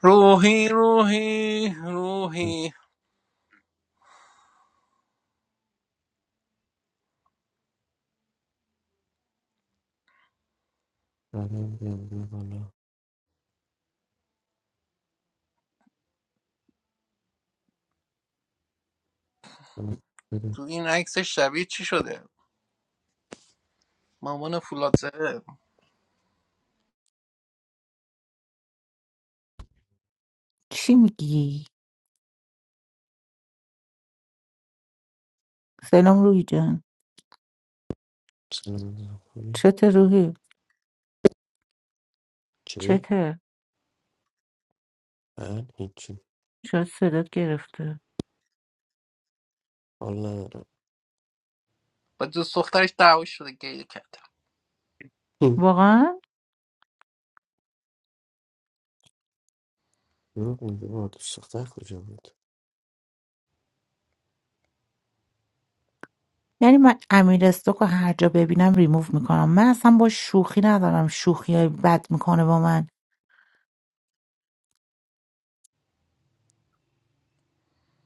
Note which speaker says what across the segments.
Speaker 1: روحی روحی
Speaker 2: سلام
Speaker 1: روحی
Speaker 2: بیام بیا بالا سلام بده.
Speaker 1: تو این عکس شبیه چی شده مامان فولاد زده
Speaker 3: چی میگی؟ سلام روی جان
Speaker 2: سلام بده. خوبی
Speaker 3: چته روحی؟
Speaker 2: چی؟
Speaker 3: چته؟
Speaker 2: من هیچی
Speaker 3: شاید صدات گرفته
Speaker 2: حال ندارم
Speaker 1: با دوست دخترش دعوا شده گریه کرد
Speaker 2: هم.
Speaker 3: واقعا؟
Speaker 2: دروغ میگه آتش سختر کجا بود
Speaker 3: یعنی من امیر استوکو هر جا ببینم ریموف میکنم من اصلا با شوخی ندارم شوخی های بد میکنه با من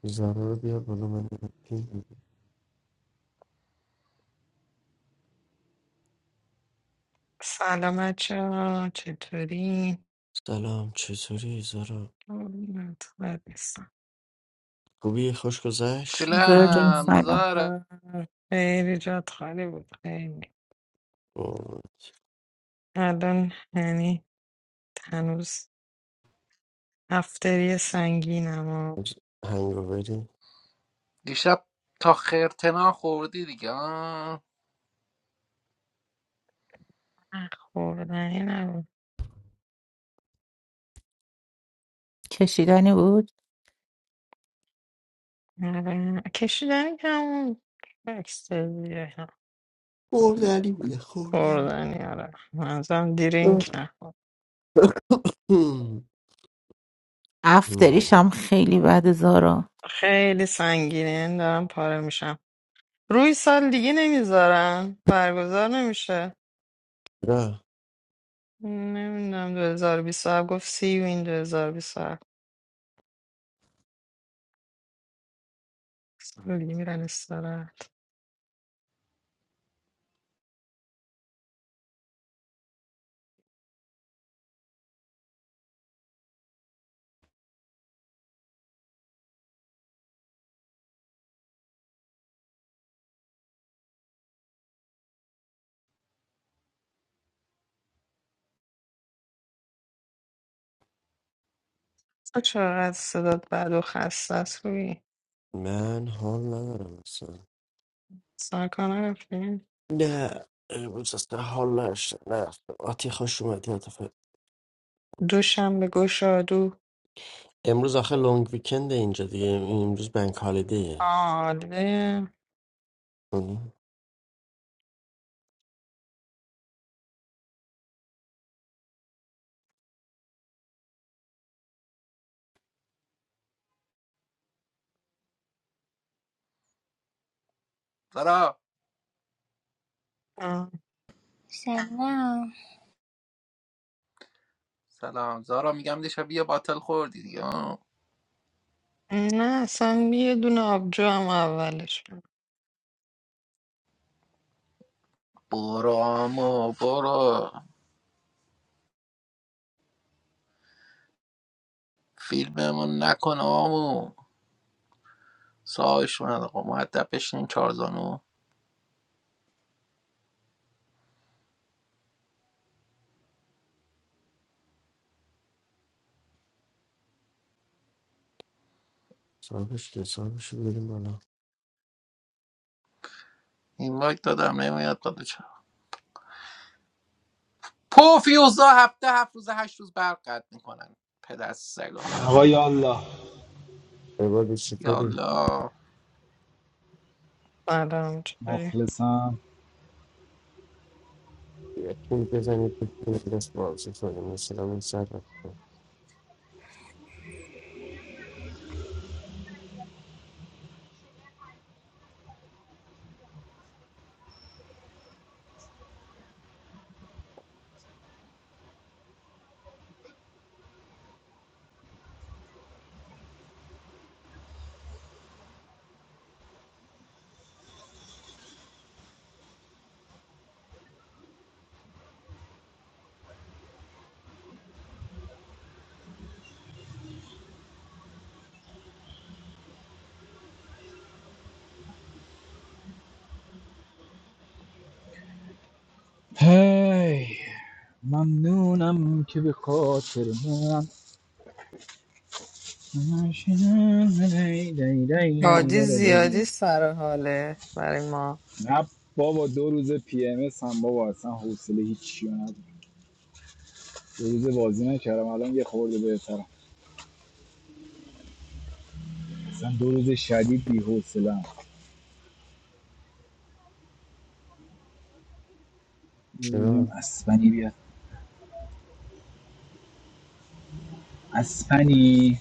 Speaker 2: زارا رو بیار بالا من برم پیم بزنم.
Speaker 4: سلام بچه ها چطوری؟
Speaker 2: سلام چطوری زارا
Speaker 4: قربونت، خودتم.
Speaker 2: خوبی خوش گذشت
Speaker 3: زارا جان
Speaker 1: سلام
Speaker 3: سلام
Speaker 1: زارا
Speaker 4: خیلی جات خالی بود خیلی
Speaker 2: قربونت.
Speaker 4: الان یعنی هنوز هفتری سنگینم و
Speaker 2: آج- هنگاوری
Speaker 1: دیشب تا خرتنا خوردی دیگه آه؟
Speaker 4: خوردنی نبود
Speaker 3: کشیدنی بود
Speaker 4: آره. کشیدنی کم اکستازیه
Speaker 2: خوردنی بوده خوردنی
Speaker 4: خوردنی آره منظورم درینک نخور
Speaker 2: هم.
Speaker 3: افتریش
Speaker 2: وای.
Speaker 3: هم خیلی بد زارا
Speaker 4: خیلی سنگینه یعنی دارم پاره میشم روی سال دیگه نمیذارن برگزار نمیشه
Speaker 2: نه
Speaker 4: نمیدونم 2027 گفت سی یو این 2027 سولی میرن استراحت تو چقدر صدات بد و خسته است روی
Speaker 2: من حال ندارم اصلا
Speaker 4: سر کار نرفتی؟
Speaker 2: نه امروز اصلا حال نداشتم نه آتی خوش اومدی
Speaker 4: دوشنبه گشادو
Speaker 2: امروز آخه لونگ ویکند اینجا دیگه امروز بنک هالیدیه
Speaker 4: آله
Speaker 2: اون
Speaker 1: زارا
Speaker 4: آه.
Speaker 5: Shining.
Speaker 1: سلام زارا میگم دیشب یه باتل خوردی دیگه آه؟
Speaker 4: نه اصلا یه دونه آبجو هم اولش
Speaker 1: برو آمو برو فیلممون نکن آمو ساش من آقا مودب بشین چارزانو
Speaker 2: صاحبش که صاحبش رو بریم بالا
Speaker 1: این وقت دادم نمیاد داده پوفیوزا هفته هفت روز هشت روز برق قد میکنن پدر سگا
Speaker 6: آقای الله
Speaker 2: بباد چطوری
Speaker 1: یالا
Speaker 4: سلام چطوری؟
Speaker 6: مخلصم
Speaker 2: یه پول بزنید یه پول دست بازی کنیم مثلا این سر رفته
Speaker 6: هی ممنونم که به خاطر من
Speaker 4: حاجی زیادی سر حاله برای ما
Speaker 6: نه بابا دو روز پی ام اس هم بابا اصلا حوصله هیچی رو ندارم دو روز بازی نکردم الان یه خورده بهترم اصلا دو روز شدید بی حوصله بگم
Speaker 2: چرا؟
Speaker 6: اسپنی بیاد اسپنی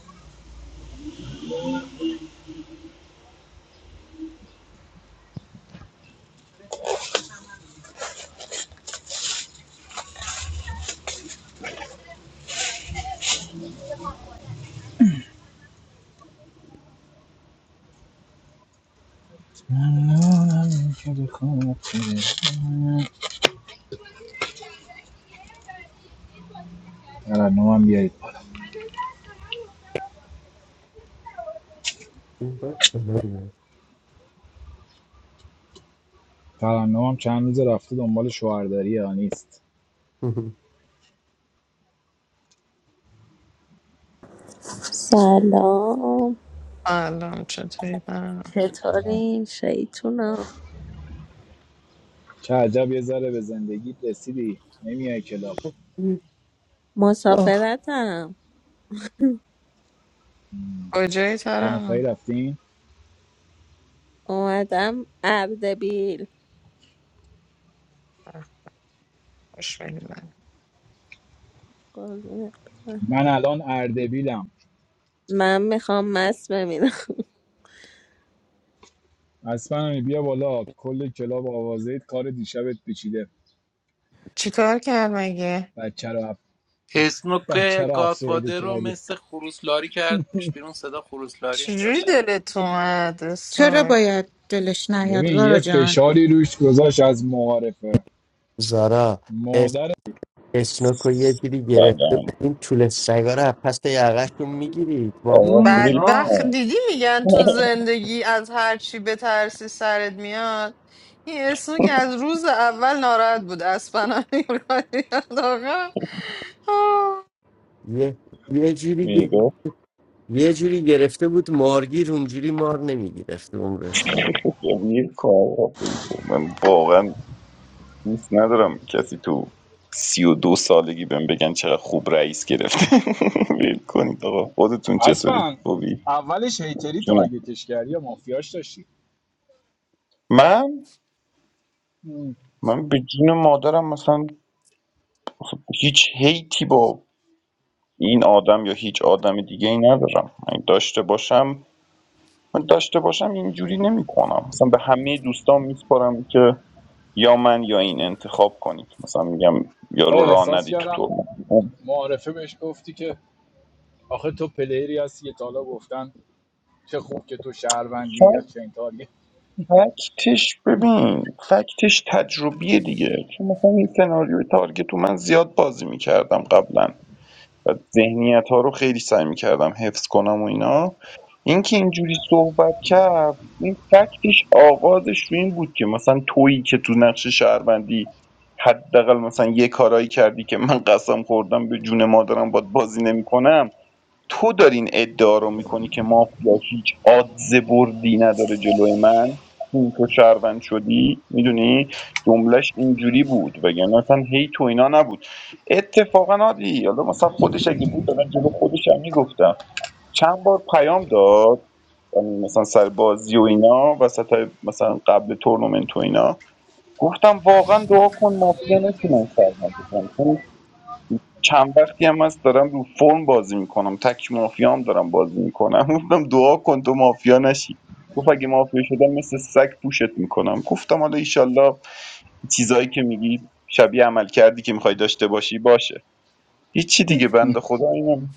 Speaker 6: ممنونم که به خاطر من ترنمم بیارید بالا
Speaker 2: این باید بلده.
Speaker 6: ترنمم چند روز رفته دنبال شوهرداری ها نیست
Speaker 7: Assalamu alaikum.
Speaker 4: سلام چطوری برم
Speaker 7: Hello, my name is Shaituna.
Speaker 6: چه عجب یه ذره به زندگیت رسیدی نمیای کلاب
Speaker 7: I'm a
Speaker 2: آه
Speaker 7: traveler.
Speaker 4: کجایی
Speaker 6: دو نفری
Speaker 4: ترم؟
Speaker 6: رفتین
Speaker 7: My name is Abdul Bill.
Speaker 4: خوش می‌گذره.
Speaker 7: I
Speaker 6: من الان اردبیلم
Speaker 7: want to make a table.
Speaker 6: اسپنانی بیا بالا کل کلاب آوازه کار دیشبت پیچیده
Speaker 4: چیکار کرد مگه؟
Speaker 6: بچه رو اف...
Speaker 1: اسنوک
Speaker 6: بچه رو افسرده
Speaker 1: گادفادر رو
Speaker 6: کردی
Speaker 1: مثل خروسلاری کردش بیرون صدا خروسلاری میداد
Speaker 4: چجوری دلت اومد
Speaker 3: چرا
Speaker 4: اسنوک
Speaker 3: باید دلش نیاد
Speaker 6: ببین
Speaker 3: زارا
Speaker 6: یه
Speaker 3: جان
Speaker 6: فشاری روش گذاشت از معارفه
Speaker 2: زارا اس-
Speaker 6: مادر
Speaker 2: اسنوکو یه دیدی گرفته
Speaker 8: سلام
Speaker 2: بود. این طول سگا رو از پس یقهشون میگیرید واقعا
Speaker 8: آقا
Speaker 6: مم،
Speaker 8: بیل
Speaker 4: بدبخت
Speaker 8: کن
Speaker 4: دیدی میگن تو زندگی از هر چی بترسی سرت میاد این اسنوک از روز اول ناراحت بود اسپنا می‌افتاد. آقا آه.
Speaker 2: یه یه جوری
Speaker 8: میگفت
Speaker 2: یه جوری گرفته بود مارگیر اونجوری مار نمیگرفت عمرش
Speaker 8: بیل کن آقا بیل کن من واقعا دوست ندارم کسی تو سی و دو سالگی بهم بگن چقدر خوب رئیس گرفته بیل کنید آقا خودتون چطورید خوبی
Speaker 6: اولش هیتری
Speaker 8: جونم
Speaker 6: تارگتش کردی یا مافیاش داشتی
Speaker 8: من
Speaker 6: مم.
Speaker 8: من به جون مادرم مثلا هیچ هیتی با این آدم یا هیچ آدم دیگه ای ندارم من داشته باشم من داشته باشم اینجوری نمی کنم. مثلا به همه دوستان میسپارم که یا من یا این انتخاب کنید مثلا میگم یارو راه
Speaker 6: احساس
Speaker 8: ندی تو
Speaker 6: کردم
Speaker 8: ترمز
Speaker 6: معارفه بهش گفتی که آخه تو پلیری هستی که تا حالا گفتن چه خوب که تو شهروندی یا
Speaker 8: فکت-
Speaker 6: چنتاری
Speaker 8: فکتش ببین فکتش تجربیه دیگه چون مثلا این سناریوی تارگت تو من زیاد بازی میکردم قبلا و ذهنیت ها رو خیلی سعی میکردم حفظ کنم و اینا اینکه اینجوری صحبت کرد این فکتش آغازش رو این بود که مثلا تویی که تو نقش شهروندی حداقل مثلا یه کارایی کردی که من قسم خوردم به جون مادرم باد بازی نمیکنم تو دارین ادعا رو میکنی که مافیا هیچ آدز بردی نداره جلوی من چون تو شهروند شدی میدونی جملهش اینجوری بود وگرنه اصلا هی تو اینا نبود اتفاقا عادی حالا مثلا خودش اگه بود من جلو خودش هم میگفتم چند بار پیام داد یعنی مثلا سر بازی و اینا وسط مثلا قبل تورنمنت و اینا گفتم واقعا دعا کن مافیا نشونن شهروند بشن چون چند وقتی هم هست دارم رو فرم بازی میکنم تک مافیا هم دارم بازی میکنم گفتم دعا کن تو مافیا نشی گفت اگه مافیا شدم مثل سگ پوشت میکنم گفتم حالا ایشالله چیزایی که میگی شبیه عمل کردی که میخوای داشته باشی باشه هیچی دیگه بنده خدا اینم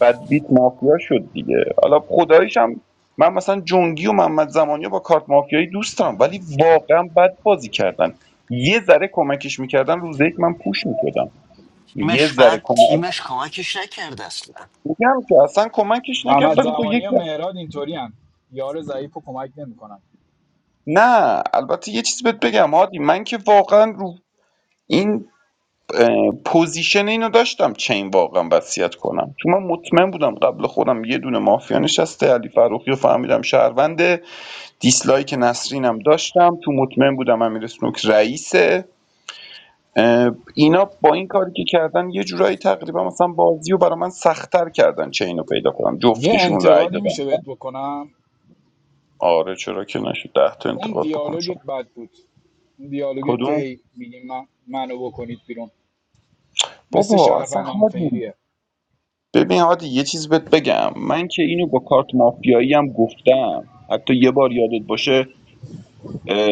Speaker 8: بدبیت مافیا شد دیگه حالا خداییش هم من مثلا جنگی و محمد زمانی رو با کارت مافیایی دوست دارم ولی واقعا بد بازی کردن یه ذره کمکش میکردن روز یک من پوش میشدم یه
Speaker 2: تیمش
Speaker 8: ذره
Speaker 2: بعد
Speaker 8: کمک
Speaker 2: تیمش کمکش نکرد اصلا
Speaker 8: میگم که اصلا کمکش نکرد
Speaker 6: محمد
Speaker 8: ولی خب یک
Speaker 6: زمانی و مهراد اینطوری هم یار ضعیف رو کمک نمیکنن
Speaker 8: نه البته یه چیز بهت بگم هادی من که واقعا رو این اه، پوزیشن اینو داشتم چین واقعا وصیت کنم چون من مطمئن بودم قبل خودم یه دونه مافیا نشسته علی فروخی رو فهمیدم شهرونده دیسلایک نسرینم داشتم تو مطمئن بودم امیر سنوک رئیسه اه، اینا با این کاری که کردن یه جورایی تقریبا مثلا بازی رو برای من سختتر کردن چه اینو پیدا کنم
Speaker 6: یه
Speaker 8: جفتشون رأی
Speaker 6: انتقادی
Speaker 8: دادم
Speaker 6: میشه بهت بکنم
Speaker 8: آره چرا که نشد ده تا
Speaker 6: اون
Speaker 8: انتقاد بکن
Speaker 6: دیالوگت بد بود اون دیالوگت که
Speaker 8: کدوم
Speaker 6: هی میگی من منو بکنید بیرون مثل
Speaker 8: بابا اصلا
Speaker 6: شهروند
Speaker 8: هادی
Speaker 6: آنفیریه
Speaker 8: ببین هادی یه چیز بهت بگم من که اینو با کارت مافیایی هم گفتم حتی یه بار یادت باشه اه،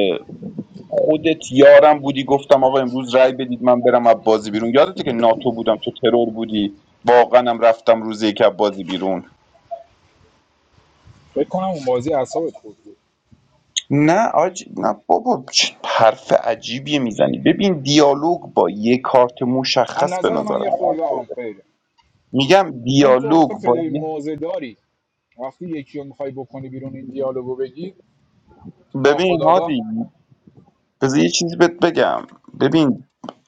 Speaker 8: خودت یارم بودی گفتم آقا امروز رای بدید من برم از بازی بیرون یادته که ناتو بودم تو ترور بودی واقعا هم رفتم روز یک از بازی بیرون
Speaker 6: فکر کنم اون بازی اعصابت خورد بود
Speaker 8: نه آج... نه بابا چه حرف عجیبیه میزنی ببین دیالوگ با یه کارت
Speaker 6: از
Speaker 8: مشخص به
Speaker 6: نظر من
Speaker 8: نظرم
Speaker 6: یه خورده آنفیره
Speaker 8: میگم
Speaker 6: چون تو
Speaker 8: دیالوگ
Speaker 6: آخه
Speaker 8: با
Speaker 6: پلی
Speaker 8: یه
Speaker 6: موزه داری وقتی یکی رو میخوای بکنی بیرون این دیالوگو بگی
Speaker 8: ببین
Speaker 6: ناخودآگاه
Speaker 8: هادی بذار یه چیزی بهت بگم ببین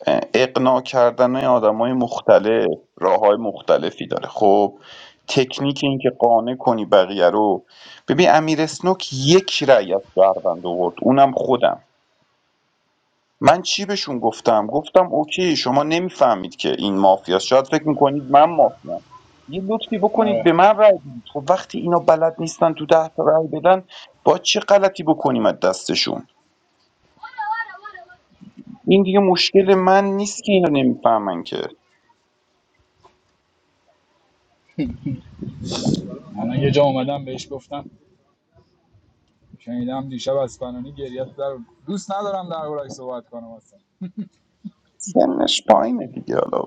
Speaker 8: اه، اقناع کردن آدم مختلف راه های مختلفی داره خب تکنیک این که قانع کنی بقیه رو ببین امیر اسنوک یک رأی از شهروند آورد اونم خودم من چی بهشون گفتم گفتم اوکی شما نمیفهمید که این مافیاست شاید فکر میکنید من مافیام یه لطفی بکنید
Speaker 6: آره.
Speaker 8: به من رأی بدید خب وقتی اینا بلد نیستن تو ده تا رأی بدن با چه غلطی بکنیم از دستشون این دیگه مشکل من نیست که اینو نمیفهمن که
Speaker 6: من یه جا اومدم بهش گفتم شنیدم دیشب از فلانی گریت در دوست ندارم در بارش صحبت کنم اصلا
Speaker 8: سنش پایینه دیگه حالا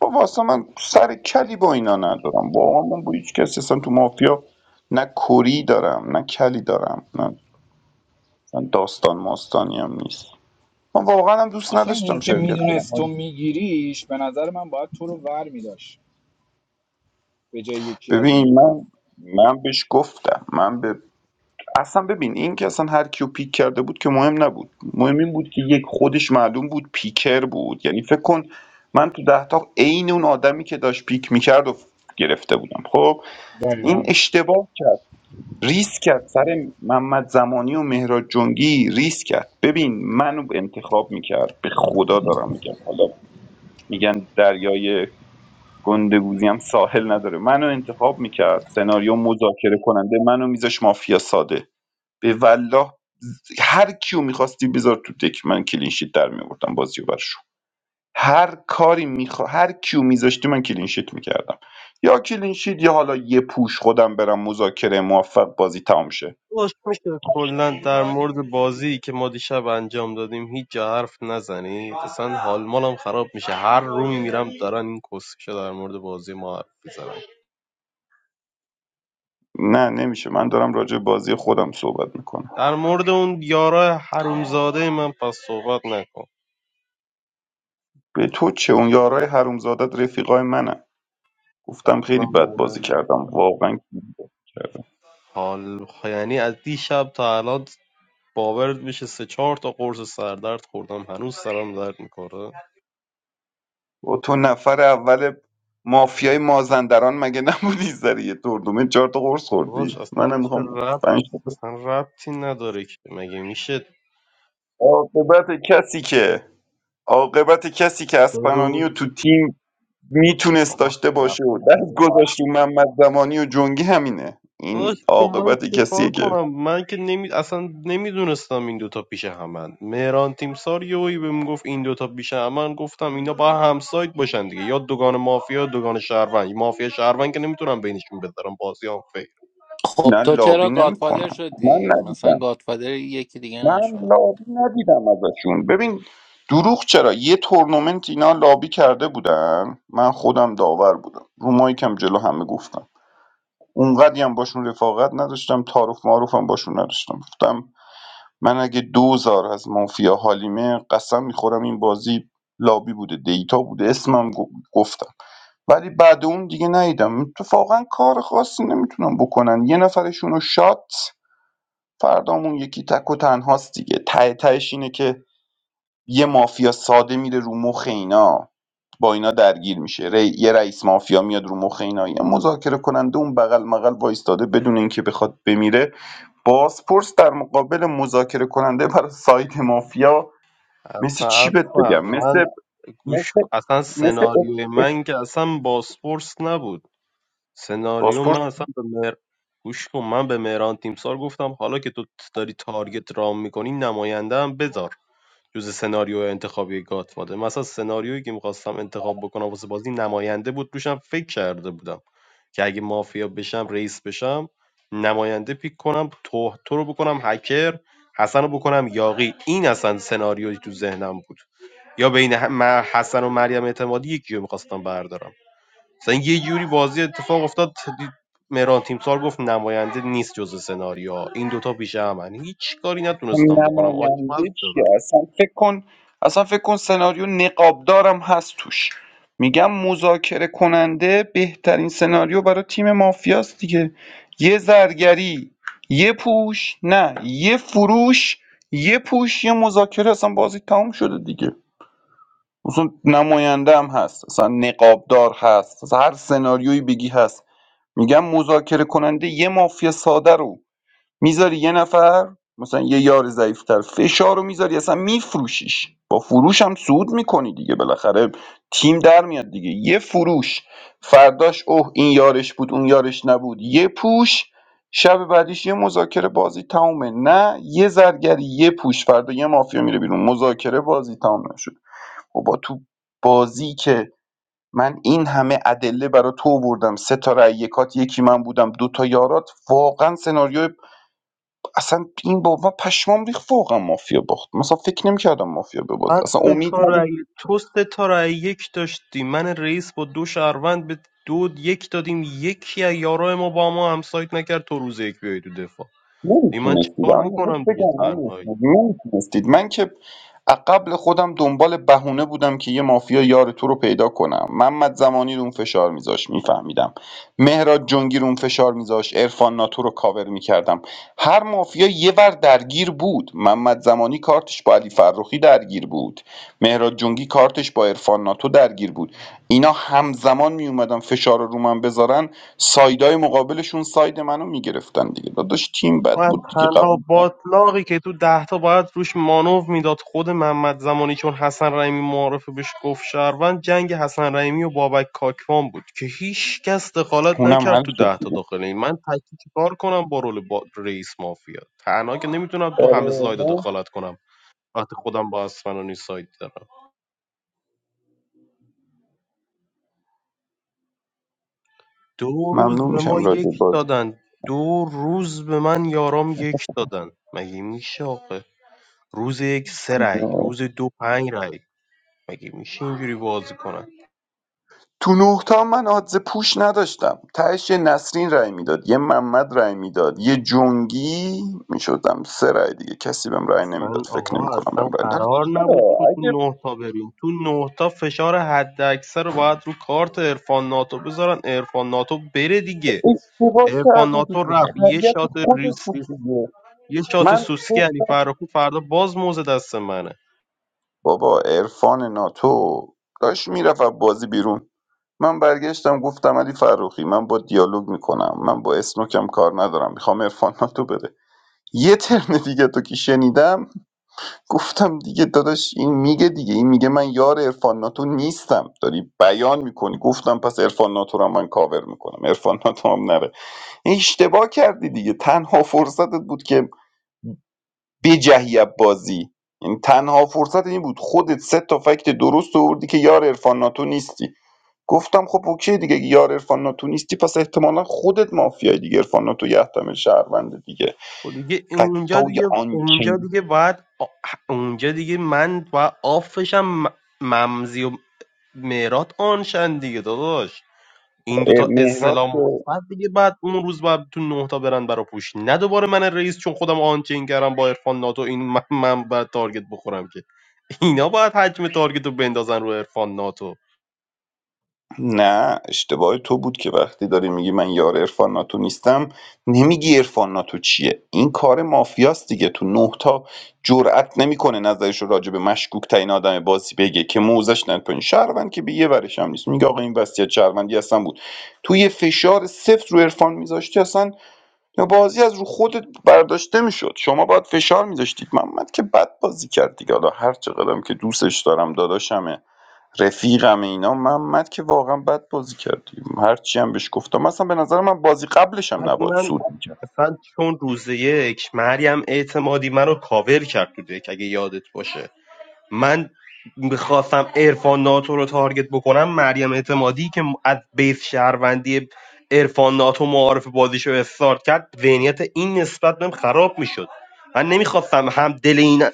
Speaker 8: با واسه من سر کلی با اینا ندارم واقعا من با هیچ کسی اصلا تو مافیا نه کری دارم نه کلی دارم نه اصلا داستان ماستانی هم نیست من واقعا هم دوست
Speaker 6: آخه این
Speaker 8: نداشتم
Speaker 6: که
Speaker 8: شرکت
Speaker 6: میدونست تو
Speaker 8: کنم
Speaker 6: میگیریش به نظر من باید تو رو ور میداشت به جای یکی از اون
Speaker 8: ببین
Speaker 6: دوتا
Speaker 8: من من بهش گفتم من به اصلا ببین این که اصلا هر کیو پیک کرده بود که مهم نبود مهم این بود که یک خودش معلوم بود پیکر بود یعنی فکر کن من تو ده تا عین اون آدمی که داشت پیک میکرد و گرفته بودم خب این
Speaker 6: دقیقا
Speaker 8: اشتباه کرد ریسک کرد سر محمد زمانی و مهراد جنگی ریسک کرد ببین منو انتخاب میکرد به خدا دارم میگم حالا میگن دریای گندگوزی هم ساحل نداره منو انتخاب میکرد سناریو مذاکره کننده منو میذاش مافیا ساده به والله هر کیو میخواستی بذار تو دک من کلینشیت در میآوردم بازی رو هر کاری میخوا... هر کیو میذاشتی من کلینشیت میکردم یا کلینشیت یا حالا یه پوش خودم برم مذاکره موفق بازی تمام شه
Speaker 9: داداش میشه کلا در مورد بازی که ما دیشب انجام دادیم هیچ جا حرف نزنید اصلا حال مالم خراب میشه هر رومی میرم دارن این کسکشا در مورد بازی ما حرف میزنن
Speaker 8: نه نمیشه من دارم راجع به بازی خودم صحبت میکنم
Speaker 9: در مورد اون یارای حرومزاده من پس صحبت نکن
Speaker 8: به تو چه اون یارای حرومزادت رفیقای منن گفتم خیلی
Speaker 9: و
Speaker 8: بد
Speaker 9: مهم
Speaker 8: بازی کردم واقعا خیلی بد بازی کردم
Speaker 9: حال یعنی از دیشب تا الان باورت میشه سه چهار تا قرص سردرد خوردم هنوز سرم درد میکنه
Speaker 8: با تو نفر اول مافیای مازندران مگه نبودی سر یه تورنمنت چهار تا قرص
Speaker 9: داداش
Speaker 8: خوردی
Speaker 9: اصلا
Speaker 8: منم
Speaker 9: چه
Speaker 8: میخوام
Speaker 9: ربط
Speaker 8: پنج
Speaker 9: اصلا ربطی نداره که مگه میشه
Speaker 8: عاقبت کسی که عاقبت کسی که اسپنانی و تو تیم میتونست
Speaker 9: آخ،
Speaker 8: داشته باشه
Speaker 9: خفه
Speaker 8: و دست
Speaker 9: شده با
Speaker 8: گذاشت رو محمد زمانی و جنگی همینه
Speaker 9: داداش
Speaker 8: این
Speaker 9: خب من
Speaker 8: عاقبت
Speaker 9: چه
Speaker 8: کسیه
Speaker 9: کار
Speaker 8: که
Speaker 9: کنم من که نمی... اصلا نمیدونستم این دوتا پیش همن مهران تیمسار یهویی بهم گفت این دوتا پیش همن گفتم اینا با همسایت باشن دیگه یا دوگان مافیا یا دوگان شهروند مافیا شهروند که نمیتونم بینشون بذارم بازی هم فکر
Speaker 1: خب
Speaker 8: نه
Speaker 1: تو
Speaker 8: لابی
Speaker 1: چرا گادفادر
Speaker 8: نمیکنن من
Speaker 1: شدی مثلا
Speaker 8: ندیدم
Speaker 1: گادفادر یکی دیگه
Speaker 8: من
Speaker 1: نشو
Speaker 8: لابی ندیدم ازشون ببین دروغ چرا یه تورنمنت اینا لابی کرده بودن من خودم داور بودم رو مایکم جلو همه گفتم اونقدی هم باشون رفاقت نداشتم تعارف معارفم باشون نداشتم گفتم من اگه دوزار از مافیا حالیمه قسم میخورم این بازی لابی بوده دیتا بوده اسمم گفتم ولی بعد اون دیگه ندیدم اتفاقا کار خاصی نمیتونم بکنن یه نفرشون رو شات فردامون یکی تک و تنهاست دیگه ته تهش اینه که یه مافیا ساده میره رو مخ اینا با اینا درگیر میشه ری... یه رئیس مافیا میاد رو مخ اینا یه مذاکره کننده اون بغل مغل وایستاده بدون اینکه بخواد بمیره بازپرس در مقابل مذاکره کننده برای سایت مافیا مثل چی بهت بگم
Speaker 9: خفن. من
Speaker 8: مثل
Speaker 9: گوش
Speaker 8: مثل
Speaker 9: کن. اصلا
Speaker 8: مثل
Speaker 9: سناریوی من که اصلا باسپورس نبود سناریو
Speaker 8: پاسپورت
Speaker 9: من اصلا به مهر... گوش کن من به مهران تیمسار گفتم حالا که تو داری تارگت رام میکنی نماینده هم بذار جز سناریو انتخابی گاتفادر مثلا سناریویی که میخواستم انتخاب بکنم واسه بازی نماینده بود روشم فکر کرده بودم که اگه مافیا بشم رئیس بشم نماینده پیک کنم تو تو رو بکنم هکر حسن رو بکنم یاقی این اصلا سناریویی تو ذهنم بود یا بین هم- من- حسن و مریم اعتمادی یکی رو میخواستم بردارم مثلا یه جوری بازی اتفاق افتاد دید مهران تیمسار گفت نماینده نیست جز سناریو این دوتا پیش همن هیچ کاری نتونستم بکنم آچمز
Speaker 8: نماینده
Speaker 9: شدم
Speaker 8: چیه اصلا فکر کن اصلا فکر کن سناریو نقابدارم هست توش میگم مذاکره کننده بهترین سناریو برای تیم مافیاست دیگه یه زرگری یه پوش نه یه فروش یه پوش یه مذاکره اصلا بازی تموم شده دیگه اصلا نماینده هم هست اصلا نقابدار هست اصلا هر سناریویی بگی هست میگم مذاکره کننده یه مافیا ساده رو میذاری یه نفر مثلا یه یار ضعیفتر فشار رو میذاری اصلا میفروشیش با فروش هم سود میکنی دیگه بالاخره تیم در میاد دیگه یه فروش فرداش اوه این یارش بود اون یارش نبود یه پوش شب بعدیش یه مذاکره بازی تمومه نه یه زرگری یه پوش فردا یه مافیا میره بیرون مذاکره بازی تمام نشد و با تو بازی که من این همه ادله برای تو آوردم سه تا رأی یکات یکی من بودم دو تا یارات واقعا سناریو اصلا این بابا پشمام ریخت واقعا مافیا باخت مثلا فکر نمی‌کردم مافیا ببازه
Speaker 9: بعد
Speaker 8: اصلا
Speaker 9: سه
Speaker 8: امید
Speaker 9: تا رأی تو سه تا رأی یک داشتی من رئیس با دو شهروند به دو یک دادیم یکی از یارای ما با ما همسایت نکرد تو روز یک بیای تو دفاع دی من
Speaker 8: نمیتونستید
Speaker 9: چیکار
Speaker 8: آیا
Speaker 9: بکنم
Speaker 8: بهت
Speaker 9: دیگه
Speaker 8: بگم امیر
Speaker 9: تنهایی
Speaker 8: اسماعیل، نمیتونستید من که از قبل خودم دنبال بهونه بودم که یه مافیا یار تو رو پیدا کنم محمد زمانی رو اون فشار میذاش میفهمیدم مهراد جنگی رو اون فشار میذاش عرفان ناتو رو کاور میکردم هر مافیا یه ور درگیر بود محمد زمانی کارتش با علی فرخی درگیر بود مهراد جنگی کارتش با عرفان ناتو درگیر بود اینا همزمان میومدن فشار رو رو من بذارن سایدای مقابلشون ساید منو میگرفتن دیگه داداش تیم بد
Speaker 9: من
Speaker 8: بود دیگه
Speaker 9: تنها
Speaker 8: قبول کن
Speaker 9: باطلاقی که تو دهتا باید روش مانو میداد خود محمد زمانی چون حسن رحیمی معارفه بهش گفت شهروند جنگ حسن رحیمی و بابک کاکوان بود که هیچ کس دخالت
Speaker 8: هونم
Speaker 9: نکرد
Speaker 8: حل
Speaker 9: تو
Speaker 8: شد
Speaker 9: دهتا
Speaker 8: دیگه
Speaker 9: داخل این من تکی چیکار کنم با رول با رئیس مافیا تنها که نمیتونم تو همه
Speaker 8: آره
Speaker 9: سلاید
Speaker 8: نه؟
Speaker 9: دخالت کنم وقتی خودم با اسفنانی سایت دارم دو روز
Speaker 8: ممنون
Speaker 9: به ما
Speaker 8: میشم راجع
Speaker 9: یک
Speaker 8: به بازی
Speaker 9: دادن دو روز به من یارام یک دادن مگه میشه آخه روز یک سه رای روز دو پنج رای مگه میشه اینجوری بازی کنن
Speaker 8: تو نه تا من آدز پوش نداشتم تهش یه نسرین رای میداد یه محمد رای میداد یه جنگی میشدم سه رای دیگه کسی بهم رای نمیداد
Speaker 9: اصلا
Speaker 8: فکر
Speaker 9: آقا
Speaker 8: نمیکنم
Speaker 9: اصلا
Speaker 8: بهم رای نداد
Speaker 9: قرار نبود
Speaker 8: چرا
Speaker 9: تو تو
Speaker 8: اگه
Speaker 9: نه تا بریم تو نه تا فشار حد اکثر رو باید رو کارت عرفان ناتو بذارن عرفان ناتو بره دیگه
Speaker 8: اشتباه
Speaker 9: عرفان
Speaker 8: کردی
Speaker 9: ناتو
Speaker 8: دیگه
Speaker 9: رفت یه
Speaker 8: خریت
Speaker 9: شات
Speaker 8: خودت بود
Speaker 9: ریسیس
Speaker 8: دیگه
Speaker 9: یه شات
Speaker 8: من
Speaker 9: سوسکی علی فرخی فردا باز موزه دست منه
Speaker 8: بابا عرفان ناتو داشت میرفت بازی بیرون من برگشتم گفتم علی فروخی من با دیالوگ میکنم من با اسنوکم کار ندارم میخوام عرفان ناتو بره یه ترم دیگه تو که شنیدم گفتم دیگه داداش این میگه دیگه این میگه من یار عرفان ناتو نیستم داری بیان میکنی گفتم پس عرفان ناتو رو من کاور میکنم عرفان ناتو هم نره اشتباه کردی دیگه تنها فرصتت بود که بجهی از بازی یعنی تنها فرصت این بود خودت سه تا فکت درست آوردی که یار عرفان ناتو نیستی گفتم خب اوکی دیگه اگه یار عرفان ناتو نیستی پس احتمالا خودت مافیای دیگه عرفان ناتو یه احتمال شهرونده دیگه
Speaker 9: خب دیگه اونجا
Speaker 8: فکتای
Speaker 9: دیگه
Speaker 8: آنچه
Speaker 9: اونجا دیگه باید آ- اونجا دیگه من باید آفشم ممزی و مهرات آنشن دیگه داداش این دوتا
Speaker 8: را
Speaker 9: استلام
Speaker 8: که
Speaker 9: مثبت دیگه بعد اون روز بعد تو نه تا برن برا پوش نه دوباره من رئیس چون خودم آنچین کردم با عرفان ناتو این من, من باید تارگت بخورم که اینا باید حجم تارگت رو بندازن رو عرفان ناتو
Speaker 8: نه اشتباه تو بود که وقتی داری میگی من یار عرفان ناتو نیستم نمیگی عرفان ناتو چیه این کار مافیاست دیگه تو نه تا جرأت نمیکنه نظرش رو راجع به مشکوک ترین آدم بازی بگه که موزش نره پایین شهروند که به یه ورش هم نیست میگه آقا این وصیت شهروندی اصلا بود تو یه فشار سفت رو عرفان میذاشتی اصلا بازی از رو خودت برداشته میشد شما باید فشار میذاشتید محمد که بد بازی کرد دیگه حالا هر چقدرم که دوستش دارم داداشمه رفیقمه اینا محمد که واقعا بد بازی کردیم هرچی هم بهش گفتم مثلا به نظر من بازی قبلش هم
Speaker 9: بعد
Speaker 8: نباید
Speaker 9: من
Speaker 8: سود میکرد
Speaker 9: اصلا چون روز یک مریم اعتمادی منو کاور کرد تو دک اگه یادت باشه من میخواستم ارفان ناتو رو تارگت بکنم مریم اعتمادی که از بیس شهروندی ارفان ناتو معارف بازیشو استارت کرد ذهنیت این نسبت بهم خراب میشد من نمیخواستم هم دل این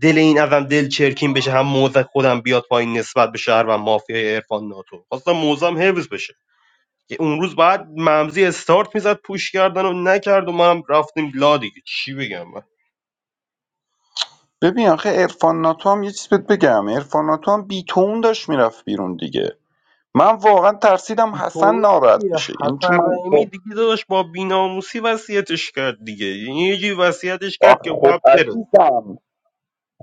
Speaker 9: دل این ازم دل چرکین بشه هم موزه خودم بیاد پایین نسبت به شهر و مافیای ارفان ناتو خواستم موزم حفظ بشه که اون روز بعد ممزی استارت میزد پوش کردن و نکرد و منم رفتیم لا دیگه چی بگم
Speaker 8: ببین آخه ارفان ناتو هم یه چیز بهت بگم ارفان ناتو هم بیتون داشت میرفت بیرون دیگه من واقعا ترسیدم حسن
Speaker 9: بیتوین
Speaker 8: ناراحت
Speaker 9: چیه
Speaker 8: بشه یعنی چون
Speaker 9: حسن
Speaker 8: من
Speaker 9: رحیمی
Speaker 8: خب
Speaker 9: دیگه داشت با بیناموسی وصیتش کرد دیگه یعنی یه جوری وصیتش
Speaker 8: آخ،
Speaker 9: کرد که
Speaker 8: خب
Speaker 9: باید بره
Speaker 8: عزیزم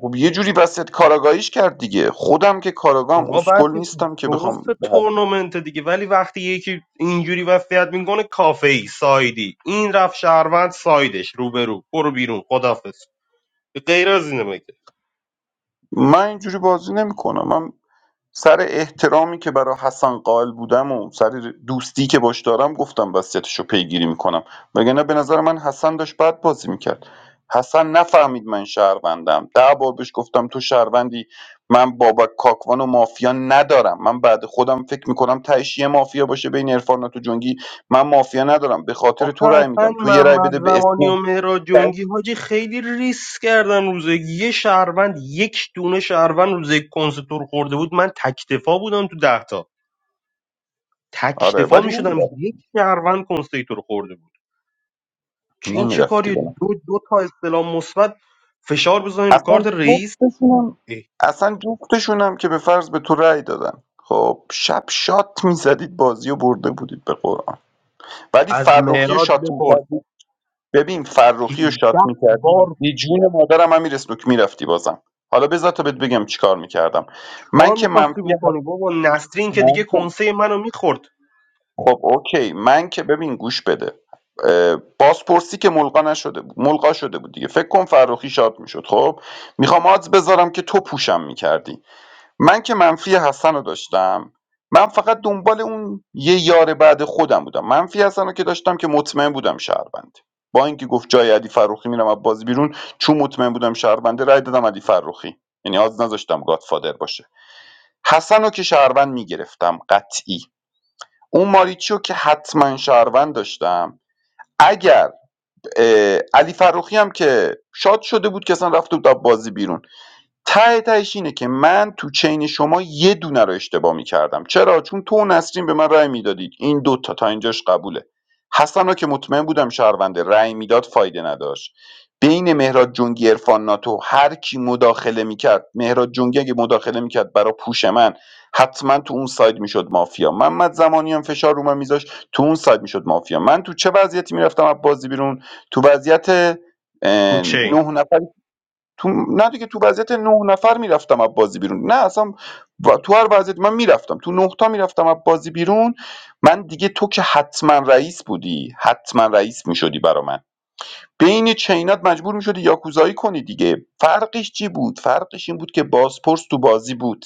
Speaker 8: خب یه جوری وسط کاراگاهیش کرد دیگه خودم که کاراگاهم
Speaker 9: آقا بعد
Speaker 8: اسکل
Speaker 9: که
Speaker 8: نیستم که
Speaker 9: درست
Speaker 8: بخوام
Speaker 9: تورنمنت دیگه ولی وقتی یکی اینجوری وصیت میکنه کافه ای سایدی این رفت شهروند سایدش روبرو برو بیرون خدافظ غیر از اینه مگه
Speaker 8: من اینجوری بازی نمیکنم من سر احترامی که برای حسن قائل بودم و سر دوستی که باش دارم گفتم وضعیتش رو پیگیری میکنم وگرنه به نظر من حسن داشت بد بازی میکرد حسن نفهمید من شهروندم ده بار بهش گفتم تو شهروندی من بابک کاکوان و مافیا ندارم من بعد خودم فکر میکنم تهش یه مافیا باشه بین عرفان و تو جنگی من مافیا ندارم به خاطر
Speaker 9: آخه
Speaker 8: تو رأی
Speaker 9: اصلا
Speaker 8: میدم تو یه رأی
Speaker 9: محمد
Speaker 8: بده به
Speaker 9: زمانی
Speaker 8: اسم
Speaker 9: و مهراد جنگی حاجی خیلی ریس کردن روزه یه شهروند یک دونه شهروند روزه کنستور خورده بود من تکتفا بودم تو دهتا
Speaker 8: آره
Speaker 9: تکتفا
Speaker 8: ولی
Speaker 9: میشدم
Speaker 8: نمیرفت
Speaker 9: یک شهروند کنسه تو رو خورده بود چه- این چه کاری
Speaker 8: نمیرفتی
Speaker 9: دو دو تا استلام مثبت فشار بزنین رو
Speaker 8: اصلا
Speaker 9: کارت رئیس
Speaker 8: جفتشونم
Speaker 9: اه.
Speaker 8: اصلا جفتشونم که به فرض به تو رأی دادن خب شب شات میزدید بازی و برده بودید به قرآن ولی
Speaker 9: از
Speaker 8: فرخی رو
Speaker 9: معراج
Speaker 8: شات
Speaker 9: بپرس
Speaker 8: میکردید ببین
Speaker 9: 18
Speaker 8: فرخی رو شات میکردید
Speaker 9: بار
Speaker 8: به جون مادرم امیر اسلوک میرفتی بازم حالا بذار تا بهت بگم چیکار میکردم من
Speaker 9: چهار
Speaker 8: که
Speaker 9: میخواستی
Speaker 8: منفی
Speaker 9: بکنی بابا نسرین که دیگه
Speaker 8: من که
Speaker 9: کنسه منو میخورد
Speaker 8: خب اوکی من که ببین گوش بده اه، بازپرسی که ملقا نشده بود ملقا شده بود دیگه فکر کن فرخی شات میشد خب میخوام آدز بذارم که تو پوشم میکردی من که منفی حسن رو داشتم من فقط دنبال اون یه یار بعد خودم بودم منفی حسن رو که داشتم که مطمئن بودم شهروند با اینکه گفت جای علی فروخی میرم از بازی بیرون چون مطمئن بودم شهرونده رای دادم علی فروخی یعنی از نذاشتم گادفادر باشه حسن رو که شهروند میگرفتم قطعی اون ماریچی رو که حتما شهروند داشتم اگر اه، علی فروخی هم که شاد شده بود که اصلا رفته بود از بازی بیرون ته تهش اینه که من تو چین شما یه دونه رو اشتباه میکردم چرا چون تو و نسرین به من رأی میدادید این دوتا تا اینجاش قبوله حسن رو که مطمئن بودم شهرونده رأی میداد فایده نداشت بین مهراد جنگی عرفان ناتو هر کی مداخله میکرد مهراد جنگی اگه مداخله میکرد برا پوش من حتما تو اون ساید میشد مافیا محمد زمانی هم فشار رو من میذاشت تو اون ساید میشد مافیا من تو چه وضعیتی میرفتم از بازی بیرون تو وضعیت اه،
Speaker 9: رو چین
Speaker 8: نه نفر تو نه دیگه تو وضعیت نه نفر میرفتم از بازی بیرون نه اصلا و- تو هر وضعیت من میرفتم تو نه تا میرفتم از بازی بیرون من دیگه تو که حتما رئیس بودی حتما رئیس میشدی برا من بین چینات مجبور میشدی یاکوزایی کنی دیگه فرقش چی بود فرقش این بود که بازپرس تو بازی بود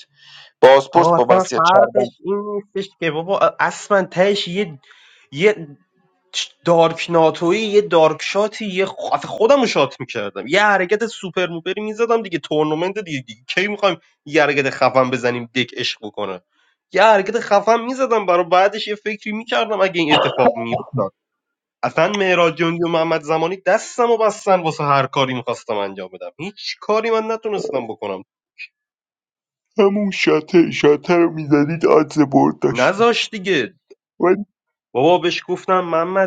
Speaker 8: بازپرس
Speaker 9: آقا
Speaker 8: با
Speaker 9: اصلا
Speaker 8: وصیت
Speaker 9: فرقش
Speaker 8: چربند
Speaker 9: این نیستش که بابا اصلا تهش یه یه چ- دارک ناتوی یه دارک شاتی یه خ... اصلا خودم شات میکردم یه حرکت سوپر موپری میزدم دیگه تورنمنت دیگه, دیگه. کی میخوایم یه حرکت خفن بزنیم دک عشق بکنه یه حرکت خفن میزدم برای بعدش یه فکری میکردم اگه این اتفاق میافتاد اصلا مهراد جنگی و محمد زمانی دستمو و بستن واسه هر کاری میخواستم انجام بدم هیچ کاری من نتونستم بکنم نذاش دیگه بابا بهش گفتم محمد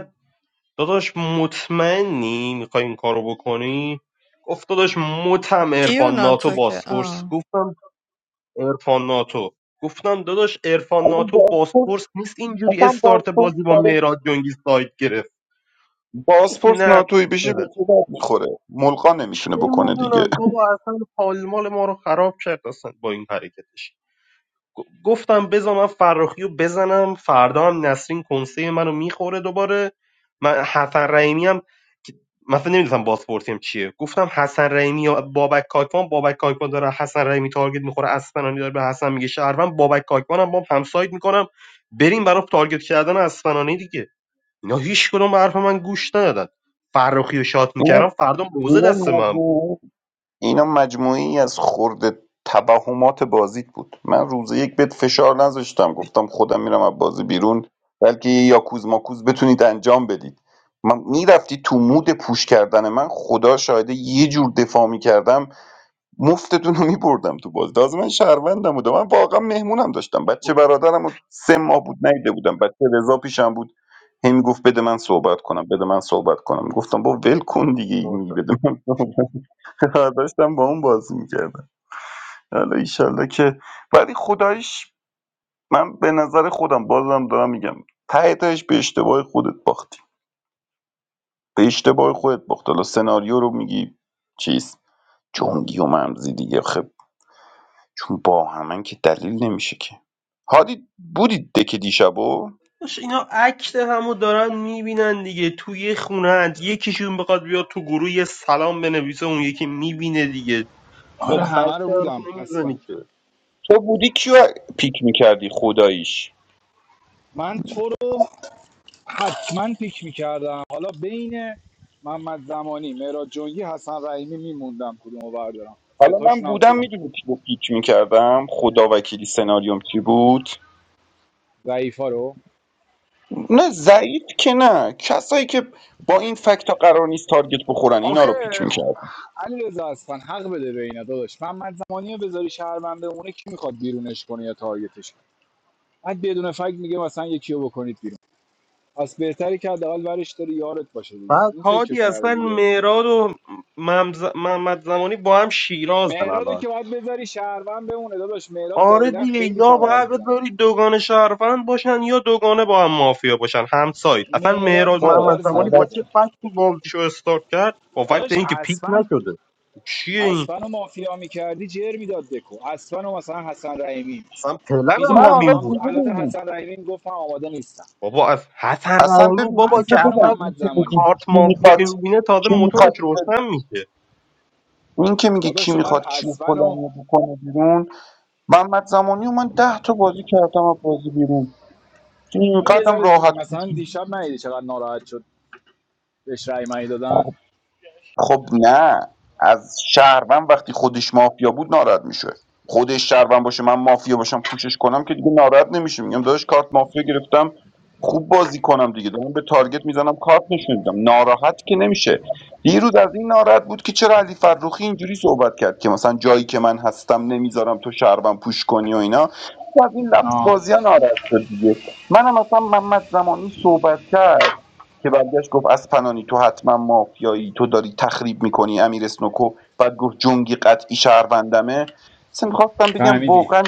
Speaker 9: داداش مطمئنی میخوای این کارو بکنی گفت داداش متم
Speaker 4: کیو
Speaker 9: ارفان ناتو
Speaker 4: ناتو که
Speaker 9: باسپورس
Speaker 4: آه.
Speaker 9: گفتم ارفان ناتو گفتم داداش ارفان ناتو باسپورس نیست اینجوری
Speaker 8: اصلا
Speaker 9: استارت
Speaker 8: بازپرس
Speaker 9: بازی با
Speaker 8: برای
Speaker 9: مهراد جنگی سایت گرفت گفت
Speaker 8: بازپرس
Speaker 9: نه
Speaker 8: ناتوی بشه به
Speaker 9: بده
Speaker 8: چه درد میخوره ملقا
Speaker 9: چه
Speaker 8: نمیتونه بکنه دیگه
Speaker 9: میدونم بابا اصلا پالمال ما رو خراب کرد اصلا با این حرکتش گفتم بذار من فراخی رو بزنم فردا هم نسرین کنسه منو میخوره دوباره من حسن رحیمی هم که- مثلا نمیدونم بازپورتی هم چیه گفتم حسن رحیمی یا بابک کاکوان بابک کاکوان داره حسن رحیمی تارگت میخوره اسفنانی داره به حسن میگه شهروند بابک کاکوان هم با هم ساید میکنم بریم برای تارگت کردن اسفنانی دیگه اینا هیچ کدوم به حرف من گوش ندادن فراخی رو شات
Speaker 8: اینا
Speaker 9: میکردم فردا موزه
Speaker 8: اینا
Speaker 9: دست من
Speaker 8: مجموعه اینا مجموعی از خرده توهمات بازیت بود من روز یک بهت فشار نذاشتم گفتم خودم میرم از بازی بیرون بلکه یه یاکوز ماکوز بتونید انجام بدید من میرفتی تو مود پوش کردن من خدا شاهده یه جور دفاع میکردم مفتتون رو میبردم تو بازی تازه من شهروندم بودم من واقعا مهمونم داشتم بچه برادرم رو سه ماه بود نیده بودم بچه رضا پیشم بود هی میگفت بده من صحبت کنم بده من صحبت کنم گفتم با ول کن دیگه
Speaker 9: بود.
Speaker 8: این بده من صحبت آه، داشتم با اون بازی میکردم حالا ایشالله که ولی خدایش من به نظر خودم بازم دارم میگم ته تهش به اشتباه خودت باختی به اشتباه خودت باخت حالا سناریو رو میگی چیز جنگی و ممزی دیگه خب چون با همن که دلیل نمیشه که هادی بودی دکه دیشبو
Speaker 9: باش اینا عکت همو دارن میبینن دیگه توی یه خونه یکیشون بخواد بیاد تو گروه یه سلام بنویسه اون یکی میبینه دیگه با
Speaker 6: آره همه رو
Speaker 9: بچه حرف
Speaker 6: بودم اصلا
Speaker 9: نمیزنی که
Speaker 8: تو بودی کیو پیک میکردی خداییش
Speaker 6: من تو رو حتما پیک میکردم حالا بین محمد زمانی مهراد جنگی حسن رحیمی میموندم کدومو بردارم
Speaker 8: حالا من
Speaker 6: ستاشون هم
Speaker 8: بودم
Speaker 6: خوبم
Speaker 8: میدونی کیو پیک میکردم خدا وکیلی سناریوم چی بود
Speaker 6: ضعیفا رو
Speaker 8: نه ضعیف که نه کسایی که با این فکت قرار نیست تارگت بخورن اینا
Speaker 6: آخه
Speaker 8: رو پیک میکردن
Speaker 6: علی رضا حق بده به اینا داداش محمد زمانی رو بذاری شهروند بمونه کی میخواد بیرونش کنه یا تارگتش کنه بعد بدون فکر میگه مثلا یکی رو بکنید بیرون پس بهتره که حداقل ورش داری یارت باشه دیگه
Speaker 9: بعد
Speaker 6: این فکر رو
Speaker 9: هادی
Speaker 6: کرده
Speaker 9: اصلا
Speaker 6: دیگه اسمش
Speaker 9: مهراد
Speaker 6: هم.
Speaker 9: و ممز... محمد زمانی با هم شیرازن
Speaker 6: مهرادو
Speaker 9: الان
Speaker 6: که باید بذاری شهروند بمونه داداش مهراد
Speaker 9: آره
Speaker 6: جدیدا
Speaker 9: دیگه
Speaker 6: خیلی
Speaker 9: یا
Speaker 6: تبر
Speaker 9: باید
Speaker 6: میزنه
Speaker 9: بذاری دوگانه شهروند باشن یا دوگانه با هم مافیا باشن هم سایت اصلا
Speaker 6: مهراد
Speaker 9: مهراد
Speaker 8: با
Speaker 9: محمد
Speaker 6: تبر
Speaker 9: زمانی
Speaker 6: زیاد
Speaker 9: با
Speaker 8: علک
Speaker 9: چه
Speaker 6: میزنه
Speaker 9: فکتی بازیشو استارت کرد با فکت
Speaker 6: داداش
Speaker 9: اینکه پیک
Speaker 6: اصلا
Speaker 9: نشده چیه این
Speaker 6: اصلا رو مافیا میکردی جر میداد دکو اصلا رو مثلا حسن رحیمی
Speaker 9: اصلا پلن هم
Speaker 8: من
Speaker 6: میزدم
Speaker 8: حالا
Speaker 6: با
Speaker 9: همین
Speaker 6: هم
Speaker 9: بود
Speaker 6: تو البته
Speaker 8: می‌دونی،
Speaker 6: حسن رحیمی گفتم آماده نیستم
Speaker 9: بابا از حسن
Speaker 8: اصلا
Speaker 9: رحیمی
Speaker 8: ببین یه
Speaker 9: بابا
Speaker 8: چیز بهت
Speaker 9: که
Speaker 6: اسفن و
Speaker 9: اصلا
Speaker 8: بگم این
Speaker 6: محمد
Speaker 8: که میگی
Speaker 6: زمانی
Speaker 9: کارت
Speaker 8: کی میخواد
Speaker 9: مافیایی میبینه تازه
Speaker 8: کی
Speaker 9: موتورش
Speaker 8: میخواد
Speaker 9: روشن میشه
Speaker 8: این که میگه کی
Speaker 6: داداش تو باید
Speaker 8: میخواد کیو
Speaker 6: اسفن و
Speaker 8: فلانی رو بکنه بیرون محمد زمانی و من ده تا بازی کردم از بازی بیرون
Speaker 6: اینا یه
Speaker 8: اینقدرم
Speaker 6: ذره دی-
Speaker 8: راحت
Speaker 6: مثلا دیشب ندیدی چقدر ناراحت شد بهش رأی مایی
Speaker 8: بود
Speaker 6: دادن
Speaker 8: خب نه از شهروند وقتی خودش مافیا بود ناراحت میشه خودش شهروند باشه من مافیا باشم کوشش کنم که دیگه ناراحت نمیشه میگم داداش کارت مافیا گرفتم خوب بازی کنم دیگه دارم به تارگت میزنم کارت نشون میدم ناراحت که نمیشه دیروز از این ناراحت بود که چرا علی فرخی اینجوری صحبت کرد که مثلا جایی که من هستم نمیذارم تو شهروند پوش کنی و اینا خب از این لفظ
Speaker 6: آه
Speaker 8: بازی ها ناراحت شد دیگه منم مثلا محمد زمانی صحبت کرد که برگشت گفت از پنانی تو حتما مافیایی تو داری تخریب میکنی امیر اسنوکو بعد گفت جنگی قطعی شهروندمه سم خواستم بگم
Speaker 6: فهمیدی
Speaker 8: واقعا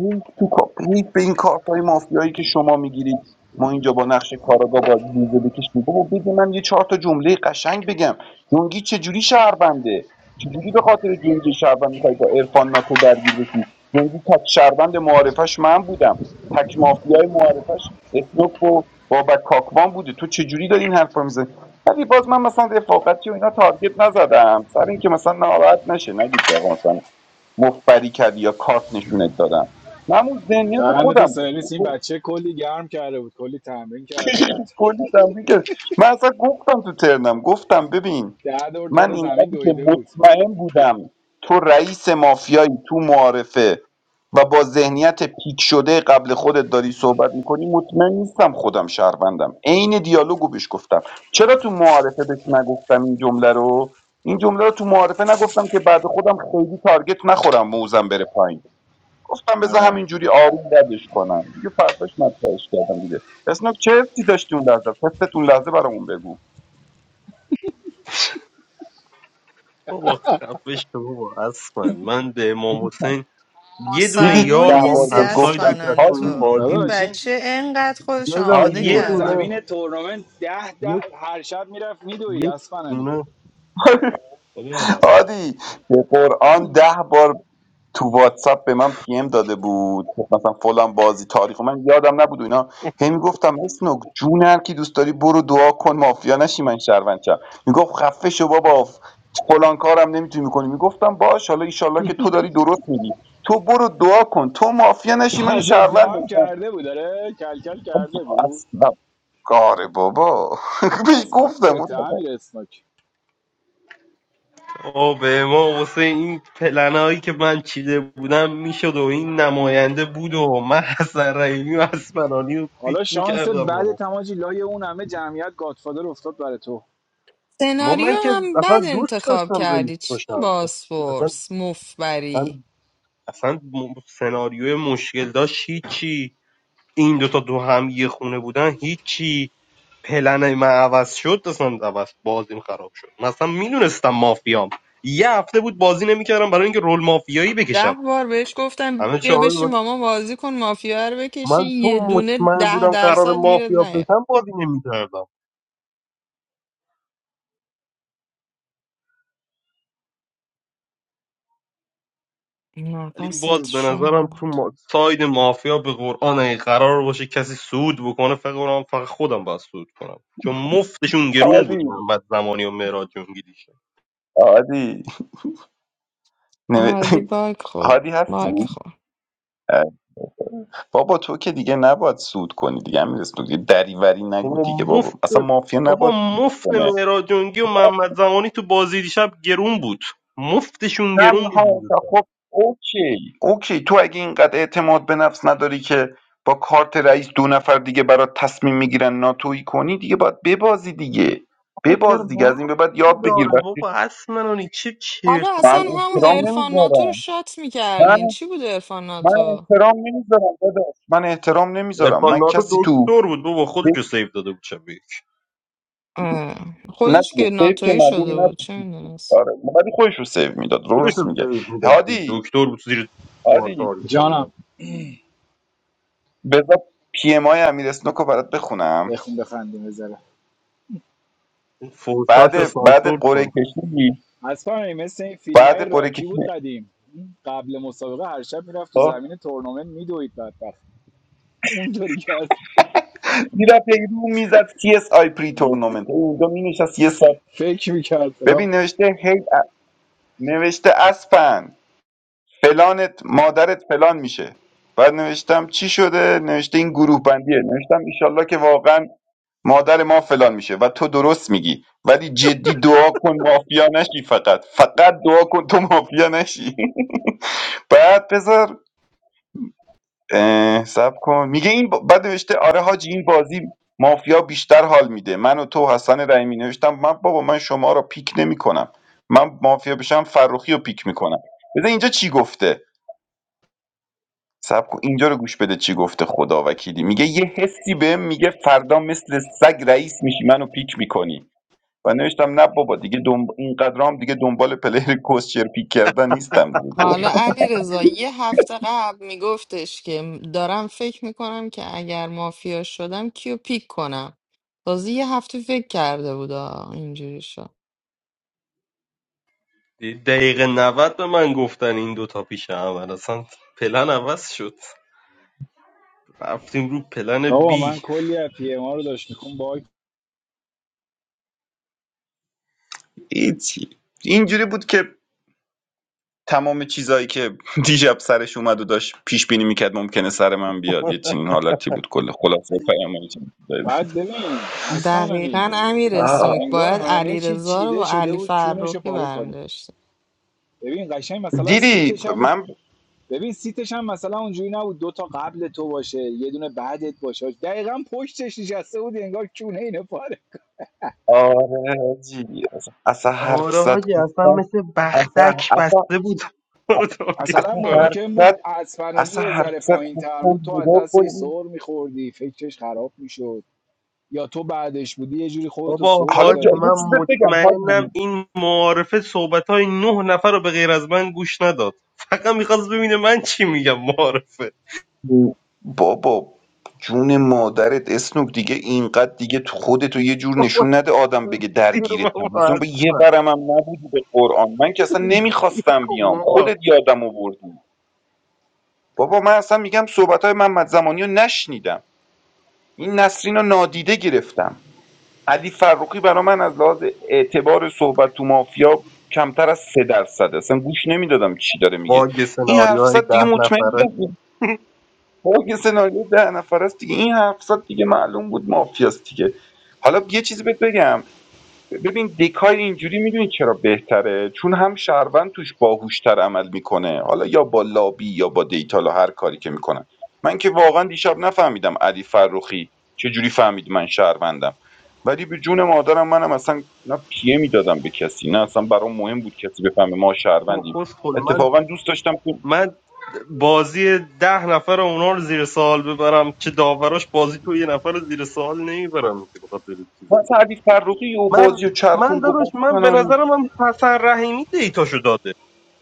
Speaker 8: هیچ تو کا- هیچ به این کارتای مافیایی که شما میگیرید ما اینجا با نقش کاراگا باید ویزه بکشیم بابا بده من یه چهار تا جمله قشنگ بگم جونگی چجوری شهربنده چجوری به خاطر جونگی شهربند میخوای با عرفان ناتو درگیر بشی جونگی تک شهربند معارفش من بودم تک مافیای معارفش اسنوک و بابک کاکوان بوده تو چجوری داری این حرف میزنی ولی باز من مثلا رفاقتی و اینا تارگت نزدم سر اینکه مثلا ناراحت نشه نگید که آقا مثلا مفبری کردی یا کارت نشونت دادم من همون ذهنیت
Speaker 6: دهن
Speaker 8: خودم
Speaker 6: تو سرویس این
Speaker 8: بود.
Speaker 6: بچه کلی گرم کرده بود کلی تمرین کرده بود
Speaker 8: کلی تنبیه کرد من اصلا گفتم تو ترنم گفتم ببین
Speaker 6: ده دور
Speaker 8: من
Speaker 6: دور زمین
Speaker 8: اینقدری که
Speaker 6: دویده بود
Speaker 8: مطمئن بودم تو رئیس مافیایی تو معارفه و با ذهنیت پیک شده قبل خودت داری صحبت میکنی مطمئن نیستم خودم شهروندم عین دیالوگو بهش گفتم چرا تو معارفه بهش نگفتم این جمله رو این جمله رو تو معارفه نگفتم که بعد خودم خیلی تارگت نخورم موزم بره پایین گفتم بذار
Speaker 6: آره
Speaker 8: همینجوری آروم ردش کنم دیگه فرداش مطرحش کردم دیگه اسنوک چه حسی داشتی اون لحظه حست اون لحظه برامون بگو
Speaker 9: بابا خفش شو بابا اصلا من به امام
Speaker 8: دیدی چند؟
Speaker 9: حسین یه دونه
Speaker 8: دیدی
Speaker 4: مسلمون
Speaker 9: یار
Speaker 8: ده
Speaker 9: با هم
Speaker 8: بار
Speaker 4: نیستی
Speaker 8: بهت
Speaker 9: همساید
Speaker 8: گفتم
Speaker 9: میکرد
Speaker 4: اسپنانی
Speaker 9: تو این
Speaker 8: هادی
Speaker 4: تو این
Speaker 9: بازی
Speaker 6: داداش این
Speaker 4: بچه انقدر خودش
Speaker 9: یه دونه
Speaker 6: این
Speaker 4: آماده
Speaker 9: یه
Speaker 8: هادی
Speaker 6: دور
Speaker 4: کرده
Speaker 9: دونه
Speaker 6: زمین
Speaker 4: بود
Speaker 6: تورنمنت ده ده
Speaker 9: یک
Speaker 6: هر شب میرفت میدوید
Speaker 9: یک
Speaker 6: اسفنانی
Speaker 9: دونه بابا.
Speaker 8: هادی به قرآن ده بار تو واتساپ به من پی ام داده بود مثلا فلان بازی تاریخ و من یادم نبود و اینا هی میگفتم اسنوک جون هر کی دوست داری برو دعا کن مافیا نشی من شهروند شم میگفت خفه شو بابا فلان کارم نمیتونی میکنی میگفتم باش حالا ایشالله که تو داری درست میگی تو برو دعا کن تو مافیا نشی من
Speaker 6: پس
Speaker 8: شهروند
Speaker 6: ادعام
Speaker 8: نشم
Speaker 6: کرده بود داره کلکل کرده بود
Speaker 8: اصلا کار بابا بهش
Speaker 6: پس حق
Speaker 8: گفتم
Speaker 6: به
Speaker 8: گفتم
Speaker 6: تعمیر اسناک
Speaker 9: آه به امام حسین این پلنایی که من چیده بودم میشد و این نماینده بود و من حسن رحیمی و اسمرانی رو پیک
Speaker 6: حالا شانس
Speaker 9: میکردم
Speaker 6: بعد
Speaker 9: و
Speaker 6: تماجی لای اون همه جمعیت گادفادر افتاد برای تو
Speaker 9: ما
Speaker 4: سناریو
Speaker 9: من که
Speaker 4: هم
Speaker 9: اصلا
Speaker 4: بد
Speaker 9: دوست
Speaker 4: انتخاب
Speaker 9: داشتم رئیس
Speaker 4: کردی چی
Speaker 9: باشم اصلا
Speaker 4: باسپورس مفبری
Speaker 9: اصلا اصلا م- سناریوی مشکل داشت هیچی این دوتا تو هم یه خونه بودن هیچی پلن من عوض شد اصلا عوض بازیم خراب شد مثلا میدونستم مافیام یه هفته بود بازی نمیکردم برای اینکه رول مافیایی
Speaker 4: ده
Speaker 9: بکشم
Speaker 4: بار بهش گفتم
Speaker 9: همه
Speaker 4: بیا
Speaker 9: چهار من,
Speaker 4: بشین با ما بازی کن مافیا رو بکشی
Speaker 9: من تو
Speaker 4: یه دونه
Speaker 9: مطمئن
Speaker 4: ده
Speaker 9: بودم قرار
Speaker 4: درصد گیرت
Speaker 9: مافیا
Speaker 4: نیاد
Speaker 9: بشم بازی نمیکردم
Speaker 4: نه
Speaker 9: ولی
Speaker 4: پست
Speaker 9: باز به نظرم
Speaker 4: شوم
Speaker 9: تو
Speaker 4: بود
Speaker 9: ما... ساید مافیا به قرآن اگه قرار باشه کسی سود بکنه فقط قرآن فقط خودم باید سود کنم چون مفتشون گرون بود
Speaker 8: هادی
Speaker 9: محمد زمانی و مهراد جنگی دیشب
Speaker 8: هادی نمی-
Speaker 4: عادی باگ خورد
Speaker 8: هادی
Speaker 4: باگ
Speaker 8: هستی
Speaker 4: خورد
Speaker 8: بابا تو که دیگه نباید سود کنی دیگه امیر اسنوک دیگه دریوری نگو
Speaker 9: بابا
Speaker 8: دیگه
Speaker 9: مفت
Speaker 8: بابا اصلا مافیا نباید
Speaker 9: بابا
Speaker 8: سود
Speaker 9: مفت
Speaker 8: کنه
Speaker 9: مهراد جنگی و محمد زمانی تو بازی دیشب گرون بود مفتشون گرون بود
Speaker 8: تنها خب اوکی اوکی تو اگه اینقدر اعتماد به نفس نداری که با کارت رئیس دو نفر دیگه برات تصمیم میگیرن ناتویی کنی دیگه باید ببازی دیگه
Speaker 9: بابا چه
Speaker 8: بباز دیگه از
Speaker 9: ربطی
Speaker 8: این به بعد یاد بگیر
Speaker 9: داره
Speaker 8: وقتی
Speaker 9: بابا اصلا اونی چه
Speaker 4: حالا
Speaker 9: چرت و
Speaker 8: من
Speaker 4: اصلا
Speaker 9: پرت
Speaker 4: هم
Speaker 8: احترام
Speaker 9: میگی
Speaker 4: عرفان ناتو رو
Speaker 8: نمیذارم
Speaker 4: شات
Speaker 8: من
Speaker 4: میکردین چی بود عرفان
Speaker 8: من
Speaker 4: ناتو
Speaker 8: احترام نمیذارم داداش من احترام نمیذارم
Speaker 9: عرفان
Speaker 8: من
Speaker 9: ناتو
Speaker 8: کسی تو
Speaker 9: دکتر بود بابا خودش رو سیو داده بود شبیه
Speaker 4: اه،
Speaker 8: نه
Speaker 4: خودش
Speaker 8: دیگه
Speaker 4: که
Speaker 8: سیف که
Speaker 4: ناتویی
Speaker 8: معلوم
Speaker 4: شده
Speaker 8: نبود
Speaker 4: بود چه میدونست
Speaker 8: آره ولی خودش رو سیو میداد
Speaker 9: خودش
Speaker 8: درست
Speaker 9: رو
Speaker 8: میگه
Speaker 9: سیو میداد
Speaker 8: هادی
Speaker 9: دکتر بود زیر بار
Speaker 8: هادی
Speaker 9: تارگت هم
Speaker 6: جانم
Speaker 9: نبود.
Speaker 8: بذار پی ام آی امیر اسنوک رو برات بخونم
Speaker 6: بخون بخندیم بذاره
Speaker 9: این
Speaker 8: بعد
Speaker 9: فوشاش رو
Speaker 8: بعد
Speaker 9: سانسور
Speaker 8: قرعه
Speaker 9: کن
Speaker 8: کشی
Speaker 6: از فرمی مثل این فیلم های
Speaker 8: بعد قرعه
Speaker 6: راکی
Speaker 8: کشی
Speaker 6: بود قدیم قبل مسابقه هر شب میرفت تو
Speaker 8: خب،
Speaker 6: زمین تورنمنت میدوید بدبخت اون داری کرد
Speaker 8: میرفت یه رو میزد سی اس آی پری تورنمنت اونجا می نشست یه سال
Speaker 6: فکر میکرد فلا
Speaker 8: ببین نوشته هی ا- نوشته اسپن فلانت مادرت فلان میشه بعد نوشتم چی شده نوشته این گروه بندیه نوشتم ایشالله که واقعا مادر ما فلان میشه و تو درست میگی ولی جدی دعا کن مافیا نشی فقط فقط دعا کن تو مافیا نشی بعد بذار اه، سب کن میگه این ب- بعد نوشته آره حاجی این بازی مافیا بیشتر حال میده من و تو و حسن رحیمی نوشتم من بابا من شما رو پیک نمیکنم من مافیا بشم فروخی رو پیک میکنم بذار اینجا چی گفته سب کن اینجا رو گوش بده چی گفته خدا وکیلی میگه یه حسی بهم میگه فردا مثل سگ رئیس میشی منو پیک میکنی و نوشتم نه بابا دیگه دنب... اینقدر هم دیگه دنبال پلیر کوسچر پیک کردن نیستم گفت
Speaker 4: حالا علی رضا یه هفته قبل میگفتش که دارم فکر میکنم که اگر مافیا شدم کیو پیک کنم تازه یه هفته فکر کرده بود آه، اینجوری شد
Speaker 9: دقیقه 90 به من گفتن این دوتا پیش هم اصلا پلن عوض شد رفتیم رو پلن
Speaker 6: بابا
Speaker 9: بی
Speaker 6: من کلی از پی ام ها رو داشت میخون باگ
Speaker 8: هیچی اینجوری بود که تمام چیزایی که دیشب سرش اومد و داشت پیش بینی میکرد ممکنه سر من بیاد یه چنین حالتی بود کل خلاصه پیام این چنین چیزایی بود.
Speaker 6: بعد ببین
Speaker 4: دقیقا
Speaker 6: اسپانانی
Speaker 4: امیر
Speaker 8: آه.
Speaker 4: اسنوک
Speaker 6: انگار
Speaker 4: باید
Speaker 6: همه
Speaker 4: علی
Speaker 6: چی
Speaker 4: رضا رو
Speaker 6: چیده
Speaker 4: با
Speaker 6: شده
Speaker 4: علی
Speaker 6: بود چونش رو
Speaker 4: فرخی
Speaker 6: پاره کنیم
Speaker 4: برمیداشتیم
Speaker 6: ببین قشنگ مثلا
Speaker 8: دیدی
Speaker 6: سیتش هم
Speaker 8: من
Speaker 6: ببین سیتش هم مثلا اونجوری نبود دو تا قبل تو باشه یه دونه بعدت باشه دقیقا پشتش نشسته بود انگار کونه اینو پاره
Speaker 8: آره حاجی. اصلا حرف
Speaker 9: آره
Speaker 8: زد
Speaker 9: حاجی اصلا
Speaker 8: گفتم
Speaker 9: مثل
Speaker 8: اصلا
Speaker 9: بختک
Speaker 8: اصلا
Speaker 9: بسته بود ما رو تارگت
Speaker 6: مثلا
Speaker 8: اصلا
Speaker 9: کنه
Speaker 8: حرف
Speaker 6: ممکن بود
Speaker 8: زد
Speaker 6: از فنانی
Speaker 8: اصلا
Speaker 6: یه
Speaker 8: حرف
Speaker 6: ذره
Speaker 8: زد
Speaker 6: پایین
Speaker 8: گفتم
Speaker 6: بود تو از
Speaker 8: نگاه کن
Speaker 6: دستش سر میخوردی فکرش خراب میشد یا تو بعدش بودی یه جوری خودتو سر
Speaker 9: بابا
Speaker 8: حالا
Speaker 9: هادی
Speaker 8: جا...
Speaker 6: میدادی
Speaker 8: یه
Speaker 9: من
Speaker 8: چیز بهت بگم
Speaker 9: مطمئنم
Speaker 8: حاجی
Speaker 9: این معارفه صحبت های نه نفر رو به غیر از من گوش نداد فقط میخواست ببینه من چی میگم معارفه
Speaker 8: بابا جون مادرت اسنوک دیگه اینقدر دیگه تو خودتو یه جور
Speaker 9: بابا
Speaker 8: نشون نده آدم بگه
Speaker 9: سیر
Speaker 8: درگیرتم حسن به یه
Speaker 9: بابا
Speaker 8: ورم هم نبودی به قرآن من که اصلا نمیخواستم
Speaker 9: کن
Speaker 8: بیام
Speaker 9: بابا
Speaker 8: خودت یادم آوردی بابا من اصلا میگم صحبت های محمد زمانی رو نشنیدم این نسرین رو نادیده گرفتم علی فروقی برا من از لحاظ اعتبار صحبت تو مافیا کمتر از سه درصد اصلا گوش نمیدادم چی داره میگه
Speaker 9: باگ
Speaker 8: این
Speaker 9: سناریو
Speaker 8: حرف
Speaker 9: های
Speaker 8: زد دیگه
Speaker 9: ده
Speaker 8: مطمئن
Speaker 9: نفره
Speaker 8: بودم خب یه سناریو ده نفر است دیگه این 700 دیگه معلوم بود مافیاست دیگه حالا یه چیزی بهت بگم ببین دکای اینجوری میدونی چرا بهتره چون هم شهروند توش باهوشتر عمل میکنه حالا یا با لابی یا با دیتا هر کاری که میکنن من که واقعا دیشب نفهمیدم علی فروخی چه جوری فهمید من شهروندم ولی به جون مادرم منم اصلا نه پیه میدادم به کسی نه اصلا برام مهم بود کسی بفهمه ما شهروندیم
Speaker 9: فوکس کن من
Speaker 8: اتفاقا دوست داشتم
Speaker 9: من بازی ده نفر اونا رو زیر سوال ببرم چه داوراش بازی تو یه نفر رو زیر سوال نمیبرم که بخاطر
Speaker 8: من
Speaker 9: چیزی
Speaker 8: سعدی فرخی و
Speaker 9: من
Speaker 8: بازی و
Speaker 9: من
Speaker 8: چرخون گفت
Speaker 9: داداش من به
Speaker 8: فنانی
Speaker 9: نظرم هم حسن رحیمی دیتاشو داده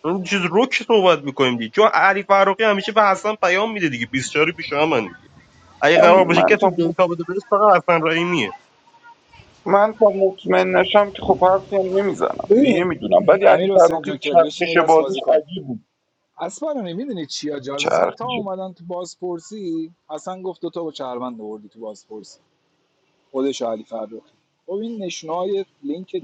Speaker 9: اون چیز روک صحبت میکنیم دیگه چون علی فروقی همیشه به حسن پیام میده دیگه 24 پیش هم دیگه اگه
Speaker 8: من
Speaker 9: قرار باشه
Speaker 8: من تا
Speaker 9: کسی
Speaker 8: م-
Speaker 9: دیتا بده بهش فقط حسن رحیمیه
Speaker 8: من تا مطمئن نشم که خب حرفی هم نمیزنم
Speaker 6: ببین
Speaker 8: نمیدونم ولی علی
Speaker 6: امیر حسین
Speaker 8: فرخی
Speaker 6: جوکر بشین
Speaker 8: چرخش
Speaker 6: یه دست
Speaker 8: بازیش
Speaker 6: بازی کن
Speaker 8: عجیب بود
Speaker 6: اسپانانی میدونی چیا جال مثلا تا
Speaker 8: چرخش
Speaker 6: اومدن تو بازپرسی اصلا گفت دو تا با چهروند آوردی تو بازپرسی خودش و علی فرخی خب این نشونه لینک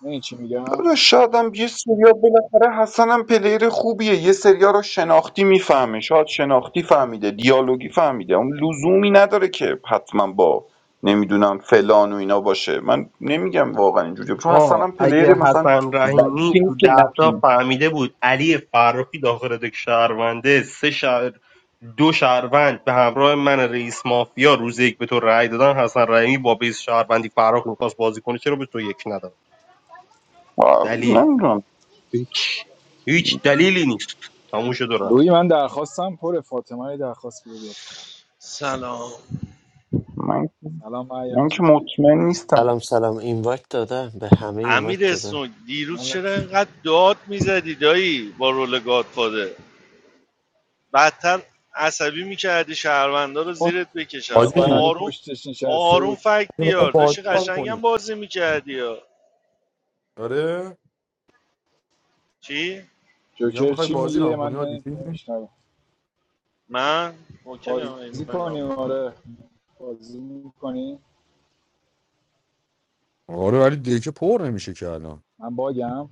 Speaker 6: این چی میگم
Speaker 8: شاید هم یه سریا بالاخره حسن هم پلیر خوبیه یه سریا رو شناختی میفهمه شاید شناختی فهمیده دیالوگی فهمیده اون لزومی نداره که حتما با نمیدونم فلان و اینا باشه من نمیگم واقعا اینجوری چون حسن
Speaker 9: آقا
Speaker 8: هم
Speaker 9: اگه
Speaker 8: پلیر مثلا
Speaker 9: حسن رحیمی تو ده تا فهمیده بود علی فرخی داخل دک شهرونده سه شهر دو شهروند به همراه من رئیس مافیا روز یک به تو رأی دادن حسن رحیمی با بیس شهروندی فرخ میخواست بازی کنه چرا به تو یک نداد
Speaker 8: آه،
Speaker 9: دلیل
Speaker 8: نمیدونم
Speaker 9: هیچ هیچ دلیلی نیست تموم شد و رفت
Speaker 6: روی من درخواستم پر فاطمه یه درخواست بده بیاد بالا
Speaker 10: سلام
Speaker 6: سلام معیار
Speaker 8: من که
Speaker 6: چطوری
Speaker 8: مطمئن نیستم
Speaker 2: سلام سلام اینوایت دادم به همه اینوایت
Speaker 10: امیر
Speaker 2: دادم
Speaker 10: اسنوک دیروز چرا
Speaker 6: حالت
Speaker 10: اینقدر داد میزدی دایی با رول گادفاده بدتر عصبی میکردی شهروندا رو
Speaker 6: چون
Speaker 10: زیرت بکشن
Speaker 11: حاجی
Speaker 6: اسپنانی
Speaker 10: آروم
Speaker 6: پشتش نشسته
Speaker 10: آروم
Speaker 6: بود
Speaker 10: فکت
Speaker 11: میخوای
Speaker 10: بیار
Speaker 11: بازی
Speaker 10: داشتی
Speaker 11: ران
Speaker 10: قشنگم
Speaker 11: کنی
Speaker 10: بازی میکردی یا
Speaker 11: آره
Speaker 10: چی؟
Speaker 11: یا
Speaker 6: جوکر
Speaker 11: میخوای
Speaker 6: چی
Speaker 11: بازی
Speaker 6: میگه
Speaker 11: ران کنی حاجی
Speaker 6: من نمیشنوم
Speaker 10: من؟ اوکی هم این
Speaker 6: بازی
Speaker 10: میخواین رام
Speaker 6: کنیم
Speaker 10: میکنم
Speaker 6: آره بازی میکنی
Speaker 11: آره ولی دیگه پر نمیشه که الان
Speaker 6: من باگم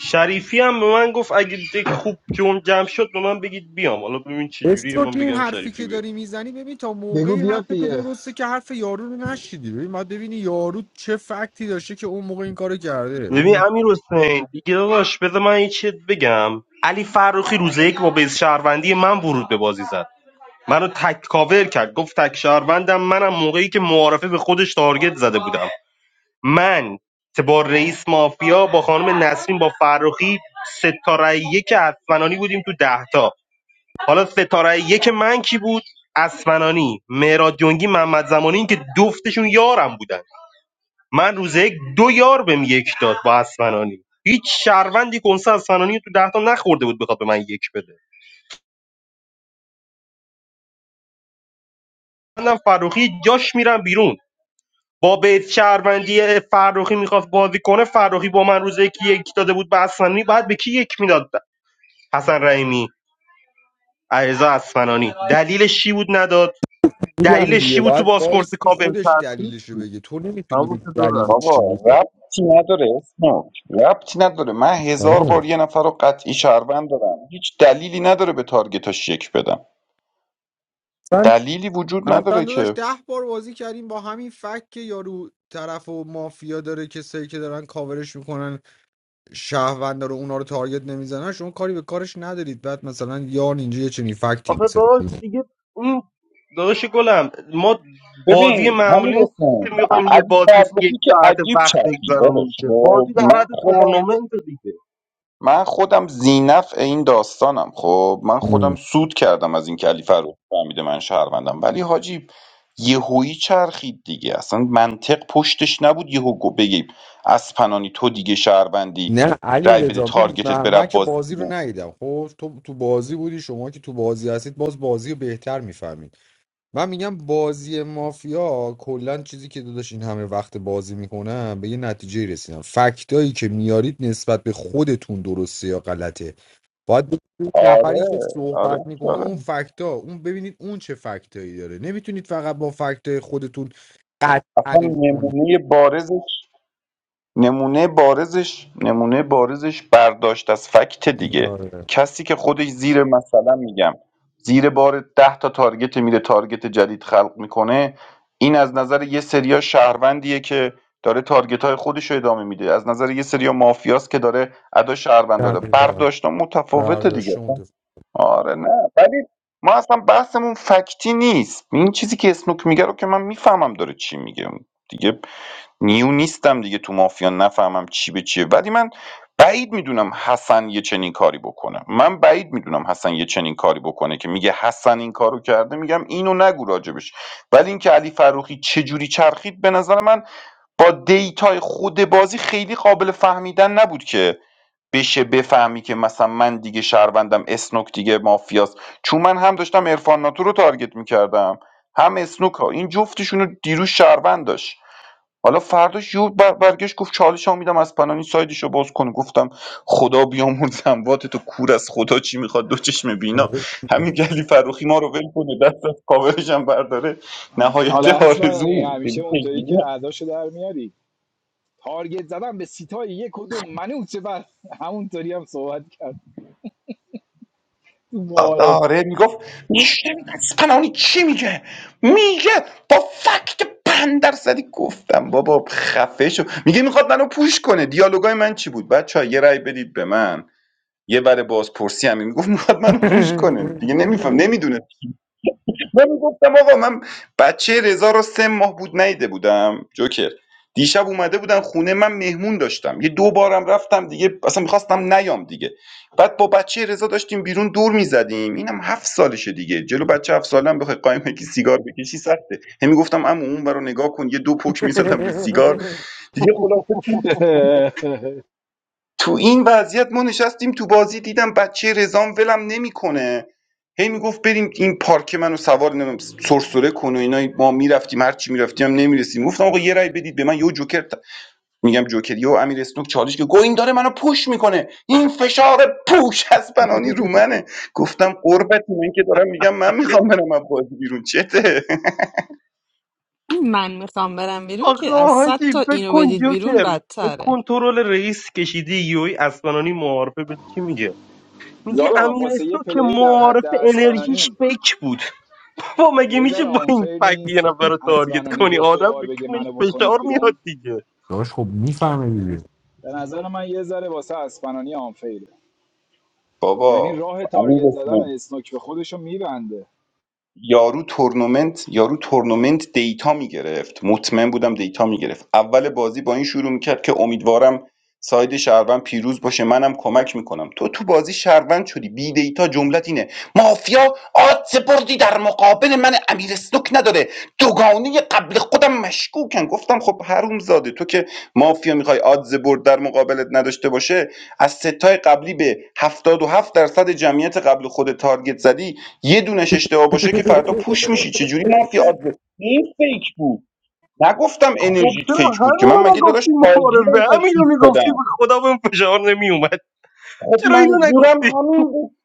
Speaker 9: شریفی هم به من گفت اگه دک خوب جمع جمع شد به من بگید بیام حالا ببین چه جوریه
Speaker 11: اسم
Speaker 9: من
Speaker 11: که این
Speaker 9: بگم
Speaker 11: حرفی
Speaker 9: شریفی
Speaker 11: که
Speaker 9: بیاد
Speaker 11: داری میزنی ببین تا
Speaker 6: بگو
Speaker 11: موقعی حرف
Speaker 6: بیاد
Speaker 11: تو
Speaker 6: دیگه
Speaker 11: درسته که حرف یارو رو نشیدی ببین باید ببینی یارو چه فکتی داشته که اون موقع این کارو کرده
Speaker 9: ببین
Speaker 11: این
Speaker 9: امیر حسین دیگه داداش بذار من یه چیت بگم علی فروخی روز یک با بیز شهروندی من ورود به بازی زد منو تک کاور کرد گفت تک شهروندم منم موقعی که معارفه به خودش تارگت زده بودم من که با رئیس مافیا با خانم نسرین با فرخی ستاره یک اسفنانی بودیم تو ده تا حالا ستاره یک من کی بود اسفنانی مهراد جنگی محمد زمانی این که دفتشون یارم بودن من روز یک دو یار بهم یک داد با اسفنانی هیچ شهروندی کنسه اسفنانی رو تو ده تا نخورده بود بخواد به من یک بده منم فروخی جاش میرم بیرون با بیت شهروندی فروخی میخواست بازی کنه فروخی با من روز یک یک داده بود به اسفنانی بعد به کی یک میداد حسن رحیمی علیرضا اسفنانی دلیلش چی بود نداد
Speaker 11: میگم
Speaker 9: دلیلش
Speaker 11: دیگه
Speaker 9: چی بود تو
Speaker 11: باید
Speaker 9: پاسپورت
Speaker 11: وایسی
Speaker 9: کاپم
Speaker 11: خودش
Speaker 9: کرد
Speaker 11: دلیلشو بگه تو نمیتونی به
Speaker 9: تموم شد و رفت.
Speaker 11: دلیل چی
Speaker 8: بابا
Speaker 11: بوده
Speaker 8: ربطی نداره اسموک ربطی نداره من هزار
Speaker 11: آره
Speaker 8: بار یه نفر رو قطعی شهروند دارم هیچ دلیلی نداره به تارگتاش یک بدم
Speaker 11: مثلا
Speaker 8: دلیلی وجود
Speaker 11: اصلا
Speaker 8: نداره
Speaker 11: داداش
Speaker 8: که
Speaker 11: ده بار بازی کردیم با همین فکت که یارو طرف و مافیا داره کسایی که دارن کاورش میکنن شهروندا رو اونا رو تارگت نمیزنن شما کاری به کارش ندارید بعد مثلا یارن اینجا یه چنین فکتی
Speaker 9: آخه
Speaker 11: میسازید
Speaker 9: داداش دیگه اون داداش گلم ما بازی
Speaker 8: ببین همین
Speaker 9: معمولی نیست
Speaker 8: رسن
Speaker 9: که میخوایم یه
Speaker 8: علی
Speaker 9: بازی یک
Speaker 8: فرخی که
Speaker 9: ساعت
Speaker 8: عجیب
Speaker 9: وقت
Speaker 8: چرخید
Speaker 9: بگذرونیم
Speaker 8: داداش
Speaker 9: که
Speaker 8: خب
Speaker 9: بازی در حد
Speaker 8: من خودم
Speaker 9: تورنمنت دیگه
Speaker 8: من خودم زینف این داستانم خب من خودم سود کردم از این علی فرخ فهمیده من شهروندم ولی حاجی یهویی چرخید دیگه اصلا منطق پشتش نبود یهو گو- بگیم از پنانی تو دیگه شهروندی
Speaker 11: نه علی
Speaker 8: رای بده
Speaker 11: رضا می‌دونی
Speaker 8: تارگتت
Speaker 11: من,
Speaker 8: بره
Speaker 11: من که
Speaker 8: بازی
Speaker 11: بازی رو
Speaker 8: بیرون
Speaker 11: ندیدم خب تو تو بازی بودی شما که تو بازی هستید باز بازی رو بهتر میفهمید. من میگم بازی مافیا کلا چیزی که داداش این همه وقت بازی میکنم به یه نتیجه رسیدم فکتایی که میارید نسبت به خودتون درسته یا غلطه باید ببینید نفری
Speaker 8: آره
Speaker 11: که
Speaker 8: آره
Speaker 11: صحبت میکنه
Speaker 8: آره
Speaker 11: اون فکتا اون ببینید اون چه فکتایی داره نمیتونید فقط با فکتای خودتون
Speaker 8: اصلا
Speaker 11: قطعنش کنید
Speaker 8: نمونه بارزش نمونه بارزش نمونه بارزش برداشت از فکت دیگه
Speaker 11: آره
Speaker 8: کسی که خودش زیر مثلا میگم زیر بار ده تا تارگت میره تارگت جدید خلق میکنه این از نظر یه سریا شهروندیه که داره تارگت های خودش رو ادامه میده از نظر یه سریا مافیاست که داره ادا شهروند داره
Speaker 11: دقیقاً.
Speaker 8: برداشت متفاوته دیگه
Speaker 11: برداشت متفاوت.
Speaker 8: آره نه ولی ما اصلا بحثمون فکتی نیست این چیزی که اسنوک میگه رو که من میفهمم داره چی میگه دیگه نیو نیستم دیگه تو مافیا نفهمم چی به چیه ولی من بعید میدونم حسن یه چنین کاری بکنه من بعید میدونم حسن یه چنین کاری بکنه که میگه حسن این کارو کرده میگم اینو نگو راجبش ولی اینکه علی فروخی چه جوری چرخید به نظر من با دیتای خود بازی خیلی قابل فهمیدن نبود که بشه بفهمی که مثلا من دیگه شهروندم اسنوک دیگه مافیاست چون من هم داشتم عرفان ناتو رو تارگت میکردم هم اسنوک ها این جفتشون رو دیروز شهروند داشت حالا فرداش یو بر برگشت گفت چالش ها میدم از پنانی سایدش رو باز کن گفتم خدا بیامرز اموات تو کور از خدا چی میخواد دو چشم بینا
Speaker 11: آره.
Speaker 8: همین گلی فروخی ما رو ول کنه دست از کاورش هم برداره
Speaker 6: حالا
Speaker 8: نهایت
Speaker 6: اسپنانی
Speaker 8: آرزو
Speaker 6: همیشه اونطوری که اعداشو در میاری تارگت زدم به سیتای یک و دو منوچه بر همونطوری هم صحبت کرد تو معارف
Speaker 8: آره میگفت میشه پنانی چی میگه میگه با فکت پن درصدی گفتم بابا خفه شو میگه میخواد منو پوش کنه دیالوگای من چی بود بچه یه رأی بدید به من یه بر بازپرسی همین میگفت میخواد منو پوش کنه دیگه نمیفهم نمیدونه من گفتم آقا من بچه رضا رو سه ماه بود نیده بودم جوکر دیشب اومده بودن خونه من مهمون داشتم یه دو بارم رفتم دیگه اصلا میخواستم نیام دیگه بعد با بچه رضا داشتیم بیرون دور میزدیم اینم هفت سالشه دیگه جلو بچه هفت سالم بخوای قایم که سیگار بکشی سخته همی گفتم اما اون رو نگاه کن یه دو پک میزدم به سیگار دیگه خلاصه تو این وضعیت ما نشستیم تو بازی دیدم بچه رزام ولم نمیکنه هی میگفت بریم این پارک منو سوار نمیم سرسره کن و اینا ما میرفتیم هر چی میرفتیم هم نمیرسیم گفتم آقا یه رای بدید به من یو جوکر ت- میگم جوکری و امیر اسنوک چالش که گو این داره منو پوش میکنه این فشار پوش از بنانی رو منه گفتم قربت من که دارم میگم من میخوام برم از بازی بیرون چته
Speaker 4: من میخوام برم بیرون
Speaker 9: آخه
Speaker 4: که از صد
Speaker 9: حاجی
Speaker 4: تا
Speaker 9: فکر
Speaker 4: اینو
Speaker 9: کن
Speaker 4: بدید بیرون
Speaker 9: جوکر فکر
Speaker 4: بدتره
Speaker 9: کن تو رول رئیس کشیدی یوی اسمانانی معارفه به چی میگه میگه
Speaker 6: زالا
Speaker 9: امیر
Speaker 6: واسه یه
Speaker 9: اسنو که
Speaker 6: پلی در حد
Speaker 9: معارفه انرژیش
Speaker 6: اسپنانی
Speaker 9: فکر بود با مگه
Speaker 6: یه
Speaker 9: میشه
Speaker 6: ذره
Speaker 9: با این
Speaker 6: آنفر
Speaker 9: فکر یه
Speaker 6: نیست
Speaker 9: نفر رو تارگت
Speaker 6: اسپنانی
Speaker 9: کنی
Speaker 6: دو سه
Speaker 9: آدم
Speaker 6: بار
Speaker 9: به
Speaker 6: بگه
Speaker 9: کونش
Speaker 6: منو بکنید
Speaker 9: فشار میاد
Speaker 6: بیرون
Speaker 9: دیگه
Speaker 11: داش خب میفهمه دیگه
Speaker 6: به نظر من یه ذره واسه اسپنانی آنفیره یعنی
Speaker 8: بابا
Speaker 6: راه
Speaker 8: امیر
Speaker 6: تارگت زدن
Speaker 8: اسنوک
Speaker 6: اسنوک به خودشو میبنده
Speaker 8: یارو تورنمنت یارو تورنمنت دیتا میگرفت مطمئن بودم دیتا میگرفت اول بازی با این شروع میکرد که امیدوارم ساید شهروند پیروز باشه منم کمک میکنم تو تو بازی شهروند شدی بی دیتا جملت اینه مافیا آدز بردی در مقابل من امیر سنوک نداره دوگانه قبل خودم مشکوکن گفتم خب حروم زاده تو که مافیا میخوای آدز برد در مقابلت نداشته باشه از ستای قبلی به هفتاد و هفت درصد جمعیت قبل خود تارگت زدی یه دونش اشتباه باشه که فردا پوش میشی چجوری مافیا آدز این فیک بود نگفتم
Speaker 9: خب
Speaker 8: انرژیت
Speaker 9: چرا
Speaker 8: فیک بود که من
Speaker 9: همینو
Speaker 8: مگه داداش
Speaker 9: نگفتی
Speaker 8: فالگیرم
Speaker 9: معارفه همینو
Speaker 8: تشخیص
Speaker 9: میگفتی به
Speaker 8: دادم
Speaker 9: خدا بهم فشار نمیومد
Speaker 8: خب
Speaker 9: چرا اینو
Speaker 8: منظورم
Speaker 9: نگفتی
Speaker 8: همین بود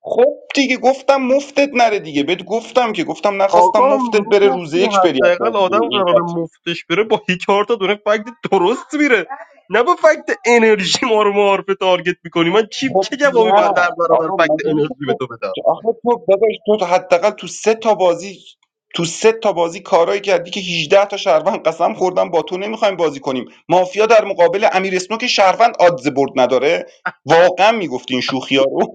Speaker 8: خب دیگه گفتم مفتت نره دیگه بهت گفتم که گفتم نخواستم
Speaker 9: آقا
Speaker 8: مفتت بره روز
Speaker 9: میگفتی
Speaker 8: یک بری از
Speaker 9: حداقل
Speaker 8: بازی بیرون
Speaker 9: آدم قرار
Speaker 8: این
Speaker 9: مفتش بره با هی چهار تا دونه فکت درست میره نه با فکت انرژی ما رو معارفه تارگت میکنی من چی
Speaker 8: خب
Speaker 9: چه جوابی
Speaker 8: نه
Speaker 9: باید در برابر
Speaker 8: آقا
Speaker 9: فکت
Speaker 8: مگه میشه
Speaker 9: انرژی به
Speaker 8: تو
Speaker 9: تو بدم
Speaker 8: تو- آخه تو داداش تو تا حداقل تو سه تا بازی تو سه تا بازی کارایی کردی که 18 تا شهروند قسم خوردن با تو نمیخوایم بازی کنیم مافیا در مقابل امیر اسنوک شهروند آدز برد نداره واقعا میگفتی این شوخی ها رو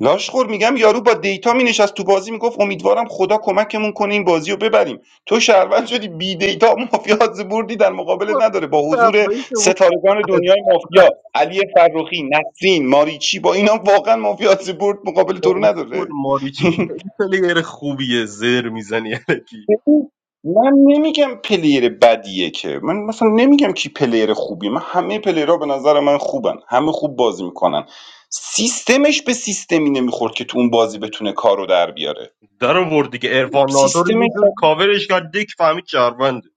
Speaker 8: لاشخور میگم یارو با دیتا مینشست تو بازی میگفت امیدوارم خدا کمکمون کنه این بازی رو ببریم تو شهروند شدی بی دیتا مافیا بردی در
Speaker 9: خب،
Speaker 8: مقابلت نداره با حضور
Speaker 9: اولی که اون
Speaker 8: ستارگان
Speaker 9: از-
Speaker 8: دنیای مافیا علی فرخی نسرین ماریچی با اینا واقعا مافیا برد مقابل تو
Speaker 9: با
Speaker 8: رو نداره
Speaker 9: اسکول ماریچی که خیلی پلیر خوبیه زر میزنی الکی
Speaker 8: ببین، من نمیگم پلیر بدیه که من مثلا نمیگم کی پلیر خوبیه من همه پلیرها به نظر من خوبن همه خوب بازی میکنن سیستمش به سیستمی نمیخورد که تو اون بازی بتونه کارو در بیاره
Speaker 9: در آورد دیگه عرفان ناتو رو
Speaker 8: سیستم
Speaker 9: یه جوری کاورش کرد دک فهمید شهرونده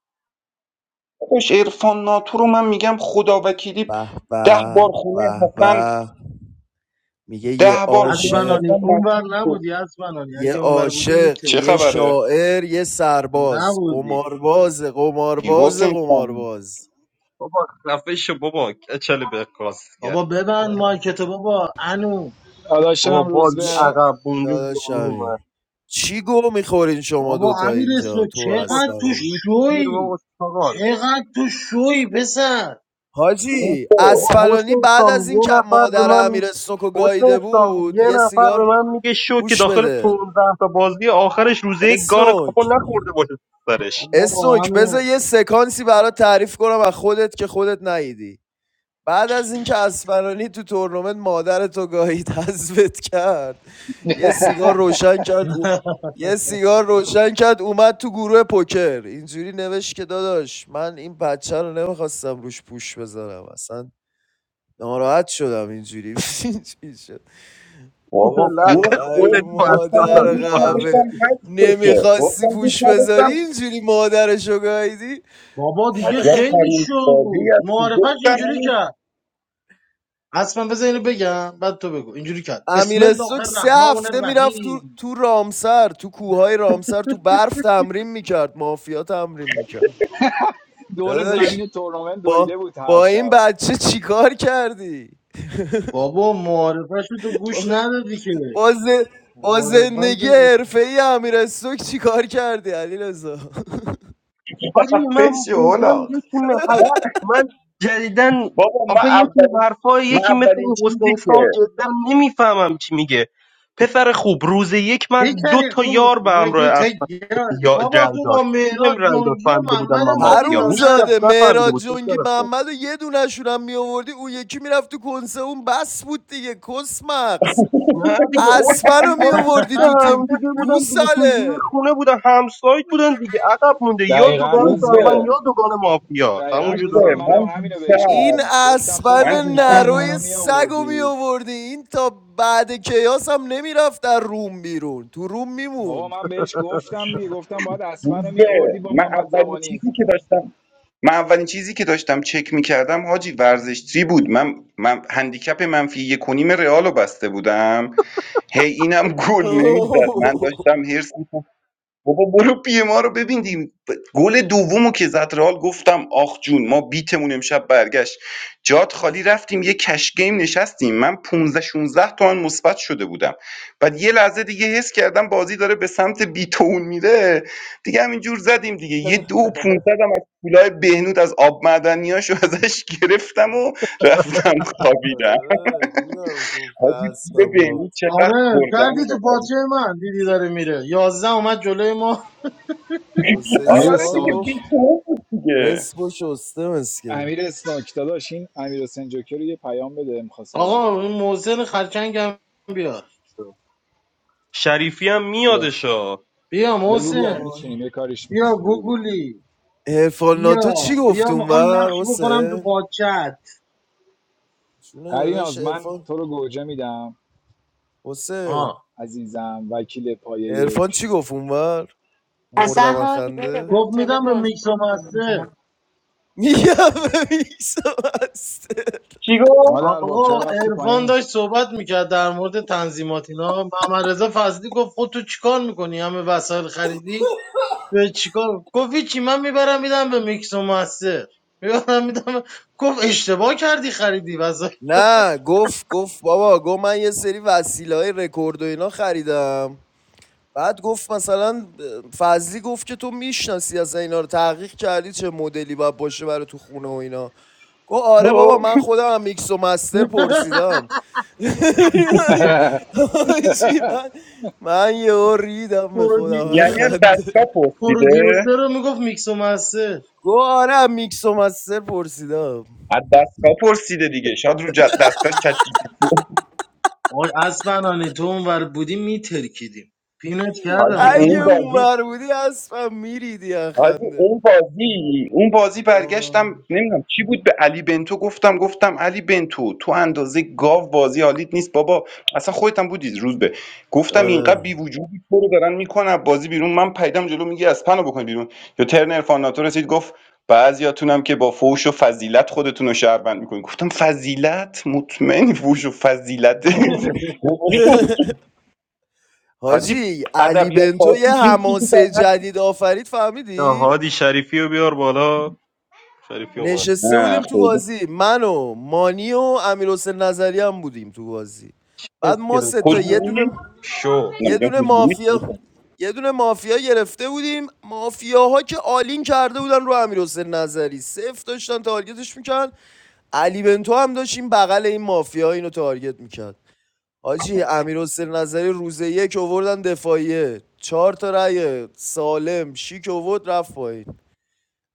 Speaker 8: کاش عرفان ناتو رو من میگم خدا وکیلی
Speaker 12: به
Speaker 8: ده
Speaker 12: به
Speaker 8: بار خونه
Speaker 12: به
Speaker 8: حسن
Speaker 12: به میگه یه
Speaker 8: ده بار خونه
Speaker 12: عاشق
Speaker 13: اسبنانی
Speaker 8: حسن
Speaker 13: اونور
Speaker 8: مشروب بود
Speaker 13: نبودی اسبنانی
Speaker 12: یه
Speaker 13: اگه اونور بودی
Speaker 12: عاشق
Speaker 8: چه
Speaker 12: یه
Speaker 13: میترکی
Speaker 8: خبره
Speaker 12: شاعر یه سرباز
Speaker 13: نبودی
Speaker 12: قمارباز
Speaker 8: ای
Speaker 12: قمارباز
Speaker 8: حسین سامی
Speaker 12: قمارباز
Speaker 9: بابا خفه شو بابا کچل به کرد
Speaker 13: بابا ببند مایکت بابا انو
Speaker 6: داداشم
Speaker 9: بابا
Speaker 6: هم روز
Speaker 9: بازی
Speaker 6: به
Speaker 12: چی
Speaker 9: عقب بونده زمین
Speaker 12: داداشمی
Speaker 9: اومد
Speaker 12: چی گو میخورین شما
Speaker 13: بابا
Speaker 12: دوتا
Speaker 13: امیر اسنو
Speaker 12: اینجا تو و
Speaker 9: بابا
Speaker 13: چقدر تو
Speaker 12: اسفنانی
Speaker 9: سویت شیر
Speaker 13: شوی
Speaker 9: بابا چاقال
Speaker 13: چقدر تو شوی پسر
Speaker 12: حاجی
Speaker 9: بابا
Speaker 12: اسفنانی
Speaker 9: حسین
Speaker 12: بعد از
Speaker 9: سامی
Speaker 12: این
Speaker 9: یه
Speaker 12: که
Speaker 9: نفر به
Speaker 12: مادر
Speaker 9: من
Speaker 12: امیر اسنوکو
Speaker 9: حسین
Speaker 12: گاییده
Speaker 9: سامی
Speaker 12: بود
Speaker 9: یه
Speaker 12: یه
Speaker 9: نفر به
Speaker 12: سیگار
Speaker 9: من میگه شو که
Speaker 12: گوش
Speaker 9: داخل
Speaker 12: بده
Speaker 9: 15 تا بازی آخرش روزه یک گان
Speaker 12: اسنوک
Speaker 9: کاپو نخورده باشه تو سرش
Speaker 13: بابا
Speaker 12: اسنوک بذار
Speaker 13: انو
Speaker 12: یه سکانسی برات تعریف کنم از خودت که خودت نیدی بعد از اینکه اسفرانی تو تورنمنت مادر تو گاهید حذفت کرد یه سیگار روشن کرد او... یه سیگار روشن کرد اومد تو گروه پوکر اینجوری نوشت که داداش من این بچه رو نمیخواستم روش پوش بذارم اصلا ناراحت شدم اینجوری اینجوری شد
Speaker 8: بابا
Speaker 9: لق
Speaker 12: گفتم
Speaker 8: گفت
Speaker 12: ای
Speaker 9: خودت
Speaker 8: گفت
Speaker 9: تو از
Speaker 8: گفتم من
Speaker 12: مادر
Speaker 9: سلالی
Speaker 8: دوست
Speaker 9: پارم
Speaker 12: قهوه
Speaker 8: نداشتم حذف بشه
Speaker 12: نمیخواستی
Speaker 8: گفتم دوست
Speaker 12: پوش بذاری
Speaker 8: نداشتم
Speaker 12: اینجوری مادرشو گاهیدی
Speaker 13: بابا دیگه
Speaker 8: عجب
Speaker 13: خیلی
Speaker 8: چرون
Speaker 13: شو
Speaker 8: بازی
Speaker 13: بود
Speaker 8: هستی
Speaker 13: معارفش
Speaker 8: گفتم
Speaker 13: اینجوری
Speaker 8: این
Speaker 13: کرد اصلا بذار اینو بگم بعد تو بگو اینجوری کرد بسم
Speaker 12: امیر
Speaker 13: الله
Speaker 12: استوک سه
Speaker 13: الرحمن
Speaker 12: هفته میرفت تو
Speaker 13: الرحیم
Speaker 12: تو رامسر تو کوههای رامسر تو برف تمرین میکرد مافیا تمرین میکرد
Speaker 6: دور
Speaker 12: داداش
Speaker 6: زمین تورنمنت
Speaker 12: با
Speaker 6: دویده بود هر
Speaker 12: با این
Speaker 6: شب
Speaker 12: بچه چیکار کردی
Speaker 13: بابا معارفش رو تو گوش
Speaker 12: با,
Speaker 13: ندادی که
Speaker 12: با, ز- با زندگی
Speaker 13: معارفه
Speaker 12: حرفه ای امیر استوک چیکار کردی علی رضا
Speaker 9: حاجی من
Speaker 8: فش
Speaker 9: جدا
Speaker 8: اولاق
Speaker 9: یکی
Speaker 8: نه
Speaker 9: میخوای من جدیدن
Speaker 8: بابا من
Speaker 9: آخه یکی
Speaker 8: اولین
Speaker 9: حرفای
Speaker 8: من
Speaker 9: یکی مثل
Speaker 8: اولین
Speaker 9: این
Speaker 8: چیزی
Speaker 9: حسین
Speaker 8: که
Speaker 9: سام جدا نمیفهمم چی میگه پسر خوب روز یک من دو
Speaker 13: پیکری
Speaker 9: تا
Speaker 13: خوب
Speaker 9: یار به
Speaker 13: یه
Speaker 9: همراه
Speaker 13: دو
Speaker 9: از
Speaker 13: تا
Speaker 9: یا
Speaker 13: بابا
Speaker 9: رای
Speaker 13: تو
Speaker 9: داد
Speaker 13: با
Speaker 9: کی بهم
Speaker 13: مهراد
Speaker 9: رای داد
Speaker 13: جنگی و
Speaker 9: فهمیده بودن
Speaker 13: محمد
Speaker 9: من
Speaker 13: هم دادی
Speaker 9: مافیام
Speaker 12: حروم
Speaker 9: هیچ
Speaker 13: لاده
Speaker 9: کس
Speaker 12: زاده
Speaker 9: نفهمیده
Speaker 12: مهراد
Speaker 9: بود
Speaker 12: جنگی
Speaker 9: پسر خوب
Speaker 12: محمد و یه دونشون هم میآوردی اون یکی میرفت تو کنسه اون بس بود دیگه کس مغز
Speaker 9: نه دیگه اوت
Speaker 12: اسمنو
Speaker 9: اینا
Speaker 12: میآوردی
Speaker 9: دوست
Speaker 12: تو
Speaker 9: هم
Speaker 12: تیم
Speaker 9: دیگه بودن دیگه تو یه
Speaker 12: گوساله
Speaker 9: خونه بودن همسایت بودن دیگه عقب مونده یا
Speaker 6: دقیقا
Speaker 9: دوگان
Speaker 8: روز
Speaker 6: روز
Speaker 9: سربن
Speaker 8: به
Speaker 6: به
Speaker 9: یا دوگان مافیا
Speaker 6: دقیقا
Speaker 9: تموم
Speaker 8: روز
Speaker 9: شد و
Speaker 6: روز
Speaker 8: به
Speaker 6: به
Speaker 9: رفت
Speaker 6: منم
Speaker 8: من
Speaker 6: همینو بهش
Speaker 12: این
Speaker 8: دیشب
Speaker 6: گفتم گفتم تو
Speaker 12: اسبن
Speaker 8: من
Speaker 6: باید
Speaker 8: دیشب
Speaker 6: اسپن
Speaker 12: نروی
Speaker 6: رو
Speaker 14: سلام
Speaker 12: سگو می
Speaker 6: میآوردی
Speaker 12: آوردی این تا بعد کیاس هم نمیرفت در روم بیرون تو روم
Speaker 6: بابا
Speaker 12: میموند
Speaker 6: من بهش گفتم دیگه گفتم باید اسپن رو
Speaker 8: روز به
Speaker 6: میآوردی با
Speaker 8: من
Speaker 6: محمد
Speaker 8: اولین
Speaker 6: زمانی
Speaker 8: چیزی که داشتم من اولین چیزی که داشتم چک میکردم حاجی ورزشتری بود من من هندیکپ منفی یک و نیم رئال رو بسته بودم هی اینم گل نمیزد من داشتم هرس می‌خوردم. بابا برو پی ما رو ببین دیگه. ب- گل دومو که زد رئال گفتم آخ جون ما بیتمون امشب برگشت جات خالی رفتیم یه کش گیم نشستیم من 15 16 تومن مثبت شده بودم بعد یه لحظه دیگه حس کردم بازی داره به سمت بیتون میره دیگه همینجور زدیم دیگه یه دو و 500 هم از پولای بهنود از آب معدنیاشو ازش گرفتم و رفتم خوابیدم
Speaker 12: آره، دیدم گفت به
Speaker 8: حاجی پول
Speaker 12: اسبم
Speaker 8: بهنود
Speaker 12: گفت
Speaker 8: چقدر
Speaker 13: آره
Speaker 8: بردن
Speaker 13: کردی تو
Speaker 8: داره
Speaker 13: پاچه من دیدی داره میره یازده اومد جلوی ما
Speaker 12: حسین
Speaker 6: امیر
Speaker 8: آره
Speaker 12: سام
Speaker 8: دیگه
Speaker 6: اسنوک
Speaker 12: گفت
Speaker 8: بیتون بود دیگه
Speaker 12: نصف و شسته مسکه
Speaker 6: امیر اسناک داداش این امیر حسین جوکر رو یه پیام بده میخواست بازی کنه
Speaker 13: آقا این محسن خرچنگ هم بیار
Speaker 9: شریفی هم
Speaker 6: کیو
Speaker 9: میادشا
Speaker 13: بیا
Speaker 6: بگو بیاد
Speaker 13: محسن
Speaker 12: وای
Speaker 6: میچینیم یه کاریش
Speaker 13: بیا
Speaker 6: میکنیم بگو بیاد
Speaker 13: گوگولی
Speaker 12: ارفان
Speaker 13: بیا
Speaker 12: ناتو چی
Speaker 13: بیا
Speaker 12: گفت
Speaker 13: میخوام
Speaker 12: اونور
Speaker 13: نقش بکنم تو
Speaker 12: حسین
Speaker 13: پاچت
Speaker 12: چونه داداش
Speaker 6: پریناز من
Speaker 12: ارفان
Speaker 6: تو رو گوجه میدم
Speaker 12: حسین
Speaker 13: آه.
Speaker 6: عزیزم وکیل پایه
Speaker 12: ارفان
Speaker 6: یک
Speaker 12: چی گفت اونور
Speaker 14: اصلا
Speaker 12: مردم از
Speaker 14: هادی بده
Speaker 12: خنده
Speaker 13: گفت
Speaker 14: حوصله
Speaker 13: میدم به
Speaker 14: بازی
Speaker 13: میکس و
Speaker 14: نکنیم
Speaker 13: مستر
Speaker 14: حالا
Speaker 12: میگم به میسم هسته.
Speaker 8: چی
Speaker 6: محمد
Speaker 8: گفت
Speaker 6: ارباب
Speaker 13: آقا
Speaker 6: چرا رفتی
Speaker 13: عرفان
Speaker 6: پایین
Speaker 13: داشت صحبت میکرد در مورد تنظیمات اینا محمد رضا فضلی گفت خود تو چیکار میکنی همه وسایل خریدی به چیکار گفت هیچی من میبرم میدم به میکس و مستر میبرم میدم گفت اشتباه کردی خریدی واسه
Speaker 12: نه گفت گفت بابا گفت من یه سری وسیله های رکورد و اینا خریدم بعد گفت مثلا فضلی گفت که تو میشناسی از اینا رو تحقیق کردی چه مدلی باید باشه برای تو خونه و اینا گفت آره بابا
Speaker 8: خب.
Speaker 12: من خودم هم میکس و مستر پرسیدم حاجی، من من یه ریدم به خودم از
Speaker 8: یعنی از
Speaker 13: پرودیوسر
Speaker 12: خنده
Speaker 8: دستگاه پرسیده
Speaker 13: پرودیوسر رو میگفت میکس و مستر
Speaker 12: گفت آره هم میکس و مستر پرسیدم
Speaker 8: از دستگاه پرسیده دیگه شاید رو جد- دستگاهش چت جی پی تی.
Speaker 13: آی از بنانه تو اونور بودی میترکیدیم پینت کردم
Speaker 8: حاجی
Speaker 13: نه
Speaker 12: اگه
Speaker 8: اون
Speaker 13: من
Speaker 12: اون
Speaker 8: بازی
Speaker 12: بر بودی اصلا میریدی از
Speaker 8: حاجی
Speaker 12: خنده
Speaker 8: اون بازی اون بازی
Speaker 12: وای.
Speaker 8: برگشتم نمیدونم چی بود به علی بنتو گفتم گفتم علی بنتو تو اندازه گاو بازی حالیت نیست بابا اصلا خودت هم بودی روز به گفتم اینقدر
Speaker 12: آره
Speaker 8: بی وجودی تو رو دارن میکنن بازی بیرون من پیدم جلو میگی از پنو بکن بیرون یا ترن ارفاناتو رسید گفت بعضیاتونم که با فوش و فضیلت خودتون رو شهروند میکنین گفتم فضیلت مطمئن فوش و فضیلت حاجی
Speaker 12: حاجی علی
Speaker 8: ادبیات
Speaker 12: بنتو یه
Speaker 8: فارسی چیزی در
Speaker 12: حماسه
Speaker 8: حد-
Speaker 12: جدید آفرید
Speaker 9: یا
Speaker 12: فهمیدی؟
Speaker 9: هادی شریفی رو بیار بالا شریفی اومد
Speaker 12: نشسته
Speaker 8: نه
Speaker 12: بودیم تو
Speaker 8: خیلی
Speaker 12: بازی من و مانی و امیر حسین نظری هم بودیم تو بازی بعد ما
Speaker 9: اسکلت
Speaker 12: سه تا یه
Speaker 9: میذاری
Speaker 8: حضوری
Speaker 12: دونه
Speaker 9: شو
Speaker 8: نه
Speaker 12: یه
Speaker 8: میگم
Speaker 12: دونه
Speaker 8: حضوریت
Speaker 12: مافیا
Speaker 8: میکنه
Speaker 12: یه دونه مافیا گرفته بودیم مافیاها که آلین کرده بودن رو امیر نظری صفر داشتن تارگتش میکن علی بنتو هم داشت این بغل این مافیا اینو تارگت میکرد حاجی امیر نظری روز یک اووردن دفاعیه چهار تا رأی سالم شیک اوورد رفت پایین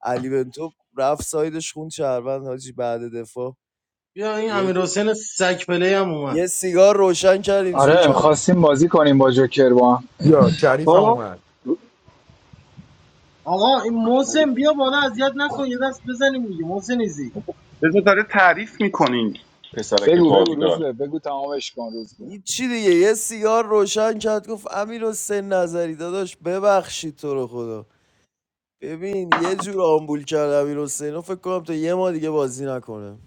Speaker 12: علی بنتو رفت سایدش خون چربند حاجی بعد دفاع
Speaker 13: بیا این
Speaker 12: یه,
Speaker 13: امیر حسین سگ پلی هم اومد
Speaker 12: یه سیگار روشن کرد اینجوری
Speaker 6: آره
Speaker 12: کرد
Speaker 6: میخواستیم بازی کنیم با جوکر با هم.
Speaker 11: یا شریف هم
Speaker 8: خب
Speaker 11: اومد
Speaker 13: آقا این محسن بیا بالا اذیت نکن یه دست بزنیم دیگه محسن ایزی
Speaker 8: بذار داره تعریف میکنین پسرک
Speaker 6: بگو بگو
Speaker 8: باگدار
Speaker 6: روز به بگو تمامش کن روز به
Speaker 12: چی دیگه یه سیگار روشن کرد گفت امیر حسین نظری داداش ببخشید تو رو خدا ببین یه جور آمبول کرد امیر حسین رو فکر کنم تا یه ما دیگه بازی نکنه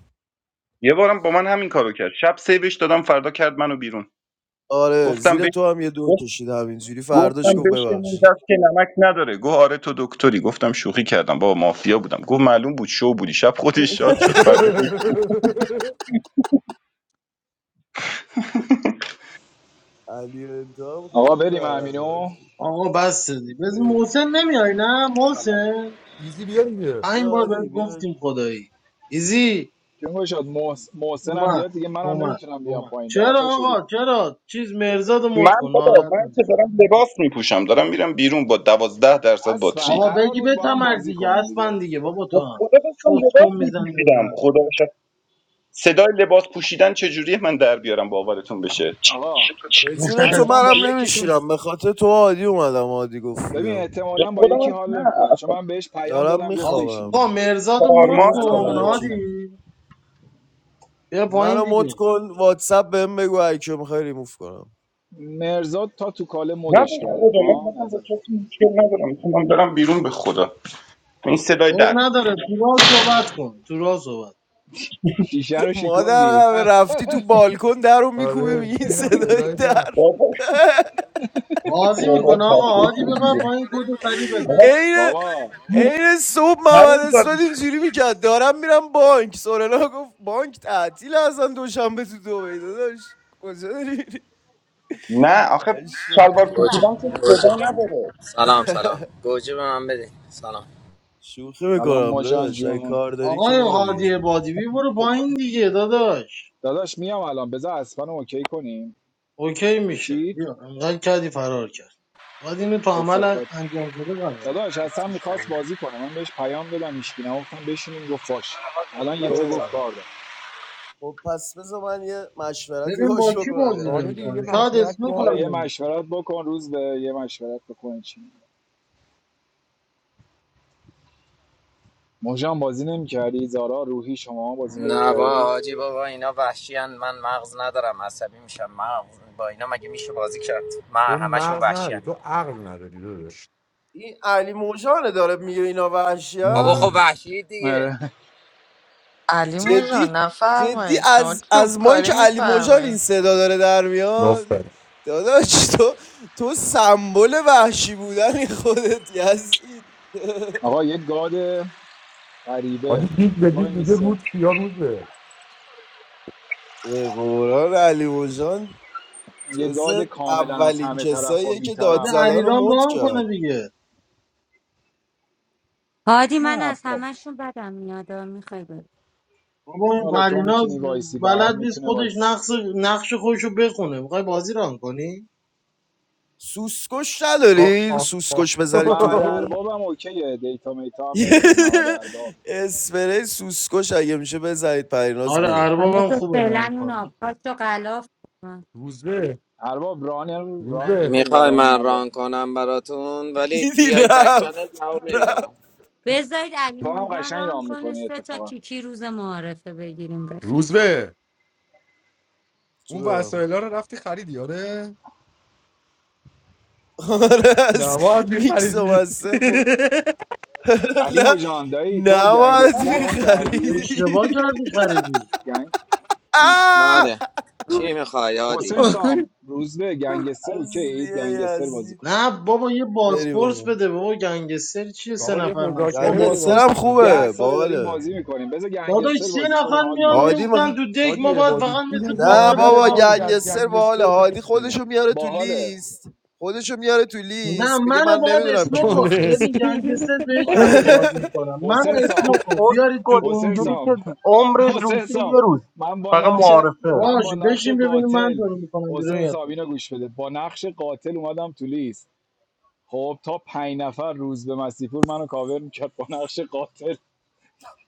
Speaker 8: یه بارم با من همین کارو کرد شب سیوش دادم فردا کرد منو بیرون
Speaker 12: آره
Speaker 8: گفتم
Speaker 12: زیر
Speaker 8: بش
Speaker 12: تو هم یه دو
Speaker 8: گفت-
Speaker 12: کشید همینجوری فرداش
Speaker 8: گفتم
Speaker 12: گفت
Speaker 8: بشکنین
Speaker 12: ببخشید
Speaker 8: دست که نمک نداره گفت آره تو دکتری گفتم شوخی کردم بابا مافیا بودم گفت معلوم بود شو بودی شب خودش شاد شد فردا گفت-
Speaker 12: علی انتها هم
Speaker 6: آقا
Speaker 12: خیلی
Speaker 6: بریم
Speaker 12: برقه
Speaker 6: همینو
Speaker 12: حاجی.
Speaker 13: آقا بس دیگه بز
Speaker 12: اه،
Speaker 13: محسن نمیای نه
Speaker 15: سلام
Speaker 13: محسن
Speaker 11: ایزی بیا دیگه
Speaker 13: پنج
Speaker 12: بیا
Speaker 13: بار
Speaker 12: عادی
Speaker 13: بهت
Speaker 12: بیا
Speaker 13: گفتیم خدایی ایزی
Speaker 6: جون شد محسن هم
Speaker 13: اومد
Speaker 6: بیاد دیگه منم
Speaker 13: اومد
Speaker 6: نمیتونم بیام
Speaker 13: اومد
Speaker 6: پایین ده
Speaker 13: چرا
Speaker 6: تا شدیم
Speaker 13: آقا چرا چیز مرزاد مد
Speaker 8: من
Speaker 13: کن
Speaker 8: بابا
Speaker 13: ناراحت
Speaker 8: من که
Speaker 13: نمیشه
Speaker 8: دارم لباس میپوشم دارم میرم بیرون با دوازده درصد
Speaker 6: اصلا
Speaker 8: باتری
Speaker 13: آقا
Speaker 6: قرار
Speaker 13: بگی
Speaker 6: بود
Speaker 13: به
Speaker 6: با هم
Speaker 13: تمر
Speaker 6: بازی
Speaker 13: دیگه
Speaker 6: کنیم
Speaker 13: اسبن
Speaker 6: دیگه
Speaker 13: دیگه بابا تو
Speaker 8: گفت
Speaker 13: هم
Speaker 8: خدا داشتم
Speaker 13: چوت
Speaker 8: لباس
Speaker 13: کن میزنی به
Speaker 8: میپوشیدم
Speaker 13: من
Speaker 8: خدا شد صدای لباس پوشیدن چجوریه من در بیارم باورتون بشه
Speaker 6: آقا
Speaker 15: زیپ تو
Speaker 12: به
Speaker 15: بکش
Speaker 12: جون
Speaker 15: بالا
Speaker 12: تو
Speaker 6: اصلا با
Speaker 12: منم
Speaker 6: یکیتون
Speaker 12: نمیشیرم به خاطر تو عادی اومدم عادی گفت
Speaker 6: ببین
Speaker 12: بیا
Speaker 8: به
Speaker 6: احتمالا با
Speaker 8: خودم
Speaker 6: یکی
Speaker 8: هم نه
Speaker 6: حال نمیکنه چون
Speaker 8: اصلا
Speaker 6: من بهش پیام
Speaker 12: دارم
Speaker 6: دادم گفت
Speaker 13: آقا
Speaker 12: میخوابم
Speaker 6: بشینیم
Speaker 13: مرزاد مد
Speaker 12: ریموف
Speaker 8: تارمار
Speaker 6: الان
Speaker 12: کن
Speaker 8: دارم
Speaker 13: کن
Speaker 6: میگه بازی
Speaker 13: هادی
Speaker 12: هرکی
Speaker 6: نمی‌کنه.
Speaker 13: بیا پایین
Speaker 12: منو مد
Speaker 13: دیگه
Speaker 12: کن واتساپ بهم بگو هرکی میخوای ریموف کنم
Speaker 6: مرزاد تا تو کاله
Speaker 8: نه
Speaker 6: مدش
Speaker 8: به
Speaker 6: کردم
Speaker 8: خدا من
Speaker 6: ها
Speaker 8: مثلا با
Speaker 6: نظر
Speaker 8: کسی مشکل ندارم میتونم برم بیرون به خدا این صدای
Speaker 13: عیب
Speaker 8: در
Speaker 13: نداره تو راه صحبت کن تو راه صحبت
Speaker 6: شیشه رو
Speaker 12: مادر
Speaker 6: شکوندی
Speaker 12: قبه رفتی تو بالکن در رو میکوبی
Speaker 11: آره
Speaker 12: میگی این
Speaker 11: این هم
Speaker 12: صدای
Speaker 11: صدای جن
Speaker 12: در
Speaker 8: بابا
Speaker 13: بازی
Speaker 8: بابا
Speaker 13: میکنه آقا
Speaker 8: خفه شو
Speaker 13: هادی ببر
Speaker 8: دیگه.
Speaker 13: پایین کدو سری بده
Speaker 8: آقا
Speaker 12: عین
Speaker 6: بابا
Speaker 8: جون،
Speaker 12: عین صبح
Speaker 8: هر
Speaker 12: محمد
Speaker 8: اون
Speaker 12: اسفاد
Speaker 8: زد.
Speaker 12: اینجوری میکرد دارم میرم بانک سورنا گفت بانک تعطیل اصلا دوشنبه تو دبی داداش کجا داری میری؟
Speaker 8: نه آخه شلوار
Speaker 12: شوخی
Speaker 16: گوجه
Speaker 8: پوشیدن که
Speaker 16: گوجه
Speaker 8: صدا نداره
Speaker 16: سلام سلام گوجه به من بده سلام
Speaker 6: سلام
Speaker 12: میکنم
Speaker 6: مجان
Speaker 12: داداش اگه
Speaker 6: جون
Speaker 12: کار داری که
Speaker 13: آقای
Speaker 12: برو دیگه
Speaker 13: هادی بادیبی برو پایین دیگه داداش
Speaker 6: داداش میام الان بذار اسفن اوکی کنیم
Speaker 13: اوکی میشه
Speaker 6: چیت
Speaker 13: بیا انقدر کردی فرار کرد باید اینو تو عمل
Speaker 12: تیک
Speaker 6: کسافت
Speaker 13: انجام شده قرار بدی.
Speaker 6: داداش
Speaker 15: چطور
Speaker 6: اصلا
Speaker 15: بچه
Speaker 6: میخواست
Speaker 15: ها؟
Speaker 6: بازی کنه من بهش پیام دادم هیچکی نگفتم بشینیم گفت
Speaker 15: چطور
Speaker 6: باش الان
Speaker 15: حالی بچه
Speaker 6: یهو گفت
Speaker 12: اه،
Speaker 15: سلام
Speaker 6: کار دارم
Speaker 12: خب پس بذار من یه مشورتی
Speaker 13: ببین با
Speaker 12: باش
Speaker 13: کی
Speaker 12: بکنم یه
Speaker 13: بازی
Speaker 11: آره
Speaker 12: لحظه
Speaker 11: دیگه یه
Speaker 13: نمیکنه
Speaker 12: الان.
Speaker 13: شاید
Speaker 11: مطلب
Speaker 13: اسنو
Speaker 11: باز
Speaker 6: آره
Speaker 13: کار
Speaker 6: یه
Speaker 11: کن.
Speaker 13: نمیکنه
Speaker 6: مشورت بکن روز به یه مشورت بکن چی موجان بازی نمیکردی زارا روحی شما بازی
Speaker 16: نه با
Speaker 6: نمیکردی
Speaker 16: حاجی بابا اینا وحشی هن. من مغز ندارم عصبی میشم مغز با اینا مگه میشه بازی کرد من
Speaker 11: تو
Speaker 16: همشون
Speaker 11: مغز
Speaker 16: وحشی
Speaker 11: نداری
Speaker 16: هن.
Speaker 11: تو عقل نداری داداش
Speaker 12: این علی موجانه داره میگه اینا
Speaker 16: بابا
Speaker 12: وحشی
Speaker 16: خب
Speaker 11: مم،
Speaker 16: وحشی دیگه
Speaker 6: آره
Speaker 4: علی
Speaker 12: جدی
Speaker 4: مژان
Speaker 12: جدی
Speaker 4: نفرمایید شما
Speaker 12: از
Speaker 4: چوب
Speaker 12: از مایی
Speaker 4: کاری
Speaker 12: که علی مژان این
Speaker 4: میفرمایید
Speaker 12: صدا داره در میاد
Speaker 11: آفرین
Speaker 12: داداش تو تو سمبل وحشی بودنی خودت یزید
Speaker 6: آقا یه گاد غریبه
Speaker 11: آره دید به
Speaker 6: کی
Speaker 11: دید
Speaker 6: وای
Speaker 11: میگه
Speaker 6: میسته
Speaker 11: روز یا روزه
Speaker 12: به قرآن علی مژان
Speaker 6: یه
Speaker 12: جز
Speaker 6: گاد کاملا از
Speaker 12: اولین
Speaker 6: همه طرف و
Speaker 12: کساییه
Speaker 6: بی
Speaker 12: که داد
Speaker 13: بده
Speaker 6: طرف
Speaker 12: زدن رو
Speaker 13: علیرام
Speaker 12: مد
Speaker 13: رام
Speaker 12: کرد
Speaker 13: کنه دیگه
Speaker 14: هادی من
Speaker 6: نه
Speaker 14: از
Speaker 6: بابا
Speaker 14: همهشون بدم میاد میخوای بری
Speaker 13: بابا این
Speaker 6: آره تو
Speaker 13: پریناز
Speaker 6: میتونی وایسی بهار
Speaker 13: بلد نیست
Speaker 6: میتونه
Speaker 13: خودش
Speaker 6: وایسی
Speaker 13: نقش نقش خودش رو بخونه میخوای بازی ران کنی
Speaker 12: سوسکش
Speaker 11: آخ
Speaker 12: ندارین
Speaker 11: آخ آخ
Speaker 12: سوسکش بزنید تو
Speaker 6: محمد
Speaker 12: روم
Speaker 6: ارباب هم اوکیه دیتا میتا هم
Speaker 12: یه
Speaker 6: نمیده محمد ارباب
Speaker 12: اسپری سوسکش اگه میشه بزنید پریناز
Speaker 13: آره
Speaker 12: میره
Speaker 14: حالا
Speaker 13: اربابم
Speaker 14: تو
Speaker 13: خوبه
Speaker 14: فعلا
Speaker 13: ران
Speaker 14: اون
Speaker 13: کنه
Speaker 14: آبکاش رو غلاف آه.
Speaker 11: روزه
Speaker 6: ارباب ران ران
Speaker 11: روزه
Speaker 6: میکنی برای
Speaker 16: میخوای
Speaker 6: اون
Speaker 16: من
Speaker 6: ارباب
Speaker 16: ران کنم براتون ولی
Speaker 12: دیدی
Speaker 16: بیایید بک چنل
Speaker 12: رفت
Speaker 16: جواب نمیدم
Speaker 12: رفت
Speaker 14: بذارید علی
Speaker 6: تو هم
Speaker 14: موجان
Speaker 6: قشنگ
Speaker 14: ران
Speaker 6: ران
Speaker 14: کنه
Speaker 6: میکنی
Speaker 14: سه تا
Speaker 6: اتفاقا
Speaker 14: کیکی روز معارفه بگیریم بخیر
Speaker 11: روزه اون
Speaker 12: جونم.
Speaker 11: وسایل رو رفتی خریدی آره
Speaker 12: آره از
Speaker 11: نباید
Speaker 12: میکس و
Speaker 11: میخریدی
Speaker 12: مستر بود
Speaker 6: علی
Speaker 12: نه
Speaker 6: موجان دایی تو
Speaker 12: نباید
Speaker 6: گنگستر ران کردی
Speaker 13: اشتباه
Speaker 12: میخریدی
Speaker 13: کردی خریدی
Speaker 6: گنگ
Speaker 12: آه
Speaker 16: بله چی میخوای عادی
Speaker 6: حسین سام روزبه گنگستر اوکی
Speaker 12: اصلیه
Speaker 6: گنگستر بازی
Speaker 12: یزید
Speaker 6: کن
Speaker 13: نه بابا یه
Speaker 12: بری
Speaker 13: بازپرس
Speaker 12: بابا
Speaker 13: بده بابا گنگستر چیه سه
Speaker 11: بابا یه
Speaker 13: نفر
Speaker 6: ما
Speaker 11: مذاکره
Speaker 13: مسخره
Speaker 11: بده
Speaker 12: گنگستر
Speaker 6: بازپرس
Speaker 11: بازی
Speaker 12: هم
Speaker 11: کنیم بابا
Speaker 6: ده
Speaker 12: خوبه
Speaker 6: ساله داریم
Speaker 12: باله
Speaker 6: بازی میکنیم بذار
Speaker 13: داداش
Speaker 6: گنگستر
Speaker 13: سه
Speaker 6: بازی کنیم
Speaker 13: نفر
Speaker 6: حال
Speaker 13: میان
Speaker 6: میده
Speaker 12: هادی
Speaker 6: آجی
Speaker 12: مخ...
Speaker 13: میفتن تو دک
Speaker 11: حاجی
Speaker 13: ما باید
Speaker 11: عبادی
Speaker 13: فقط مثل
Speaker 11: جون
Speaker 12: نه
Speaker 13: باقر
Speaker 11: مادرت
Speaker 12: بابا
Speaker 13: نگاه
Speaker 11: حاجی
Speaker 13: کنیم
Speaker 11: از
Speaker 12: گنگستر باله
Speaker 11: گنگستر بکش
Speaker 12: هادی
Speaker 11: بیرون
Speaker 12: خودشو میاره تو
Speaker 6: باحاله
Speaker 12: لیست خودشو میاره تو
Speaker 13: نه
Speaker 12: لیست میگه
Speaker 13: منو
Speaker 12: من
Speaker 13: باید
Speaker 12: نمیدونم کی
Speaker 13: اسنو کن
Speaker 11: آره.
Speaker 12: مافیاست
Speaker 13: ببین گنگستر به یه شرطی
Speaker 6: آجی
Speaker 13: بازی میکنم
Speaker 6: حسین
Speaker 13: منو
Speaker 6: سام
Speaker 13: اسنو کن بیارید
Speaker 9: اسکل
Speaker 13: تو
Speaker 6: حسین
Speaker 9: اینجوری
Speaker 13: لیست.
Speaker 6: سام
Speaker 9: که عمرش روشه
Speaker 6: حسین سام
Speaker 9: یه روز
Speaker 6: من با
Speaker 9: فقط
Speaker 6: نقش
Speaker 9: معارفه
Speaker 6: من
Speaker 13: باش
Speaker 6: با نقش
Speaker 13: بشین ببینیم من
Speaker 6: قاتل
Speaker 13: دارو میکنم بیرون
Speaker 6: حسین
Speaker 13: یا
Speaker 6: سام
Speaker 13: تو
Speaker 6: اینو گوش بده با نقش قاتل اومدم تو لیست خب تا پنج نفر روز به مسیپور منو کاور میکرد با نقش قاتل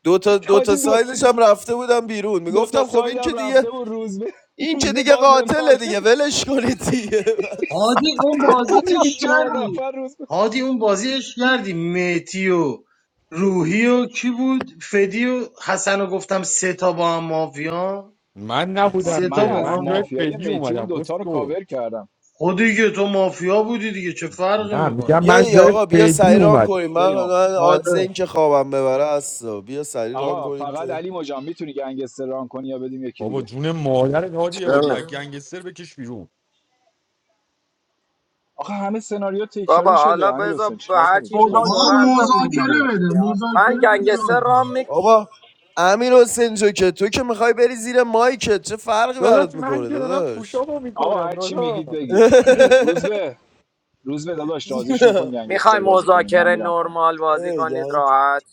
Speaker 12: دو تا دو تا
Speaker 6: حاجی دو,
Speaker 12: سایدش هم رفته بودم بیرون
Speaker 6: دو تا
Speaker 12: میگفتم خب این که
Speaker 6: سایدم رفته
Speaker 12: دیگه
Speaker 6: بود روز به
Speaker 12: این
Speaker 6: روز
Speaker 12: که
Speaker 6: به
Speaker 12: دیگه
Speaker 6: باز بهم
Speaker 12: قاتله
Speaker 6: تارگت
Speaker 12: دیگه ولش کنید دیگه بس.
Speaker 13: هادی اون بازی
Speaker 6: حاجی تو
Speaker 13: اش
Speaker 6: چهار
Speaker 13: کردی
Speaker 6: نفر روز
Speaker 13: هادی اون بازی اش کردی میتی و روحی و کی بود فدی و حسن رو گفتم سه تا با هم مافیا
Speaker 11: من
Speaker 13: سه
Speaker 11: نبودم
Speaker 13: تا
Speaker 6: من
Speaker 11: که
Speaker 13: با
Speaker 6: از
Speaker 11: من
Speaker 13: هم
Speaker 11: جای
Speaker 13: مافیا
Speaker 6: مافیای
Speaker 11: فدی
Speaker 6: میتی اون
Speaker 11: اومدم
Speaker 6: دوتا رو
Speaker 11: اسکل
Speaker 6: کاور کردم
Speaker 13: خود دیگه تو مافیا بودی دیگه چه فرقی
Speaker 11: نه
Speaker 13: میکنه
Speaker 11: میگم
Speaker 12: بیا
Speaker 11: من
Speaker 12: دیگه
Speaker 11: جای
Speaker 12: آقا بیا
Speaker 11: فدی
Speaker 12: سری ران
Speaker 11: اومدم
Speaker 12: کنیم من
Speaker 6: بریم آقا
Speaker 12: من آدز
Speaker 13: آره
Speaker 12: این که خوابم ببره هست بیا سری ران
Speaker 6: آقا
Speaker 12: کنیم
Speaker 6: فقط
Speaker 12: که
Speaker 6: علی مجان میتونی گنگستر ران کنی یا بدیم یکی
Speaker 11: بابا
Speaker 6: دیگه
Speaker 11: جون مادرت حاجی
Speaker 16: چرا
Speaker 11: عبادی از
Speaker 16: نه؟
Speaker 11: گنگستر بکش بیرون
Speaker 6: آقا همه سناریو تکراری
Speaker 16: بابا
Speaker 6: شده
Speaker 16: حالا
Speaker 6: امیر
Speaker 16: بذار
Speaker 6: حسین
Speaker 16: با
Speaker 6: چیکار
Speaker 16: هر
Speaker 6: کنیم
Speaker 16: چی
Speaker 6: چی
Speaker 16: دوست
Speaker 6: بازی
Speaker 13: ما
Speaker 6: کنیم
Speaker 9: مذاکره
Speaker 16: دارن بازی
Speaker 9: بزنیم دیگه
Speaker 16: کنن
Speaker 13: مذاکره بده
Speaker 16: دیگه من
Speaker 13: مذاکره بده
Speaker 16: گنگستر
Speaker 13: ران کنه.
Speaker 16: رام میکنم
Speaker 12: بابا امیر حسین جو که تو که میخوای بری زیر مایکت چه فرقی
Speaker 11: داداش
Speaker 12: برات
Speaker 11: من
Speaker 12: میکنه
Speaker 11: که دارم
Speaker 12: داداش
Speaker 11: پوشابو
Speaker 6: آقا
Speaker 11: میکنم
Speaker 6: هر چی میگید
Speaker 11: داداش
Speaker 6: بگید روز به روز به داداش راضیشون کن
Speaker 16: میخوای
Speaker 6: گنگستر بازی کنیم من
Speaker 16: مذاکره
Speaker 6: میرم پایین
Speaker 16: نرمال بازی
Speaker 12: ای
Speaker 16: کنید
Speaker 12: گنگ.
Speaker 16: راحت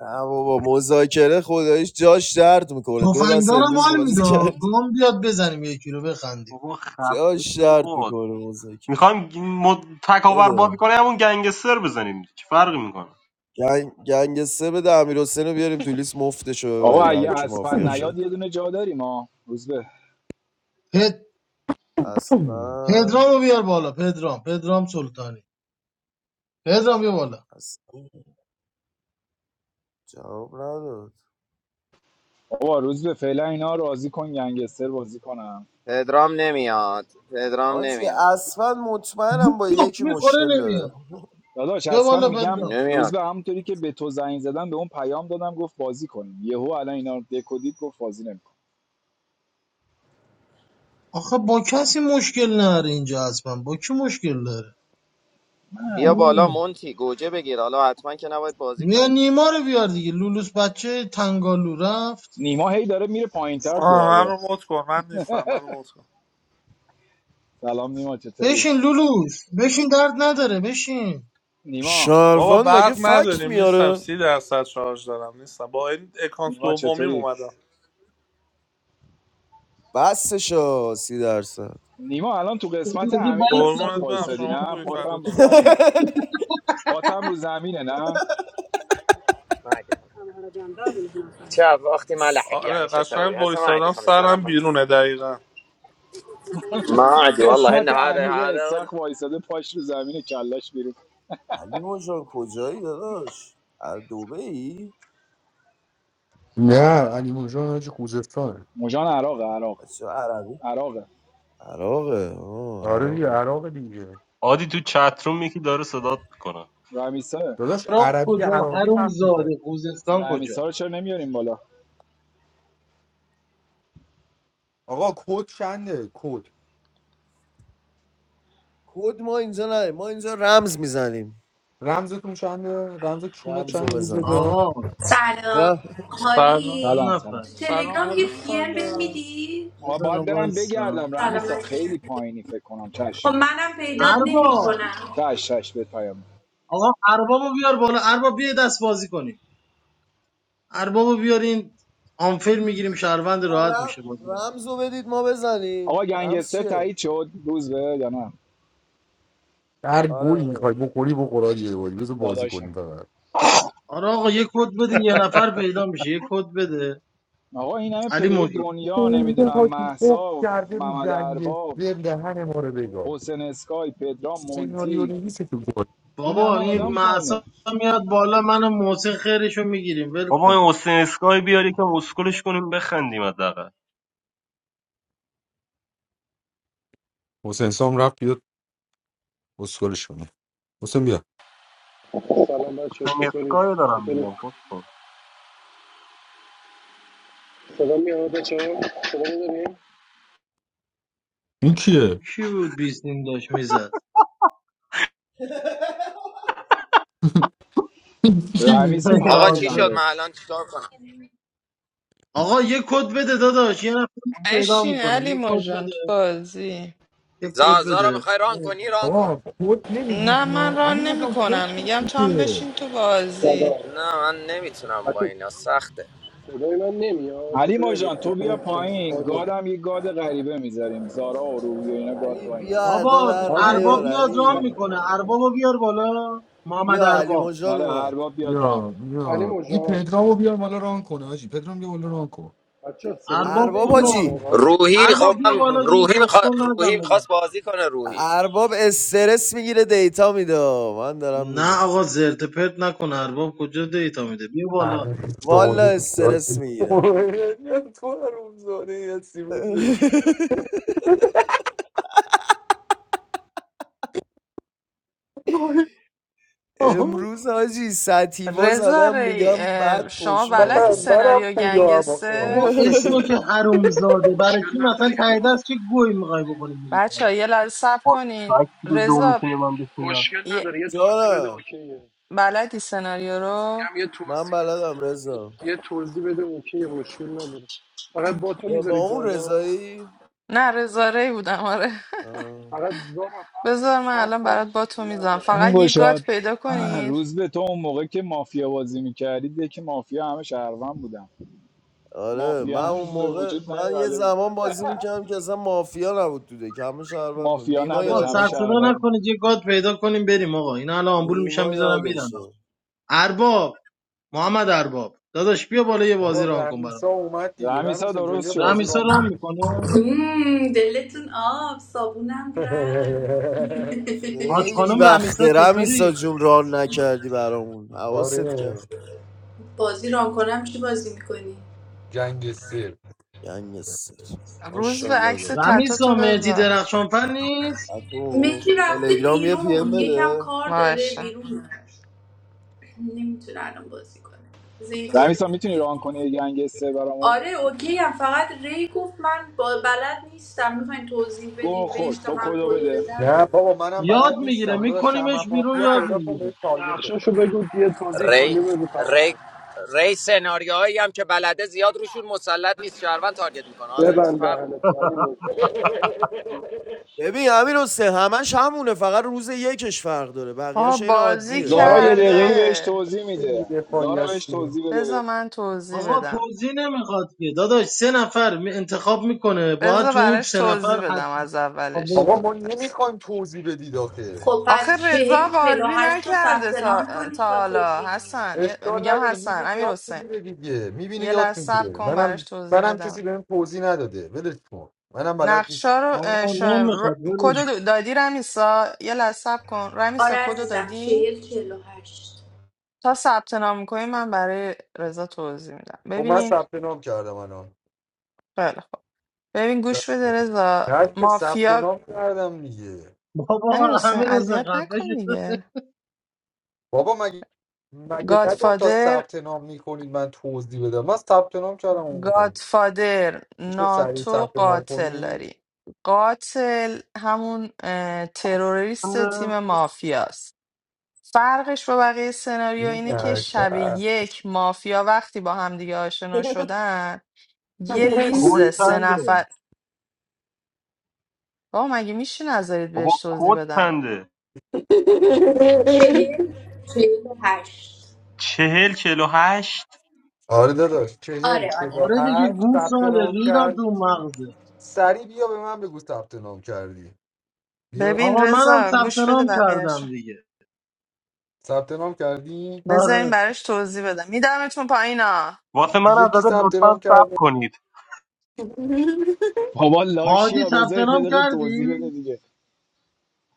Speaker 12: نه بابا مذاکره خداییش جاش درد میکنه دو دست
Speaker 13: تفنگدار رو
Speaker 12: امروز
Speaker 13: مال
Speaker 12: بازی کرد
Speaker 13: میداد گام بیاد بزنیم یکی رو بخندیم
Speaker 9: بابا خفه
Speaker 12: جاش
Speaker 9: شو
Speaker 12: درد
Speaker 9: باد
Speaker 12: میکنه مذاکره
Speaker 9: میخوایم مد... تکاور بازی
Speaker 12: بده
Speaker 9: کنه همون گنگستر بزنیم چه فرقی میکنه
Speaker 12: گنگ گنگ سه بده امیر حسین رو بیاریم تو لیست مفتش رو
Speaker 6: آقا
Speaker 12: ببریم هر
Speaker 6: اگه
Speaker 12: کی
Speaker 6: اسپن
Speaker 12: مافیا شد
Speaker 6: نیاد یه دونه جا داریم ها روز به
Speaker 13: پد...
Speaker 12: اصلا
Speaker 13: پدرامو بیار بالا پدرام پدرام سلطانی پدرام بیا بالا
Speaker 12: اصلا جواب نداد
Speaker 6: آقا روز به فعلا اینا راضی کن گنگستر بازی کنم
Speaker 16: پدرام نمیاد پدرام
Speaker 12: آجی
Speaker 16: نمیاد
Speaker 12: اصلا مطمئنم با
Speaker 13: گوه
Speaker 12: یکی
Speaker 13: میخوره
Speaker 12: مشکل
Speaker 13: نمیاد
Speaker 12: داره
Speaker 6: داداش
Speaker 13: بیا
Speaker 6: اصلا
Speaker 13: بالا
Speaker 6: میگم
Speaker 13: پدرام
Speaker 6: روز
Speaker 16: نمیاد
Speaker 6: به همونطوری که به تو زنگ زدم به اون پیام دادم گفت بازی کنیم یهو الان اینا رو دکودید گفت بازی نمیکن
Speaker 13: آخه با کسی مشکل نداره اینجا اصلا با کی مشکل داره
Speaker 16: بیا بالا
Speaker 13: اوه.
Speaker 16: مونتی گوجه بگیر حالا حتما که نباید بازی
Speaker 13: بیا
Speaker 16: کنید
Speaker 13: نیما رو بیار دیگه لولوس بچه تنگالو رفت
Speaker 6: نیما هی داره میره پایینتر تو
Speaker 17: آه منو
Speaker 6: آبه
Speaker 17: رو موت کن من نیستم منو رو موت کن
Speaker 6: سلام نیما چطوری
Speaker 13: بشین لولوس بشین درد نداره بشین
Speaker 6: نیما
Speaker 17: بابا
Speaker 12: شاروان
Speaker 17: برق
Speaker 12: مگه فکت
Speaker 17: نداریم نیستم
Speaker 12: میاره
Speaker 17: سی درصد شارژ دارم نیستم با این اکانت
Speaker 6: نیما
Speaker 17: دومیم
Speaker 6: چطوری
Speaker 17: اومدم
Speaker 12: بسشا سی درصد
Speaker 6: نیما الان تو قسمت
Speaker 13: میگه
Speaker 6: عمیق
Speaker 13: بس
Speaker 6: استخ
Speaker 17: قربونت برم
Speaker 6: وایسادی
Speaker 17: شما
Speaker 6: نه
Speaker 17: خوبی
Speaker 13: دیگه.
Speaker 6: پاتم
Speaker 17: فدات
Speaker 6: رو
Speaker 17: شم
Speaker 6: زمینه پاتم رو زمینه نه
Speaker 16: ما عندي خمس- شاف اختي ما لحق
Speaker 17: آره
Speaker 16: يعني شو اسوي
Speaker 17: قشنگ
Speaker 16: هسه ما عندي
Speaker 17: وایسادم
Speaker 16: 5000
Speaker 17: سرم بیرونه دقیقا
Speaker 16: ما عندي والله
Speaker 6: قسمت
Speaker 16: انه هذا
Speaker 6: عمیق
Speaker 16: هذا
Speaker 6: استخ وایساده پاش رو زمینه کلاش بیرون
Speaker 12: علی مجان کجایی داداش از ای؟
Speaker 11: نه علی موجان حاج خوزستانه
Speaker 6: مجان عراق عراق
Speaker 12: بچه عربی
Speaker 6: عراق
Speaker 12: عراقه آه
Speaker 11: آره دیگه
Speaker 12: عراقه
Speaker 11: عراق دیگه
Speaker 9: عادی تو چتروم یکی داره صدات میکنه
Speaker 6: رمیسا
Speaker 11: داداش
Speaker 13: راه
Speaker 11: عربی
Speaker 13: کجا
Speaker 11: عراقی
Speaker 13: هروم
Speaker 11: حرف میزد
Speaker 13: زاده خوزستان
Speaker 6: رمیسا
Speaker 13: کجا
Speaker 6: رو چرا نمیاریم بالا
Speaker 11: آقا کد چنده کد
Speaker 12: کد ما اینجا نداریم ما اینجا رمز میزنیم
Speaker 11: رمزتون چنده رمز چونه
Speaker 12: رمزو
Speaker 11: چنده روز
Speaker 12: بزن
Speaker 11: بجا
Speaker 13: آقا
Speaker 18: سلام
Speaker 12: رم...
Speaker 17: سلام
Speaker 13: چند
Speaker 6: سلام
Speaker 18: حالی
Speaker 6: سلام
Speaker 18: تو
Speaker 13: نفره
Speaker 17: سلام
Speaker 18: تلگرام یه
Speaker 17: عروس
Speaker 18: پی ام بهم
Speaker 17: خاله
Speaker 18: میدی
Speaker 6: آقا باید
Speaker 13: بزنم
Speaker 6: برم
Speaker 13: وایسا
Speaker 6: بگردم
Speaker 18: سلام
Speaker 6: رمیسا
Speaker 18: علیکم.
Speaker 6: خیلی پایینی فکر کنم
Speaker 18: خب
Speaker 6: چش
Speaker 18: منم پیدات
Speaker 13: ارباب
Speaker 18: نمیکنم
Speaker 6: چش چش به پیام
Speaker 13: آقا اربابو بیار بالا ارباب بیا دست بازی کنیم اربابو بیارین آنفر میگیریم شهروند
Speaker 12: ما
Speaker 13: راحت
Speaker 12: رم...
Speaker 13: میشه بازی رو
Speaker 12: رمزو بدید ما
Speaker 6: آقا
Speaker 12: بزنیم رمز
Speaker 6: گنگستر
Speaker 12: چیه؟
Speaker 6: تایید شد روز به یا نه
Speaker 11: هر
Speaker 12: آره
Speaker 11: گل
Speaker 12: آره
Speaker 11: میخوای بخوری بخورا یه باری بذار بازی کنیم
Speaker 6: داداشم
Speaker 11: فقط
Speaker 13: آره آقا یه کد بده یه نفر پیدا میشه یه کد بده
Speaker 6: آقا این همه
Speaker 13: علی
Speaker 6: پلیر
Speaker 13: موجود
Speaker 6: دنیا
Speaker 11: خیلی
Speaker 6: نمیدونم
Speaker 11: حاجی خوب
Speaker 6: محسا
Speaker 11: کرده رو
Speaker 6: محمد
Speaker 11: جنگ
Speaker 6: ارباب
Speaker 11: سر دهن ما رو بگاد
Speaker 6: حسین اسکای پدرام
Speaker 11: سناریو
Speaker 6: مونتی
Speaker 11: نویسه تو گل
Speaker 6: این
Speaker 13: بابا
Speaker 6: همه
Speaker 13: این
Speaker 11: رو
Speaker 6: آدم پایینه
Speaker 13: معصا میاد بالا منو محسن خیرشو میگیریم ول
Speaker 9: بابا این
Speaker 13: کن
Speaker 9: حسین اسکای بیار یکم اسکلش کنیم بخندیم حداقل
Speaker 11: حسین سام رفت بیاد اسکلش کنه حسین بیا
Speaker 15: سلام بچه ها چطوری
Speaker 9: سنگسکای دارم
Speaker 15: چطوری
Speaker 9: میگم کس کن
Speaker 15: صدا میاد بچه ها؟ صدا میداریم
Speaker 11: این کیه
Speaker 13: کی بود بیست بیستین داشت میزد
Speaker 11: کیه؟
Speaker 6: رمیسا
Speaker 16: آقا
Speaker 6: پیام
Speaker 16: چی
Speaker 6: دادم
Speaker 16: شد من
Speaker 13: یاسر.
Speaker 6: بهت
Speaker 16: الان چیکار کنم
Speaker 13: آقا یه کد بده داداش یه نفر پیدا
Speaker 4: بشین
Speaker 13: میکنیم
Speaker 4: علی
Speaker 13: یه کد
Speaker 4: مژان تو
Speaker 13: بده
Speaker 4: بازی
Speaker 13: یه کد
Speaker 16: زازا رو میخوای ران
Speaker 13: بده
Speaker 16: کنی ران
Speaker 11: آقا
Speaker 16: کن
Speaker 11: کد
Speaker 4: نه
Speaker 11: نمیدید نو
Speaker 4: من ران
Speaker 11: علی
Speaker 4: نمی
Speaker 11: بودم
Speaker 4: کنم
Speaker 11: کد
Speaker 4: میگم تو هم
Speaker 11: نمیدید
Speaker 4: بشین تو بازی
Speaker 15: سلام
Speaker 16: نه من نمیتونم با
Speaker 15: بچه
Speaker 16: اینا سخته
Speaker 15: صدای من نمیاد
Speaker 6: علی
Speaker 15: چطوری حالی
Speaker 6: ماجان تو بیا
Speaker 15: چطوری
Speaker 6: پایین
Speaker 15: حالی
Speaker 6: گادم یه گاد غریبه میذاریم زارا و روحی و اینا گاد
Speaker 12: علی
Speaker 6: واین
Speaker 12: بیا
Speaker 6: هست
Speaker 13: بابا
Speaker 12: ادا در
Speaker 15: حالی
Speaker 13: ارباب
Speaker 12: نیار
Speaker 13: میاد رام
Speaker 12: علی
Speaker 15: ب-
Speaker 13: میکنه اربابو بیار بالا محمد
Speaker 12: یا علی
Speaker 13: ارباب
Speaker 12: مجان
Speaker 6: آره
Speaker 12: اومد
Speaker 6: ارباب بیاد ران کن.
Speaker 11: یا
Speaker 15: علی
Speaker 11: یا این
Speaker 15: مجان
Speaker 11: پدرامو بیار بالا ران کنه حاجی پدرام بیا بالا ران کن
Speaker 15: بچه ها صدای من
Speaker 13: ارباب
Speaker 12: ارباب
Speaker 13: خوب
Speaker 15: نمیاد
Speaker 13: رام
Speaker 12: حاجی
Speaker 15: واقعا
Speaker 13: میکنه
Speaker 16: روحی خب
Speaker 13: ارباب بیا بالا
Speaker 16: من
Speaker 13: دیگه
Speaker 16: روحی میخوا...
Speaker 13: چسکن
Speaker 16: روحی
Speaker 13: نزن بابا
Speaker 16: میخواست بازی کنه روحی
Speaker 12: ارباب استرس میگیره دیتا میده من دارم میگم
Speaker 13: نه آقا زرت و پرت نکن ارباب کجا دیتا میده بیا بالا
Speaker 11: همین
Speaker 12: والا
Speaker 11: زاده بیداد
Speaker 12: استرس میگیره
Speaker 11: تو هرون زاده یه سی بود آها.
Speaker 12: امروز حاجی سطیوا
Speaker 4: رضا
Speaker 12: زدم
Speaker 4: ری-
Speaker 12: میگم بد
Speaker 4: اه، شما
Speaker 12: پشت
Speaker 11: من
Speaker 4: بلدی
Speaker 12: بازه
Speaker 11: منم
Speaker 4: سناریو
Speaker 11: پویا هم آخه
Speaker 13: بابا
Speaker 4: گنگسته
Speaker 13: اسمو که حروم زاده برای
Speaker 15: مشکل
Speaker 13: کی
Speaker 15: نداره
Speaker 13: مثلا
Speaker 15: یه
Speaker 13: ته دست
Speaker 15: توضیح
Speaker 13: که گوی میخوای بکنی بیرون کنی؟
Speaker 4: بچه یه لحظه صبر
Speaker 9: با
Speaker 4: کنین
Speaker 9: سکسی دو
Speaker 4: رضا
Speaker 9: میتونه من بشینم
Speaker 15: مشکل
Speaker 4: یه-
Speaker 15: نداره یه توضیح بده
Speaker 12: دارم
Speaker 15: اوکیه میگم
Speaker 4: بلدی سناریو رو
Speaker 15: یه
Speaker 12: من
Speaker 15: توضیح بده.
Speaker 12: بلدم رضا
Speaker 15: یه توضیح بده اوکی مشکل نداره فقط با
Speaker 4: اوکی.
Speaker 15: تو
Speaker 12: اه، با
Speaker 15: میذارید
Speaker 12: اون
Speaker 15: بالا
Speaker 12: رضایی
Speaker 4: نه رضا ری بودم آره
Speaker 12: آه.
Speaker 15: فقط دو رفتم
Speaker 4: بذار من
Speaker 15: پاس
Speaker 4: الان
Speaker 15: کن
Speaker 4: برات با تو میزنم
Speaker 15: ندارم.
Speaker 6: اون
Speaker 4: فقط یه
Speaker 6: گشاد
Speaker 4: گات پیدا کنید
Speaker 6: روز به تو اون موقع که مافیا بازی میکردی ده که مافیا همه شهروند بودن
Speaker 12: آره
Speaker 6: مافیا
Speaker 12: من اون
Speaker 6: هنوز به
Speaker 12: موقع
Speaker 6: وجود
Speaker 12: من یه
Speaker 6: نیومده بود.
Speaker 12: زمان بازی میکردم که اصلا مافیا نبود تو دک همه شهروند بود
Speaker 6: مافیا
Speaker 12: نیما
Speaker 6: نداشت
Speaker 13: آقا
Speaker 6: همه
Speaker 13: سر
Speaker 12: یادشه
Speaker 13: صدا
Speaker 6: شهروند بود
Speaker 13: نکنید یه گاد پیدا کنیم بریم آقا اینا الان آمبول میشن
Speaker 12: نیما
Speaker 13: میذارم میرن
Speaker 12: یادشه
Speaker 13: ارباب محمد ارباب داداش بیا بالا یه
Speaker 11: بابا
Speaker 13: بازی ران کن برام
Speaker 11: رمیسا اومد دیگه
Speaker 6: رمیسا
Speaker 11: رمیسا جان
Speaker 6: درست
Speaker 11: یه
Speaker 6: شد
Speaker 11: بازی را
Speaker 13: رمیسا
Speaker 11: میکنه
Speaker 13: رام میکنه
Speaker 18: دلتون آب صابونم رفت
Speaker 13: حاج
Speaker 12: خیلی
Speaker 13: خانم
Speaker 12: وقت
Speaker 13: رمیسا
Speaker 12: رمیسا
Speaker 13: چطوری؟
Speaker 12: جون ران نکردی برامون حواست کرد
Speaker 11: آره
Speaker 18: بازی ران کنم چی بازی میکنی
Speaker 11: جنگ سر
Speaker 12: گنگستر
Speaker 4: روز به
Speaker 12: ماشاءالله
Speaker 4: عکس
Speaker 12: دار
Speaker 4: تتو
Speaker 13: رمیسا
Speaker 4: تو
Speaker 13: مهدی
Speaker 4: بذار
Speaker 13: درخشانفر نیست؟
Speaker 12: و تو
Speaker 18: مهدی رفته
Speaker 12: تلگرام یه پی ام
Speaker 18: بیرون یکم
Speaker 12: بده
Speaker 18: کار داره
Speaker 4: ماشا
Speaker 18: بیرون نمیتونه الان بازی کنه زیاد.
Speaker 6: رمیسا میتونی ران کنی یه گنگستر برامون
Speaker 18: آره اوکی هم فقط ری گفت من با بلد نیستم میخواین توضیح
Speaker 6: گل
Speaker 18: بدین بهش
Speaker 6: خورد
Speaker 18: تا
Speaker 6: تو
Speaker 18: من
Speaker 6: کدو
Speaker 18: کدو
Speaker 6: بده
Speaker 18: بدم
Speaker 11: نه بابا منم
Speaker 13: یاد
Speaker 11: بلد
Speaker 13: میگیره
Speaker 11: نیستم داداش
Speaker 13: میکنیمش
Speaker 11: شمع
Speaker 13: بیرون
Speaker 11: مافیا
Speaker 13: یاد
Speaker 11: پیدا کن
Speaker 13: میگیره
Speaker 11: بهش تارگت
Speaker 15: نقشاشو
Speaker 11: بزن
Speaker 15: بگو یه توضیح
Speaker 16: ری
Speaker 15: کلی بگو
Speaker 16: ری
Speaker 15: تمام
Speaker 16: ری سناریوهایی هم که بلده زیاد روشون مسلط نیست شهروند تارگت میکنه حالا چی
Speaker 15: ببند
Speaker 16: فرق میکنه
Speaker 15: دهن تو علی مجان
Speaker 12: ببین امیر حسین همش همونه فقط روز یکش فرق داره
Speaker 4: با
Speaker 12: بقیهش این
Speaker 4: بازی
Speaker 12: عادیه
Speaker 6: زارا
Speaker 11: آره
Speaker 6: یه
Speaker 11: دیگه
Speaker 6: دقیقه
Speaker 11: همون
Speaker 6: بهش
Speaker 4: کرده
Speaker 6: توضیح
Speaker 11: که دیگه
Speaker 6: میده
Speaker 11: دفاعی
Speaker 6: زارا بهش
Speaker 11: هستیم
Speaker 6: توضیح
Speaker 4: بذار
Speaker 6: بده
Speaker 4: من توضیح
Speaker 13: آقا
Speaker 4: بدم
Speaker 13: توضیح نمیخواد که داداش سه نفر می- انتخاب میکنه باید
Speaker 4: بذار
Speaker 13: تو اون
Speaker 4: براش
Speaker 13: سه نفر
Speaker 4: توضیح بدم
Speaker 13: حتما
Speaker 4: از
Speaker 13: خب
Speaker 4: اولش
Speaker 11: آقا ما
Speaker 13: بگیره
Speaker 11: نمیخوایم توضیح بدید آخه
Speaker 18: خب
Speaker 4: آخه
Speaker 18: پس
Speaker 4: رضا
Speaker 18: چهل چهل و
Speaker 4: بازی
Speaker 18: هشت رو ثبت
Speaker 4: نکرده تا,
Speaker 18: نام کنی
Speaker 4: تا
Speaker 18: تا
Speaker 4: حالا
Speaker 18: توضیح
Speaker 4: حسن
Speaker 18: میدم
Speaker 4: یه-
Speaker 11: اشکال
Speaker 4: میگم
Speaker 11: نداره
Speaker 4: حسن
Speaker 11: میبینه
Speaker 4: امیر
Speaker 11: یاد
Speaker 4: حسین
Speaker 11: میگیره دیگه میبینه
Speaker 4: یه لحظه
Speaker 11: یاد
Speaker 4: صبر
Speaker 11: میگیره
Speaker 4: کن براش
Speaker 11: منم
Speaker 4: توضیح
Speaker 11: منم
Speaker 4: بدم
Speaker 11: کسی بهم توضیح نداده ولش کن منم بلد نیست
Speaker 4: نقشا رو اه،
Speaker 13: آقا
Speaker 4: ش... ر...
Speaker 13: نمیخواد ولش کن.
Speaker 4: کدو دادی رمیسا یه لحظه صبر کن
Speaker 18: آره
Speaker 4: رمیسا کدو
Speaker 18: عزیزم
Speaker 4: دادی
Speaker 18: چهل چهل و هشت
Speaker 4: تا ثبت نام میکنی من برای رضا توضیح میدم
Speaker 11: خب من
Speaker 4: ببین
Speaker 11: ثبت نام کردم الان
Speaker 4: خیلی خوب ببین گوش بده رضا
Speaker 11: نه که ثبت
Speaker 4: مافیا
Speaker 11: نام کردم دیگه
Speaker 13: بابا
Speaker 4: امیر حسین
Speaker 13: همه روز
Speaker 4: اذیت
Speaker 13: خفه
Speaker 4: نکن
Speaker 13: شد
Speaker 4: دیگه
Speaker 11: بابا مگه مگه نگم تا
Speaker 4: گادفادر
Speaker 11: ثبت نام میکنید من توضیح بدم من ثبت نام کردم اومدم
Speaker 4: گادفادر
Speaker 11: میشه سریع
Speaker 4: ناتو
Speaker 11: ثبت نام
Speaker 4: قاتل
Speaker 11: کنید
Speaker 4: داری قاتل همون اه، تروریست تیم مافیاست فرقش با بقیه سناریو
Speaker 11: این
Speaker 4: اینه که شب
Speaker 11: نکته.
Speaker 4: یک مافیا وقتی با همدیگه آشنا شدن یه
Speaker 9: کد
Speaker 4: لیست سه
Speaker 9: چنده
Speaker 4: نفر بابا مگه میشه نذارید
Speaker 9: بابا
Speaker 4: بهش توضیح
Speaker 9: کد
Speaker 4: بدم
Speaker 9: چنده
Speaker 18: چهل چهل و هشت
Speaker 9: چهل چهل و هشت
Speaker 11: آره داداش چهل
Speaker 18: آره
Speaker 11: چهل
Speaker 18: آره
Speaker 11: و
Speaker 13: آره دیگه
Speaker 11: هشت
Speaker 13: گوش
Speaker 11: ثبت
Speaker 13: ساله
Speaker 11: نام
Speaker 13: ریدم تو
Speaker 11: کردی
Speaker 13: مغزه
Speaker 11: سریع بیا به من بگو ثبت نام کردی بیا
Speaker 4: ببین
Speaker 13: آقا منم
Speaker 4: رضا
Speaker 13: ثبت
Speaker 4: گوش بده
Speaker 13: نام
Speaker 4: بقیهشو
Speaker 13: کردم دیگه
Speaker 11: ثبت نام کردی
Speaker 4: بذارین
Speaker 13: آره
Speaker 4: براش توضیح بدم میدمتون پایینا
Speaker 9: واسه من هم
Speaker 11: دیگه کی
Speaker 9: زده
Speaker 11: ثبت
Speaker 9: لطفا
Speaker 11: نام
Speaker 9: سب
Speaker 11: کرده
Speaker 9: کنید
Speaker 6: بابا
Speaker 13: هادی
Speaker 6: لاشیا
Speaker 13: ثبت
Speaker 6: بذارید یه
Speaker 13: نام
Speaker 6: دقیقه
Speaker 13: کردی؟
Speaker 6: توضیح بده دیگه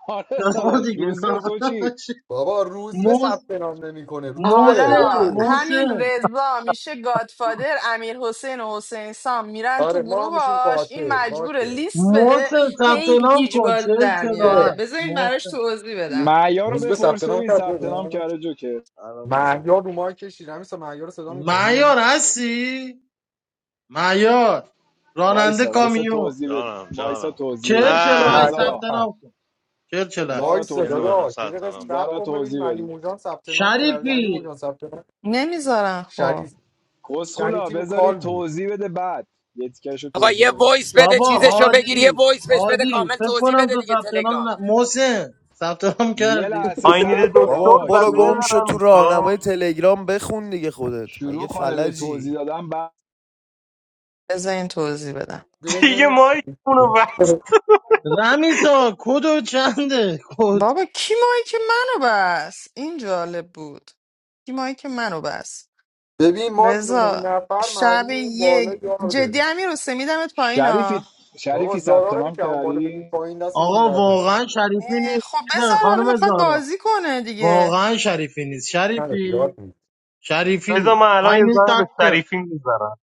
Speaker 6: آره
Speaker 13: داداش
Speaker 6: داداش
Speaker 13: دیگه
Speaker 6: روز به تو چی
Speaker 11: بابا روز به
Speaker 13: محسن
Speaker 11: ثبت نام نمیکنه روز
Speaker 4: حالا
Speaker 11: به
Speaker 13: محسن
Speaker 4: همین
Speaker 13: محسن
Speaker 4: رضا میشه گادفادر امیر حسین و حسین سام میرن
Speaker 11: آره
Speaker 4: تو
Speaker 11: ما هم میشیم
Speaker 4: گروهاش این
Speaker 11: قاتل
Speaker 4: مجبور
Speaker 11: باشه
Speaker 4: لیست بده
Speaker 13: محسن ثبت
Speaker 4: هی
Speaker 13: نام
Speaker 4: گیج
Speaker 13: کن
Speaker 4: بازی
Speaker 13: چهل
Speaker 4: در
Speaker 13: چهل و
Speaker 4: میاره
Speaker 13: هشت
Speaker 4: بذارین براش
Speaker 13: محسن
Speaker 4: توضیح بدم
Speaker 6: معیار رو
Speaker 11: روز به ثبت
Speaker 6: بپرس
Speaker 11: نام
Speaker 6: ببین
Speaker 11: کرده
Speaker 6: ثبت نام کرده جوکر
Speaker 12: الان می‌زنم.
Speaker 11: مهیار رو ماه کشید همیسا مهیار رو صدا میکنی
Speaker 13: معیار هستی؟ معیار راننده
Speaker 6: وایسا وایسا
Speaker 13: کامیون
Speaker 6: توضیح بده
Speaker 10: جانم
Speaker 6: وایسا
Speaker 10: جانم
Speaker 6: توضیح
Speaker 13: چهل
Speaker 6: بده
Speaker 13: چهل و
Speaker 6: برو
Speaker 10: نه
Speaker 13: هشت
Speaker 11: مهیار
Speaker 13: ثبت
Speaker 6: زارا
Speaker 11: هست.
Speaker 13: نام کن چهل چهل و هشت
Speaker 11: وای
Speaker 6: زارا
Speaker 11: صدا
Speaker 10: میرم
Speaker 6: توضیح بده
Speaker 10: الان
Speaker 11: رو یه دقیقه
Speaker 10: سلطنم
Speaker 11: سب
Speaker 6: زارا
Speaker 10: میکنم
Speaker 11: کن ببینیم
Speaker 6: توضیح
Speaker 11: علی
Speaker 6: بده
Speaker 11: موجان ثبت نام کرده علی
Speaker 13: شریفی
Speaker 11: موجان ثبت نام
Speaker 4: نمیذارن خب
Speaker 11: شریف
Speaker 6: کسخلا
Speaker 11: شریفی رو
Speaker 6: بذاری
Speaker 11: کال بود
Speaker 6: توضیح بده بعد یه تیکش
Speaker 16: بابا
Speaker 6: توضیح
Speaker 16: یه
Speaker 6: بده
Speaker 16: وایس بده
Speaker 13: بابا
Speaker 16: چیزشو بگیر یه
Speaker 13: هادی
Speaker 16: وایس بهش بده
Speaker 13: هادی
Speaker 16: کامل
Speaker 13: فکر
Speaker 16: توضیح
Speaker 13: کنم
Speaker 16: بده
Speaker 13: تو
Speaker 16: دیگه
Speaker 13: ثبت
Speaker 16: تلگرام
Speaker 13: نام ن... محسن ثبت نام
Speaker 6: یه
Speaker 13: کردی
Speaker 6: لحظه
Speaker 9: آینید
Speaker 6: صبر کن
Speaker 12: بابا
Speaker 9: دکتر
Speaker 6: آقا
Speaker 12: برو
Speaker 9: زده
Speaker 12: گم
Speaker 6: شروع
Speaker 12: شو تو راهنمای
Speaker 9: رمیسا
Speaker 12: تلگرام بخون دیگه خودت
Speaker 6: شروع
Speaker 12: مگه
Speaker 6: کنه به توضیح
Speaker 12: فلجی
Speaker 6: دادن بعد
Speaker 4: بذارین توضیح بدم
Speaker 9: دیگه مایک اونو وقت
Speaker 13: رمیسا کد چنده کد
Speaker 4: بابا کی مایی که منو بس این جالب بود کی مایی که منو بس
Speaker 11: ببین ما نه
Speaker 4: رضا
Speaker 11: نفر
Speaker 4: شب
Speaker 11: معلومه اون بالا
Speaker 4: یک
Speaker 11: یار
Speaker 4: جدی
Speaker 11: داریم
Speaker 4: امیر حسین میدمت پایین
Speaker 6: شریفی
Speaker 4: ها
Speaker 11: بابا
Speaker 6: شریفی ثبت
Speaker 11: زارا رو
Speaker 6: نام
Speaker 11: میشه اون بالا بدید
Speaker 6: کردی
Speaker 11: پایین دستتون
Speaker 13: آقا
Speaker 11: درد نکنه
Speaker 13: واقعا شریفی
Speaker 4: اه،
Speaker 13: نیست
Speaker 4: خب بذار حالا
Speaker 13: خانم
Speaker 4: میخواد
Speaker 13: زارا
Speaker 4: بازی کنه دیگه
Speaker 13: واقعا شریفی نیست
Speaker 11: نه یاد
Speaker 13: شریفی
Speaker 11: نیست
Speaker 9: بذار
Speaker 13: شریفی
Speaker 9: من الان
Speaker 13: I
Speaker 9: یه
Speaker 13: need
Speaker 9: زنگ به
Speaker 13: doctor
Speaker 9: شریفی میزنم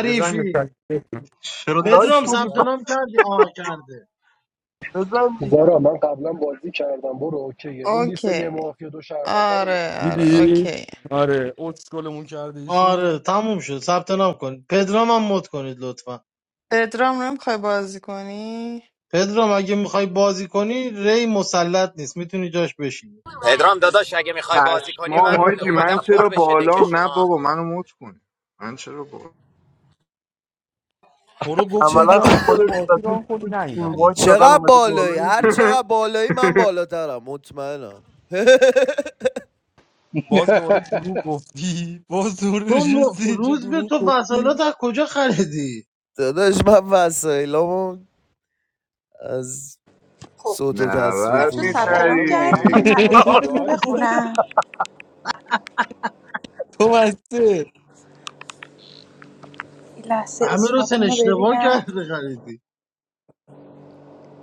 Speaker 11: یه زنگ بکن
Speaker 9: چرا لایک
Speaker 13: پدرام
Speaker 12: هستش
Speaker 9: میدی
Speaker 13: ثبت
Speaker 12: هست.
Speaker 13: نام
Speaker 9: پس
Speaker 13: کردی آه کرده
Speaker 9: بزن دیگه
Speaker 15: زارا من قبلا بازی کردم برو اوکیه اون لیست یه
Speaker 4: اوکی
Speaker 15: معافی دو شهرونده رو میگی
Speaker 4: آره
Speaker 15: دیگه
Speaker 4: آره
Speaker 15: اوکیه
Speaker 11: دیدی
Speaker 4: اوکی
Speaker 11: آره اسکلمون کرده
Speaker 13: آره
Speaker 11: ایشون
Speaker 13: تموم شد ثبت نام کن پدرام هم مد کنید لطفا
Speaker 4: پدرام نمیخوای بازی کنی
Speaker 13: پدرام اگه میخوای بازی کنی ری مسلط نیست میتونی جاش بشینی
Speaker 16: پدرام داداش اگه میخوای بازی کنی
Speaker 19: پشمام
Speaker 16: من
Speaker 19: حاجی من
Speaker 16: اومدم پر
Speaker 19: چرا
Speaker 16: بشه
Speaker 19: بالام نه
Speaker 16: دکشونا
Speaker 19: بابا منو مت کن من چرا بالا
Speaker 11: تو رو گفتیم
Speaker 9: عملا
Speaker 12: چقدر
Speaker 11: بیارم بالا
Speaker 9: خودت
Speaker 11: بازی
Speaker 9: زدی
Speaker 11: ران کنی
Speaker 9: روش
Speaker 11: نیومدی
Speaker 9: اینوایت دادن
Speaker 12: چقدر
Speaker 9: اومدی بالا
Speaker 12: بالایی هر
Speaker 9: دیگه
Speaker 12: چقدر بالایی من بالاترم مطمئنم
Speaker 11: باز دوباره دروغ گفتی باز دوباره
Speaker 13: تو م-
Speaker 11: نشستی اینجا
Speaker 13: روز به
Speaker 11: دروغ
Speaker 13: تو
Speaker 11: گفتی
Speaker 13: وسایلات از کجا خریدی
Speaker 12: داداش من وسایلامو از
Speaker 18: خب
Speaker 12: صوت و تصویر
Speaker 19: 90
Speaker 18: بچه
Speaker 6: آقا
Speaker 18: ثبت
Speaker 12: فروشی
Speaker 18: نام
Speaker 6: حالا واقعا
Speaker 19: میخریدی
Speaker 18: کردین
Speaker 6: فکر
Speaker 18: من
Speaker 6: کنم
Speaker 18: اسماتون رو
Speaker 6: گاد نیست
Speaker 18: بخونم
Speaker 11: تو بسته
Speaker 18: این لحظه
Speaker 13: همه رو سن
Speaker 18: اسماتون رو
Speaker 13: اشتباه
Speaker 18: ببینم
Speaker 13: کرده خریدی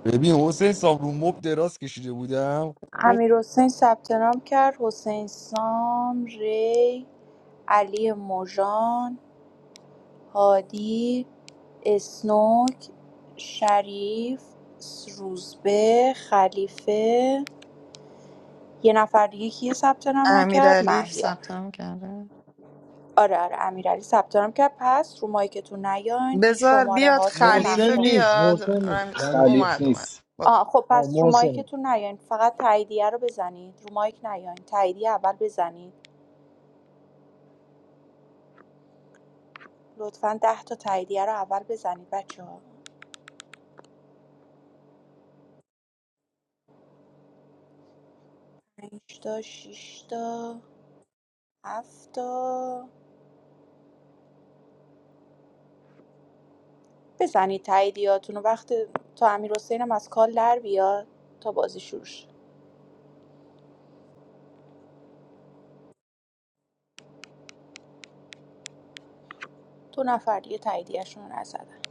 Speaker 11: ببین حسین صاحب رو مب دراز کشیده بودم
Speaker 18: امیر حسین ثبت نام کرد حسین سام ری علی موژان هادی اسنوک شریف روزبه خلیفه یه نفر دیگه کیه ثبت نام نکرد
Speaker 4: امیرعلی
Speaker 18: مهیار
Speaker 4: ثبت نام کرده
Speaker 18: آره آره امیرعلی ثبت نام کرد پس رو مایکتون نیاین این
Speaker 4: بذار
Speaker 18: شماره
Speaker 4: بیاد
Speaker 18: هاتون
Speaker 13: محسن
Speaker 4: خلیفه
Speaker 18: نقشات
Speaker 13: نیست محسن
Speaker 4: بیاد
Speaker 13: نیست
Speaker 4: رمیز
Speaker 13: نمی‌شه.
Speaker 6: خلیف
Speaker 4: اومد اومد
Speaker 6: نیست
Speaker 4: برو
Speaker 18: آه خب
Speaker 13: آه،
Speaker 18: پس رو
Speaker 13: محسن
Speaker 18: مایکتون نیاین فقط تاییدیه رو بزنید رو مایک نیاین تاییدیه اول بزنید لطفا ده تا تاییدیه رو اول بزنید بچه ها 5 تا 6 تا 7 بزنید تاییدیاتونو وقت تا امیرحسینم از کال در بیاد تا بازی شروع شه دو نفر دیگه تاییدیه‌شون رو نزدن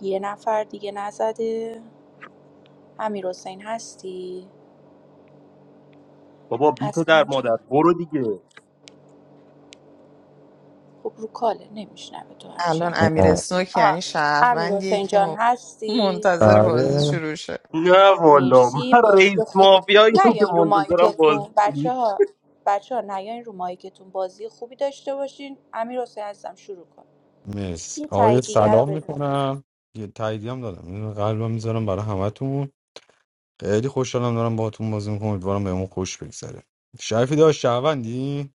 Speaker 18: یه نفر دیگه نزده امیرحسین هستی
Speaker 9: بابا بی پدر
Speaker 18: حسن جان
Speaker 9: مادر برو دیگه
Speaker 18: خب رو کاله نمیشنوه تو هرچی
Speaker 4: الان
Speaker 18: هم
Speaker 4: امیر
Speaker 11: آه،
Speaker 4: اسنوک یعنی
Speaker 18: آه. امیر
Speaker 4: شهروندیه
Speaker 18: حسین
Speaker 4: که
Speaker 18: جان
Speaker 4: م-
Speaker 18: هستی
Speaker 4: منتظر بازی
Speaker 11: آره
Speaker 4: شروع شه
Speaker 9: نه
Speaker 18: خب،
Speaker 9: والا
Speaker 18: مرسی
Speaker 9: من رئیس
Speaker 18: بازی خوبی
Speaker 9: مافیایی هم که
Speaker 18: نیاین رو
Speaker 9: منتظرم
Speaker 18: مایکتون
Speaker 9: بازی
Speaker 18: بچه
Speaker 9: کنی.
Speaker 18: ها بچه ها نیاین رو مایکتون بازی خوبی داشته باشین امیر حسین عزیزم شروع کن
Speaker 11: مرسی
Speaker 18: یه
Speaker 11: آقای
Speaker 18: تایید دیگر رو
Speaker 11: سلام
Speaker 18: بزن
Speaker 11: میکنم یه تاییدی هم دادم این قلبم میذارم برای همتون خیلی خوشحالم دارم باهاتون بازی میکنم امیدوارم بهمون خوش بگذره شریفی داشت شهروندی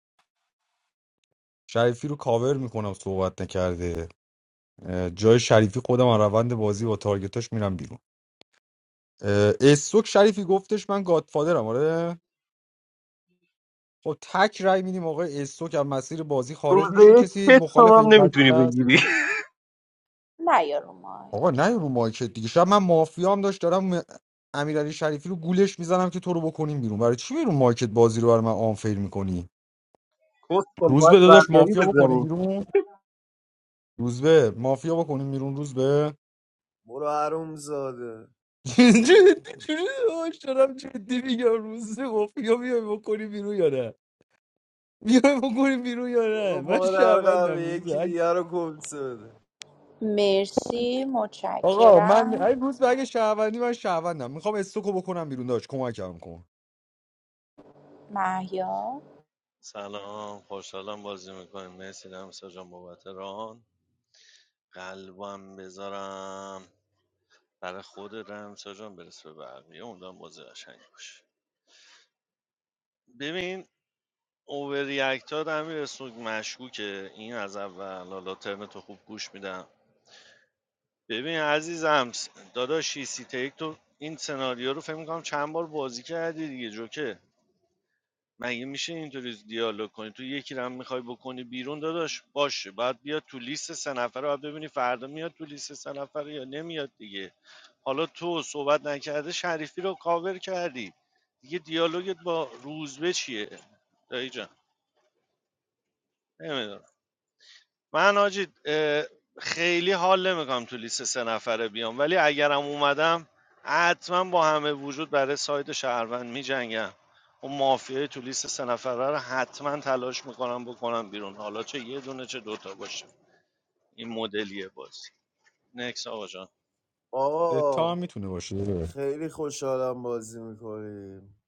Speaker 11: شریفی رو کاور میکنم صحبت نکرده اه، جای شریفی خودم از روند بازی با تارگتاش میرم بیرون اه، استوک شریفی گفتش من گادفادرم آره خب تک رای میدیم آقای استوک از مسیر بازی خارج میشه
Speaker 9: روزه یک
Speaker 11: کسی
Speaker 9: کتفم
Speaker 11: مخالف
Speaker 9: هم
Speaker 11: این قضیه
Speaker 9: نمیتونی
Speaker 11: است؟
Speaker 9: بگیری
Speaker 18: نیا رو مایک
Speaker 11: آقا نه رو مایکت دیگه شب من مافیا هم داشت دارم م- امیرعلی شریفی رو گولش میزنم که تو رو بکنیم بیرون برای چی بیرون مایکت بازی رو برای من آنفیر میکنی
Speaker 9: کسخل
Speaker 11: روز
Speaker 9: باید
Speaker 11: به داداش
Speaker 9: زرگری
Speaker 11: مافیا بکنیم
Speaker 9: بزنی
Speaker 11: بیرون روز به مافیا بکنیم بیرون روز به
Speaker 12: برو حروم زاده
Speaker 11: جدی جدی داداش دارم جدی میگم روز به مافیا بیای بکنیم بیرون یا نه بیای بکنی بیرون یا نه
Speaker 12: برو
Speaker 11: من
Speaker 12: مادر قوی
Speaker 11: شهروندم روزه
Speaker 12: یکی
Speaker 11: اگه-
Speaker 12: دیگه رو کنسه بده
Speaker 18: مرسی
Speaker 11: آقا من
Speaker 18: متشکرم
Speaker 11: این روز به اگه شهروندی من شهروندم میخوام استوکو بکنم بیرون داش کمکم کن
Speaker 18: مهیار
Speaker 10: سلام خوشحالم بازی میکنیم مرسی دمسا جان بابت ران قلبم بذارم برا خودت هم ساجان برسه به بقیه اونجا هم بازی قشنگ باشه ببین اوورریاکت ها امیر سوگ مشکوکه این از اول حالا ترم تو خوب گوش میدم ببین عزیزم س- داداشی سی تیک تو این سناریو رو فکر میکنم چند بار بازی کردی دیگه جوکه مگه میشه اینطوری دیالوگ کنی تو یکی رو هم میخوای بکنی بیرون داداش باشه باید بیاد تو لیست سه نفره باید ببینی فردا میاد تو لیست سه نفره یا نمیاد دیگه حالا تو صحبت نکرده شریفی رو کاور کردی دیگه دیالوگت با روزبه چیه دایی جان نمیدونم من آجی خیلی حال نمیکنم تو لیست سه نفره بیام ولی اگرم اومدم حتما با همه وجود برای ساید شهروند میجنگم اون مافیای تو لیست سه نفره رو حتما تلاش میکنم بکنم بیرون حالا چه یه دونه چه دوتا باشه این مدلیه بازی نکس آقا جان
Speaker 11: تا هم
Speaker 12: آقا
Speaker 11: میتونه باشه
Speaker 12: خیلی خوشحالم بازی میکنیم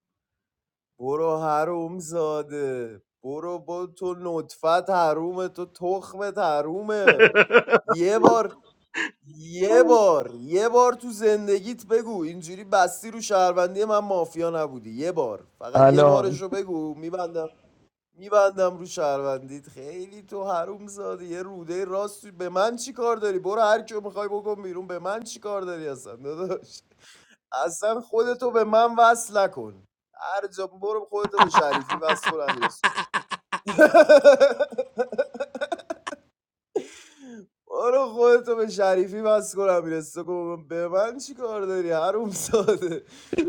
Speaker 12: برو حروم زاده برو با تو نطفت حرومه تو تخمت حرومه یه بار یه
Speaker 9: آی.
Speaker 12: بار یه بار تو زندگیت بگو اینجوری بستی رو شهروندی من مافیا نبودی یه بار فقط یه بارش رو بگو میبندم میبندم رو شهروندید خیلی تو حروم زاده یه روده راست به من چی کار داری برو هر کیو میخوای بکن بیرون به من چی کار داری اصلا داداش اصلا خودتو به من وصل نکن هر جا برو خودتو به شریفی وصل کن امیر برو خودتو به شریفی بس کنم میرسه گفتم به من چی کار داری حروم ساده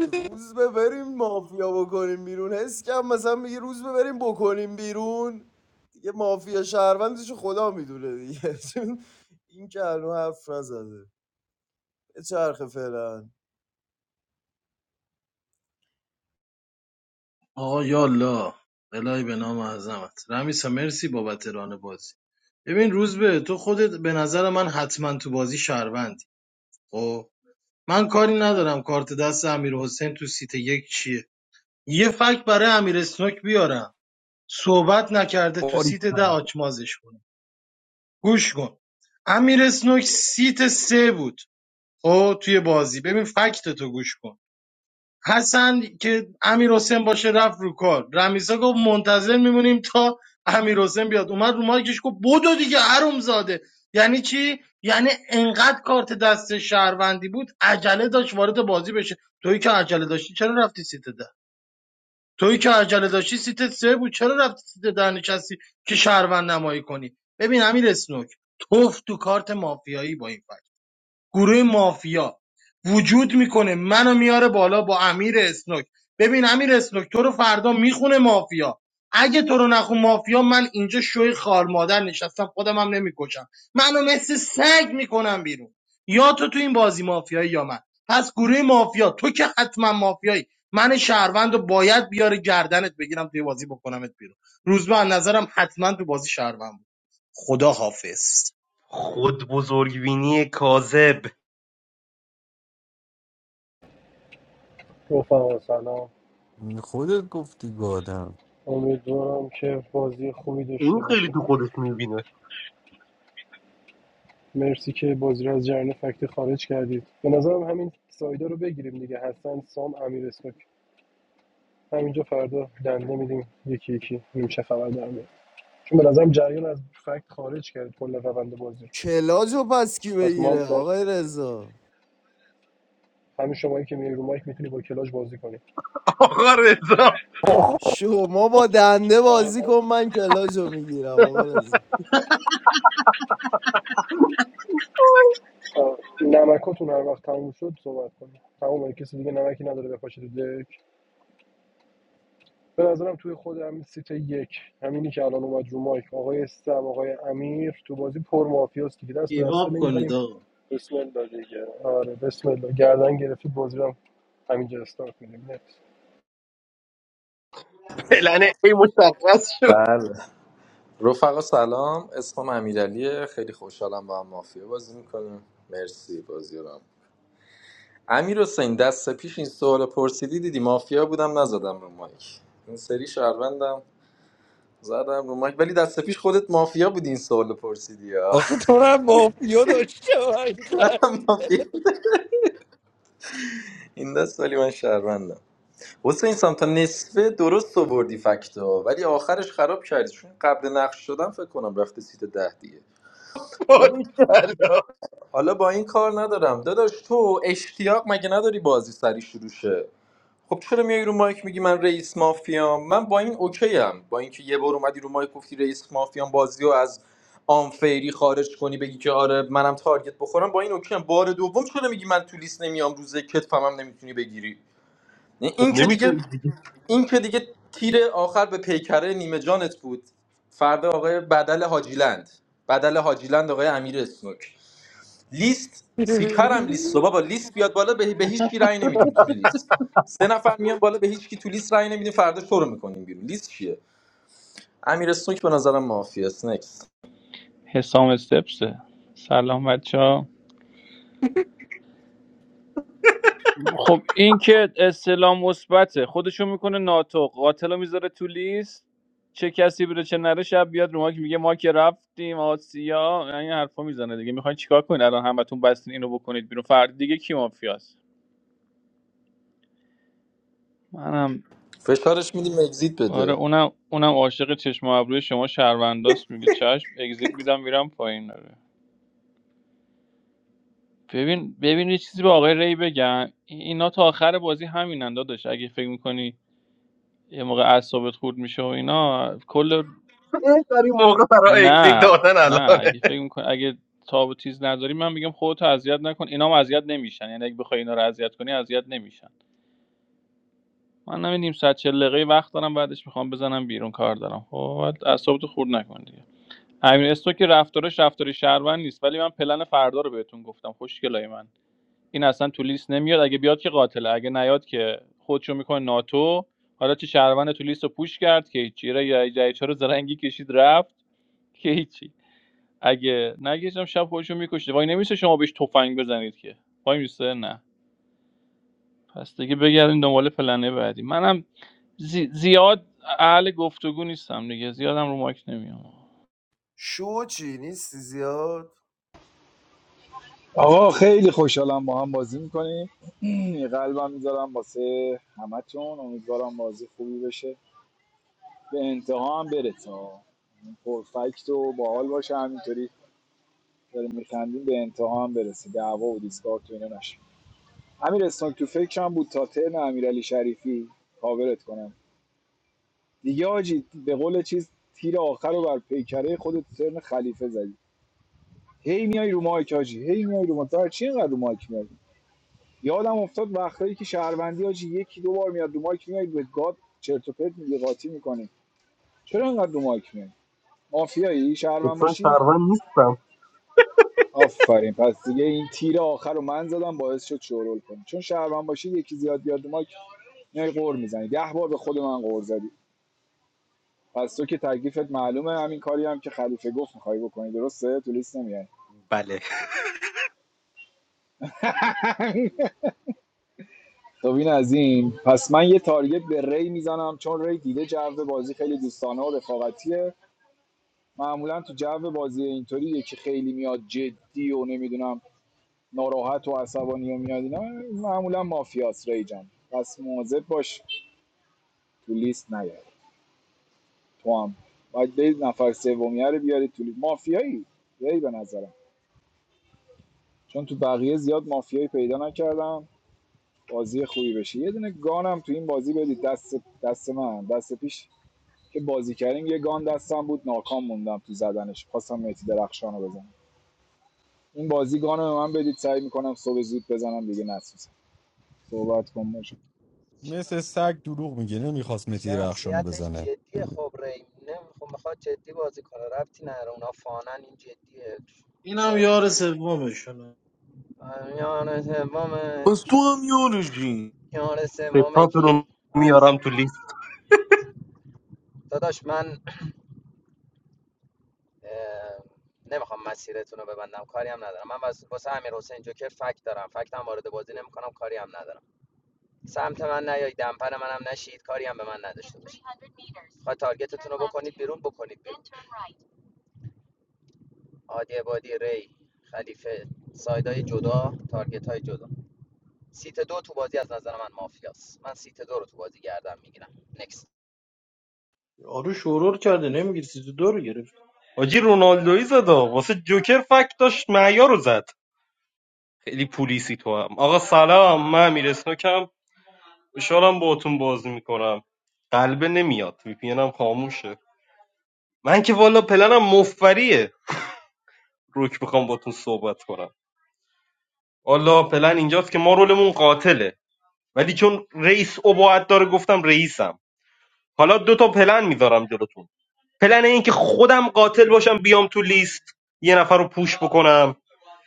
Speaker 12: روز ببریم مافیا بکنیم بیرون حس کم مثلا میگه روز ببریم بکنیم بیرون دیگه مافیا شهروندش رو خدا میدونه دیگه این که هنو حرف نزده به چرخ فعلا
Speaker 13: آقا یالا الهی به نام اعظمت رمیسا مرسی بابت ران بازی ببین روز به تو خودت به نظر من حتما تو بازی شهروندی خب من کاری ندارم کارت دست امیر حسین تو سیت یک چیه یه فکت برای امیر اسنوک بیارم صحبت نکرده تو
Speaker 9: باری
Speaker 13: سیت ده آچمازش کنه گوش کن امیر اسنوک سیت سه بود خب توی بازی ببین فکت تو گوش کن حسن که امیر حسین باشه رفت رو کار رمیسا گفت منتظر میمونیم تا امیر حسین بیاد اومد رو مایکش گفت بدو دیگه حروم زاده یعنی چی یعنی انقدر کارت دست شهروندی بود عجله داشت وارد بازی بشه تویی که عجله داشتی چرا رفتی سیت ده تویی که عجله داشتی سیت سه بود چرا رفتی سیت ده نشستی که شهروند نمایی کنی ببین امیر اسنوک توف تو کارت مافیایی با این فکت. گروه مافیا وجود میکنه منو میاره بالا با امیر اسنوک ببین امیر اسنوک تو رو فردا میخونه مافیا اگه تو رو نخون مافیا من اینجا شوی خار مادر نشستم خودم هم نمیکشم منو مثل سگ میکنم بیرون یا تو تو این بازی مافیایی یا من پس گروه مافیا تو که حتما مافیایی من شهروند رو باید بیاره گردنت بگیرم توی بازی بکنمت بیرون روزبه از نظرم حتما تو بازی شهروند بود خدا حافظ
Speaker 9: خود بزرگبینی کاذب
Speaker 15: برو رفقا سلام
Speaker 11: خودت گفتی گادم
Speaker 15: امیدوارم که بازی خوبی
Speaker 9: این
Speaker 15: داشته
Speaker 9: خیلی
Speaker 15: باشه.
Speaker 9: تو خودش میبینه
Speaker 15: مرسی که بازی رو از جریان فکتی خارج کردید به نظرم همین سایدا رو بگیریم دیگه حسن سام امیر اسمک همینجا فردا دنده میدیم یکی یکی ببینیم چه خبر در میاد. چون به نظرم جریان از فکت خارج کرد کل روند بازی رو.
Speaker 12: کلاج پس کی
Speaker 15: پس ما هم
Speaker 12: بگیره
Speaker 15: داشت
Speaker 12: آقای رضا
Speaker 15: همین شمایی که میای رو مایک میتونی با کلاش بازی کنی
Speaker 9: آقا رضا
Speaker 12: شما با دنده
Speaker 15: آه.
Speaker 12: بازی کن من کلاج رو میگیرم آقا رضا
Speaker 15: نمکاتون هر وقت تموم شد صحبت کنید تمام کسی دیگه نمکی نداره بپاشه تو دک به نظرم توی خود همین سیت یک همینی که الان اومد رو مایک آقای سم آقای امیر تو بازی پر مافیاست دیگه دست به دسته
Speaker 13: گیواب کنید
Speaker 15: نمیزنیم
Speaker 13: آقا
Speaker 15: بسم الله دیگه آره بسم الله گردن گرفتی بازی رو همینجا استارت میدیم
Speaker 9: پلنه ای مشخص شد
Speaker 20: بله رفقا سلام اسمم امیرعلیه خیلی خوشحالم با هم مافیا بازی میکنیم مرسی بازی رو هم. امیر حسین دست پیش این سوال پرسیدی دیدی مافیا بودم نزدم رو مایک این سری شهروندم زدم رو مایک ولی دست پیش خودت مافیا بودی این سوال پرسیدی ها
Speaker 11: آخه تو رو هم مافیا داشته حقیقت
Speaker 20: منم مافیا این دست ولی من شهروندم حسین سام تا نصفه درست آوردی فکتو ولی آخرش خراب کردی چون قبل نقش شدم فکر کنم رفته سیت ده دیگه حالا
Speaker 9: باری کلا
Speaker 20: حالا با این کار ندارم داداش تو اشتیاق مگه نداری بازی سری شروع شه خب چرا میای رو مایک میگی من رئیس مافیام من با این اوکی ام با اینکه یه بار اومدی رو مایک گفتی رئیس مافیام بازی رو از آنفیری خارج کنی بگی که آره منم تارگت بخورم با این اوکی ام بار دوم چرا میگی من تو لیست نمیام روزه کتفمم نمیتونی بگیری نه،
Speaker 9: خب
Speaker 20: این که دیگه
Speaker 9: نمیتونی دیگه
Speaker 20: این که دیگه تیر آخر به پیکره نیمه جانت بود فردا آقای بدل حاجیلند بدل حاجیلند آقای امیر اسنوک لیست سیکارم لیست و بابا لیست بیاد بالا به, به هیچ کی رأی نمیدیم تو لیست سه نفر میان بالا به هیچ کی تو لیست رأی نمیدیم فردا شروع میکنیم بیرون لیست چیه امیر سوک به نظرم مافیا است. نکست
Speaker 21: حسام استپسه سلام بچه ها خب این که استلام مثبته خودشو میکنه ناتو قاتل رو میذاره تو لیست چه کسی بره چه نره شب بیاد رو ما که میگه ما که رفتیم آسیا این حرفا میزنه دیگه میخواین چیکار کنین الان همتون بستین اینو بکنید بیرون فرد دیگه کی مافیاست منم
Speaker 20: فشارش میدیم اگزییت
Speaker 21: آره
Speaker 20: بده
Speaker 21: اونم اونم عاشق چشم و ابروی شما شهرونداست میگه چشم اگزییت میدم میرم پایین آره. ببین ببین یه چیزی به آقای ری بگم اینا تا آخر بازی همینن داداش اگه فکر می‌کنی یه موقع اعصابت خورد میشه و اینا کل
Speaker 9: بهترین موقع برای اگزیت
Speaker 21: نه
Speaker 9: دادن
Speaker 21: نه
Speaker 9: الانه
Speaker 21: اگه فکر میکن اگه تاب و تیز نداری من میگم خودتو اذیت نکن اینا هم اذیت نمیشن یعنی اگه بخوای اینا رو اذیت کنی اذیت نمیشن من نمی نیم ساعت چل دقیقه وقت دارم بعدش میخوام بزنم بیرون کار دارم خب بعد اعصابتو خورد نکن دیگه امیر استو که رفتارش رفتاری شهروند نیست ولی من پلن فردا رو بهتون گفتم خوشگلای من این اصلا تو لیست نمیاد اگه بیاد که قاتله اگه نیاد که خودشو میکنه ناتو حالا چه شهروند تو لیست رو پوش کرد که هیچی یا جایچه رو زرنگی کشید رفت که هیچی اگه نگیشم شب خودشو میکشه وای نمیشه شما بهش تفنگ بزنید که وای میسته نه پس دیگه بگردیم دنبال پلنه بعدی منم زی- زیاد اهل گفتگو نیستم دیگه زیادم رو ماک نمیام
Speaker 12: شو چی نیستی زیاد
Speaker 6: آقا خیلی خوشحالم با هم بازی میکنیم قلبم میذارم واسه همتون امیدوارم بازی خوبی بشه به انتها هم برسه ها. پرفکت و باحال باشه همینطوری داریم میخندیم به انتها هم برسه دعوا و دیسکارت و اینا نشه امیر اسنوک تو فکرم بود تا ترن امیرعلی شریفی کاورت کنم دیگه آجی به قول چیز تیر آخر رو بر پیکره خودت تو ترن خلیفه زدی هی میای رو مایک آجی هی میای رو مایک تو چی اینقدر رو مایک میای یادم افتاد وقتایی که شهروندی آجی یکی دو بار میاد رو مایک میای به گاد چرت و پرت میگه قاطی میکنی چرا اینقدر رو مایک میای مافیایی
Speaker 9: خب
Speaker 6: شهروند
Speaker 9: چون
Speaker 6: باشی
Speaker 9: شهروند نیستم
Speaker 6: آفرین پس دیگه این تیر آخر رو من زدم باعث شد شورول کنی چون شهروند باشی یکی زیاد بیاد ما میای قور میزنی ده بار به خود من قور زدی پس تو که تکلیفت معلومه همین کاری هم که خلیفه گفت میخوای بکنی درسته تو لیست نمیای
Speaker 9: بله
Speaker 6: خب این از این پس من یه تارگت به ری میزنم چون ری دیده جو بازی خیلی دوستانه و رفاقتیه معمولا تو جو بازی اینطوری یکی خیلی میاد جدی و نمیدونم ناراحت و عصبانی و میاد اینا معمولا مافیاس ری جان پس مواظب باش تو لیست نیاری تو هم باید برید نفر سومیه رو بیاری تو لیست مافیایی بیاری به نظرم چون تو بقیه زیاد مافیایی پیدا نکردم بازی خوبی بشه یه دونه گانم تو این بازی بدید دست دست من دست پیش که بازی کردیم یه گان دستم بود ناکام موندم تو زدنش خواستم مهدی درخشان رو بزنم این بازی گان رو به من بدید سعی میکنم صبح زود بزنم دیگه نسوزم صحبت کن باشه
Speaker 11: مثل سگ دروغ میگه نمیخواست متی رخشانو بزنه
Speaker 13: اینم یار سومشونه
Speaker 20: پس تو هم یارشی
Speaker 9: ستاتون رو میارم تو لیست
Speaker 13: آره شورور کرده نمیگیره سیزو دو رو گرفت
Speaker 9: حاجی رونالدوی زدا واسه جوکر فکت داشت معیار رو زد خیلی پولیسی تو هم آقا سلام من امیر اسنوکم، خوشحالم باهاتون بازی میکنم قلبه نمیاد وی پی هم خاموشه من که والا پلنم مفبریه روک میخوام باتون صحبت کنم والا پلن اینجاست که ما رولمون قاتله ولی چون رئیس عباعت داره گفتم رئیسم حالا دو تا پلن میذارم جلوتون پلن این که خودم قاتل باشم بیام تو لیست یه نفر رو پوش بکنم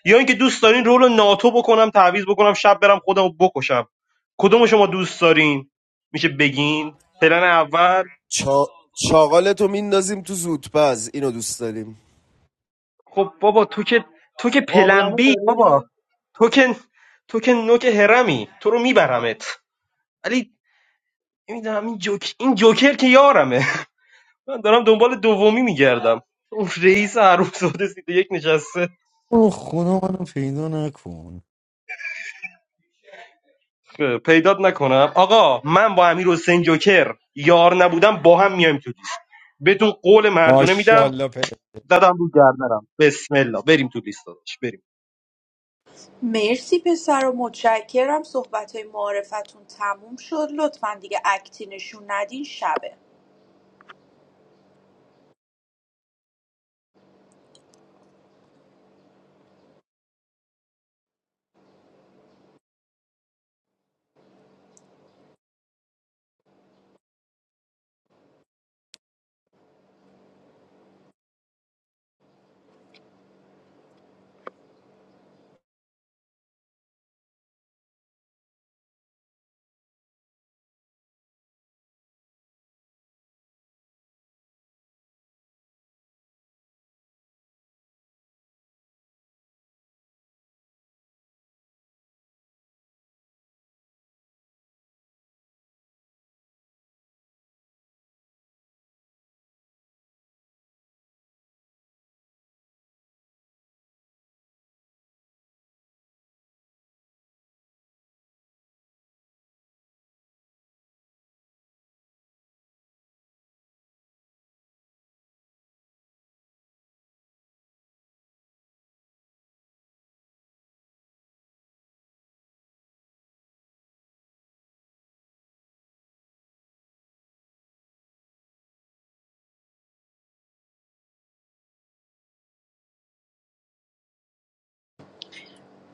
Speaker 9: یا اینکه دوست دارین رول رو ناتو بکنم تعویض بکنم شب برم خودم رو بکشم کدوم شما دوست دارین میشه بگین پلن اول
Speaker 12: چا... چاقالتو میندازیم تو زودپز اینو دوست داریم
Speaker 9: خب بابا تو که تو که
Speaker 13: قابلمه
Speaker 9: پلنبی بابا
Speaker 13: داری؟
Speaker 9: تو که تو که نوک هرمی تو رو میبرمت ولی نمیدونم این جوک این جوکر که یارمه من دارم دنبال دومی میگردم اون رئیس عروب زاده سیده یک نشسته
Speaker 11: او خدا منو پیدا نکن
Speaker 9: خب، پیدات نکنم آقا من با امیر حسین جوکر یار نبودم با هم میایم تو لیست بهتون قول مردونه میدم
Speaker 11: ماشاءالله پر
Speaker 9: زدم رو گردنم بسم الله بریم تو لیست داداش بریم
Speaker 18: مرسی پسر و متشکرم صحبت های معارفتون تموم شد لطفا دیگه اکتی نشون ندین شبه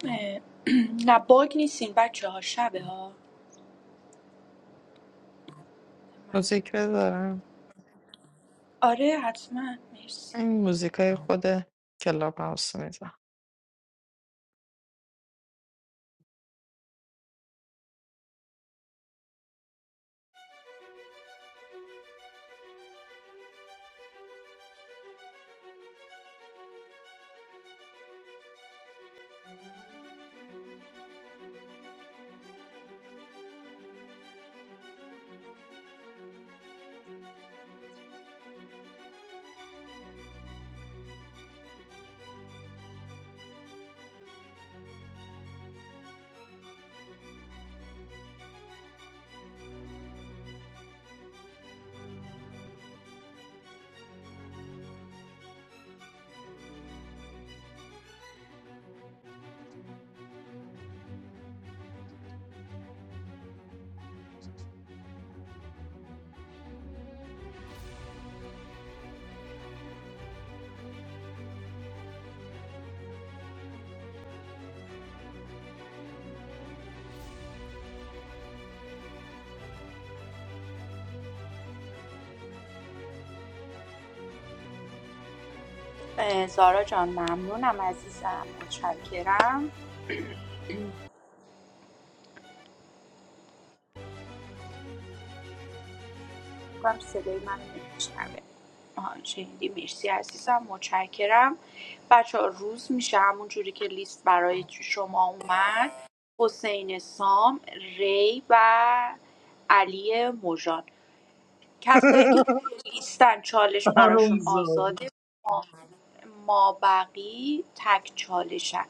Speaker 18: اه، نه باگ نیستین بچه ها شبه ها من-
Speaker 4: موزیک بذارم
Speaker 18: آره حتما مرسی
Speaker 4: این موزیکای خود کلاب هاوس میذارم
Speaker 18: اه، زارا جان ممنونم عزیزم متشکرم کنم صدای منو نمیشنوه آها شنیدی مرسی عزیزم متشکرم بچه ها روز میشه همون جوری که لیست برای شما اومد حسین سام ری و علی مژان کسایی که توی لیستن چالش براشون
Speaker 13: حرومزاده
Speaker 18: آزاده ما ما بقی تک چالشن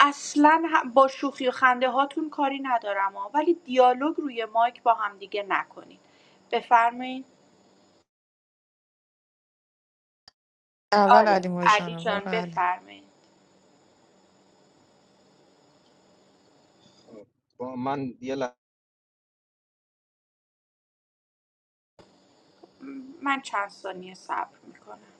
Speaker 18: اصلا هم- با شوخی و خنده هاتون کاری ندارم ها ولی دیالوگ روی مایک با هم همدیگه نکنید بفرمایید
Speaker 4: اول علی
Speaker 18: آره علی
Speaker 4: مژان
Speaker 18: جان
Speaker 4: برو علی
Speaker 18: بفرمایید من چند ثانیه صبر میکنم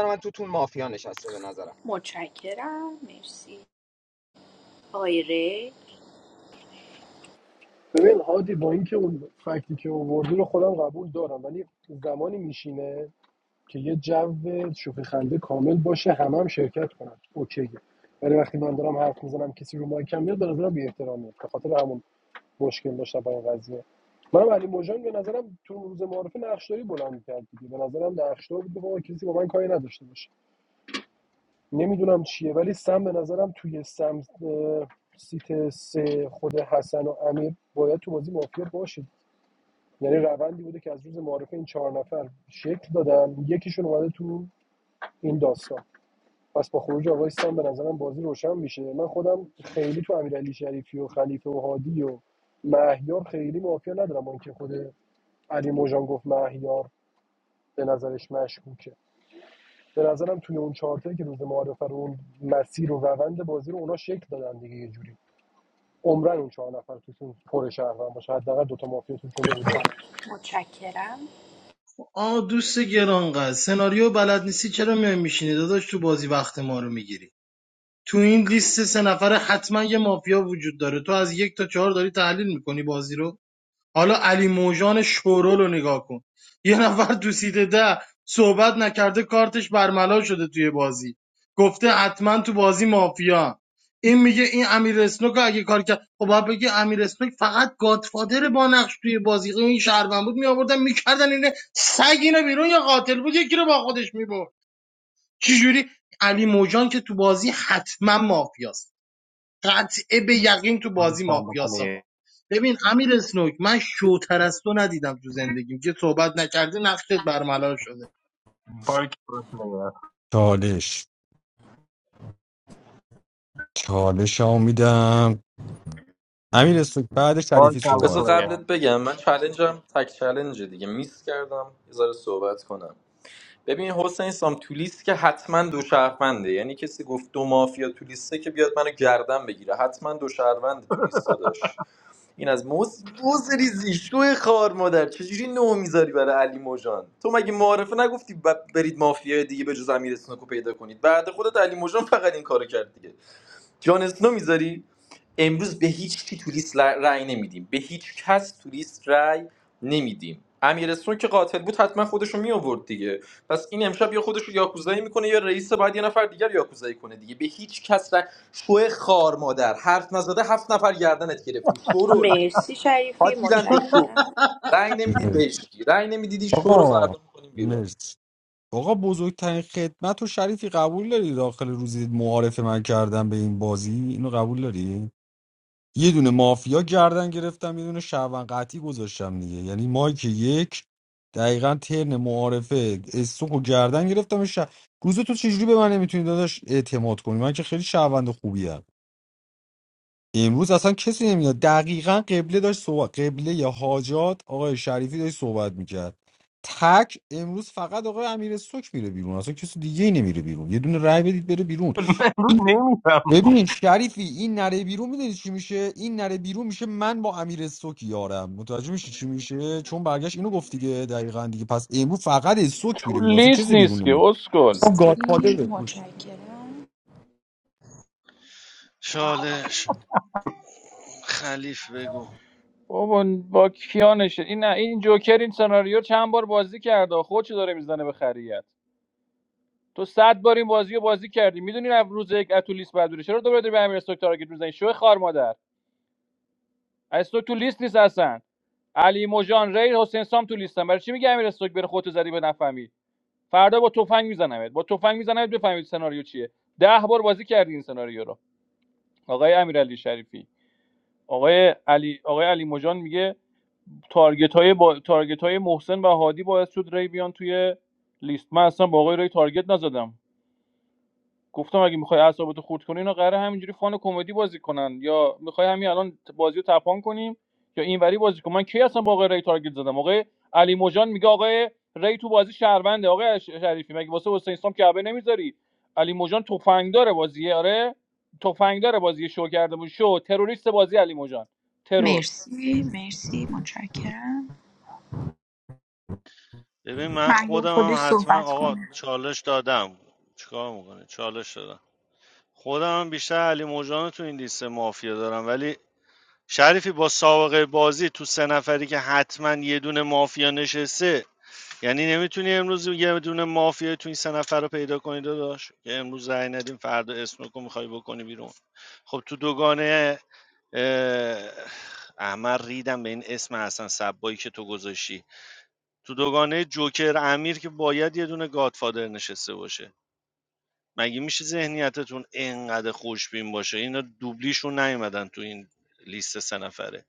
Speaker 16: من تو توتون مافیا نشسته به نظرم
Speaker 18: متشکرم مرسی آقای ری
Speaker 15: ببین هادی با اینکه اون فکتی که آوردی رو خودم قبول دارم ولی زمانی میشینه که یه جو شوخی خنده کامل باشه همه هم شرکت کنن اوکیه ولی وقتی من دارم حرف میزنم کسی رو مایکم میاد به نظرم بی‌احترامیه به خاطر همون مشکل داشتم با این قضیه منم علی موجان به نظرم تو روز معارفه نقشداری بلند می‌کرد دیگه به نظرم نقشدار بود بابا کسی با من کاری نداشته باشه نمیدونم چیه ولی سم به نظرم توی سم اه، سیت سه خود حسن و امیر باید تو بازی مافیا باشه یعنی روندی بوده که از روز معارف این چهار نفر شکل دادن یکیشون اومده تو این داستان پس با خروج آقای سام به نظرم بازی روشن میشه من خودم خیلی تو امیرعلی شریفی و خلیفه و هادی و مهیار خیلی مافیا ندارم با که خود علی موجان گفت مهیار به نظرش مشکوکه به نظرم توی اون چهارتایی که روز معارفه رو اون مسیر و روند بازی رو اونا شکل دادن دیگه یه جوری عمرن اون چهار نفر توشون پر شهروند باشه حداقل دوتا مافیا توشون بوده
Speaker 18: متشکرم
Speaker 13: آ دوست گرانقدر سناریو بلد نیستی چرا میای میشینی داداش تو بازی وقت ما رو میگیری تو این لیست سه نفره حتما یه مافیا وجود داره تو از یک تا چهار داری تحلیل میکنی بازی رو حالا علی موجان شورو رو نگاه کن یه نفر تو سیت ده صحبت نکرده کارتش برملا شده توی بازی گفته حتما تو بازی مافیا این میگه این امیر اسنوک اگه کار کرد خب باید بگه امیر اسنوک فقط گادفادر با نقش توی بازی خب این شهروند بود میآوردن میکردن اینه سگ اینه بیرون یا قاتل بود یکی رو با خودش میبرد چجوری علی موجان که تو بازی حتما مافیاست قطعه به یقین تو بازی
Speaker 9: باریکلا
Speaker 13: مافیاس
Speaker 9: پلیر
Speaker 13: آقا ببین امیر اسنوک من شوتر از تو ندیدم تو زندگیم که صحبت نکردی نقشت برملا شده
Speaker 9: باریکلا پلیر
Speaker 11: چالش چالش ها میدم امیر استوک بعد شریفی
Speaker 20: بذار
Speaker 11: صحبت
Speaker 9: بارکالله
Speaker 11: کن
Speaker 20: قبلت بگم من چلنجم تک چلنجه دیگه میس کردم یه ذره صحبت کنم ببین حسین سام تو لیست که حتما دو شهرونده یعنی کسی گفت دو مافیا تو لیسته که بیاد منو گردن بگیره حتما دو شهرونده تو لیسته داشت این از موز موز ریزی شوی خار مادر چجوری نه میذاری برای علی موجان تو مگه معارفه نگفتی ب- برید مافیای دیگه به جز امیر اسنوکو پیدا کنید بعد خودت علی موجان فقط این کارو کرد دیگه جان اسنو میذاری امروز به هیچ کی تو لیست ر- رأی نمیدیم به هیچ کس تو لیست رأی نمیدیم امیر اسنو که قاتل بود حتما خودشو می آورد دیگه پس این امشب یا خودشو یاکوزایی میکنه یا رئیس بعد یه نفر دیگر یاکوزایی کنه دیگه به هیچ کس رأی شو خار مادر حرف نزده هفت نفر گردنت گرفتیم شورول
Speaker 18: مرسی شریفی
Speaker 20: حاجی لنده شو
Speaker 18: متشکرم
Speaker 20: رأی نمیدید بهش رأی نمیدید این شو رو
Speaker 11: آقا
Speaker 20: فردا میکنیم بیرون
Speaker 11: مرسی آقا بزرگترین خدمت و شریفی قبول داری داخل روزی معارف من کردم به این بازی اینو قبول داری یه دونه مافیا گردن گرفتم یه دونه شهروند قطعی گذاشتم دیگه یعنی مایک یک دقیقا ترن معارفه استوک و گردن گرفتم ش... روز تو چجوری به من نمیتونی داداش اعتماد کنی من که خیلی شهروند خوبی ام. امروز اصلا کسی نمیاد دقیقا قبله داشت صحبت قبله یا حاجات آقای شریفی داشت صحبت میکرد تک امروز فقط آقای امیر سوک میره بیرون اصلا کسی دیگه ای نمیره بیرون یه دونه رای بدید بره بیرون
Speaker 9: رو نمیفهم
Speaker 11: ببین شریفی این نره بیرون میدونی چی میشه این نره بیرون میشه من با امیر سوک یارم متوجه میشی چی میشه چون برگشت اینو گفت دیگه دقیقا دیگه پس امروز فقط سوک
Speaker 21: تو
Speaker 11: میره بیرون اصلا
Speaker 21: لیست
Speaker 11: کسی بیرون
Speaker 21: نیست که
Speaker 11: نمیره
Speaker 21: اسکل
Speaker 11: اون گادفادر بفروش
Speaker 18: متشکرم
Speaker 10: چالش خلیف بگو
Speaker 21: بابا با کیا نشه این نه این جوکر این سناریو چند بار بازی کرده خودشو داره میزنه به خریت تو صد بار این بازی رو بازی کردی میدونی نه روز یک اتو لیست بعد بره. چرا دوباره داری به امیر استوک تارگت میزنی شو خار مادر استوک تو لیست نیست اصلا علی موجان ری حسین سام تو لیستن برای چی میگه امیر استوک بره خودتو زدی به نفهمی فردا با تفنگ میزنمت با تفنگ میزنمت بفهمید سناریو چیه ده بار بازی کردی این سناریو رو آقای امیرعلی شریفی آقای علی آقای علی موجان میگه تارگت های, با... تارگت های محسن و هادی باعث شد ری بیان توی لیست من اصلا با آقای ری تارگت نزدم گفتم اگه میخوای اعصابتو خورد کنی اینا قراره همینجوری فان کمدی بازی کنن یا میخوای همین الان بازی تپان کنیم یا اینوری بازی کنم من کی اصلا با آقای ری تارگت زدم آقای علی موجان میگه آقای ری تو بازی شهرونده آقای شریفی مگه واسه حسین اسلام کعبه نمیذاری علی موجان تفنگ داره بازیه آره تفنگ داره بازی شو کرده بود شو تروریست بازی علی موجان ترور
Speaker 18: مرسی مرسی متشکرم
Speaker 10: ببین من
Speaker 18: مهیار
Speaker 10: خودم
Speaker 18: خودش
Speaker 10: هم حتما
Speaker 18: صحبت
Speaker 10: آقا
Speaker 18: کنه
Speaker 10: چالش دادم چیکار میکنه چالش دادم خودم هم بیشتر علی موجان تو این لیست مافیا دارم ولی شریفی با سابقه بازی تو سه نفری که حتما یه دونه مافیا نشسته یعنی نمیتونی امروز یه دونه مافیا تو این سه نفر رو پیدا کنی داداش که امروز رأی ندیم فردا اسمک رو میخوای بکنی بیرون خب تو دوگانه اه، احمد ریدم به این اسم حسن صبایی که تو گذاشتی تو دوگانه جوکر امیر که باید یه دونه گادفادر نشسته باشه مگه میشه ذهنیتتون اینقدر خوشبین باشه اینا دوبلیشون نیومدن تو این لیست سه نفره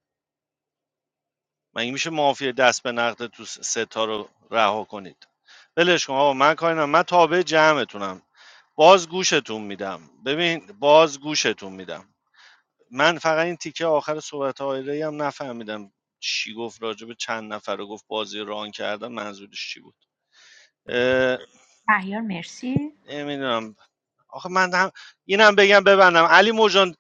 Speaker 10: مگه میشه مافیا دست به نقد تو س- ستا رو رها کنید ولش کن آقا من کاری ندارم. من تابع جمعتونم باز گوشتون میدم ببین باز گوشتون میدم من فقط این تیکه آخر صحبت های هم نفهمیدم چی گفت راجب چند نفر رو گفت بازی ران کردن منظورش چی بود اه،
Speaker 18: مهیار مرسی
Speaker 10: نمیدونم آخه من هم اینم بگم ببندم علی موجان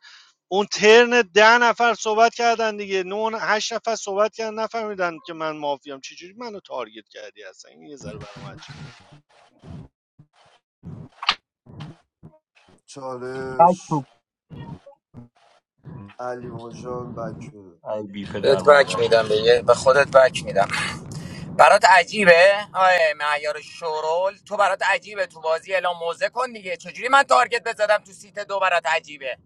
Speaker 10: اون ترن ده نفر صحبت کردن دیگه نه هشت نفر صحبت کردن نفهمیدن که من مافیام چجوری منو تارگت کردی اصلا این یه ذره برام عجیب
Speaker 9: بک
Speaker 12: چالش
Speaker 9: می‌کنم.
Speaker 12: علی موجان بک بده
Speaker 9: ای بی پدر
Speaker 16: بهت بک
Speaker 9: مادر
Speaker 16: میدم به یه- به خودت بک میدم برات عجیبه آیه معیار شورول تو برات عجیبه تو بازی اعلام موزه کن دیگه چجوری من تارگت بزدم تو سیت دو برات عجیبه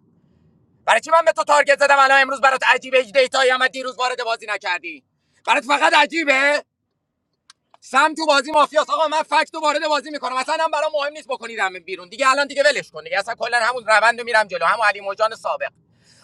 Speaker 16: برای چی من به تو تارگت زدم الان امروز برات عجیبه هیچ دیتایی هم دیروز وارد بازی نکردی برات فقط عجیبه سم تو بازی مافیاست. آقا من فکت رو وارد بازی میکنم اصلا هم برام مهم نیست بکنیدم بیرون دیگه الان دیگه ولش کن دیگه اصلا کلا همون روند رو میرم جلو همون علی مجان سابق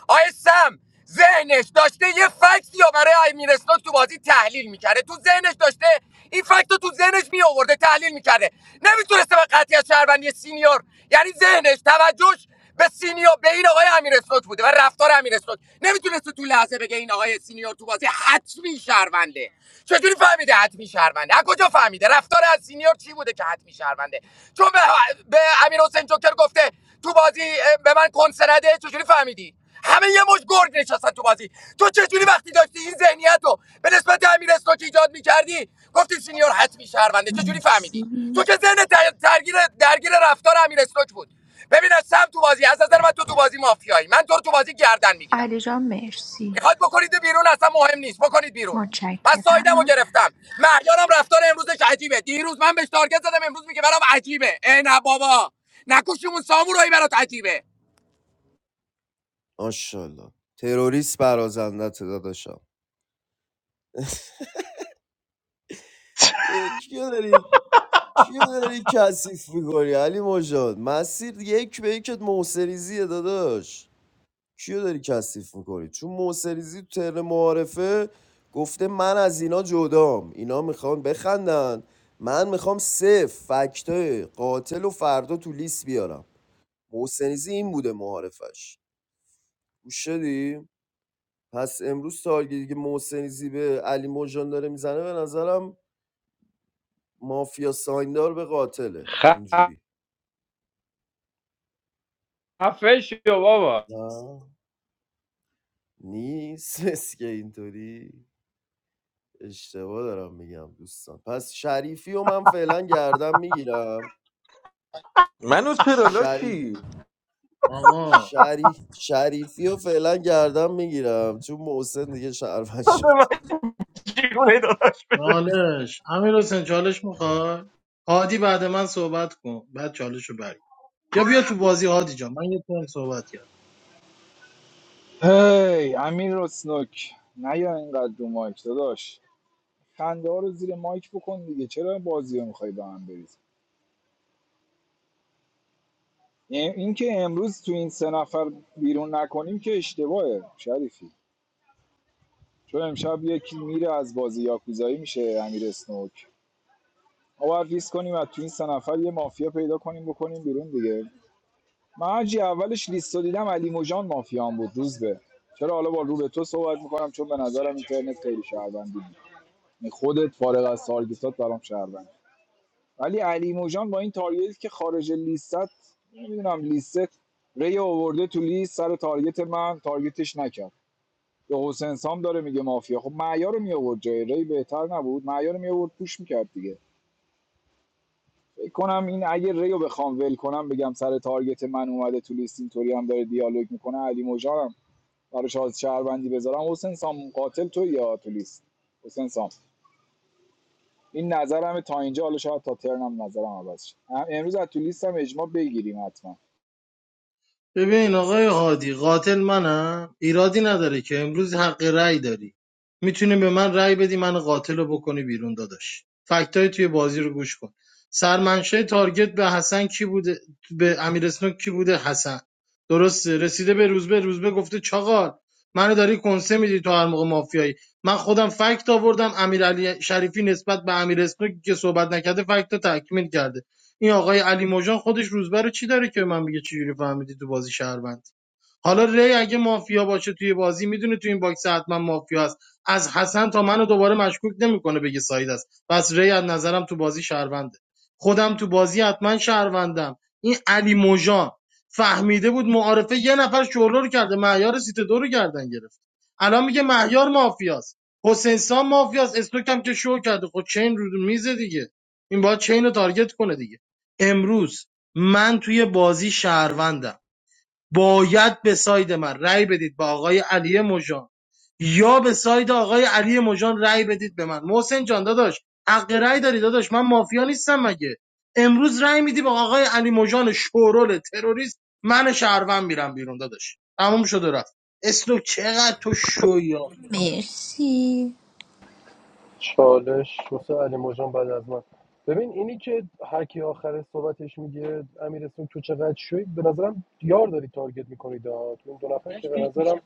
Speaker 16: آیه سم ذهنش داشته یه فکتی یا برای امیر اسنوک تو بازی تحلیل میکرده تو ذهنش داشته این فکت رو تو ذهنش می آورده تحلیل میکرده نمیتونسته به قطعی از شهروندی سینیور یعنی ذهنش توجهش به سینیور به این آقای امیر اسنوک بوده و رفتار امیر اسنوک نمیتونسته تو لحظه بگه این آقای سینیور تو بازی حتمی شهرونده چجوری فهمیده حتمی شهرونده از کجا فهمیده رفتار از سینیور چی بوده که حتمی شهرونده چون به, به امیر حسین جوکر گفته تو بازی به من کنسنده چجوری فهمیدی همه یه مش گرگ نشستن تو بازی تو چجوری وقتی داشتی این ذهنیت رو به نسبت امیر که ایجاد میکردی گفتی سینیور حتمی شهرونده چجوری فهمیدی تو که ذهن در- درگیر درگیر رفتار امیر استوک بود ببین از سم تو بازی از نظر من تو تو بازی مافیایی من تو رو تو بازی گردن میگیرم
Speaker 18: علی جان مرسی
Speaker 16: میخواد بکنید بیرون اصلا مهم نیست بکنید بیرون من سایدم رو
Speaker 18: متشکرم
Speaker 16: گرفتم مهیارم رفتار امروزش عجیبه دیروز من بهش تارگت زدم امروز میگه برام عجیبه ای نه بابا نکوشیمون سامورایی برات عجیبه
Speaker 12: ماشاءالله تروریست برازندت داداشم اه، کیو داری کیو داری کثیف میکنی علی مجاد مسیر یک به یکت موسریزیه داداش کیو داری کثیف میکنی چون موسریزی تو ترن معارفه گفته من از اینا جدام اینا میخوان بخندن من میخوام صفر فکتای قاتل و فردا تو لیست بیارم محسنیزی این بوده معارفش گوش شدی پس امروز تارگیری که محسنیزی به علی موجان داره میزنه به نظرم مافیا سایندار به قاتله اینجوری نه نیست اس که اینطوری اشتباه دارم میگم دوستان پس شریفی و من فعلا گردم میگیرم
Speaker 20: منو چرا
Speaker 12: شریف
Speaker 20: لاشی
Speaker 13: آقا
Speaker 12: شری... شریفی و فعلا گردم میگیرم چون محسن دیگه شهروند
Speaker 9: داده
Speaker 12: شد
Speaker 9: من چیونه داداش
Speaker 13: چالش امیر حسین چالش میخوای هادی بعد من صحبت کن بعد چالش رو بری یا بیا تو بازی هادی جان من یه تایم صحبت
Speaker 6: هی امیر اسنوک نیا اینقدر رو مایک داداش خنده ها رو زیر مایک بکن دیگه چرا بازی رو میخوای به هم بریز یعنی اینکه امروز تو این سه نفر بیرون نکنیم که اشتباهه شریفی چون امشب یکی میره از بازی یاکوزایی میشه امیر اسنوک ما باید لیست کنیم و تو این سه نفر یه مافیا پیدا کنیم بکنیم بیرون دیگه من حاجی اولش لیست رو دیدم علی موجان مافیان بود روز به چرا حالا با رو به تو صحبت میکنم چون به نظرم اینترنت خیلی شهروندی بود یعنی خودت فارغ از تارگتات برام شهروندی ولی علی موجان با این تارگت که خارج لیست نمیدونم لیست ری آورده تو لیست سر تارگت من تارگتش نکرد به حسین سام داره میگه مافیا خب معیار رو می آورد جای ری بهتر نبود معیار رو می آورد پوش میکرد دیگه فکر کنم این اگه ری رو بخوام ول کنم بگم سر تارگت من اومده تو لیست اینطوری هم داره دیالوگ میکنه علی موجانم براش از شهروندی بذارم حسین سام قاتل تو یا تو لیست حسین سام این نظرم تا اینجا حالا شاید تا ترنم نظرم عوض شه ام- امروز از تو لیستم اجماع بگیریم حتما
Speaker 13: ببین آقای هادی قاتل منم ایرادی نداره که امروز حق رأی داری میتونی به من رأی بدی من قاتل رو بکنی بیرون داداش فکتای توی بازی رو گوش کن سرمنشه تارگت به حسن کی بوده به امیر اسنوک کی بوده حسن درسته رسیده به روزبه روزبه گفته چاقال منو داری کنسه میدی تو هر موقع مافیایی من خودم فکت آوردم امیرعلی شریفی نسبت به امیر اسنوک که صحبت نکرده فکت رو تکمیل کرده این آقای علی موجان خودش روزبه رو چی داره که من میگه چجوری فهمیدی تو بازی شهروند حالا ری اگه مافیا باشه توی بازی میدونه توی این باکس حتما مافیا است از حسن تا منو دوباره مشکوک نمیکنه بگه ساید است پس ری از نظرم تو بازی شهرونده خودم تو بازی حتما شهروندم این علی موجان فهمیده بود معارفه یه نفر شورلو رو کرده مهیار سیت دو رو گردن گرفت الان میگه مهیار مافیاست حسین سام مافیاست استوکم که شو کرده خب چین رو میزه دیگه این باید چین رو تارگت کنه دیگه امروز من توی بازی شهروندم باید به ساید من رأی بدید به آقای علی مژان یا به ساید آقای علی مژان رأی بدید به من محسن جان داداش حق رأی داری داداش من مافیا نیستم مگه امروز رأی میدی به آقای علی مژان شورول تروریست من شهروند میرم بیرون داداش تموم شد و رفت اسلو چقدر تو شوی
Speaker 18: مرسی
Speaker 15: چالش واسه علی مژان بعد از من ببین اینی که هرکی آخر صحبتش میگه امیر اسمی تو چقدر شوی به نظرم یار داری تارگت میکنی دا تو این دو نفر که به نظرم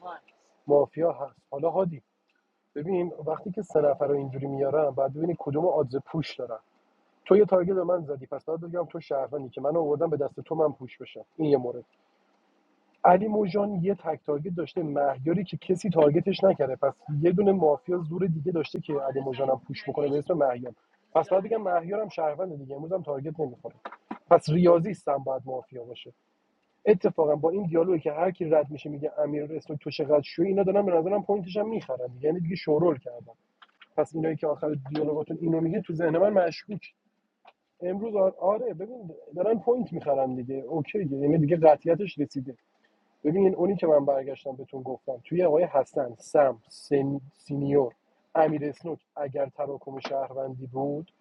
Speaker 15: مافیا هست حالا هادی ببین وقتی که سه نفر رو اینجوری میارم بعد ببینی کدوم آدز پوش دارن تو یه تارگت به من زدی پس باید بگم تو شهروندی که من آوردم به دست تو من پوش بشم این یه مورد علی موجان یه تک تارگت داشته مهیاری که کسی تارگتش نکرده پس یه دونه مافیا زور دیگه داشته که علی موجانم پوش بکنه به اسم مهیار پس باید بگم مهیارم شهروند دیگه امروز هم تارگت نمیخوره پس ریاضی هم باید مافیا باشه اتفاقا با این دیالوگی که هر کی رد میشه میگه امیر اسنوک تو چقدر شوی اینا دارن به نظرم پوینتش هم میخرن دیگه یعنی دیگه شورول کردن پس اینایی که آخر دیالوگاتون اینو میگه تو ذهن من مشکوک امروز آره ببین دارن پوینت میخرن دیگه اوکی یعنی دیگه قطعیتش رسیده ببین اونی که من برگشتم بهتون گفتم توی آقای حسن سم سن، سینیور امیر اسنوک اگر تراکم شهروندی بود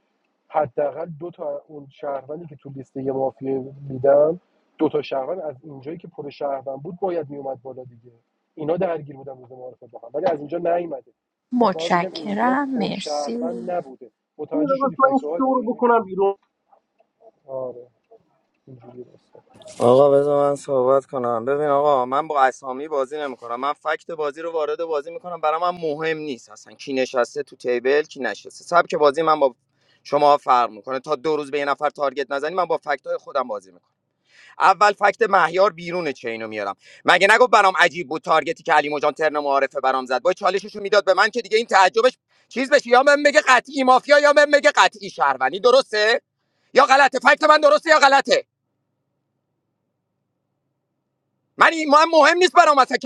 Speaker 15: حداقل دو تا اون شهروندی که تو لیست یه مافیا میدم دو تا شهروند از اینجایی که پر شهروند بود باید میومد بالا دیگه اینا درگیر بودن روز معارفه با هم ولی از اینجا نیومده پس من بگم اینجا
Speaker 18: متشکرم
Speaker 15: پر
Speaker 18: مرسی
Speaker 15: شهروند نبوده
Speaker 9: اینو
Speaker 15: متوجه
Speaker 9: داداش
Speaker 15: شدی
Speaker 9: من این
Speaker 15: فکت
Speaker 9: شو رو
Speaker 15: هادی
Speaker 9: بکنم بیرون
Speaker 15: آره اینجوری درسته
Speaker 16: آقا بذار من صحبت کنم ببین آقا من با اسامی بازی نمیکنم من فکت بازی رو وارد بازی میکنم برای من مهم نیست اصلا کی نشسته تو تیبل کی نشسته سبک بازی من با شما فرق میکنه تا دو روز به یه نفر تارگت نزنی من با فکت های خودم بازی میکنم اول فکت مهیار بیرون چینو میارم مگه نگو برام عجیب بود تارگتی که علی مجان ترن معارفه برام زد با چالششو میداد به من که دیگه این تعجبش چیز بشه یا من بگه قطعی مافیا یا من بگه قطعی شهروندی درسته یا غلطه فکت من درسته یا غلطه من من مهم نیست برام اصلا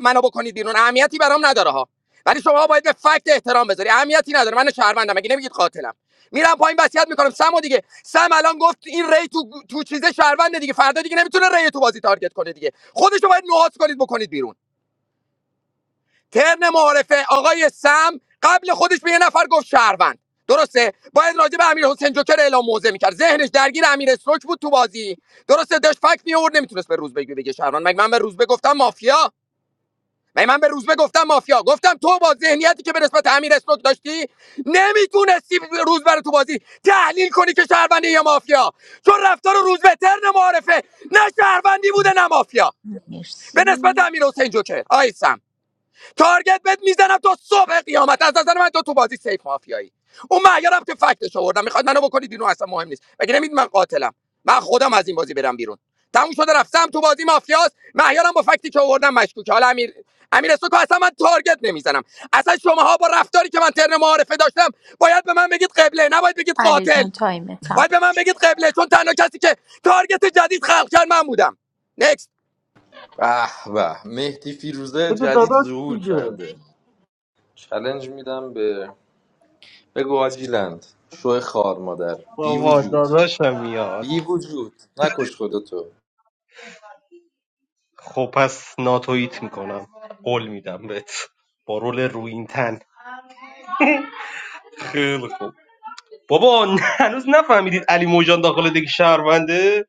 Speaker 16: منو بکنید بیرون اهمیتی برام نداره ها ولی شما باید به فکت احترام بذاری اهمیتی نداره من شهروندم مگه نمیگید قاتلم میرم پایین وصیت میکنم سمو دیگه سم الان گفت این ری تو تو چیزه شهرونده دیگه فردا دیگه نمیتونه ری تو بازی تارگت کنه دیگه خودشو باید نوهات کنید بکنید بیرون ترن معارفه آقای سم قبل خودش به یه نفر گفت شهروند درسته باید راجع به امیر حسین جوکر اعلام موضع میکرد ذهنش درگیر امیر سوک بود تو بازی درسته داشت فکت میورد نمیتونست به روز بگه شهروند مگه من به روز گفتم مافیا من به روزبه گفتم مافیا گفتم تو با ذهنیتی که به نسبت امیر اسنوک داشتی نمیتونستی روزبه رو تو بازی تحلیل کنی که شهروندی یا مافیا چون رفتار روزبه ترن معارفه نه شهروندی بوده نه مافیا به نسبت
Speaker 18: مرسی
Speaker 16: امیر حسین جوکر آی سم. تارگت بهت میزنم تا صبح قیامت از نظر من تو تو بازی سیف مافیایی اون معیارم که فکتش آوردم میخواد منو بکنید اینو اصلا مهم نیست مگه نمید من قاتلم من خودم از این بازی برم بیرون تموم شده رفتم تو بازی مافیاست معیارم با فکتی که آوردم مشکوک حالا امیر امیر سوکو اصلا من تارگت نمیزنم اصلا شماها با رفتاری که من ترن معارفه داشتم باید به من بگید قبله نباید بگید
Speaker 18: علی
Speaker 16: قاتل
Speaker 18: جان تایم تایمتم
Speaker 16: باید به من بگید قبله چون تنها کسی که تارگت جدید خلق کرد من بودم نکست
Speaker 20: به به مهدی فیروزه
Speaker 9: بده
Speaker 20: جدید
Speaker 9: داداش
Speaker 20: ظهور
Speaker 9: دیگه
Speaker 20: کرده چلنج میدم به بگو حاجی لند شو خار مادر بی
Speaker 9: بابا
Speaker 20: وجود
Speaker 9: داداشم میاد
Speaker 20: بی وجود نکش خودتو
Speaker 9: خب پس ناتوییت میکنم قول میدم بهت با رول روین تن خیلی خوب بابا هنوز نفهمیدید علی موجان داخل دیگه شهرونده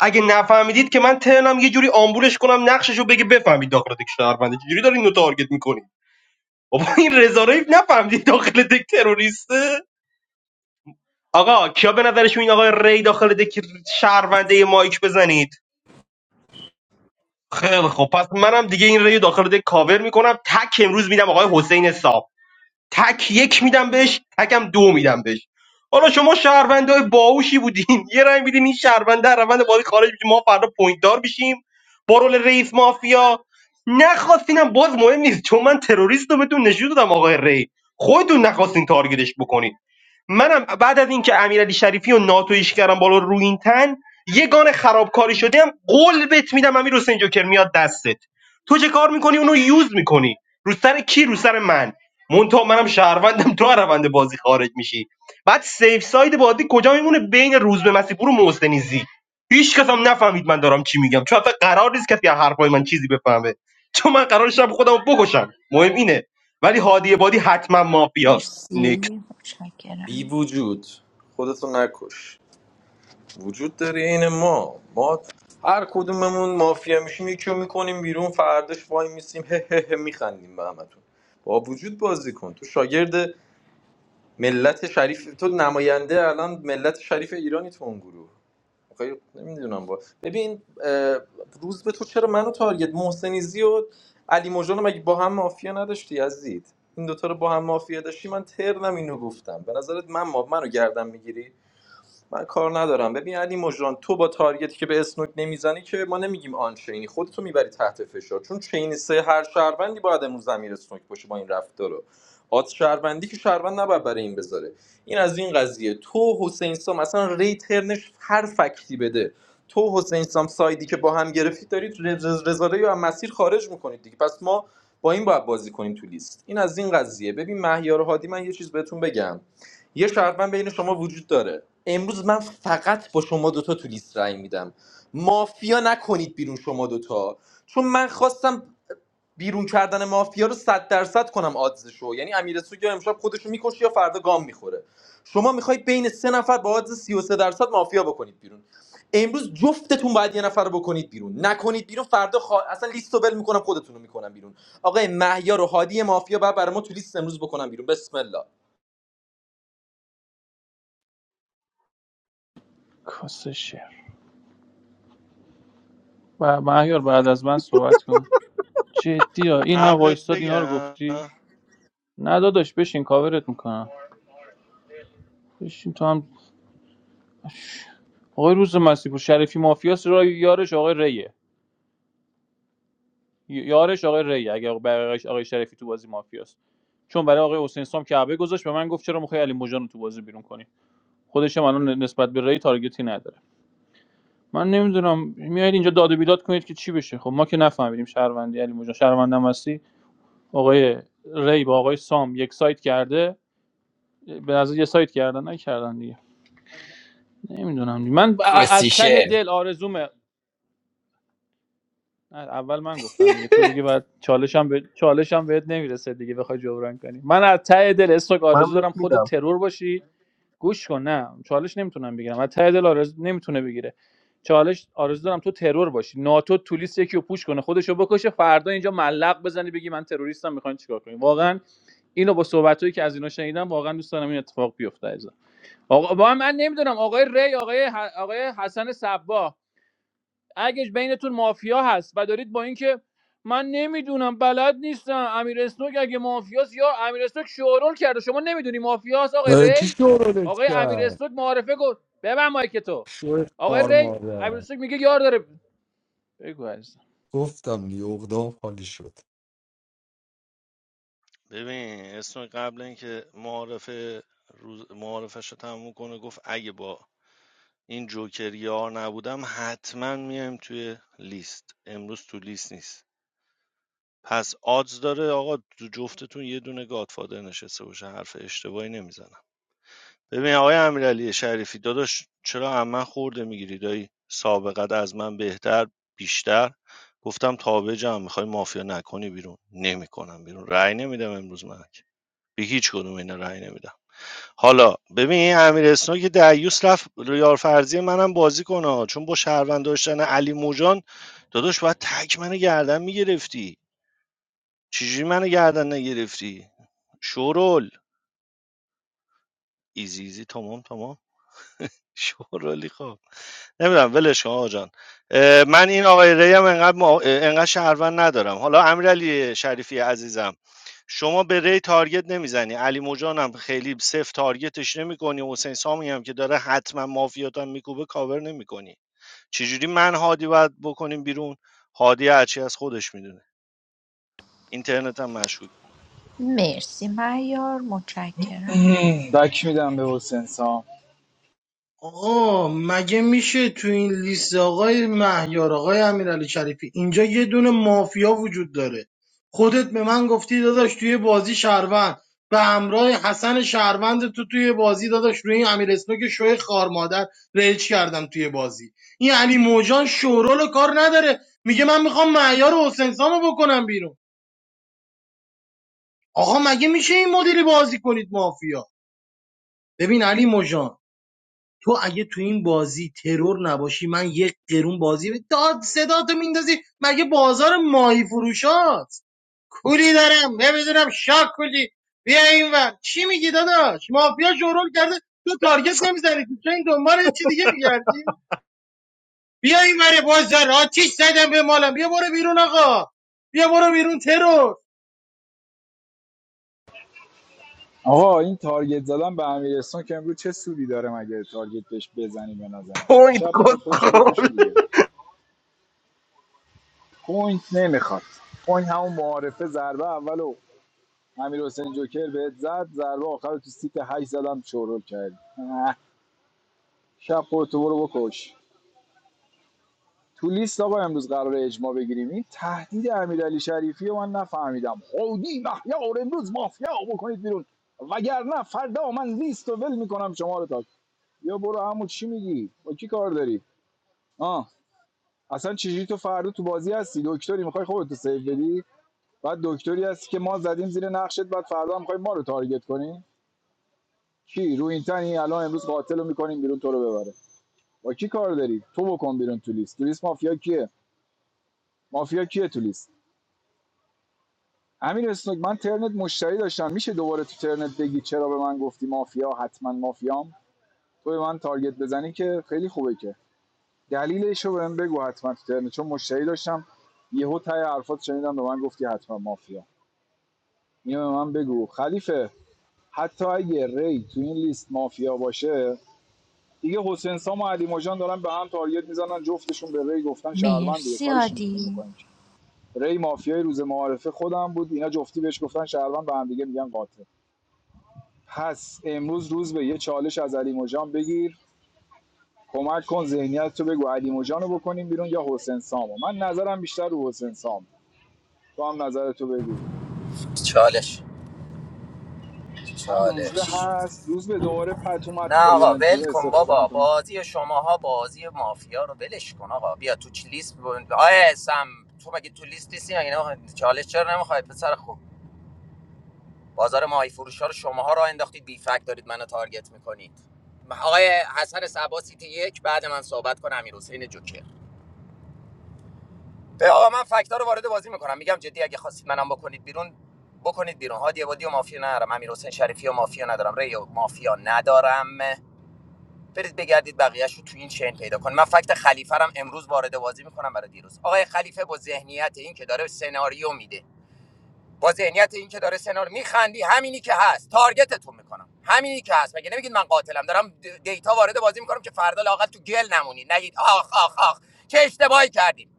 Speaker 9: اگه نفهمیدید که من ترنم یه جوری آمبولش کنم نقششو بگه بفهمید داخل دیگه شهرونده چجوری دارین اینو تارگت میکنی بابا این رضا رو نفهمدی داخل دک تروریسته آقا کیا به نظرشون این آقای ری داخل دک شهرونده مایک بزنید خیلی خب پس منم دیگه این ری رو داخل دک کاور میکنم تک امروز میدم آقای حسین صاحب تک یک میدم بهش تکم دو میدم بهش حالا شما شهرونده های باهوشی بودین یه رای میدین این شهرونده از روند بازی خارج میشه ما فردا پوینت دار بشیم با رول رئیس مافیا نخواستینم باز مهم نیست چون من تروریست رو بهتون نشون دادم آقای ری خودتون نخواستین تارگتش بکنین منم بعد از اینکه امیرعلی شریفی و ناتویش کردم بالا رو این تن یه گان خرابکاری شدم قول بت میدم امیر حسین جوکر میاد دستت تو چه کار میکنی اونو یوز میکنی رو سر کی رو سر من مونتا منم شهروندم تو از روند بازی خارج میشی بعد سیف ساید بازی کجا میمونه بین روزبه به مسیپور و محسن زی هیچ کس هم نفهمید من دارم چی میگم چون اصلا قرار نیست کسی از حرفای من چیزی بفهمه چون من قرار شب خودم رو بکشم مهم اینه ولی هادی بادی حتما مافیاست
Speaker 18: مرسی
Speaker 9: نیکس
Speaker 20: بی
Speaker 18: متشکرم
Speaker 20: وجود خودتو نکش وجود داره این ما ما هر کدوممون مافیا میشیم یکی رو میکنیم بیرون فرداش وای میسیم هه هه هه میخندیم به همتون با وجود بازی کن تو شاگرد ملت شریف تو نماینده الان ملت شریف ایرانی تو اون گروه آخه نمیدونم با ببین اه، روز به تو چرا منو تارگت محسنیزی و علی مژان رو مگه با هم مافیا نداشتی عزیز این دوتا رو با هم مافیا داشتی من ترنم اینو گفتم به نظرت من ما منو گردم میگیری من کار ندارم ببین علی مجران تو با تارگتی که به اسنوک نمیزنی که ما نمیگیم آن چینی خودتو میبری تحت فشار چون چینی سه هر شهروندی باید امروز زمیر اسنوک باشه با این رفتارو آت شهروندی که شهروند نباید برای این بذاره این از این قضیه تو حسین سام اصلا ریترنش هر فکتی بده تو حسین سام سایدی که با هم گرفتید دارید رز- رزاره یا مسیر خارج میکنید دیگه پس ما با این باید بازی کنیم تو لیست این از این قضیه ببین مهیار هادی من یه چیز بهتون بگم یه شهروند بین شما وجود داره امروز من فقط با شما دوتا تو لیست رای میدم مافیا نکنید بیرون شما دوتا چون من خواستم بیرون کردن مافیا رو صد درصد کنم آدزشو یعنی امیرسو یا امشب خودشو میکشه یا فردا گام میخوره شما میخوای بین سه نفر با آدز 33 درصد مافیا بکنید بیرون امروز جفتتون باید یه نفر رو بکنید بیرون نکنید بیرون فردا خوا... اصلا لیست رو ول میکنم خودتون رو میکنم بیرون آقای مهیار و هادی مافیا بعد برای ما تو لیست امروز بکنم بیرون بسم الله
Speaker 21: کس. و مهیار بعد از من صحبت کن جدی ها این هم
Speaker 10: قبلت
Speaker 21: وایستاد اینا رو
Speaker 10: بگم
Speaker 21: گفتی نه داداش بشین کاورت میکنم بشین تو هم آقای روز مسیح شریفی مافیاس را یارش آقای ریه یارش آقای ریه اگه برای آقای شریفی تو بازی مافیاس چون برای آقای حسین سام کعبه گذاشت به من گفت چرا میخوای علی مجان رو تو بازی بیرون کنی خودش هم الان نسبت به ری تارگتی نداره من نمیدونم میایید اینجا داد و بیداد کنید که چی بشه خب ما که نفهمیدیم شهروندی علی مجان شهروندم هستی آقای ری با آقای سام یک سایت کرده به نظر یه سایت کردن نکردن دیگه نمیدونم دیگه. من از ته
Speaker 20: کسیشل
Speaker 21: دل آرزومه نه، اول من گفتم دیگه تو دیگه بعد چالشم به چالشم بهت نمیرسه دیگه بخوای جبران کنی من از ته دل استوک
Speaker 9: من
Speaker 21: آرزو
Speaker 9: بهت
Speaker 21: دارم
Speaker 9: می‌دم.
Speaker 21: خود ترور باشی گوش کن نه چالش نمیتونم بگیرم از ته دل آرزو نمیتونه بگیره چالش آرزو دارم تو ترور باشی ناتو تولیس یکی رو پوش کنه خودشو بکشه فردا اینجا ملق بزنی بگی من تروریستم میخواین چیکار کنی واقعا اینو با صحبتهایی که از اینا شنیدم واقعا دوست دارم این اتفاق بیفته عزیزم آقا با من نمیدونم آقای ری آقای, ح- آقای حسن صبا اگه بینتون مافیا هست و دارید با اینکه من نمیدونم بلد نیستم امیر اسنوک اگه مافیاست یا امیر اسنوک شورول کرده شما نمیدونی مافیاست آقای
Speaker 11: آره، کی
Speaker 21: ری
Speaker 11: شورولش
Speaker 21: آقای امیر
Speaker 11: کرد
Speaker 21: اسنوک معارفه گفت ببن مایک تو
Speaker 11: شو
Speaker 21: آقای
Speaker 11: کار
Speaker 21: ری امیر
Speaker 11: مادر
Speaker 21: اسنوک میگه یار داره بگو عزیزم
Speaker 11: گفتم دیگه اقدام خالی شد
Speaker 10: ببین اسم قبل اینکه معارف روز معارفش رو تموم کنه گفت اگه با این جوکر یار نبودم حتما میایم توی لیست امروز تو لیست نیست پس آدز داره آقا تو جفتتون یه دونه گادفادر نشسته باشه حرف اشتباهی نمیزنم ببین آقای امیرعلی شریفی داداش چرا از خورده میگیری دایی سابقت از من بهتر بیشتر گفتم تابجم میخوای مافیا نکنی بیرون نمیکنم بیرون رأی نمیدم امروز من که. به هیچ کدوم اینا رأی نمیدم حالا ببین این امیر اسنو که دعیوس رفت ریار فرضی منم بازی کنه ها. چون با شهروند داشتن علی موجان داداش باید تک منو گردن میگرفتی چجوری منو گردن نگرفتی شورول ایزی ایزی تمام تمام شورالی خب نمیدونم ولش کن آقا جان اه، من این آقای ری هم انقدر, مع- انقدر شهروند ندارم حالا امیرعلی شریفی عزیزم شما به ری تارگت نمیزنی علی موجان هم خیلی صفر تارگتش نمیکنی حسین سامی هم که داره حتما مافیات میکوبه کاور نمیکنی چجوری من هادی باید بکنیم بیرون هادی هرچی از خودش میدونه اینترنت هم مشکوک
Speaker 18: مرسی معیار متشکرم
Speaker 6: دک میدم به حسین سام
Speaker 13: آقا مگه میشه تو این لیست آقای مهیار آقای امیرعلی شریفی اینجا یه دونه مافیا وجود داره خودت به من گفتی داداش توی بازی شهروند به همراه حسن شهروند تو توی بازی داداش روی این امیر اسنوک شوی خار مادر رج کردم توی بازی این علی موجان شورول کار نداره میگه من میخوام معیار و حسین سامو بکنم بیرون آقا مگه میشه این مدیری بازی کنید مافیا ببین علی موجان تو اگه تو این بازی ترور نباشی من یک قرون بازی به- داد صدا تو میندازی مگه بازار ماهی فروش هاست کولی دارم نمیدونم شاک کولی بیا اینور چی میگی داداش مافیا شورول کرده تو تارگت نمیزنی تو این دنبال یه چی دیگه میگردی بیا اینور بازار آتیش زدم به مالم بیا برو بیرون آقا بیا برو بیرون ترور
Speaker 6: آقا این تارگت زدن به امیرستان که امروز چه سودی داره مگه تارگت بهش بزنی به نزنی
Speaker 9: پوینت
Speaker 6: شب میخواد خودشو
Speaker 9: کسخل
Speaker 6: بکشه دیگه پوینت نمیخواد پوینت همون معارفه ضربه اول و امیر حسین جوکر بهت زد ضربه آخر رو تو سیت هشت زدم چورول کردی اه، شب خودتو برو بکش تو لیست آقا امروز قراره اجماع بگیریم این تهدید امیرعلی شریفی رو من نفهمیدم خودی مهیار امروز مافیا بکنید بیرون وگرنه فردا من لیست ول میکنم شما رو تا یا برو عمو چی میگی با کی کار داری آه اصلا چجوری تو فردا تو بازی هستی دکتری میخوای خودتو سیو بدی بعد دکتری هستی که ما زدیم زیر نقشت بعد فردا هم میخوای ما رو تارگت کنی کی رو این تنی الان امروز قاتل رو میکنیم بیرون تو رو ببره با کی کار داری تو بکن بیرون تو لیست تو لیست مافیا کیه مافیا کیه تو لیست امیر اسنوک من ترنت مشتری داشتم میشه دوباره تو ترنت بگی چرا به من گفتی مافیا حتما مافیام تو به من تارگت بزنی که خیلی خوبه که دلیلش رو بهم بگو حتما تو ترنه. چون مشتری داشتم یهو تای حرفات شنیدم به من گفتی حتما مافیا اینو به من بگو خلیفه حتی اگه ری تو این لیست مافیا باشه دیگه حسین سام و علی مجان دارن به هم تارگت میزنن جفتشون به ری گفتن شهروند دیگه
Speaker 18: مرسی
Speaker 6: کارش نمیتونیم
Speaker 18: عادی
Speaker 6: بکنیم ری مافیای روز معارفه خودم بود اینا جفتی بهش گفتن شهروند به هم دیگه میگن قاتل پس امروز روز به یه چالش از علی مجان بگیر کمک کن ذهنیت تو بگو علی مجان رو بکنیم بیرون یا حسین سامو من نظرم بیشتر رو حسین سامه تو هم نظرتو بگو
Speaker 16: چالش
Speaker 6: من روزبه
Speaker 16: چالش
Speaker 6: هست روزبه دوباره پتو
Speaker 16: نه
Speaker 6: متو داری
Speaker 16: آقا ول
Speaker 6: انتظار
Speaker 16: کن
Speaker 6: استفاده
Speaker 16: بابا
Speaker 6: میکنی
Speaker 16: بازی شماها بازی مافیا رو ولش کن آقا بیا تو چ- لیست ب- آیه سم تو مگه تو لیست نیستی مگه نمیخوای چالش چرا نمیخوای پسر خوب بازار ماهی فروش ها رو شماها را انداختید بی فکت دارید منو تارگت میکنید آقای حسن صبا سیتی یک بعد من صحبت کنم امیر حسین جوکر به آقا من فکت رو وارد بازی میکنم میگم جدی اگه خواستید منم بکنید بیرون بکنید بیرون هادی عبادی و مافیا ندارم امیر حسین شریفی و مافیا ندارم ریو مافیا ندارم برید بگردید بقیهش رو تو این چین پیدا کن من فکت خلیفه رو هم امروز وارد بازی میکنم برای دیروز آقای خلیفه با ذهنیت این که داره سناریو میده با ذهنیت این که داره سنار میخندی همینی که هست تارگتتون میکنم همینی که هست مگه نمیگید من قاتلم دارم د- دیتا وارد بازی میکنم که فردا لاقل تو گل نمونید نگید آخ آخ آخ چه اشتباهی کردیم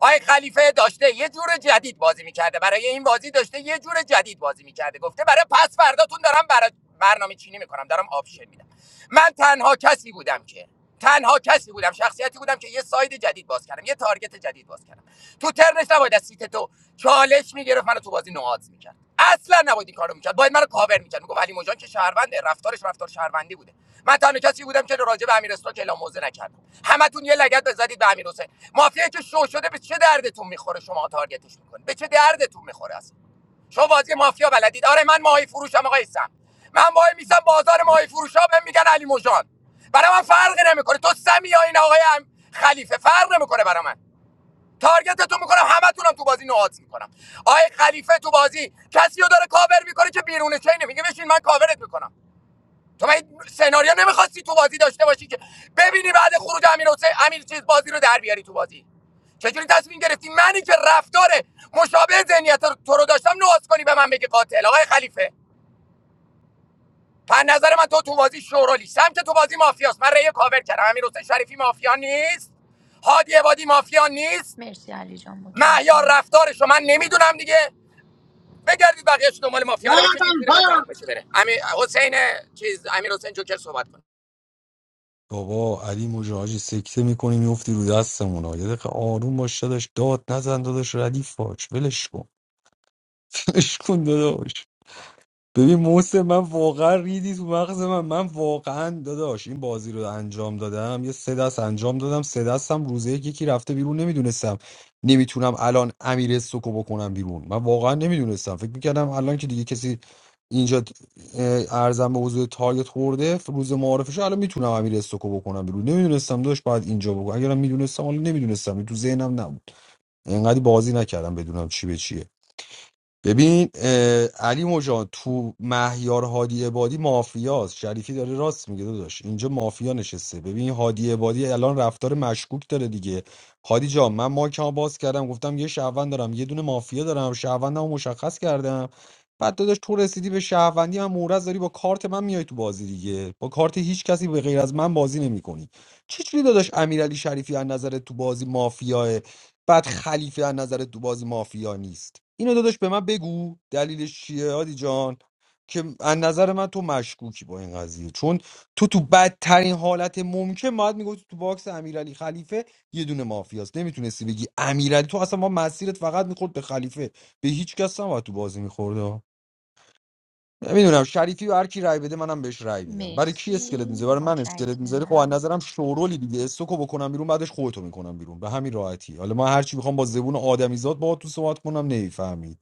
Speaker 16: آقای خلیفه داشته یه جور جدید بازی میکرده برای این بازی داشته یه جور جدید بازی میکرده گفته برای پس فرداتون دارم برای برنامه چینی میکنم دارم آپشن میدم من تنها کسی بودم که تنها کسی بودم شخصیتی بودم که یه ساید جدید باز کردم یه تارگت جدید باز کردم تو ترنش نباید از سیت تو چالش میگرفت منو تو بازی نوآز میکرد اصلا نباید این کارو میکرد باید منو کاور میکرد میگفت علی مجان که شهرونده رفتارش رفتار شهروندی بوده من تنها کسی بودم که راجع به امیر که اعلام موضع نکردم همتون یه لگد بزدید به امیر حسین مافیایی که شو شده به چه دردتون میخوره شما تارگتش میکنید به چه دردتون میخوره اصلا شما بازی مافیا بلدید آره من ماهی فروشم آقا هستم من وای میسم بازار ماهی فروشا بهم میگن علی مژان برای من فرق نمیکنه تو سمی یا این آقای خلیفه فرق نمیکنه برای من تارگتتون میکنم همتونم تو بازی نوآت میکنم آقای خلیفه تو بازی کسی رو داره کاور میکنه که بیرون چین میگه بشین من کاورت میکنم تو باید سناریو نمیخواستی تو بازی داشته باشی که ببینی بعد خروج امیر حسین امیر چیز بازی رو در بیاری تو بازی چجوری تصمیم گرفتی منی که رفتار مشابه ذهنیت رو- تو رو داشتم نواز کنی به من بگی قاتل آقای خلیفه پن نظر من تو تو بازی شورولی سمت تو بازی مافیاست من ریه کاور کردم امیر حسین شریفی مافیا نیست هادی عبادی مافیا نیست
Speaker 18: مرسی علی جان
Speaker 16: مهیار رفتارش
Speaker 18: متشکرم
Speaker 16: رفتارشو من نمیدونم دیگه بگردید بقیه‌اش دنبال
Speaker 13: نه
Speaker 16: مافیا رو بکشید زیر
Speaker 13: من
Speaker 16: من تمام
Speaker 13: فهم.
Speaker 16: بشه بره امیر حسین چیز امیر حسین جوکر صحبت
Speaker 11: بابا علی مجاهدی سکته میکنی میفتی رو دستمون ها. یه دقیقه آروم باش داداش داد نزن داداش ردیف باش ولش کن ولش کن داداش ببین محسن من واقعا ریدی تو مغز من من واقعا داداش این بازی رو انجام دادم یه سه دست انجام دادم سه دستم روزه یک یکی رفته بیرون نمیدونستم نمیتونم الان امیر سکو بکنم بیرون من واقعا نمیدونستم فکر میکردم الان که دیگه کسی اینجا اه، ارزم به حضور تارگت خورده روز معارفش الان میتونم امیر سکو بکنم بیرون نمیدونستم داشت باید اینجا بگو اگرم میدونستم حالا نمیدونستم تو ذهنم نبود اینقدر بازی نکردم بدونم چی به چیه ببین اه، علی مجان تو مهیار هادی عبادی مافیاست شریفی داره راست میگه داداش اینجا مافیا نشسته ببین هادی عبادی الان رفتار مشکوک داره دیگه هادی جان من مایکمو باز کردم گفتم یه شهروند دارم یه دونه مافیا دارم شهروندمو مشخص کردم بعد داداش تو رسیدی به شهروندی من مورز داری با کارت من میای تو بازی دیگه با کارت هیچ کسی به غیر از من بازی نمیکنی چجوری داداش امیرعلی شریفی از نظر تو بازی مافیاه بعد خلیفه از نظر تو بازی مافیا نیست اینو داداش به من بگو دلیلش چیه هادی جان که از نظر من تو مشکوکی با این قضیه چون تو تو بدترین حالت ممکن باید میگفتی تو باکس امیرعلی خلیفه یه دونه مافیاست نمیتونستی بگی امیرعلی تو اصلا ما مسیرت فقط میخورد به خلیفه به هیچ کس نباید تو بازی میخورد نمیدونم شریفی و هر کی رای بده منم بهش رای میدم برای کی اسکلت
Speaker 18: مرسی
Speaker 11: میزه برای من اسکلت میذاری خب از
Speaker 18: متشکرم
Speaker 11: نظرم شورولی دیگه استوکو بکنم بیرون بعدش خودتو میکنم بیرون به همین راحتی حالا من هر چی میخوام با زبون آدمیزاد باهات تو صحبت کنم نمیفهمید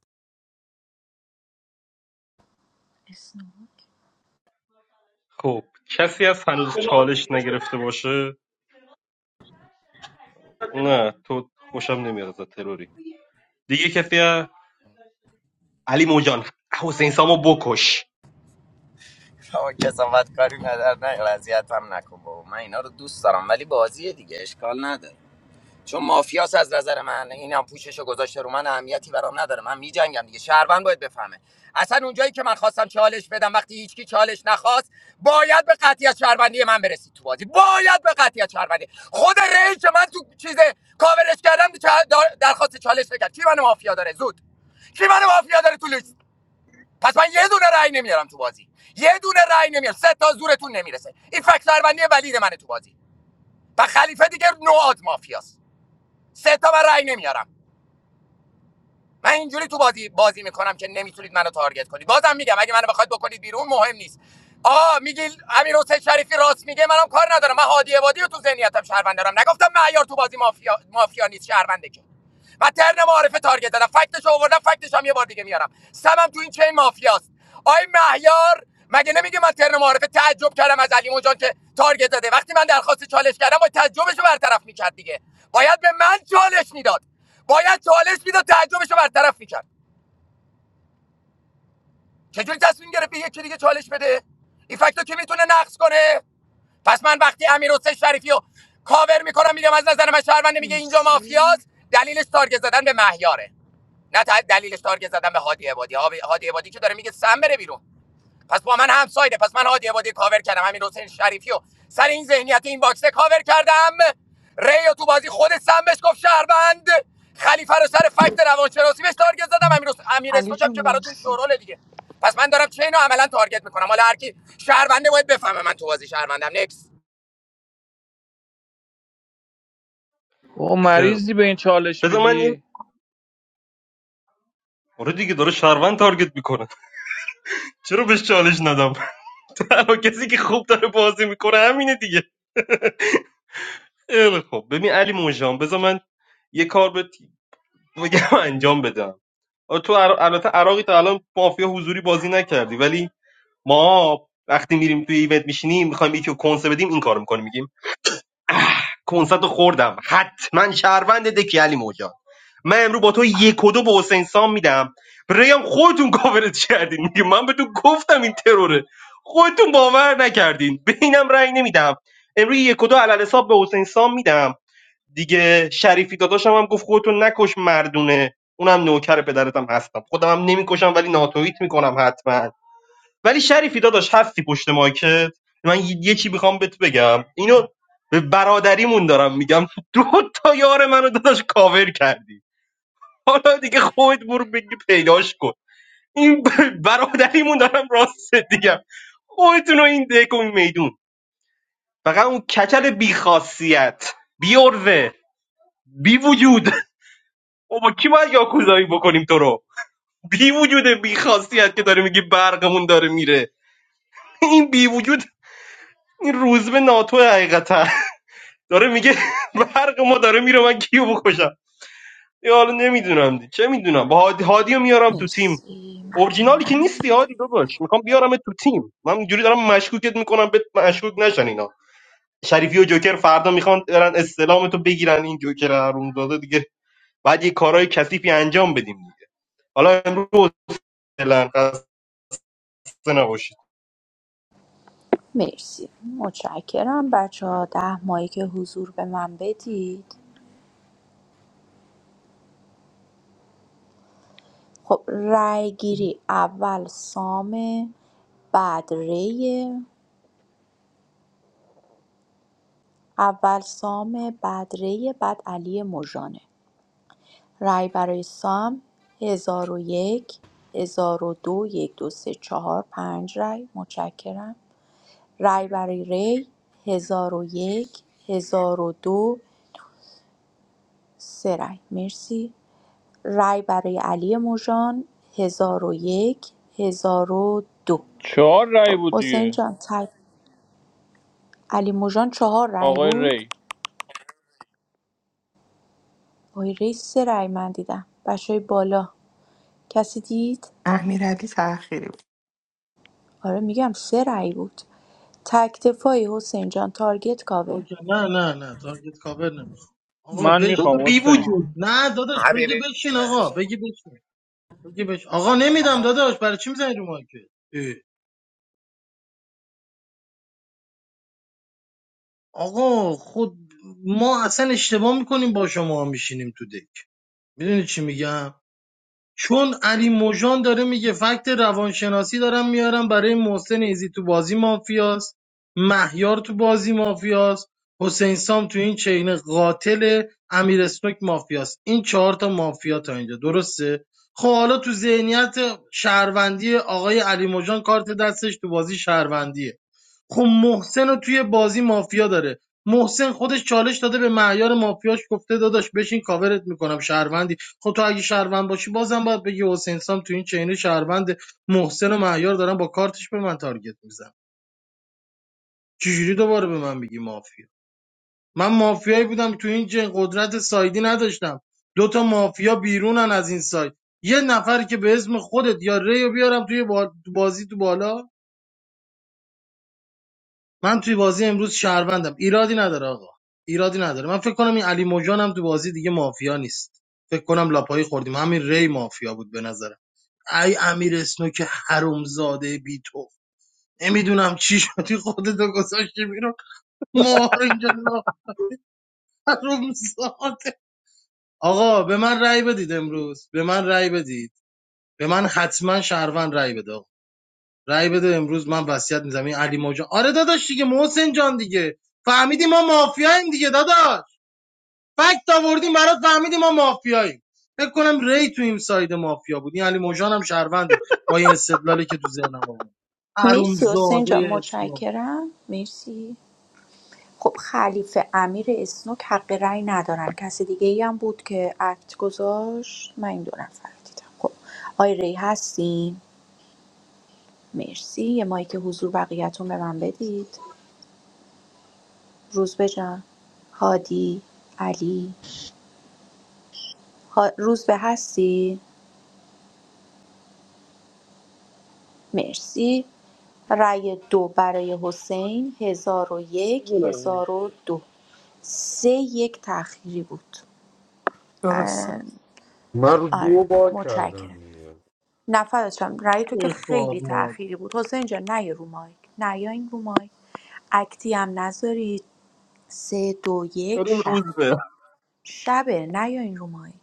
Speaker 18: اسنوک
Speaker 9: خب کسی از هنوز چالش نگرفته باشه نه تو خوشم نمیاد تروری دیگه کسی از علی موجان حسین سامو بکش
Speaker 16: اما کسافت کاری پدر نه اذیت هم نکن بابا من اینا رو دوست دارم ولی بازیه دیگه اشکال نداره چون مافیاس از نظر من این هم پوششو گذاشته رو من اهمیتی برام نداره من میجنگم دیگه شهروند باید بفهمه اصلا اونجایی که من خواستم چالش بدم وقتی هیچکی چالش نخواست باید به قطعیت شهروندی من برسید تو بازی باید به قطعیت شهروندی خود رئیس که من تو چیز کاورش کردم چا- درخواست چالش نکرد کی منو مافیا داره زود کی منو مافیا داره تو لیست؟ پس من یه دونه رأی نمیارم تو بازی یه دونه رأی نمیارم سه تا زورتون نمیرسه این فکت شهروندی ولید منه تو بازی و خلیفه دیگه نواد مافیاست سه تا من رأی نمیارم من اینجوری تو بازی بازی میکنم که نمیتونید منو تارگت کنید بازم میگم اگه منو بخواید بکنید بیرون مهم نیست آ میگی امیر شریفی راست میگه منم کار ندارم من هادی عبادی رو تو ذهنیتم شهروند دارم نگفتم معیار تو بازی مافیا مافیا نیست شهرونده که و ترن معارفه تارگت زدم فکتش آوردم فکتش هم یه بار دیگه میارم سمم تو این چین مافیاست آی مهیار مگه نمیگه من ترن معارفه تعجب کردم از علی جان که تارگت زده وقتی من درخواست چالش کردم با تعجبش رو برطرف میکرد دیگه باید به من چالش میداد باید چالش میداد تعجبش رو برطرف میکرد چجوری تصمیم گرفت به یکی دیگه چالش بده این فکتو که میتونه نقص کنه پس من وقتی امیر حسین شریفی رو کاور میکنم میگم از نظر من شهروند میگه اینجا
Speaker 18: مرسی
Speaker 16: مافیاست دلیلش تارگت زدن به مهیاره نه تا دلیل تارگت زدن به هادی عبادی هادی هادی عبادی که داره میگه سم بره بیرون پس با من هم سایده پس من هادی عبادی کاور کردم همین حسین شریفی و سر این ذهنیت این باکسه کاور کردم ریو تو بازی خود سم بهش گفت شهروند خلیفه رو سر فکت روانشناسی بهش تارگت زدم امیر حس- امیر
Speaker 18: علی
Speaker 16: اسمک
Speaker 18: جون
Speaker 16: که براتون
Speaker 18: مرسی
Speaker 16: شورال دیگه پس من دارم چینو عملا تارگت میکنم حالا هر کی شهرونده باید بفهمه من تو بازی شهروندم نکس
Speaker 21: او
Speaker 9: خب
Speaker 21: مریضی به این چالش
Speaker 9: بذار من یه
Speaker 21: میدی
Speaker 9: آره دیگه داره شهروند تارگت میکنه چرا بهش چالش ندم تنها کسی که خوب داره بازی میکنه همینه دیگه خب ببین علی موجان بذار من یه کار به بگم انجام بدم آه، تو عر- البته عراقی تا الان مافیا حضوری بازی نکردی ولی ما وقتی میریم توی ایونت میشینیم میخوایم یکی رو کنسه بدیم این کارو میکنیم میگیم کنسرت رو خوردم حتما شهروند دکی علی موجان من امرو با تو یک و دو به حسین سام میدم ریم خودتون کاورت کردین میگه من به تو گفتم این تروره خودتون باور نکردین به اینم رأی نمیدم امروز یک و دو علل حساب به حسین سام میدم دیگه شریفی داداشم هم گفت خودتون نکش مردونه اونم نوکر پدرتم هستم خودم هم نمیکشم ولی ناتویت میکنم حتما ولی شریفی داداش هستی پشت مایکت من ی- یکی میخوام بهت بگم اینو به برادریمون دارم میگم دو تا یار منو داداش کاور کردی حالا دیگه خودت برو بگی پیداش کن این ب- برادریمون دارم راست دیگم خودتون رو این دکو میدون فقط اون کچل بیخاصیت بیورزه بی وجود بابا کی باید یاکوزایی بکنیم تو رو بی وجود بی خاصیت که داره میگی برقمون داره میره این بی وجود این روزبه ناتو حقیقتا داره میگه برق ما داره میره من کیو بکشم یا حالا نمیدونم دی. چه میدونم با هادی هادیو میارم تو تیم
Speaker 18: مرسی
Speaker 9: اورجینالی که نیستی
Speaker 18: ممنونم
Speaker 9: هادی داداش میخوام بیارم تو تیم من اینجوری دارم مشکوکت میکنم بهت مشکوک نشن اینا شریفی و جوکر فردا میخوان برن استلام تو بگیرن این جوکر هارون داده دیگه بعد یه کارهای کثیفی انجام بدیم دیگه حالا امروز فعلا خسته نباشید
Speaker 18: مرسی متشکرم بچه ها ده ماهی که حضور به من بدید خب رأی گیری اول سامه بعد ریه اول سام بعد ری بعد علی مژانه رای برای سام هزار و یک هزار و دو یک دو سه چهار پنج رای متشکرم رای برای ری ۱۰۰۱ ۱۰۰۲ سه رأی مرسی رای برای علی مژان ۱۰۰۱ ۱۰۰۲
Speaker 21: چهار رای
Speaker 18: خب
Speaker 21: بود
Speaker 18: حسین
Speaker 21: دیگه
Speaker 18: جان تای علی مژان چهار رای
Speaker 21: آقای
Speaker 18: بود
Speaker 21: ری
Speaker 18: آقای ری سه رأی من دیدم بچه‌های بالا کسی دید
Speaker 4: امیرعلی تأخیری بود
Speaker 18: آره میگم سه رأی بود تک دفاعی حسین جان تارگت کاور
Speaker 13: اوکی نه نه نه تارگت کاور نمیخوام آقا
Speaker 21: من
Speaker 9: بده
Speaker 21: میخوام
Speaker 9: بی
Speaker 13: بشین
Speaker 21: حسین
Speaker 9: وجود
Speaker 13: نه داداش بگی
Speaker 16: حبیبی
Speaker 13: بشین آقا
Speaker 16: ش...
Speaker 13: بگی بشین بگی بهش آقا نمیدم داداش برای چی میزنی رو مارکت آقا خود ما اصلا اشتباه میکنیم با شما میشینیم تو دک میدونی چی میگم چون علی موژان داره میگه فکت روانشناسی دارم میارم برای محسن ایزی تو بازی مافیاست مهیار تو بازی مافیاست حسین سام تو این چین قاتل امیر اسنوک مافیاست این چهار تا مافیا تا اینجا درسته خب حالا تو ذهنیت شهروندی آقای علی موجان کارت دستش تو بازی شهروندیه خب محسن رو توی بازی مافیا داره محسن خودش چالش داده به معیار مافیاش گفته داداش بشین کاورت میکنم شهروندی خب تو اگه شهروند باشی بازم باید بگی حسین سام تو این چین شهروند محسن و مهیار دارن با کارتش به من تارگت میزن چجوری دوباره به من میگی مافیا من مافیایی بودم تو این چین قدرت سایدی نداشتم دو تا مافیا بیرونن از این سایت یه نفر که به اسم خودت یا ریو بیارم توی با- تو بازی تو بالا من توی بازی امروز شهروندم ایرادی نداره آقا ایرادی نداره من فکر کنم این علی موجان هم تو بازی دیگه مافیا نیست فکر کنم لاپایی خوردیم همین ری مافیا بود به نظرم ای امیر اسنوک حرومزاده بی تو نمیدونم چی شدی خودتو گذاشتی بیرون ما رو اینجا لا حرومزاده آقا به من رأی بدید امروز به من رأی بدید به من حتما شهروند رأی بده آقا. رأی بده امروز من وصیت می‌ذارم این علی موجا آره داداش دیگه محسن جان دیگه فهمیدی ما مافیاییم دیگه داداش فکت آوردیم برات فهمیدیم ما مافیاییم فکر کنم ری تو این ساید مافیا بود این علی موجان هم شهرونده با این استدلالی که تو ذهنم آورد
Speaker 18: مرسی حسین جان
Speaker 13: ارومزاده اسلام
Speaker 18: متشکرم مرسی خب خلیفه امیر اسنوک حق رأی ندارن کسی دیگه ای هم بود که اکت گذاشت من این دو نفر دیدم خب آی ری هستین مرسی یه مایک حضور بقیهتون به من بدید روزبه جان هادی علی ها... روز هستی مرسی رأی دو برای حسین هزار و یک
Speaker 15: میدونم
Speaker 18: هزار و دو سه یک تأخیری بود
Speaker 4: درسته
Speaker 11: من رو
Speaker 18: آره
Speaker 11: دو بار کردم
Speaker 18: متشکرم
Speaker 11: دیگه
Speaker 18: نفرشم داشتم رأی تو
Speaker 13: چه
Speaker 18: که
Speaker 13: خار
Speaker 18: خیلی
Speaker 13: ما
Speaker 18: تأخیری بود حسین جان نه رو مایک نه این رو مایک اکتی هم نذارید سه دو یک
Speaker 9: بریم
Speaker 18: شب
Speaker 9: روز به
Speaker 18: شبه نه این رو مایک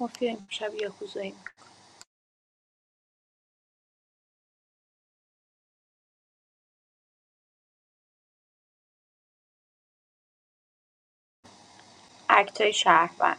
Speaker 18: مافیا امشب یاکوزایی می‌کنه. اکتای شهروند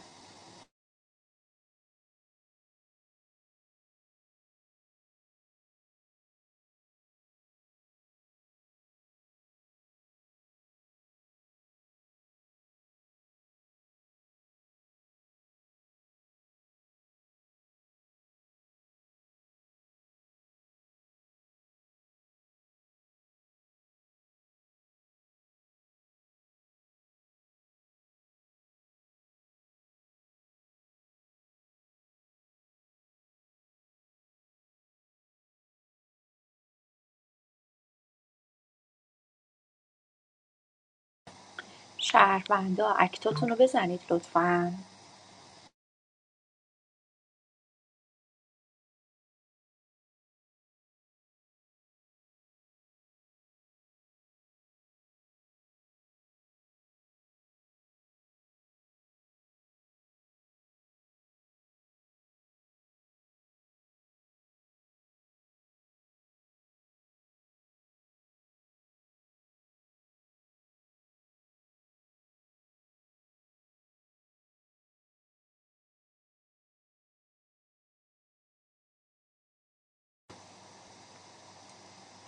Speaker 18: شهروندا اکتاتون رو بزنید لطفا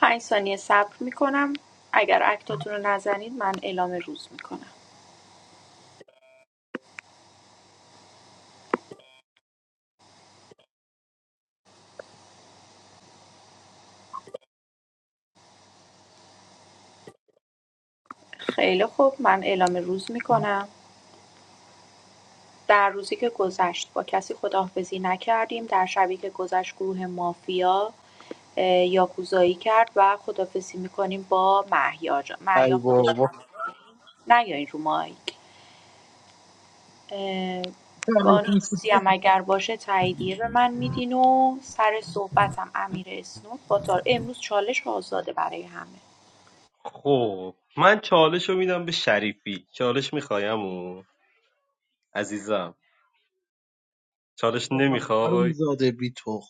Speaker 18: پنج ثانیه صبر میکنم اگر اکتاتون رو نزنید من اعلام روز میکنم خیلی خوب من اعلام روز میکنم در روزی که گذشت با کسی خداحافظی نکردیم در شبی که گذشت گروه مافیا اه، یاکوزایی کرد و خداحافظی میکنیم با محیا جان محیا
Speaker 9: ای
Speaker 18: خودش
Speaker 9: بابا
Speaker 18: نه یا این رو مایک اه، هم اگر باشه تاییدیه به من میدین و سر صحبتم امیر اسنوک با تار امروز چالش آزاده برای همه
Speaker 9: خب من چالش رو میدم به شریفی چالش میخوایم عزیزم چالش نمیخوای
Speaker 13: ارومزاده بی تو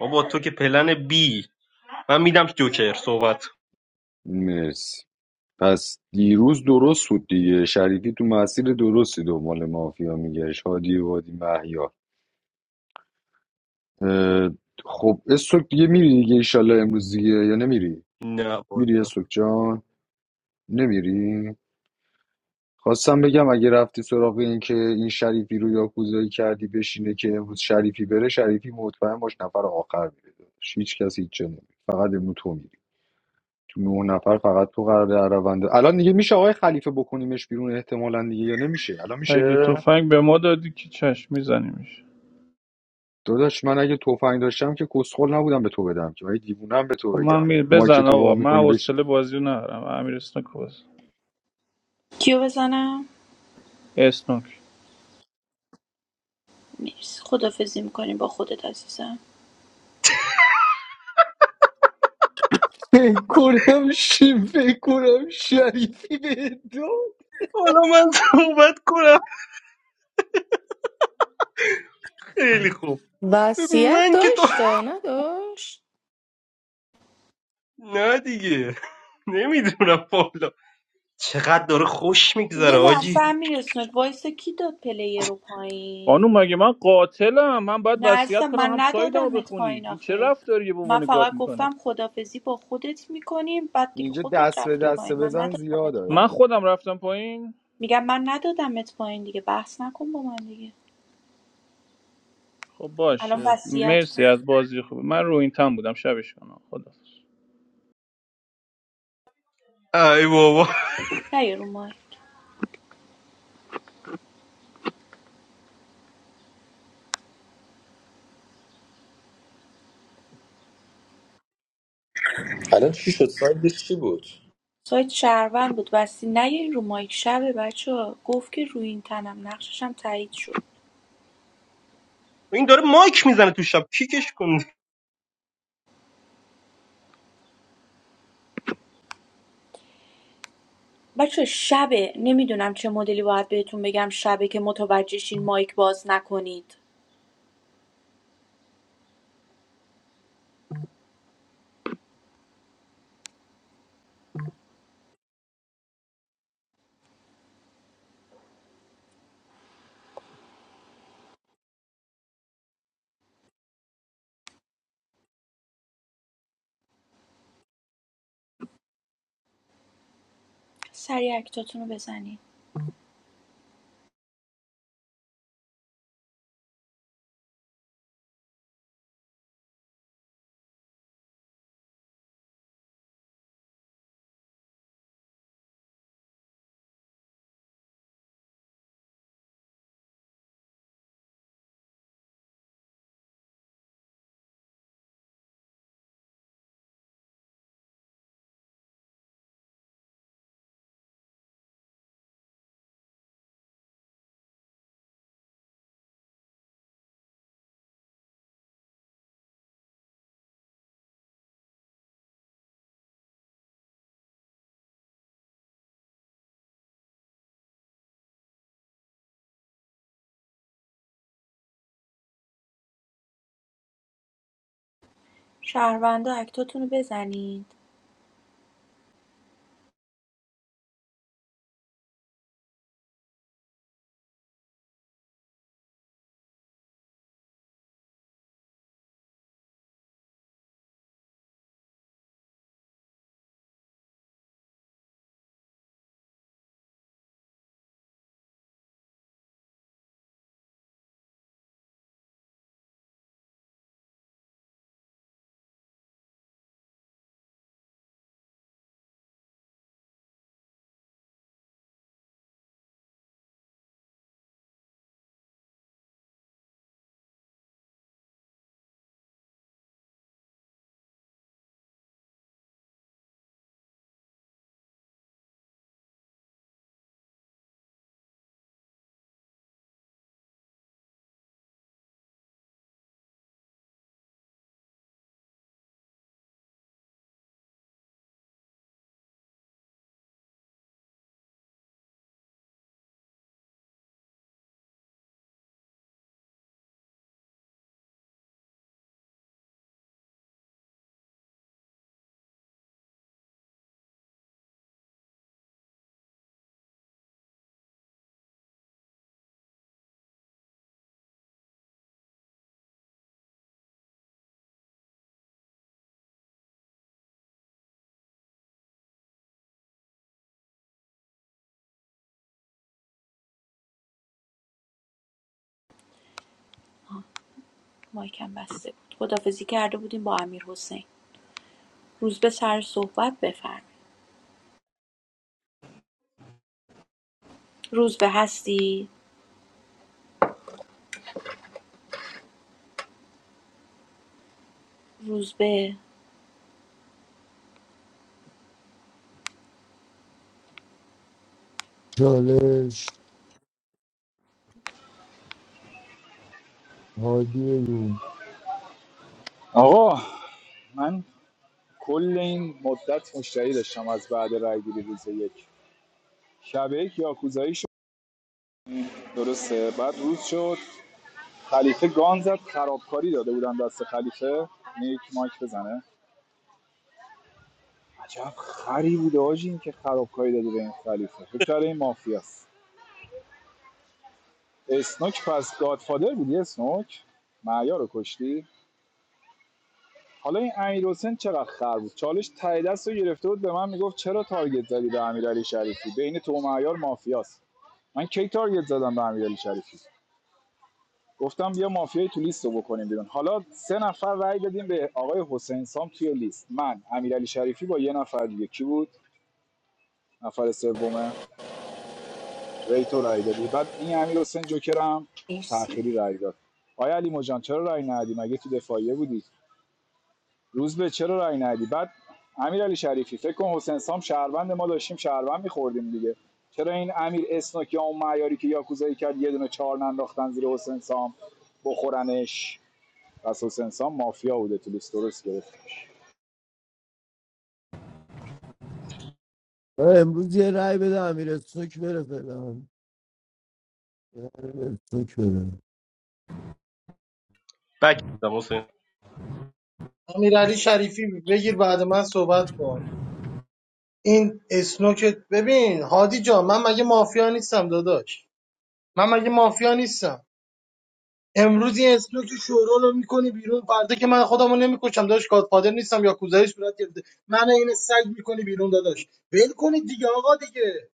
Speaker 9: بابا تو که پلن بی من میدم جوکر صحبت
Speaker 11: مرسی پس دیروز درست بود دیگه شریفی تو مسیر درستی دنبال مافیا میگشت هادی وادی محیا اه، خب استوک دیگه میری دیگه ایشالله امروز دیگه یا نمیری
Speaker 9: نه
Speaker 11: میری
Speaker 9: والا
Speaker 11: استوک جان نمیری خواستم بگم اگه رفتی سراغ این که این شریفی رو یاکوزایی کردی بشینه که امروز شریفی بره شریفی مطمئن باش نفر آخر میره داداش هیچ کس هیچ جا نمیره فقط امروز تو میری تو نه نفر فقط تو قراره در روند الان دیگه میشه آقای خلیفه بکنیمش بیرون احتمالا دیگه یا نمیشه الان میشه
Speaker 21: اگه تفنگ به ما دادی که چشم میزنیمش
Speaker 11: داداش من اگه تفنگ داشتم که کسخل نبودم به تو بدم که من دیوونم به تو
Speaker 21: خب من
Speaker 11: بگم
Speaker 21: می
Speaker 11: ما که
Speaker 21: بزن
Speaker 11: تو وا
Speaker 21: آقا من
Speaker 11: میکنی بهش
Speaker 21: حوصله بازی رو ندارم امیر اسنوک باز اسنوک
Speaker 18: مرسی خدافزی میکنیم با خودت عزیزم
Speaker 9: حالا من صحبت کنم خیلی خوب
Speaker 4: وصیت
Speaker 9: من که تو
Speaker 4: داشت تا نداشت
Speaker 9: نه دیگه نمیدونم والا چقدر داره خوش
Speaker 18: یه
Speaker 9: میگذره
Speaker 18: لحظه
Speaker 9: آجی
Speaker 18: هم میرسوند وایسا کی داد پلیر رو پایین
Speaker 21: خانوم مگه من قاتلم من باید
Speaker 18: نه
Speaker 21: وصیت
Speaker 18: عزیزم
Speaker 21: کنم
Speaker 18: من
Speaker 21: هم سایدم رو
Speaker 18: ندادمت
Speaker 21: بخونی
Speaker 18: پایین
Speaker 21: این چه
Speaker 18: آخه
Speaker 21: رفتاریه به
Speaker 18: من
Speaker 21: عنوان گاد
Speaker 18: فقط
Speaker 21: میکنی
Speaker 18: گفتم خدافزی با خودت میکنیم بعد دیگه
Speaker 11: اینجا
Speaker 18: خودت
Speaker 11: دست به
Speaker 18: رفتی
Speaker 21: خب
Speaker 11: دست
Speaker 18: پایین من
Speaker 11: بزن
Speaker 18: ندادمت
Speaker 11: زیاده
Speaker 21: من
Speaker 18: پایین
Speaker 21: خودم رفتم پایین
Speaker 18: میگم من ندادمت پایین دیگه بحث نکن با من دیگه
Speaker 21: خب
Speaker 18: الان
Speaker 21: باشه.
Speaker 18: وصیت
Speaker 21: مرسی
Speaker 18: کن
Speaker 21: از بازی خوب من رو این تم بودم شبش کنم خدا
Speaker 9: ای بابا
Speaker 18: نه یه رو مایک
Speaker 20: الان چی شد سایدش چی بود
Speaker 18: سایت شهروند بود وسی نه یه رو مایک شبه بچه گفت که روی این تنم نقششم تایید شد
Speaker 9: این داره مایک میزنه تو شب کیکش کن
Speaker 18: بچه شبه نمیدونم چه مدلی باید بهتون بگم شبه که متوجه شین مایک باز نکنید سریع اکتاتون رو بزنید شهروندا اکتاتون رو بزنید مایکم بسته بود خدافزی کرده بودیم با امیر حسین روز به سر صحبت بفرم روز به هستی روز به
Speaker 12: چالش هادی
Speaker 6: آقا من کل این مدت مشتری داشتم از بعد رای گیری روز یک شب یک یاکوزایی شد درسته بعد روز شد خلیفه گان زد خرابکاری داده بودن دست خلیفه نیک یک مایک بزنه عجب خری بوده آجی این که خرابکاری داده به این خلیفه فکر کرده این مافیاست اسنوک پس گادفادر بودی اسنوک معیار رو کشتی حالا این امیر حسین چقدر خر بود چالش ته دست رو گرفته بود به من میگفت چرا تارگت زدی به امیرعلی شریفی بین تو و معیار مافیاست من کی تارگت زدم به امیرعلی شریفی گفتم بیا مافیای تو لیست رو بکنیم بیرون حالا سه نفر رأی دادیم به آقای حسین سام توی لیست من امیرعلی شریفی با یه نفر دیگه کی بود نفر سومه ریتو رأی دادی بعد این امیر حسین جوکرم
Speaker 18: مرسی
Speaker 6: تأخیری رأی داد آیا علی مجان چرا رای ندادی مگه تو دفاعیه بودی روز به چرا رای ندی بعد امیرعلی شریفی فکر کن حسین سام شهروند ما داشتیم شهروند میخوردیم دیگه چرا این امیر اسنوک یا اون معیاری که یاکوزایی کرد یه دونه چهار ننداختن زیر حسین سام بخورنش پس حسین سام مافیا بوده تو لیست درست گرفت
Speaker 12: من امروز یه رأی بده امیر سوک بره فعلا یه رأی بده سوک بره
Speaker 9: بک میدم حسین
Speaker 13: امیرعلی شریفی بگیر بعد من صحبت کن این اسنوکت ببین هادی جان من مگه مافیا نیستم داداش من مگه مافیا نیستم امروز یه اسنوک شورول رو میکنی بیرون فردا که من خودمو نمیکشم داداش گادفادر نیستم یا کوزایی صورت گرفته من این سگ میکنی بیرون داداش ول کنید دیگه آقا دیگه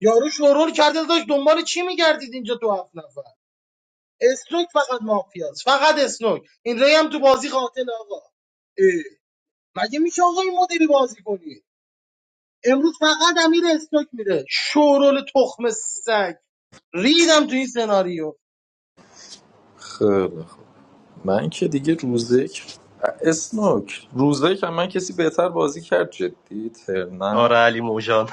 Speaker 13: یارو شورول کرده داداش دنبال چی میگردید اینجا تو هفت نفر اسنوک فقط مافیاست فقط اسنوک این ری هم تو بازی قاتل آقا اه، مگه میشه آقا این مدلی بازی کنی امروز فقط امیر اسنوک میره شورول تخم سگ ریدم تو این سناریو
Speaker 20: خیلی خوب من که دیگه روزک اسنوک روزک هم من کسی بهتر بازی کرد جدی ترنم
Speaker 9: آره علی موجان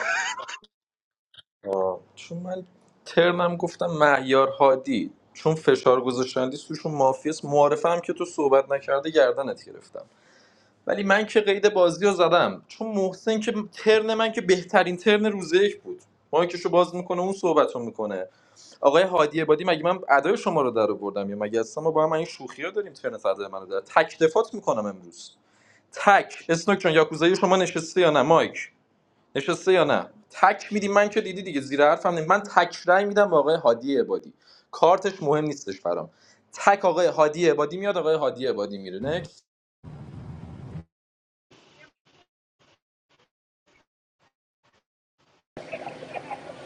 Speaker 20: آه. چون من ترنم گفتم معیار هادی چون فشار گذاشتندی سوشون مافیاس معارفه هم که تو صحبت نکرده گردنت گرفتم ولی من که قید بازی رو زدم چون محسن که ترن من که بهترین ترن روزک بود مایکشو باز میکنه اون صحبت رو میکنه آقای هادی عبادی مگه من ادای شما رو در آوردم یا مگه اصلا ما با هم این شوخی رو داریم ترن فردا منو در تک دفات میکنم امروز تک اسنوک چون یاکوزای شما نشسته یا نه مایک نشسته یا نه تک میدی من که دیدی دیگه زیر حرفم نیم. من تک رای میدم به آقای هادی عبادی کارتش مهم نیستش برام تک آقای هادی عبادی میاد آقای هادی عبادی میره نکس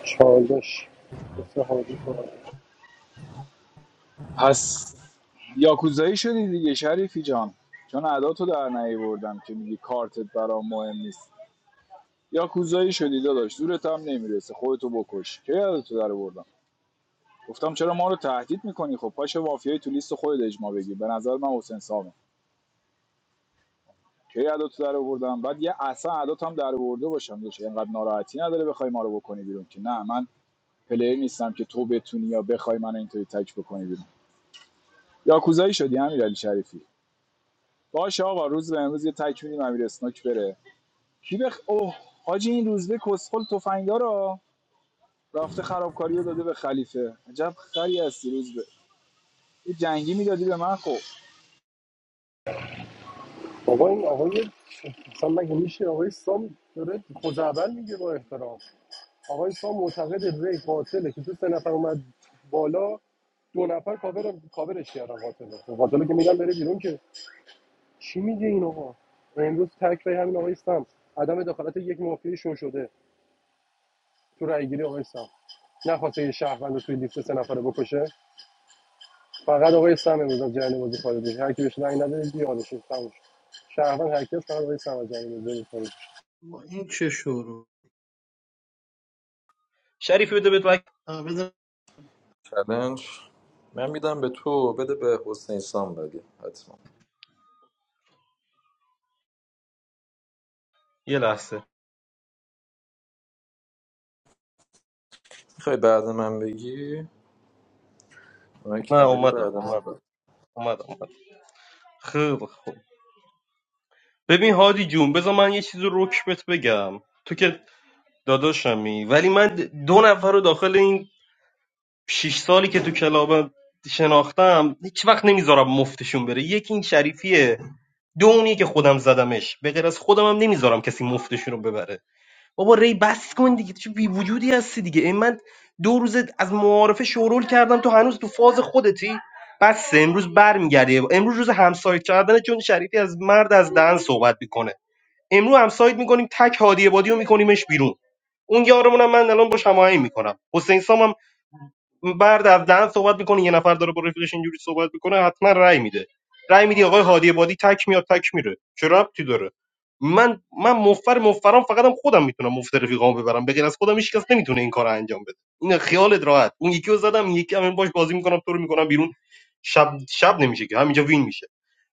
Speaker 15: چالش بس هادی
Speaker 6: پس یاکوزایی شدی دیگه شریفی جان چون عداتو در نیاوردم که میگی کارتت برام مهم نیست یاکوزایی شدی داداش زورت هم نمیرسه خودتو بکش که یادتو در آوردن. گفتم چرا ما رو تهدید میکنی خب پاش مافیای تو لیست خودت اجماع بگی. به نظر من حسین سامه کی عداتو در آوردم بعد یه اصلا عدات هم در آورده باشم داشت اینقدر ناراحتی نداره بخوای ما رو بکنی بیرون که نه من پلیر نیستم که تو بتونی یا بخوای من اینطوری تک بکنی بیرون یاکوزایی شدی امیرعلی شریفی باشه آقا روز به امروز یه تک میدیم امیر اسنوک بره کی بخ اوه حاجی این روزبه کسخل تفنگدارا رفته خرابکاریو داده به خلیفه عجب خری هستی روزبه یه جنگی میدادی به من خب
Speaker 15: بابا این آقای مثلا مگه میشه آقای سام داره خوزعبل میگه با احترام آقای سام معتقد ری قاتله که تو سه نفر اومد بالا دو نفر کاور کاورش کردن قاتله خب قاتله که میگن بره بیرون که چی میگه این آقا و امروز تک رای همین آقای سام عدم دخالت یک مافیای شو شده تو رای گیری آقای سام نخواسته یه شهروند رو توی لیست سه نفره بکشه فقط آقای سام امروز از جریان بازی خارج میشه هر کی بهش رأی نده یادش تموم شد شهروند هر کس فقط آقای سام از جریان بازی خارج
Speaker 13: با این چه شورول
Speaker 9: شریفی بده بهت بک
Speaker 13: آه، بذار
Speaker 20: چالش من میدم به تو بده به حسین سام بگی حتما
Speaker 9: یه لحظه
Speaker 20: میخوای بعد من بگی مایک
Speaker 9: نه
Speaker 20: نداری
Speaker 9: اومدم
Speaker 20: بعد من
Speaker 9: اومدم اومدم اومدم خیلی خوب ببین هادی جون بذار من یه چیز رو رک بهت بگم تو که داداشمی ولی من دو نفر رو داخل این شیش سالی که تو کلاب شناختم هیچ وقت نمیذارم مفتشون بره یکی این شریفیه دو اونی که خودم زدمش به غیر از خودم هم نمیذارم کسی مفتشون رو ببره بابا ری بس کن دیگه چه بی وجودی هستی دیگه این من دو روز از معارفه شورول کردم تو هنوز تو فاز خودتی بس امروز برمیگردی امروز روز همسایه کردن چون شریفی از مرد از دهن صحبت میکنه امرو همساید میکنیم تک هادی عبادی رو میکنیمش بیرون اون یارمونم من الان باش هماهنگ میکنم حسین سام بعد از دهن صحبت میکنه یه نفر داره با رفیقش اینجوری صحبت میکنه حتما رأی میده رأی میدی آقای هادی بادی تک میاد تک میره چه ربطی داره من من مفر مفرام فقطم خودم میتونم مفت رفیقامو ببرم بگن از خودم هیچ کس نمیتونه این کارو انجام بده این خیالت راحت اون یکی رو زدم این یکی همین باش بازی میکنم تو رو میکنم بیرون شب شب نمیشه که همینجا وین میشه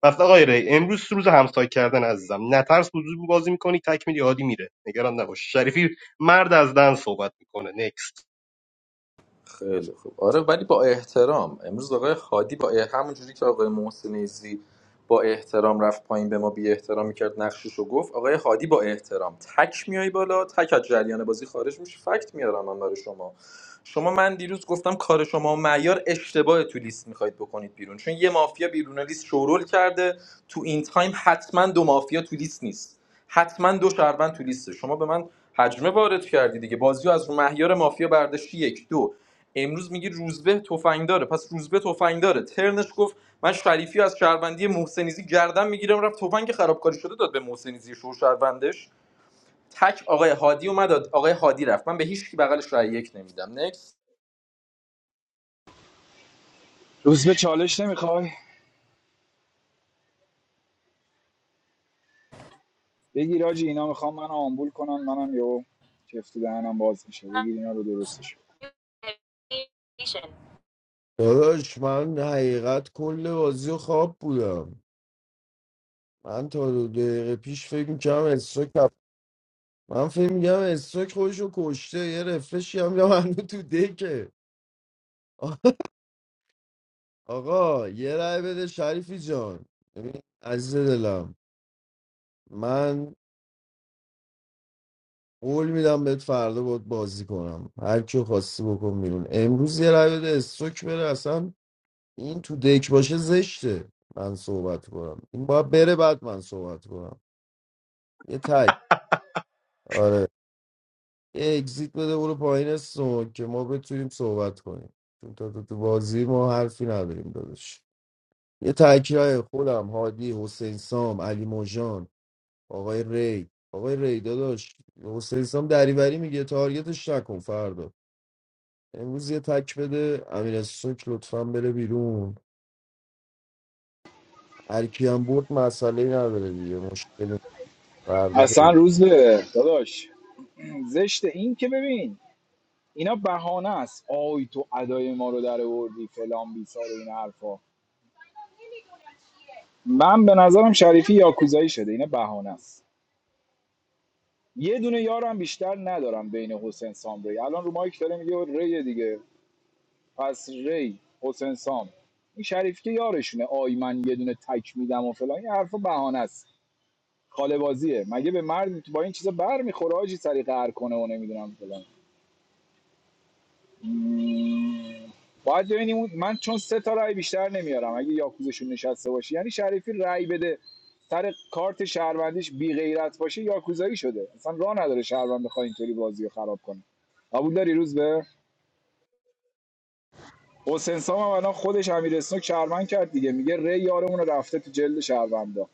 Speaker 9: پس آقای ری امروز روز همسایه کردن عزیزم نترس حضور بازی میکنی تک میدی هادی میره نگران نباش شریفی مرد از دن صحبت میکنه نکست
Speaker 20: خیلی خوب آره ولی با احترام امروز آقای خادی با اح... همون جوری که آقای محسن ایزی با احترام رفت پایین به ما بی احترامی کرد نقشش رو گفت آقای خادی با احترام تک میای بالا تک از جریان بازی خارج میشه فکت میارم من برای شما شما من دیروز گفتم کار شما و معیار اشتباه تو لیست میخواید بکنید بیرون چون یه مافیا بیرون لیست شورول کرده تو این تایم حتما دو مافیا تو لیست نیست حتما دو شهروند تو لیسته شما به من حجمه وارد کردی دیگه بازیو از رو معیار مافیا برداشتی یک دو امروز میگه روزبه تفنگ پس روزبه تفنگ داره ترنش گفت من شریفی از شهروندی محسنیزی گردن میگیرم رفت تفنگ خرابکاری شده داد به محسنیزی شو شهروندش تک آقای هادی اومد آقای هادی رفت من به هیچ کی بغلش رای یک نمیدم نکس
Speaker 6: روزبه چالش نمیخوای بگیر آجی اینا میخوام من آمبول کنن منم یهو چفت دهنم باز میشه بگیر اینا رو درستش کن.
Speaker 12: داداش من حقیقت کل بازی و خواب بودم من تا دو دقیقه پیش فکر میکنم استوک هف- من فکر میگم استوک خودشو کشته یه رفرشی هم میگم هنو تو دکه آ- آقا یه رأی بده شریفی جان ببین، عزیز دلم من قول میدم بهت فردا باید بازی کنم هر کیو خواستی بکن بیرون امروز یه رأی بده استوک بره اصلا این تو دک باشه زشته من صحبت کنم این باید بره بعد من صحبت کنم یه تک آره یه اگزیت بده برو پایین سون که ما بتونیم صحبت کنیم چون تا تو, تو بازی ما حرفی نداریم داداش یه تکرای خودم هادی حسین سام علی موجان آقای ری آقای ری داداش حسین سام دریوری میگه تارگتش نکن فردا امروز یه تک بده امیر سوک لطفا بره بیرون هر کی هم برد مسئله نداره دیگه مشکلی فردا
Speaker 6: اصلا
Speaker 12: پیگیری.
Speaker 6: روز به داداش زشت این که ببین اینا بهانه است آی تو ادای ما رو در آوردی فلان بیسار و این حرفا من به نظرم شریفی یاکوزایی شده اینا بهانه است یه دونه یارم بیشتر ندارم بین حسین سام ری الان رو مایک داره میگه ری دیگه پس ری حسین سام این شریفی که یارشونه آی من یه دونه تک میدم و فلان این حرفا بهانه است خاله بازیه مگه به مرد با این چیزا بر میخوره آجی سری قهر کنه و نمیدونم فلان باید ببینیم اون- من چون سه تا رای بیشتر نمیارم اگه یاکوزشون نشسته باشه یعنی شریفی رای بده سر کارت شهروندیش بی غیرت باشه یاکوزایی شده اصلا راه نداره شهروند بخواد اینطوری بازی خراب کنه قبول داری روز به حسین سام هم الان خودش امیر اسنوک شهروند کرد دیگه میگه ری یارمون رفته تو جلد شهروندا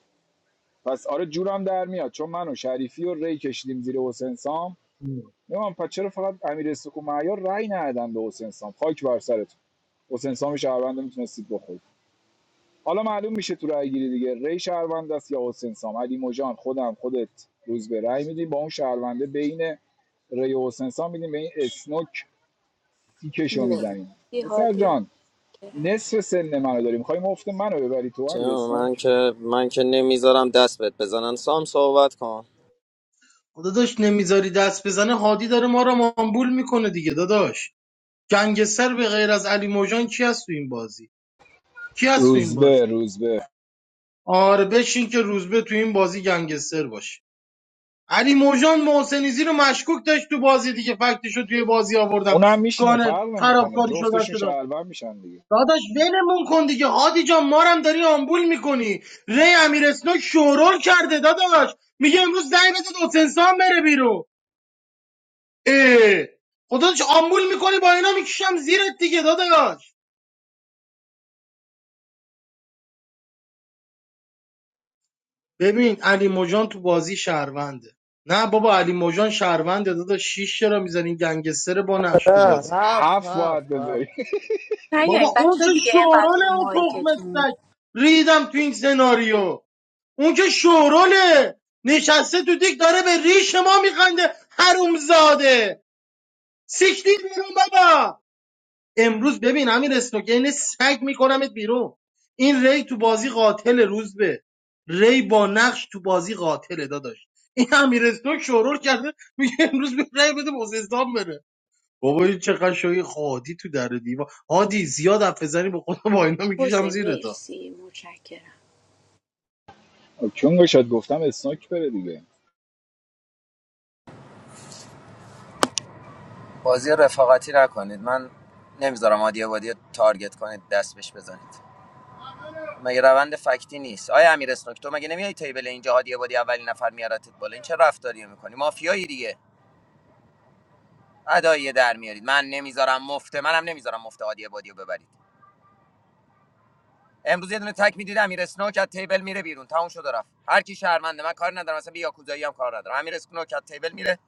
Speaker 6: پس آره جورم در میاد چون من و شریفی و ری کشیدیم زیر حسین سام نمیدونم پس چرا فقط امیر استکو معیار رأی ندادن به حسین سام خاک بر سرتون حسین سام شهروند میتونستید بخورید حالا معلوم میشه تو رأی گیری دیگه ری شهروند است یا حسین سام علی موجان خودم خودت روز به رأی میدیم با اون شهرونده بین ری و حسین سام میدیم به این اسنوک تیکشو میزنیم
Speaker 18: مرسی
Speaker 6: پسر
Speaker 18: هادی
Speaker 6: جان
Speaker 18: متشکرم
Speaker 6: نصف سن منو داری میخوای مفت منو ببری تو
Speaker 16: چه
Speaker 6: امیر
Speaker 16: من
Speaker 6: اسنوک
Speaker 16: که من که نمیذارم دست بهت بزنن سام صحبت کن
Speaker 13: داداش نمیذاری دست بزنه هادی داره ما رو مامبول میکنه دیگه داداش گنگستر به غیر از علی موجان کی هست تو این بازی کی هست تو این
Speaker 6: روزبه
Speaker 13: بازی
Speaker 6: روزبه
Speaker 13: آره بشین که روزبه تو این بازی گنگستر باشه علی موجان محسنیزی رو مشکوک داشت تو بازی دیگه فکتش رو توی بازی آوردم
Speaker 6: اونم میشینه
Speaker 13: گانه
Speaker 6: فرق نمیکنه
Speaker 13: خرابکاری شده
Speaker 6: جفتشون
Speaker 13: شده
Speaker 6: شهروند میشن دیگه
Speaker 13: داداش ولمون کن دیگه هادی جان مارم داری آمبول میکنی ری امیر اسنوک شورول کرده داداش میگه امروز زنگ بزن حسین سام بره بیرون اه خدا چه آمبول میکنی با اینا میکشم زیرت دیگه داداش ببین علی موجان تو بازی شهرونده نه بابا علی موجان شهرونده داداش شیش چرا میزنی گنگستر با نقش تو
Speaker 12: نه
Speaker 13: بازی
Speaker 12: هفت
Speaker 6: هفت باید
Speaker 12: هفت
Speaker 6: بذاری
Speaker 12: هفت
Speaker 18: نیاین
Speaker 13: بابا اون
Speaker 18: بچه
Speaker 13: که
Speaker 18: دیگه اینقدر
Speaker 13: شوراله
Speaker 18: رو
Speaker 13: اون تخم
Speaker 18: مایکتون
Speaker 13: سگ ریدم تو این سناریو اون که شوراله نشسته تو دیک داره به ریش ما میخنده حرومزاده سیکتیر بیرون بابا امروز ببین امیر اسنوگین سگ میکنمت بیرون این ری تو بازی قاتل روز به ری با نقش تو بازی قاتله داداش این امیر اسنوگ شورور کرده میگه امروز به ری بده خوزستان بره بابا این چقدر شوی خادی تو در دیوا هادی زیاد حرف بزنی به خودم با اینا میکشم
Speaker 18: حسین
Speaker 13: زیر تا
Speaker 18: مرسی متشکرم
Speaker 6: خب چون شاید گفتم اسناک بره دیگه
Speaker 16: بازی رفاقتی نکنید من نمیذارم هادی عبادی رو تارگت کنید دست بهش بزنید مگه روند فکتی نیست آیا امیر اسنوک تو مگه نمیای تیبل اینجا هادی عبادی اولین نفر میارتت بالا این چه رفتاریه میکنی مافیایی دیگه ادایی در میارید من نمیذارم مفته منم نمیذارم مفته هادی عبادی رو ببرید امروز یه دونه تک میدید امیر اسنوک از تیبل میره بیرون تموم شد و رفت هر کی شهرمنده من کار ندارم اصلا به یاکوزایی هم کار ندارم امیر اسنوک از تیبل میره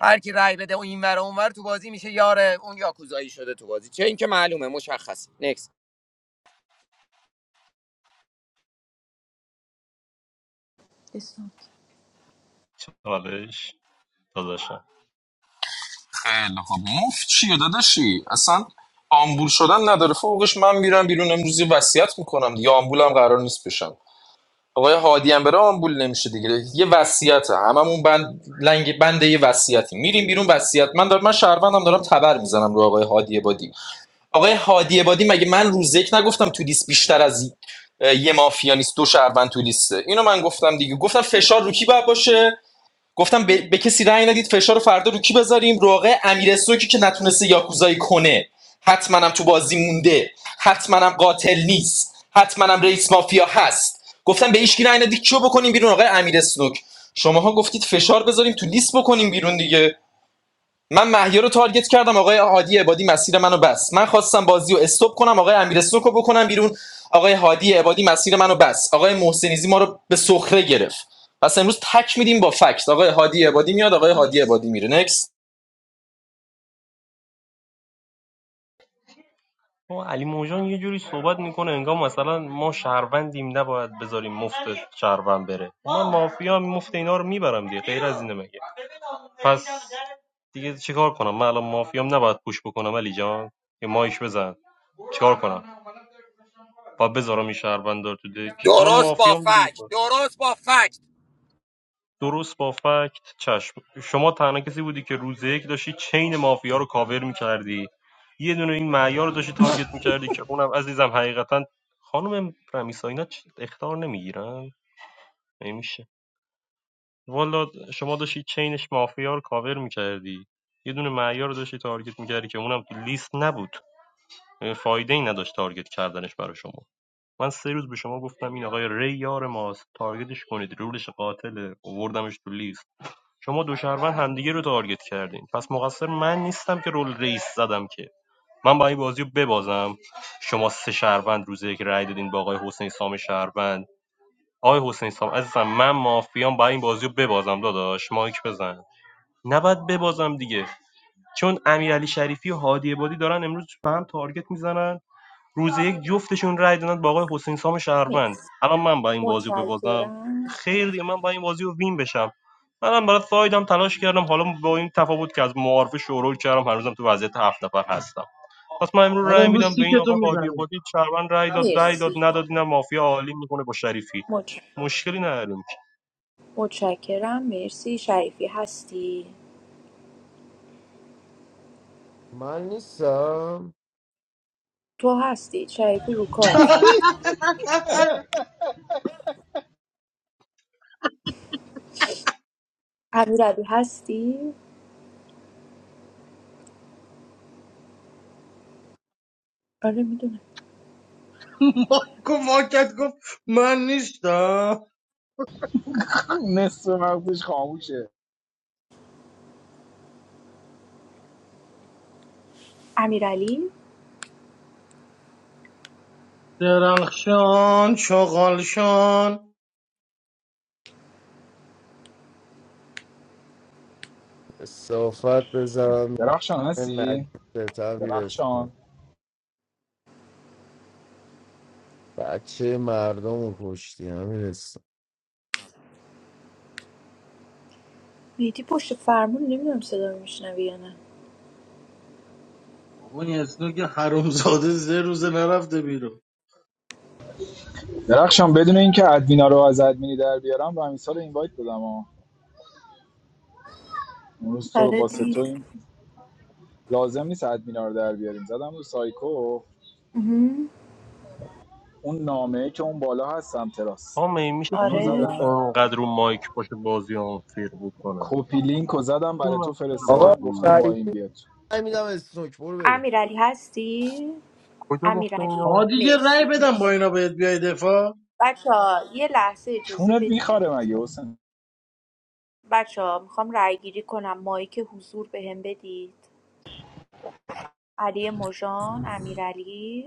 Speaker 16: هر کی رای بده اون اینور و اونور تو بازی میشه یار اون یاکوزایی شده تو بازی چه اینکه معلومه مشخص نکس
Speaker 18: اسمت
Speaker 9: چالش داداشم
Speaker 20: خیلی خوب مفت چیه داداشی اصلا آمبول شدن نداره فوقش من میرم بیرون امروزی وصیت میکنم دیگه آمبولم قرار نیست بشم آقای هادی هم بره آمبول نمیشه دیگه یه وصیت هممون بند لنگ بند یه وصیتی میریم بیرون وصیت من دارم من شهروندم دارم تبر میزنم رو آقای هادی بادی آقای هادی بادی مگه من روز یک نگفتم تو لیست بیشتر از یه مافیا نیست دو شهروند تو لیسته اینو من گفتم دیگه گفتم فشار رو کی باید باشه گفتم به, به کسی رأی ندید فشار رو فردا رو کی بذاریم رو آقای امیر سوکی که نتونسته یاکوزایی کنه حتما هم تو بازی مونده حتما هم قاتل نیست حتما هم رئیس مافیا هست گفتم به هیچکی رأی ندید چیو بکنیم بیرون آقای امیرسنوک شماها گفتید فشار بذاریم تو لیست بکنیم بیرون دیگه من مهیار رو تارگت کردم آقای هادی عبادی مسیر منو بس من خواستم بازی رو استوب کنم آقای امیر سنوک بکنم بیرون آقای هادی عبادی مسیر منو بس آقای محسنیزی ما رو به سخره گرفت پس امروز تک میدیم با فکت آقای هادی عبادی میاد آقای هادی
Speaker 18: مرسی
Speaker 20: عبادی میره نکس
Speaker 9: اون علی موجان یه جوری صحبت میکنه انگار مثلا ما شهروندیم نباید بذاریم مفت شهروند بره من مافیا مفت اینا رو میبرم دیگه غیر از اینه مگه پس دیگه چیکار کنم من الان مافیام نباید پوش بکنم علی جان یه مایش بزن چیکار کنم با بذارم این شهروند رو تو دک من
Speaker 16: درست با
Speaker 9: مافیام رو دیگه
Speaker 16: فکت درست با فکت
Speaker 9: درست با فکت چشم شما تنها کسی بودی که روز یک داشتی چین مافیا رو کاور میکردی یه دونه این معیار رو داشتی تارگت میکردی که اونم عزیزم حقیقتا خانم رمیسا اینا چ- اخطار نمیگیرن نمیشه والا شما داشتی چینش مافیا رو کاور میکردی یه دونه معیار رو داشتی تارگت میکردی که اونم تو لیست نبود فایده ای نداشت تارگت کردنش برای شما من سه روز به شما گفتم این آقای ری یار ماست تارگتش کنید رولش قاتله اووردمش تو لیست شما دو شهروند همدیگه رو تارگت کردین پس مقصر من نیستم که رول رئیس زدم که من با این بازی رو ببازم شما سه شهروند روزه که رأی دادین با آقای حسین سام شهروند آقای حسین سام عزیزم من مافیام با این بازی رو ببازم داداش مایک بزن نباید ببازم دیگه چون امیرعلی شریفی و هادی عبادی دارن امروز به هم تارگت میزنن روز یک جفتشون رای دادن با آقای حسین سام شهروند
Speaker 18: مرسی
Speaker 9: الان من با این بازی رو ببازم
Speaker 18: متشکرم
Speaker 9: خیر دیگه من با این بازی رو وین بشم منم برای سایدم تلاش کردم حالا با این تفاوت که از معارفه شورول کردم هنوزم تو وضعیت هفت نفر هستم پس من امروز
Speaker 13: آره
Speaker 9: رای
Speaker 13: امروز
Speaker 9: میدم به این
Speaker 13: تیکتو
Speaker 9: آقای هادی
Speaker 13: میزنیم
Speaker 9: بادی شهروند رای داد رای داد
Speaker 18: مرسی
Speaker 9: نداد اینم مافیا عالی میکنه با شریفی
Speaker 18: متش-
Speaker 9: مشکلی نداریم که
Speaker 18: متشکرم مرسی شریفی هستی
Speaker 12: من نیستم
Speaker 18: تو هستی شریفی رو کار امیرعلی هستی آره میدونم
Speaker 13: مایکو واکت گفت من نیستم
Speaker 6: نصف مغزش خاموشه
Speaker 18: امیرعلی
Speaker 13: درخشان چغالشان
Speaker 12: صافت بذارم
Speaker 6: درخشان هستی
Speaker 12: مجلس هم میرسم
Speaker 6: درخشان
Speaker 12: بچه مردم رو کشتی هم میرسم
Speaker 18: میتی پشت فرمون نمیدونم صدا رو میشنوی یا نه
Speaker 13: بابا این اسنو که حرومزاده سه روزه نرفته بیرون
Speaker 6: درخشان بدون اینکه ادمینا رو از ادمینی در بیارم رمیسا رو اینوایت دادم ها اون روز تو رو
Speaker 18: آره
Speaker 6: با ستو
Speaker 18: دید
Speaker 6: این لازم نیست ادمینا رو در بیاریم زدم رو سایکو
Speaker 18: مهم.
Speaker 6: اون نامه که اون بالا هست سمت
Speaker 9: میشه
Speaker 6: اونو
Speaker 18: آره
Speaker 9: پلیر
Speaker 6: زدم
Speaker 9: انقدر رو مایک باشه بازی آنفیر بکنه
Speaker 6: کپی لینک رو زدم
Speaker 9: چی
Speaker 6: برای تو
Speaker 9: من سر
Speaker 12: آقا
Speaker 6: فرستادم
Speaker 9: بازی
Speaker 6: گفتم با این
Speaker 12: شریفی
Speaker 6: بیاد
Speaker 12: نمیدم استروک برو بریم
Speaker 18: امیرعلی هستی
Speaker 9: کجا گفته
Speaker 18: امیرعلی
Speaker 13: آ
Speaker 9: اینو
Speaker 13: دیگه رأی
Speaker 18: مرسی
Speaker 13: بدم با
Speaker 18: مرسی
Speaker 13: اینا بهت بیای دفاع
Speaker 18: بچه یه لحظه اجازه
Speaker 6: چونت میخاره
Speaker 18: بدید
Speaker 6: مگه حسین
Speaker 18: بچه ها میخوام رأی گیری کنم مایک حضور بهم بدید علی مژان امیرعلی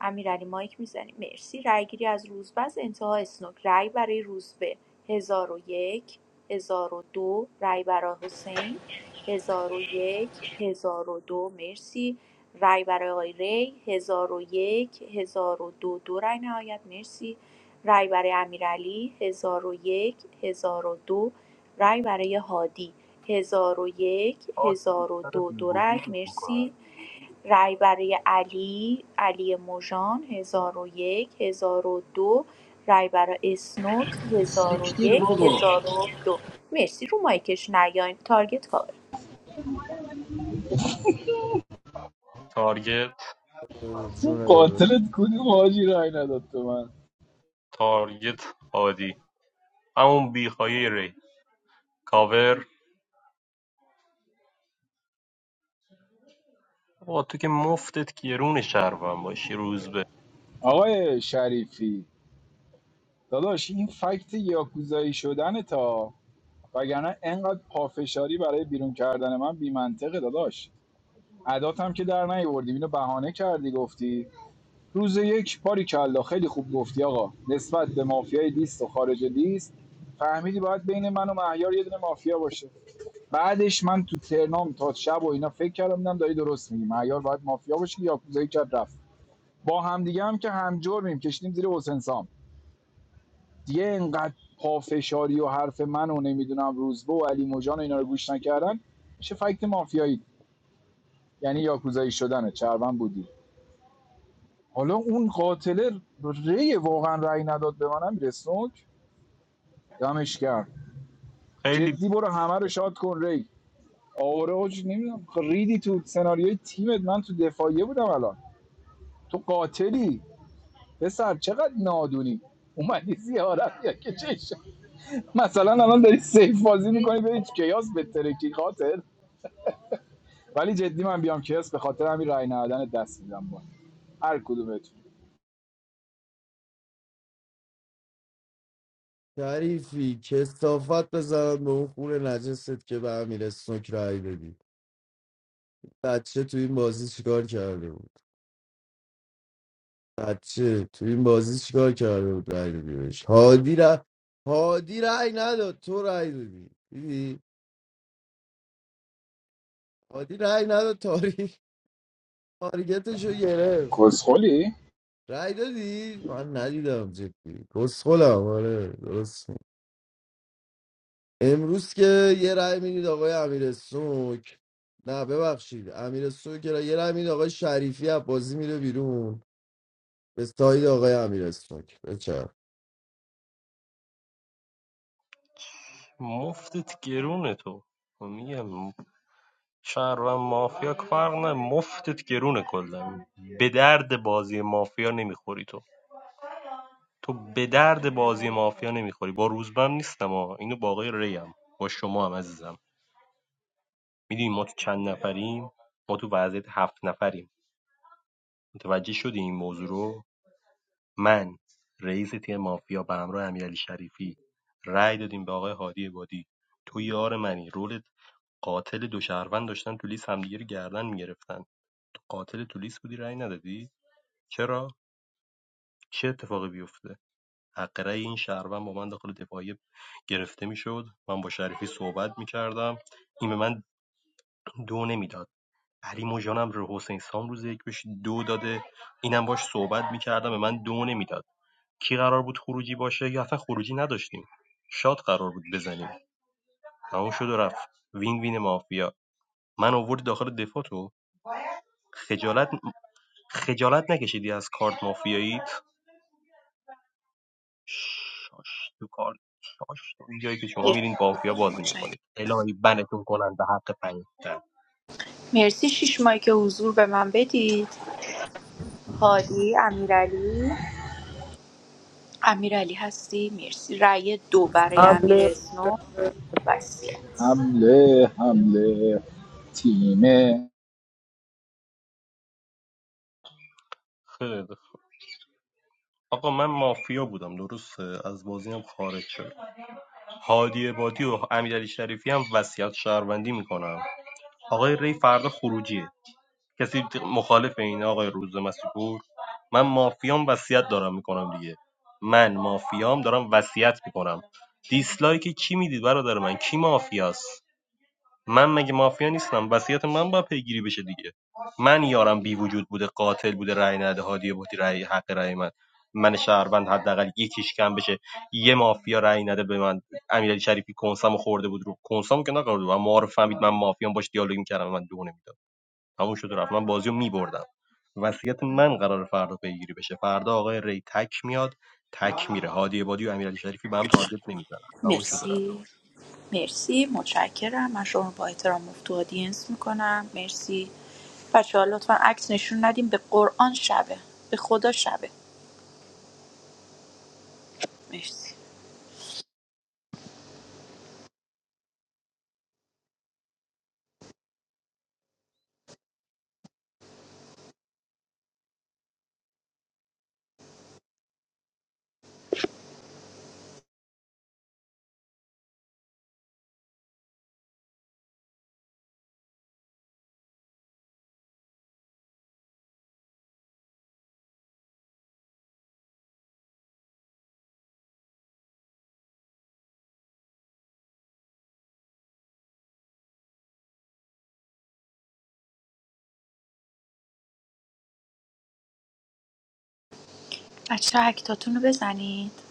Speaker 18: امیرعلی مایک میزنی مرسی رأیگیری از روزبه انتها اسنوک رای برای روزبه 1001 1002 رای برای حسین 1001 1002 مرسی رای برای آقای ری 1001 1002 دو دو رای نهایت مرسی رای برای امیرعلی 1001 1002 رای برای هادی 1001
Speaker 9: آه،
Speaker 18: 1002
Speaker 9: سر
Speaker 18: دو
Speaker 9: بی
Speaker 18: دو رای
Speaker 9: وجودت می‌کنم.
Speaker 18: مرسی رای برای علی، علی مژان ۱۰۰۱ دو رای برای اسنوک
Speaker 13: سیکتیر بابا
Speaker 18: ۱۰۰۱ دو مرسی رو مایکش نیاین تارگت کاور
Speaker 9: تارگت
Speaker 12: اه،
Speaker 6: اون
Speaker 12: جونه بده
Speaker 6: قاتلت کدوم حاجی رای نداد به من
Speaker 9: تارگت هادی همون بیخایی ری کاور با تو که مفتت گرون شهروند باشی روز به
Speaker 6: آقای شریفی داداش این فکت یاکوزایی شدن تا وگرنه انقدر پافشاری برای بیرون کردن من بیمنطقه داداش عداتم که در نیوردی اینو بهانه کردی گفتی روز یک باری کلا خیلی خوب گفتی آقا نسبت به مافیای لیست و خارج لیست فهمیدی باید بین من و مهیار یه دونه مافیا باشه بعدش من تو ترنام تا شب و اینا فکر کردم دیدم داری درست میگی مهیار باید مافیا باشه که یاکوزایی کرد رفت با همدیگه هم که هم جرمیم کشیدیم زیر حسن سام دیگه اینقدر پافشاری و حرف من و نمیدونم روزبه و علی مجان و اینا رو گوش نکردن میشه فکت مافیایی یعنی یاکوزایی شدنه چربن بودی حالا اون قاتله ری واقعا رأی نداد به منم رسوک دمش کرد
Speaker 9: خیلی
Speaker 6: جدی برو همه رو شاد کن ری آوره حاج نمیدونم ریدی تو سناریوی تیمت من تو دفاعیه بودم الان تو قاتلی پسر چقدر نادونی اومدی زیارت یا که چش مثلا الان داری سیف بازی می‌کنی بری تو کیاس بترکی قاتل ولی جدی من بیام کس به خاطر همین رای ندادن دست میدم با هر کدومتون
Speaker 12: شریفی کسافت بذارم به اون خون نجست که به امیر استوک رای بدی بچه تو این بازی چیکار کرده بود بچه تو این بازی چیکار کرده بود رای دادی بهش هادی را هادی رای نداد تو رای دادی دیدی هادی رای نداد تاری تارگتشو گرفت
Speaker 6: کسخلی
Speaker 12: رای دادی من ندیدم جدی کسخلم آره درست می- امروز که یه رای میدید آقای امیر سوک نه ببخشید امیر سوک را یه رای میدید آقای شریفی از بازی میره بیرون به ساید آقای امیر سوک بچه
Speaker 9: مفتت گرونه تو خب میگم شهروند مافیا که فرق نه مفتت گرونه کلا به درد بازی مافیا نمیخوری تو تو به درد بازی مافیا نمیخوری با روزبم نیستم ها اینو با آقای ری هم با شما هم عزیزم میدونی ما تو چند نفریم ما تو وضعیت هفت نفریم متوجه شدی این موضوع رو من، رئیس تیم مافیا به همراه امیرعلی شریفی رأی دادیم به آقای هادی عبادی تو یار منی رولت قاتل دو شهروند داشتن تو لیست همدیگه رو گردن میگرفتن تو قاتل تو لیست بودی رأی ندادی چرا چه اتفاقی بیفته حق رأی این شهروند با من داخل دفاعی گرفته میشد من با شریفی صحبت میکردم این به من دو نمیداد علی موجانم رو حسین سام روز یک بهش دو داده اینم باش صحبت میکردم به من دو نمیداد کی قرار بود خروجی باشه یا اصلا خروجی نداشتیم شات قرار بود بزنیم تموم شد و رفت وین وین مافیا من آوردی داخل دفاع تو خجالت خجالت نکشیدی از کارت مافیاییت شاش تو کارت شاش تو جایی که شما میرین مافیا بازی میکنید الهی بنتون کنن به حق پنجتن
Speaker 18: مرسی شیش مایک حضور به من بدید هادی امیرعلی امیرعلی هستی مرسی رای دو برای
Speaker 12: حمله
Speaker 18: امیر اسنوک وصیت
Speaker 6: حمله حمله تیمه
Speaker 9: خیلی آقا من مافیا بودم درست از بازی هم خارج شد هادی بادی و امیرعلی شریفی هم وصیت شهروندی میکنم آقای ری فردا خروجیه کسی مخالف این آقای روز مسیپور من مافیام وصیت دارم میکنم دیگه من مافیام دارم وصیت میکنم دیسلایک کی میدید برادر من کی مافیاست من مگه مافیا نیستم وصیت من باید پیگیری بشه دیگه من یارم بی وجود بوده قاتل بوده رأی نده هادی بودی رأی حق رأی من من شهروند حداقل یکیش کم بشه یه مافیا رأی نده به من امیرعلی شریفی کنسامو خورده بود رو کنسامو که نخورده بود اما رو فهمید من مافیام باش دیالوگ میکردم من دو تموم شد و رفت من بازی رو میبردم وصیت من قرار فردا پیگیری بشه فردا آقای ری تک میاد تک میره هادی عبادی و امیرعلی شریفی به هم تارگت نمیزنن تموم شد و
Speaker 18: مرسی مرسی متشکرم من شما رو با احترام مفتو آدینس میکنم مرسی بچه ها لطفا عکس نشون ندیم به قرآن شبه به خدا شبه مرسی بچه ها اکتاتون رو بزنید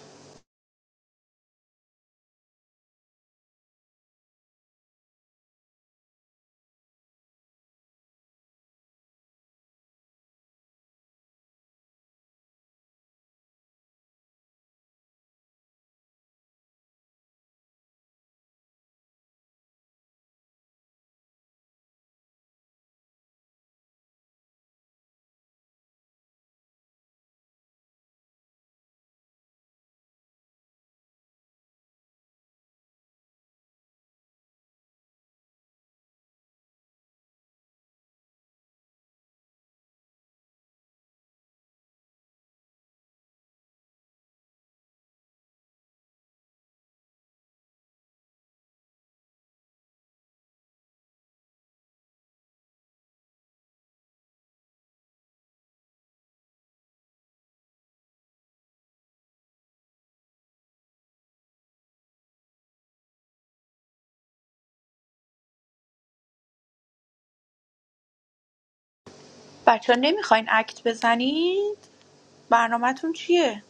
Speaker 18: بچه ها نمیخواین اکت بزنید برنامهتون چیه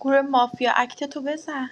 Speaker 18: گروه مافیا اکت تو بزن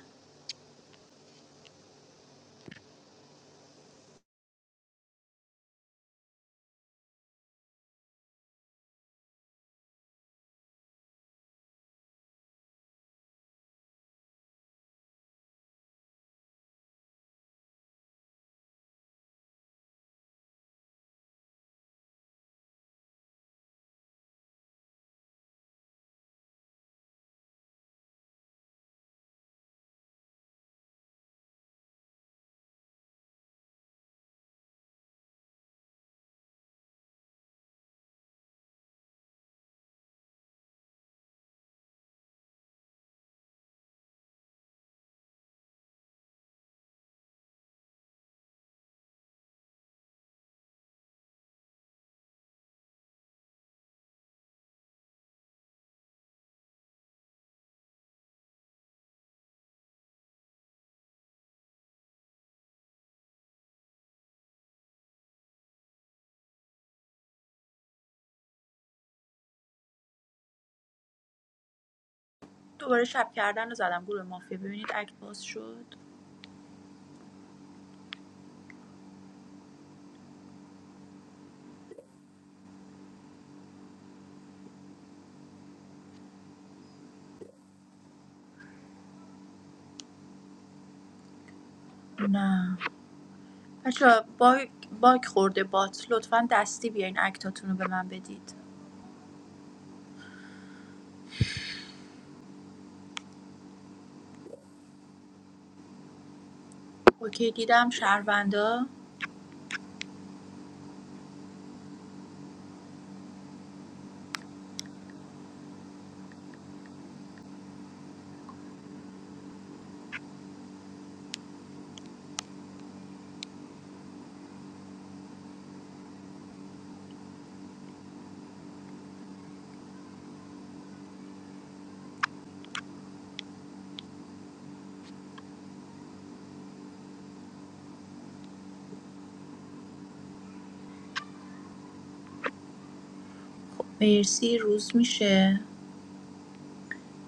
Speaker 18: دوباره شب کردن رو زدم گروه مافیا ببینید اکت باز شد نه بچه ها باگ, باگ خورده بات لطفا دستی بیاین اکتاتون رو به من بدید اوکی دیدم شهروندا مرسی روز میشه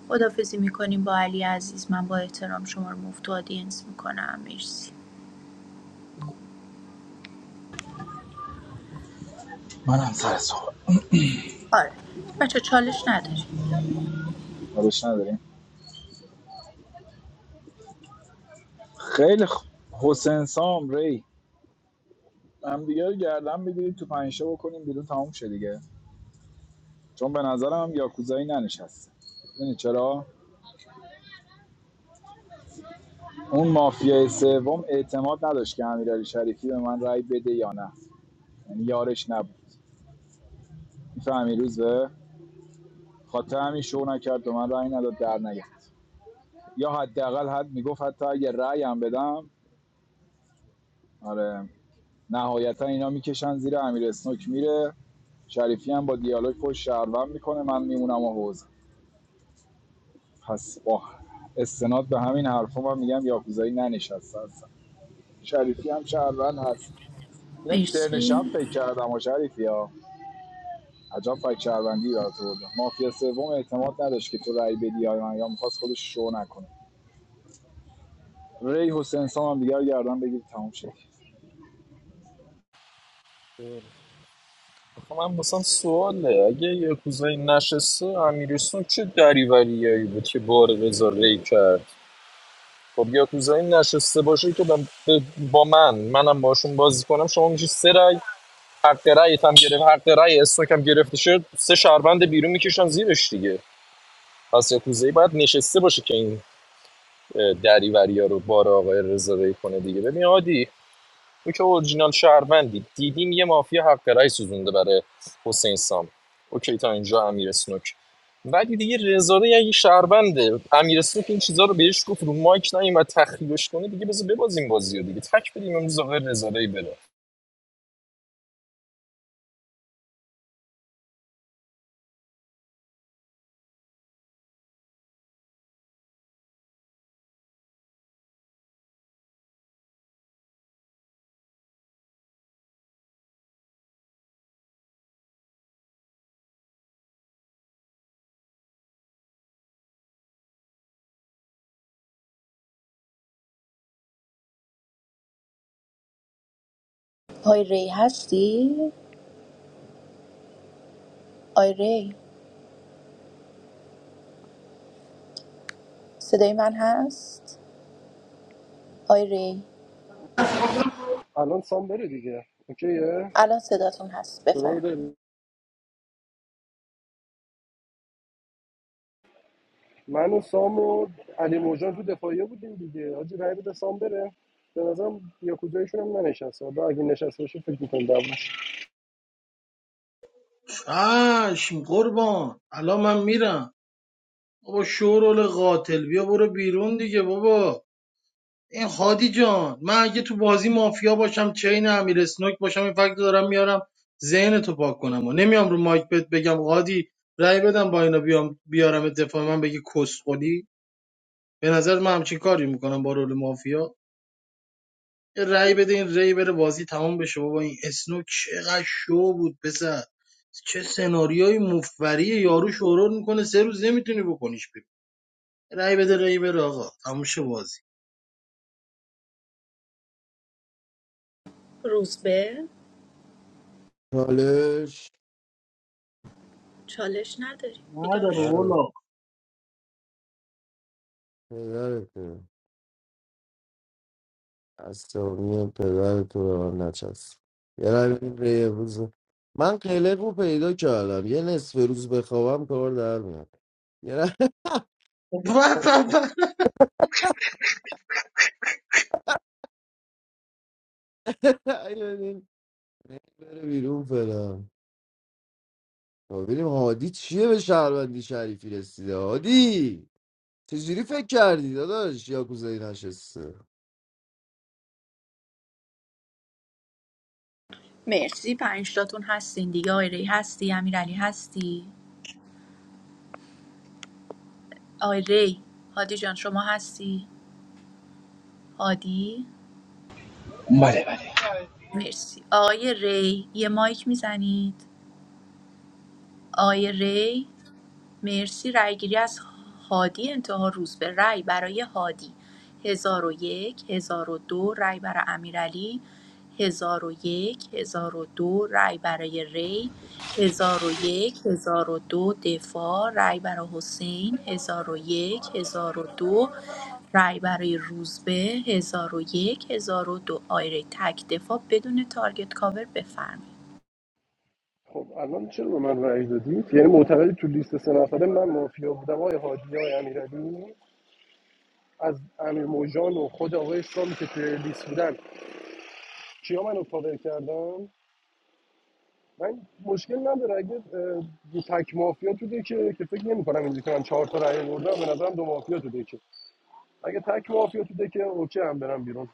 Speaker 18: خدافزی میکنیم با علی عزیز من با احترام شما رو مفت و آدینس میکنم مرسی
Speaker 6: منم سر صحبت
Speaker 18: آره بچه چالش نداری
Speaker 6: کارش نداریم خیلی خ... حسین سام ری هم دیگه رو گردن بگیرید تو پنجشه بکنیم بیرون تموم شه دیگه چون به نظرم یاکوزایی ننشسته میدونی چرا اون مافیای سوم اعتماد نداشت که امیرعلی شریفی به من رای بده یا نه یعنی یارش نبود میفهمی روزه خاطر همین شو نکرد و من رأی نداد در نگرد یا حداقل حد میگفت حتی اگه رأی هم بدم آره نهایتا اینا میکشن زیر امیر اسنوک میره شریفی هم با دیالوگ خوش شهروند میکنه من میمونم و حوزه پس با استناد به همین حرفا من میگم یاکوزایی ننشسته هستم شریفی هم شهروند هست اینو تو ترن شب
Speaker 18: مرسی
Speaker 6: فکر کردم و شریفی ها عجب فکر شهروندی برات بردم مافیا سوم اعتماد نداشت که تو رأی بدی یا من یا میخواست خودش شو نکنه ری حسین سام هم دیگه گردن بگیر تمام شد
Speaker 20: خب من مثلا سواله اگه یه کوزایی نشسته امیرسون چه دریوریایی بود که بار رضا کرد خب یا کوزایی نشسته باشه که با, با من منم باشون بازی کنم شما میشه سه رأی حق رأیت هم گرفت حق رأی استاک هم گرفته شد سه شهروند بیرون میکشن زیرش دیگه پس یاکوزایی باید نشسته باشه که این اه، دریوریا رو بار آقای رضا کنه دیگه ببین عادی تو که اورجینال شهروندی دیدیم یه مافیا حق رأی سوزونده برای حسین سام اوکی تا اینجا امیر اسنوک ولی دیگه رضا ری اگه شهرونده امیر اسنوک این چیزا رو بهش گفت رو مایک و تخریبش کنه دیگه بذار ببازیم بازی رو دیگه تک بدیم امروز آقای رضا ری بره
Speaker 18: آی ری هستی؟ آی ری صدای من هست؟ آی ری
Speaker 15: الان سام بره دیگه اوکیه
Speaker 18: الان صداتون هست
Speaker 15: صدامو
Speaker 18: بفهم
Speaker 15: داری من و سام و علی موجان تو دفاعیه بودیم دیگه حاجی رای بده سام بره به نظرم یا کجایشون هم ننشسته حالا اگه نشسته باشه فکر می‌کنم دعواش
Speaker 13: چشم قربان الان من میرم بابا شورول قاتل بیا برو بیرون دیگه بابا این هادی جان من اگه تو بازی مافیا باشم چین امیر اسنوک باشم این فکت دارم میارم ذهن تو پاک کنم و نمیام رو مایک بهت بگم هادی رأی بدم با اینا بیام بیارم دفاع من بگی کسخلی به نظر من همچین کاری میکنم با رول مافیا یه رأی بده این ری بره بازی تمام بشه بابا این اسنو چقدر شو بود پسر چه سناریوی مفبریه یارو شورور میکنه سه روز نمیتونی بکنیش بیرون رای بده رأی بره آقا تموم شه بازی
Speaker 18: روز به
Speaker 12: چالش
Speaker 18: چالش نداری
Speaker 13: نداره
Speaker 18: بیداش
Speaker 12: نداره.
Speaker 13: والا
Speaker 12: نداره. عصبانی پدر تو به من نچست یه رای بدید به یه روز من قلق رو پیدا کردم یه نصف روز بخوابم کار در میاد یه رای بدید بره بیرون فعلا تا ببینیم هادی چیه به شهروندی شریفی رسیده هادی چجوری فکر کردی داداش یا کوزایی نشسته
Speaker 18: مرسی پنجتاتون هستین دیگه آی ری هستی امیرعلی هستی آی ری هادی جان شما هستی هادی مرسی آقای ری یه مایک میزنید آقای ری مرسی رأیگیری از هادی انتها روز به رأی برای هادی هزار و یک هزار و دو رأی برای امیرعلی هزار و یک هزار و دو رأی برای ری هزار و یک هزار و دو دفاع رأی برای حسین هزار و یک هزار و دو رأی برای روزبه هزار و یک هزار و دو آیره تک دفاع بدون تارگت کاور بفرمایید
Speaker 15: خب الان چرا به من رای دادید یعنی معتقدی تو لیست سه نفره من مافیا بودم آقای حادی آقای امیرعلی از امیر موجان و خود آقای سامی که توی لیست بودن کیا منو کاور کردم من مشکل نداره اگه اه، تک مافیا تو دکه که فکر نمی‌کنم اینجوری کنم چهار تا رای بردم به نظرم دو مافیا تو دکه اگه تک مافیا تو دکه اوکی هم برم بیرون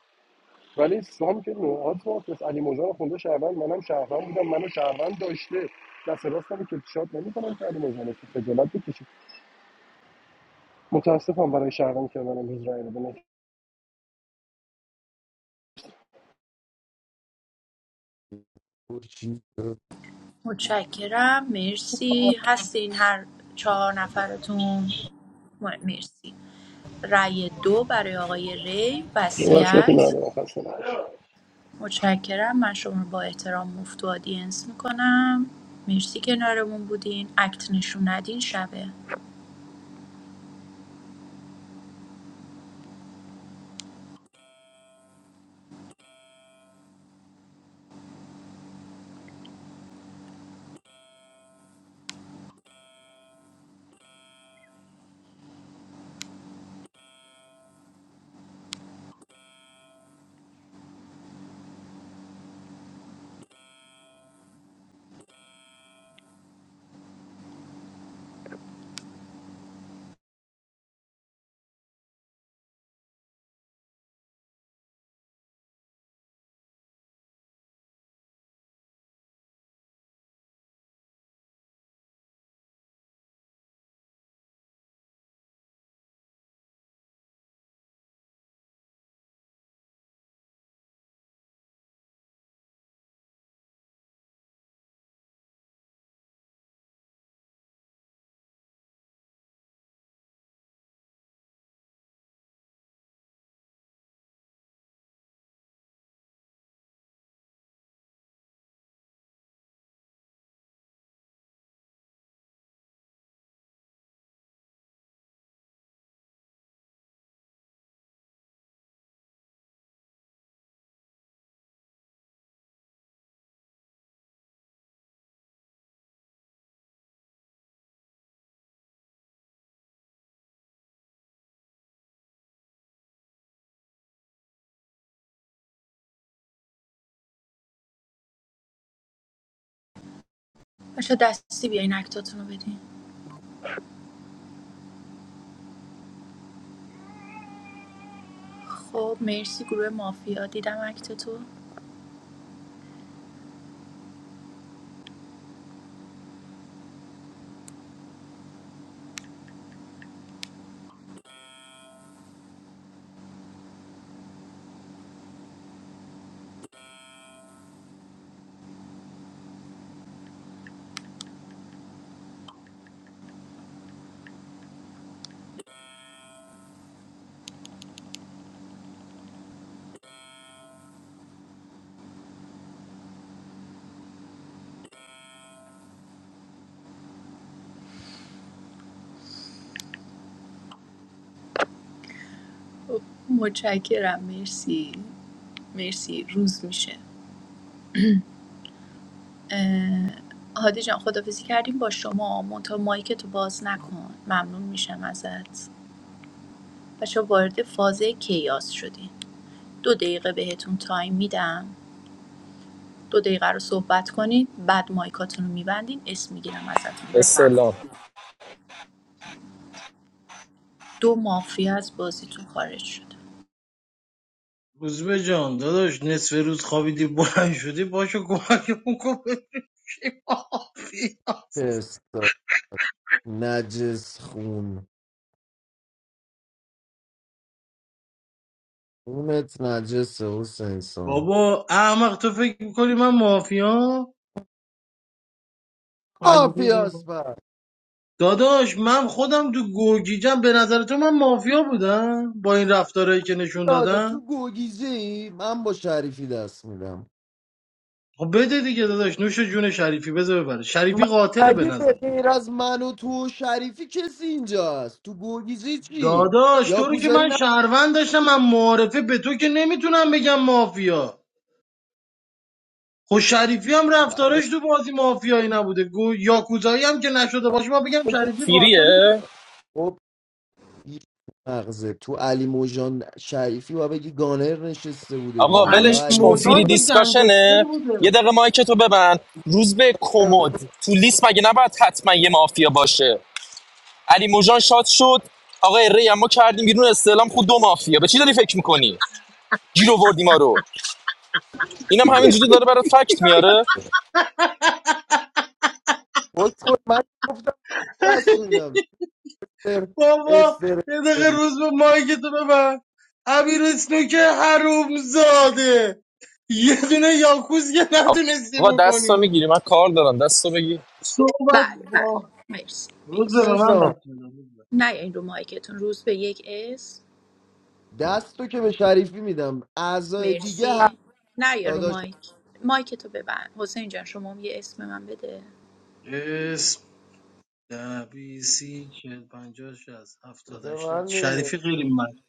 Speaker 15: ولی سام که نوعات مافیاست علی موجان خونده شهروند منم شهروند بودم منو شهروند داشته دست راستم که شاد نمی‌کنم که علی موجان که خجالت بکشی متاسفم برای شهروند کردنم هیچ رأی بده
Speaker 12: چی
Speaker 18: متشکرم مرسی هستین هر چهار نفرتون م- مرسی رأی دو برای آقای ری
Speaker 15: وصیتی
Speaker 18: وصیت
Speaker 15: ندارم خسته نباشی
Speaker 18: متشکرم من شما رو با احترام مفت و آدینس میکنم مرسی کنارمون بودین اکت نشون ندین شبه بچه دستی بیاین اکتاتون رو بدین خب مرسی گروه مافیا دیدم اکتتو متشکرم مرسی مرسی روز میشه اه، هادی جان خدافزی کردیم با شما منتها مایک تو باز نکن ممنون میشم ازت بچه وارد فاز کیاس شدی دو دقیقه بهتون تایم میدم دو دقیقه رو صحبت کنید بعد مایکاتون رو میبندین اسم میگیرم ازتون بفهم
Speaker 20: استلام
Speaker 18: دو مافیا از بازیتون خارج شد
Speaker 13: روزبه جان داداش نصف روز خوابیدی بلند شدی باشو کمکمون کن بشیم مافیا.
Speaker 12: پستا نجس خون خونت نجسه حسین سام
Speaker 13: بابا احمق تو فکر میکنی من مافیا؟ اگه فکر
Speaker 12: آفیاس
Speaker 13: داداش من خودم تو گرگیجم به نظر تو من مافیا بودم با این رفتارهایی که نشون
Speaker 12: داده تو
Speaker 13: دادم
Speaker 12: گوگیزی من با شریفی دست میدم
Speaker 13: خب بده دیگه داداش نوش جون شریفی بذار ببره
Speaker 12: م-
Speaker 13: شریفی قاتله به
Speaker 12: مگه
Speaker 13: نظر
Speaker 12: به غیر از من و تو و شریفی کسی اینجا هست تو گوگیزی چی
Speaker 13: داداش
Speaker 12: یا
Speaker 13: تو رو که
Speaker 12: کوزایی
Speaker 13: من
Speaker 12: نه
Speaker 13: شهروند داشتم من معارفه به تو که نمیتونم بگم مافیا خب شریفی هم رفتارش تو بازی مافیایی نبوده گو یاکوزایی هم که نشده باشه ما بگم شریفی قاتله
Speaker 20: فیریه
Speaker 12: خب مغزه تو علی موجان شریفی و بگی گانر نشسته بوده
Speaker 13: خب
Speaker 20: آقا
Speaker 12: دیگه یا
Speaker 13: علی
Speaker 20: ولش
Speaker 12: علی
Speaker 20: کن
Speaker 13: موجان
Speaker 20: فیری
Speaker 12: موجان
Speaker 13: که گنگستر
Speaker 20: دیسکاشنه
Speaker 13: بوده
Speaker 20: یه دقیقه مایک تو ببند روز به
Speaker 12: گانر
Speaker 20: کمد
Speaker 12: بوده
Speaker 20: تو لیست مگه نباید حتما یه مافیا باشه علی موجان شاد شد آقای ری اما کردیم بیرون استعلام خود دو مافیا به چی داری فکر میکنی گیر آوردی ما رو اینم
Speaker 12: میگه
Speaker 20: همینجوری داره برات فکت میاره
Speaker 12: خود خود من گفتم دست میدم استر
Speaker 13: بابا
Speaker 12: استر
Speaker 13: یه دقیقه روز به مایکتو ببند امیر اسنوک حروم زاده یه دونه یاکوز که نتونستی
Speaker 20: آقا دستو
Speaker 13: بکنی
Speaker 20: میگیری من کار دارم دستو بگیر
Speaker 13: صحبت
Speaker 18: بله
Speaker 13: با
Speaker 18: بله مرسی
Speaker 13: روز به
Speaker 18: مرسی
Speaker 13: به من
Speaker 12: پسا
Speaker 13: دست میدم
Speaker 18: نه این رو مایکتون روز به یک اس
Speaker 12: دست تو که به شریفی میدم اعضای دیگه هست
Speaker 18: مرسی نه رو
Speaker 12: داداش
Speaker 18: مایک مایک تو ببند حسین جان شما هم یه اسم من بده
Speaker 13: اسم ده بی سی چهل پنجاه شست هفتاد
Speaker 12: به
Speaker 13: هشتاد
Speaker 12: من
Speaker 13: شریفی خیلی مش...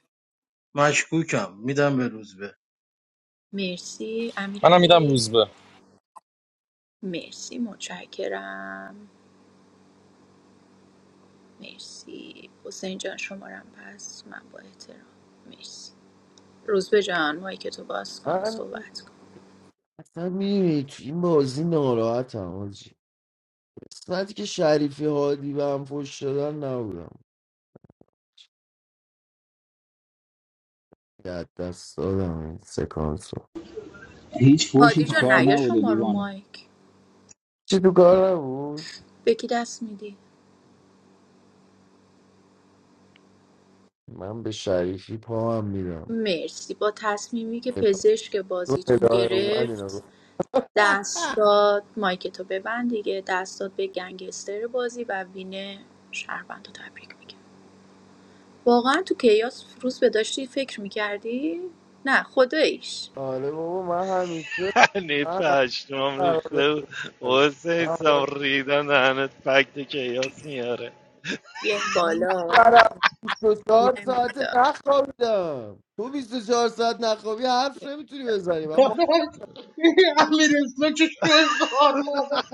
Speaker 13: مشکوکم میدم به روز به
Speaker 18: مرسی
Speaker 20: منم میدم
Speaker 18: امیرعلی
Speaker 20: روز به
Speaker 18: مرسی متشکرم مرسی حسین جان شمارم پس من با احترام مرسی روزبه جان مایک تو باز کن
Speaker 12: من
Speaker 18: صحبت کن
Speaker 12: اصلا میدونی تو این بازی ناراحتم آجی قسمتی که شریفی هادی به هم فوش شدن نبودم یاد دست دادم این سکانس رو
Speaker 6: هیچ فوشی
Speaker 18: هادی
Speaker 6: تو
Speaker 18: جان
Speaker 6: کار
Speaker 18: نیا
Speaker 6: نبوده
Speaker 18: شما رو
Speaker 6: دیوانه
Speaker 18: مایک
Speaker 12: چی تو کار نبود
Speaker 18: به کی دست میدی
Speaker 12: من به شریفی پا هم میدم
Speaker 18: مرسی با تصمیمی که پزشک بازیتون
Speaker 12: الهه اومد اینا
Speaker 18: گرفت
Speaker 12: گفت.
Speaker 18: دست داد مایک تو ببند دیگه دست داد به گنگستر بازی و وین شهروند رو تبریک میگم واقعا تو کیاس روز به داشتی فکر میکردی؟ نه خداییش
Speaker 12: آره بابا من همیشه
Speaker 10: یعنی
Speaker 12: من
Speaker 10: پشمام
Speaker 12: همیشه
Speaker 10: ریخته بود.
Speaker 12: من
Speaker 10: حسین سام
Speaker 12: آره.
Speaker 10: ریدن دهنت فکت کیاس میاره
Speaker 18: بیایم
Speaker 12: این
Speaker 18: بالا
Speaker 12: طرف 24
Speaker 18: بیایم
Speaker 12: ساعت
Speaker 18: بالا
Speaker 12: نخوابیدم تو 24 ساعت نخوابی حرف نمیتونی بزنی من ما
Speaker 13: امیر اسنوک شوی خار مادر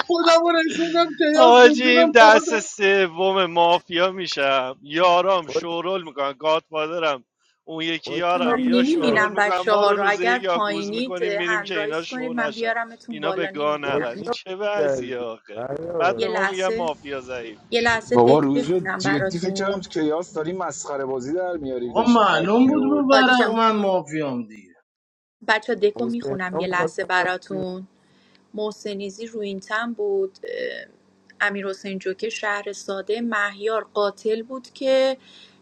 Speaker 13: خودم رو رسوندم که یاس به
Speaker 10: حاجیم
Speaker 13: جونم مادر
Speaker 10: دست سوم مافیا میشم یارام شورول میکنن گادفادرم اون یکی
Speaker 12: باش
Speaker 18: چون من
Speaker 10: یارم یا
Speaker 12: باش
Speaker 10: شورول
Speaker 18: نمیبینم
Speaker 10: میکنن
Speaker 18: بچه
Speaker 10: ما
Speaker 18: ها
Speaker 10: رو
Speaker 18: رو
Speaker 10: روزه
Speaker 18: اگر
Speaker 10: یک یاگوز
Speaker 18: پایینید
Speaker 10: میکنیم
Speaker 18: اه،
Speaker 10: میریم
Speaker 18: هند
Speaker 10: که اینا
Speaker 18: رایز
Speaker 10: شو
Speaker 18: کنید من
Speaker 10: نشن
Speaker 18: بیارمتون
Speaker 10: اینا به
Speaker 18: بالا
Speaker 10: گاه
Speaker 12: با
Speaker 10: نرن
Speaker 12: کی
Speaker 10: این
Speaker 18: نمیبینمتون
Speaker 12: رفت
Speaker 10: چه وضعیه
Speaker 12: کردی
Speaker 10: آخه بعد
Speaker 18: یه
Speaker 10: به
Speaker 12: بردار
Speaker 10: ما میگن
Speaker 18: لحظه
Speaker 10: مافیا ضعیف
Speaker 18: یه لحظه
Speaker 6: بابا
Speaker 18: دک
Speaker 6: روز به
Speaker 18: بخونم
Speaker 6: جدی فکر کردم
Speaker 18: براتون
Speaker 6: تو کیاس داری مسخره بازی در میاری
Speaker 13: آقا
Speaker 6: داشتی فکت
Speaker 13: معلوم بود رو
Speaker 6: میآوردی
Speaker 18: عادی
Speaker 13: برق
Speaker 18: جان
Speaker 13: من مافیام دیگه
Speaker 18: بچه دکو
Speaker 12: حسین
Speaker 18: میخونم
Speaker 12: خان
Speaker 18: یه
Speaker 12: می‌خواست
Speaker 18: لحظه
Speaker 12: برم تیم.
Speaker 18: براتون محسنیزی روینتن بود امیر حسین جوکر شهر ساده مهیار قاتل بود که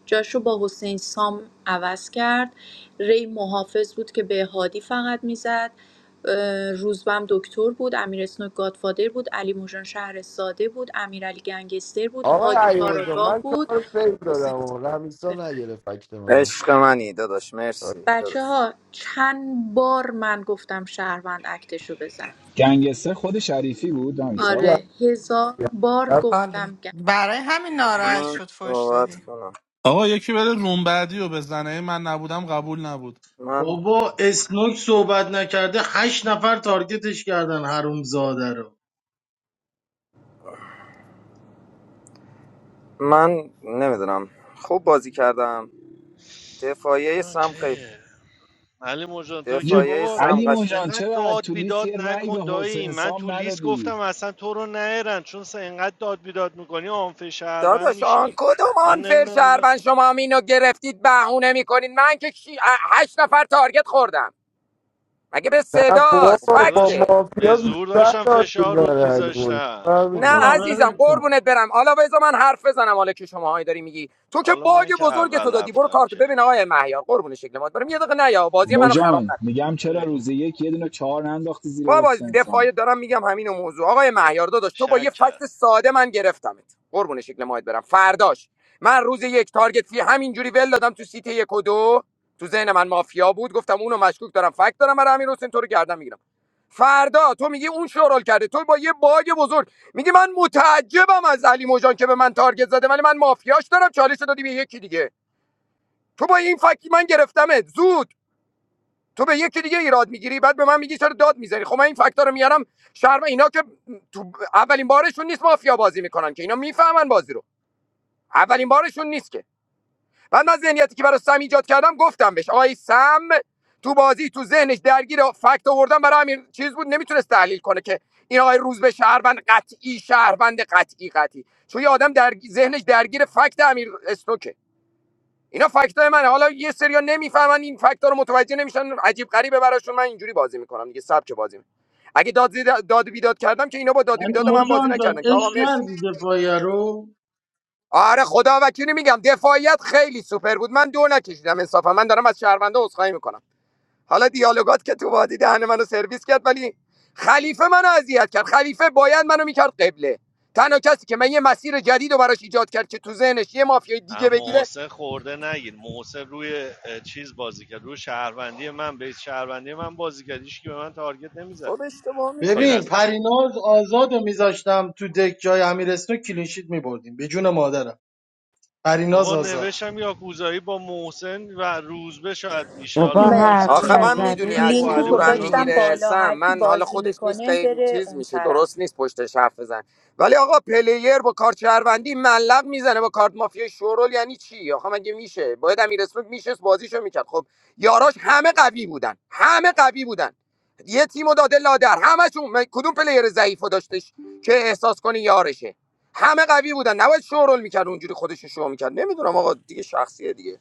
Speaker 18: جاش رو با حسین سام عوض کرد ری محافظ بود که به هادی فقط میزد روزبم دکتر بود امیر اسنوک گادفادر بود علی موجان شهر ساده بود امیر علی گنگستر بود
Speaker 12: آقای
Speaker 18: هادی
Speaker 12: علی
Speaker 18: کاراگاه
Speaker 12: من شما
Speaker 18: بود
Speaker 12: رو فیل
Speaker 18: حسین
Speaker 12: دادم و رمیسا نگرفت فکت منو
Speaker 16: عشق منی داداش
Speaker 12: آره،
Speaker 16: مرسی
Speaker 18: بچه
Speaker 16: داداش
Speaker 18: ها چند بار من گفتم شهروند اکتشو بزن
Speaker 6: گنگستر خود شریفی بود نمیسا
Speaker 12: گرد.
Speaker 18: آره هزار بار
Speaker 4: کاله
Speaker 18: گفتم
Speaker 4: برای همین ناراحت
Speaker 16: من
Speaker 4: شد فوش
Speaker 16: صحبت
Speaker 4: دادی
Speaker 16: کنم
Speaker 22: آقا یکی بره روم بعدی و بزنه من نبودم قبول نبود
Speaker 16: من
Speaker 13: بابا اسنوک صحبت نکرده هشت نفر تارگتش کردن حروم زاده رو
Speaker 16: من نمیدونم خوب بازی کردم دفاعیه سم خیلی
Speaker 10: اوکی علی مجان تو که
Speaker 16: دفاعیه
Speaker 10: بابا
Speaker 16: سم
Speaker 6: علی
Speaker 16: قش
Speaker 6: موجان
Speaker 10: انقدر
Speaker 6: چرا
Speaker 10: داد
Speaker 6: تو لیست
Speaker 10: بیداد
Speaker 6: یه رأی
Speaker 10: نکن
Speaker 6: به
Speaker 10: دایی
Speaker 6: حسین
Speaker 10: من تو
Speaker 6: سام
Speaker 10: لیست
Speaker 6: ندادی
Speaker 10: گفتم اصلا تو رو نهرن چون سه انقدر داد بیداد میکنی آنفه شهروند
Speaker 16: داداش آن
Speaker 10: میشی
Speaker 16: کدوم
Speaker 10: من
Speaker 16: آن فر
Speaker 10: نمیدونم اینا
Speaker 16: شهروند شما هم اینو گرفتید بهونه میکنید من که شی- هشت نفر تارگت خوردم مگه به
Speaker 12: نه
Speaker 10: خب
Speaker 16: صداست
Speaker 12: بابا با
Speaker 10: داداش
Speaker 16: فکته
Speaker 10: به
Speaker 12: مافیا
Speaker 10: زور
Speaker 12: بیشتر
Speaker 10: داشتم
Speaker 12: داد تو
Speaker 10: فشار رود
Speaker 12: داره
Speaker 10: میذاشتم
Speaker 16: نه
Speaker 12: علی
Speaker 13: آقا
Speaker 16: عزیزم
Speaker 13: ول کن
Speaker 16: قربونت برم حالا بذار من حرف بزنم حالا که شماهایی داری میگی تو که
Speaker 10: حالا
Speaker 16: باگ
Speaker 10: من که
Speaker 16: بزرگ تو
Speaker 10: اول
Speaker 16: دادی برو
Speaker 10: رفتم
Speaker 16: کارت
Speaker 10: که
Speaker 16: ببین آقای مهیار قربون شکل مات برم یه دقیقه نه یا بازی منو خراب
Speaker 6: موجان
Speaker 16: نکن
Speaker 6: میگم چرا
Speaker 10: بگو
Speaker 6: روز یک یه دونه چهار ننداختی زیر
Speaker 16: بابا
Speaker 6: حسین سام
Speaker 16: دفاعی دارم میگم همین موضوع آقای مهیار داداش تو با یه
Speaker 10: شک کرد
Speaker 16: فکت ساده من گرفتمت قربون شکل ماهت برم فرداش من روز یک تارگت فی همینجوری ول دادم تو سیت یک و دو تو ذهن من مافیا بود گفتم اونو مشکوک دارم فکت دارم برای امیر حسین تو رو گردن میگیرم فردا تو میگی اون شورال کرده تو با یه باگ بزرگ میگی من متعجبم از علی موجان که به من تارگت زده ولی من مافیاش دارم چالش رو دادی به یکی دیگه تو با این فکتی من گرفتمت زود تو به یکی دیگه ایراد میگیری بعد به من میگی چرا داد میذاری خب من این فکتا رو میارم شهر اینا که تو اولین بارشون نیست مافیا بازی میکنن که اینا میفهمن بازی رو اولین بارشون نیست که بعد من ذهنیتی که برای سم ایجاد کردم گفتم بهش آقای سم تو بازی تو ذهنش درگیر فکت آوردن برای همین چیز بود نمیتونست تحلیل کنه که این آقای روز به شهروند قطعی شهروند قطعی قطعی چون یه آدم در ذهنش درگیر فکت امیر استوکه اینا فکتای منه حالا یه سریا نمیفهمن این فکتا رو متوجه نمیشن عجیب غریبه براشون من اینجوری بازی میکنم دیگه سبک بازی می‌کنم. اگه داد داد و بیداد کردم که اینا با داد و
Speaker 13: یعنی
Speaker 16: بیداد من بازی
Speaker 13: مجان
Speaker 16: نکردن که
Speaker 13: جان اش
Speaker 16: آقا مرسی
Speaker 13: کردی دفاعیه رو
Speaker 16: آره خدا وکیلی میگم دفاعیت خیلی سوپر بود من دو نکشیدم انصافا من دارم از شهرونده عذرخواهی میکنم حالا دیالوگات که تو وادی دهن منو سرویس کرد ولی خلیفه منو اذیت کرد خلیفه باید منو میکرد قبله تنها کسی که من یه مسیر جدید رو براش ایجاد کرد که تو ذهنش یه مافیای دیگه
Speaker 10: اما
Speaker 16: بگیره
Speaker 10: محسن خورده نگیر محسن روی چیز بازی کرد روی شهروندی من به شهروندی من بازی کرد هیچکی به من تارگت نمیزد
Speaker 16: خب اشتباه
Speaker 10: غیر
Speaker 16: می‌کنه.
Speaker 13: ببین
Speaker 10: از تو
Speaker 13: پریناز آزاد رو میذاشتم تو دک جای امیر اسنوک کلینشیت میبردیم به جون مادرم پریناز
Speaker 10: بابا
Speaker 13: آزاد
Speaker 10: نوشتم یاکوزایی با محسن و روزبه شاید میشه حالا
Speaker 14: بابا حرف
Speaker 18: بچه
Speaker 10: محسنش
Speaker 16: آخه من
Speaker 10: درست بود
Speaker 16: میدونی
Speaker 14: نزده
Speaker 10: نگو
Speaker 16: از
Speaker 18: لینک
Speaker 10: با
Speaker 16: چی
Speaker 18: رو
Speaker 10: علی
Speaker 14: تو
Speaker 16: زورم
Speaker 10: موجان هم
Speaker 18: گذاشتم
Speaker 14: بود
Speaker 16: میگیره
Speaker 18: بالا
Speaker 10: میشسته
Speaker 16: سم
Speaker 18: هر کی
Speaker 16: من حالا
Speaker 18: بازی
Speaker 16: خودش نیست به
Speaker 18: میکنه
Speaker 16: این
Speaker 18: بره
Speaker 16: چیز
Speaker 18: اون
Speaker 16: میشه
Speaker 18: طرف
Speaker 16: درست نیست پشتش حرف بزن ولی آقا پلیر با کارت شهروندی ملق میزنه با کارت مافیا شورول یعنی چی آخه مگه میشه باید امیر اسمک میشست بازیشو میکرد خب یاراش همه قوی بودن همه قوی بودن یه تیمو داده لادر همشون من- کدوم پلیر ضعیفو داشتش که احساس کنی یارشه همه قوی بودن نباید شورول میکرد اونجوری خودش رو شو میکرد نمیدونم آقا دیگه شخصیه دیگه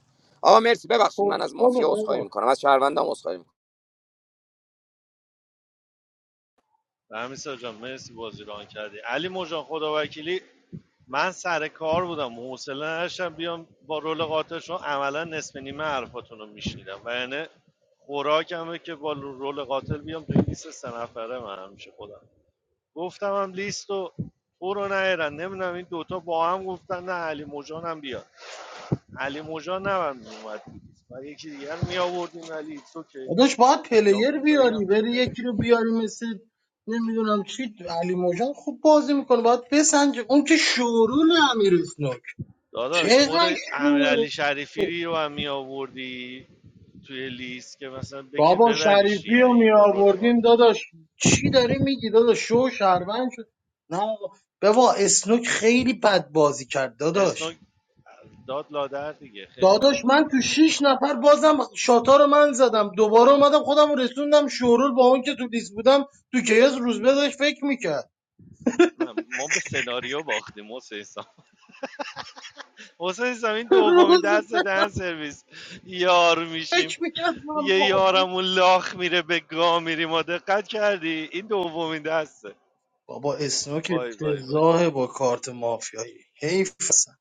Speaker 16: آقا مرسی ببخشید من از مافیا عذرخواهی
Speaker 13: خود
Speaker 16: میکنم از شهروندام عذرخواهی میکنم
Speaker 10: همین جان مرسی بازی ران کردی علی موجان خدا وکیلی من سر کار بودم حوصله نداشتم بیام با رول قاطع عملا نصف نیمه حرفاتون رو میشنیدم و یعنی خوراکمه که با رول قاتل بیام توی لیست سه نفره من همیشه خودم گفتم هم لیست رو تو رو نمیدونم این دوتا با هم گفتن نه علی موجان هم بیاد علی موجان نه من میومد و یکی دیگر می آوردیم ولی ایتس اوکی
Speaker 13: داداش باید پلیر
Speaker 10: یاکوزایی
Speaker 13: بیاری
Speaker 10: هم که
Speaker 13: بری یکی
Speaker 10: ترکون
Speaker 13: رو بیاری مثل نمیدونم چی علی موجان خوب بازی میکنه باید بسنجه اون که شورول امیر اسنوک
Speaker 10: داداش خود
Speaker 13: چقدر
Speaker 10: امیرعلی
Speaker 13: شور
Speaker 10: شریفی رو هم می آوردی توی لیست که مثلا بکه
Speaker 13: بابا
Speaker 10: ببریش
Speaker 13: شریفی
Speaker 10: دیگه
Speaker 13: رو
Speaker 10: اگه
Speaker 13: می
Speaker 10: با رول
Speaker 13: آوردیم
Speaker 10: قاتل چیز
Speaker 13: داداش چی داری میگی داداش شو شهروند شد نه آقا. بابا اسنوک خیلی بد بازی کرد داداش
Speaker 10: اسنوک داد لادر دیگه خیلی بد
Speaker 13: داداش
Speaker 10: داد
Speaker 13: من تو
Speaker 10: لادر
Speaker 13: شیش نفر بازم شاتا رو من زدم دوباره اومدم خودم رو رسوندم شورول با اون که تو لیست بودم تو کیاس روز داشت فکر میکرد
Speaker 10: نه ما به سناریو باختیم حسین سام حسین سام این دومین
Speaker 13: روز
Speaker 10: دست دهن سرویس یار میشیم
Speaker 13: فکر میکنم من
Speaker 10: یه
Speaker 13: مافیا
Speaker 10: یارمون لاخ میره به گا میری ما دقت کردی این دومین دسته
Speaker 13: بابا اسنوک
Speaker 10: وای وای وای
Speaker 13: افتضاحه با کارت مافیایی حیف اصلا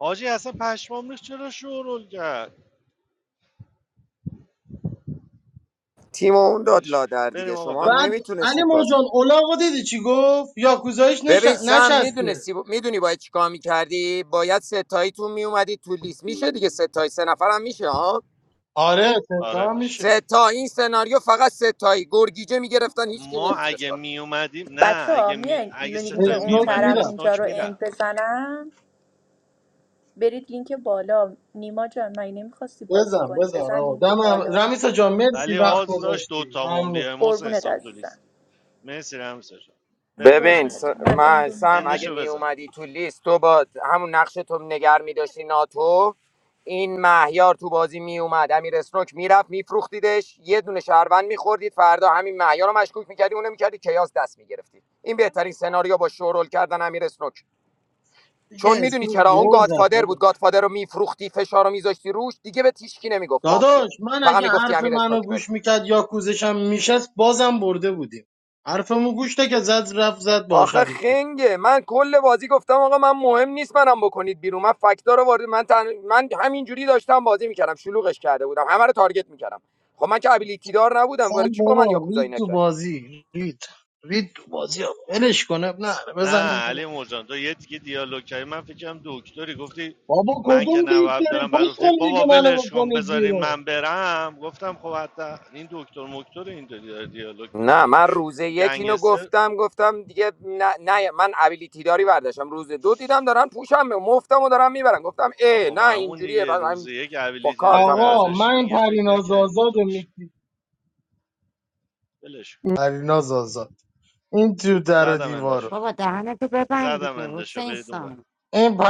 Speaker 10: حاجی اصلا پشمام ریخت چرا شورول کرد
Speaker 16: تیم اون داد
Speaker 10: ولش کن.
Speaker 16: لادر
Speaker 10: بریم
Speaker 16: دیگه
Speaker 10: آقا
Speaker 16: شما هم
Speaker 13: بعد
Speaker 10: ببندیم
Speaker 13: علی
Speaker 16: نمیتونستید باز
Speaker 13: مرجان اولاغو دیدی چی گفت یاکوزایش نش...
Speaker 16: ببین سم
Speaker 13: نشسته
Speaker 16: میدونستی میدونی باید چیکار میکردی باید ستاییتون میومدی تو لیست میشه دیگه ستایی سه نفرم میشه ها
Speaker 13: آره
Speaker 10: آره
Speaker 13: تتا
Speaker 10: میشه
Speaker 13: میشه
Speaker 16: ستا این سناریو فقط ستایی گرگیجه میگرفتن هیچ کی
Speaker 10: ما
Speaker 16: نمیتونست
Speaker 10: اگه
Speaker 16: کار کنه.
Speaker 10: می اومدیم نه
Speaker 18: بچه ها
Speaker 10: اگه می...
Speaker 18: میان
Speaker 10: اگه
Speaker 18: لینک
Speaker 10: ستای
Speaker 18: اون
Speaker 10: می
Speaker 13: اسنوک
Speaker 10: اومدیم
Speaker 18: طرف
Speaker 13: میرم
Speaker 18: اینجا
Speaker 10: اسنوک
Speaker 18: رو
Speaker 10: میرم
Speaker 18: اند بزنم برید لینک بالا نیما جان من نمیخواستی بازی
Speaker 13: بزن
Speaker 18: کنی
Speaker 13: بزن
Speaker 18: بزن
Speaker 13: آقا
Speaker 18: لینک
Speaker 13: دم هم-
Speaker 18: بالا
Speaker 13: رمیسا جان مرسی
Speaker 10: ولی
Speaker 13: وقت
Speaker 10: آز داشت
Speaker 13: گذاشتی
Speaker 10: دوتامون
Speaker 13: ممنون
Speaker 10: بیایم حسین
Speaker 18: قربونت
Speaker 10: اسلام تو
Speaker 18: عزیزم
Speaker 10: لیست مرسی رمسه جان بریم بریم
Speaker 16: ببین س...
Speaker 10: بابا
Speaker 18: قربونتون من
Speaker 16: من
Speaker 18: اندو
Speaker 16: سم اگه
Speaker 18: میزنم
Speaker 10: اندشو
Speaker 16: می
Speaker 10: بزن
Speaker 16: اومدی تو لیست تو با همون نقش تو نگر می داشتی ناتو این مهیار تو بازی می اومد امیر اسنوک میرفت میفروختیدش یه دونه شهروند میخوردید فردا همین مهیار رو مشکوک میکردی اونو میکردی کیاس دست میگرفتید این بهترین سناریو با شورول کردن امیر اسنوک
Speaker 13: دیگه
Speaker 16: چون میدونی
Speaker 13: اسنوک
Speaker 16: چرا اون
Speaker 13: گل زد
Speaker 16: گادفادر
Speaker 13: دادا
Speaker 16: بود گادفادر رو میفروختی فشار رو میذاشتی روش دیگه به تیشکی نمیگفت مافیا
Speaker 13: داداش من
Speaker 16: فقط
Speaker 13: اگه
Speaker 16: میگفتی
Speaker 13: حرف
Speaker 16: امیر
Speaker 13: منو
Speaker 16: اسنوک بره
Speaker 13: گوش میکرد یا کوزشم میشست بازم برده بودیم حرفمو گوش ده که زد رفت زد با
Speaker 16: آخه
Speaker 13: شریفی
Speaker 16: خنگه من کل بازی گفتم آقا من مهم نیست منم بکنید بیرون من فکتا رو وارد من تن... من همینجوری داشتم بازی میکردم شلوغش کرده بودم همه رو تارگت میکردم خب من که ابیلیتی دار نبودم وارد
Speaker 13: زن
Speaker 16: چی با من
Speaker 13: بابا رید
Speaker 16: یاکوزایی
Speaker 13: تو
Speaker 16: نکرد
Speaker 13: بازی رید رید تو بازی آقا ولش کنه نه
Speaker 10: نه
Speaker 13: بزنیم
Speaker 10: علی مرجان تو یه دیگه دیالوگ کردی من فکرم دکتری گفتی
Speaker 13: بابا
Speaker 10: من
Speaker 13: کدوم
Speaker 10: که نباید
Speaker 13: دکتری
Speaker 10: برم بعد
Speaker 13: پس
Speaker 10: گفتی
Speaker 13: کن دیگه
Speaker 10: بابا
Speaker 13: منو
Speaker 10: ولش کن
Speaker 13: بکنید
Speaker 10: بذارین
Speaker 13: بیرون
Speaker 10: من برم گفتم خب حتی این دکتر مکتر این داره دیالوگ
Speaker 16: نه
Speaker 10: میکنه
Speaker 16: من روز یک اینو
Speaker 10: گنگستر
Speaker 16: گفتم گفتم دیگه نه, نه من ابیلیتی داری برداشتم روز دو دیدم دارن پوشم مفتم و دارن میبرن گفتم
Speaker 10: آه،
Speaker 16: ای
Speaker 10: خب
Speaker 16: نه
Speaker 10: همون
Speaker 16: اینجوریه
Speaker 10: دیگه
Speaker 16: بعد
Speaker 10: روز
Speaker 16: همین
Speaker 10: یک
Speaker 16: با
Speaker 10: ابیلیتی داری
Speaker 16: کارتم بازی
Speaker 13: آقا
Speaker 16: کردم.
Speaker 10: برداشتی
Speaker 13: من
Speaker 10: دیگه فکر
Speaker 13: پریناز
Speaker 10: نکردیم با
Speaker 13: آزاد
Speaker 10: تو میشه
Speaker 13: مکزیک
Speaker 10: ولش
Speaker 13: پریناز آزاد این تو در و
Speaker 10: زدم
Speaker 13: دیوار
Speaker 10: اندشو
Speaker 14: بابا دهنتو ببند
Speaker 10: زدم
Speaker 14: دیگه
Speaker 10: اندشو
Speaker 14: حسین
Speaker 10: برید اون ور.
Speaker 14: سام
Speaker 13: این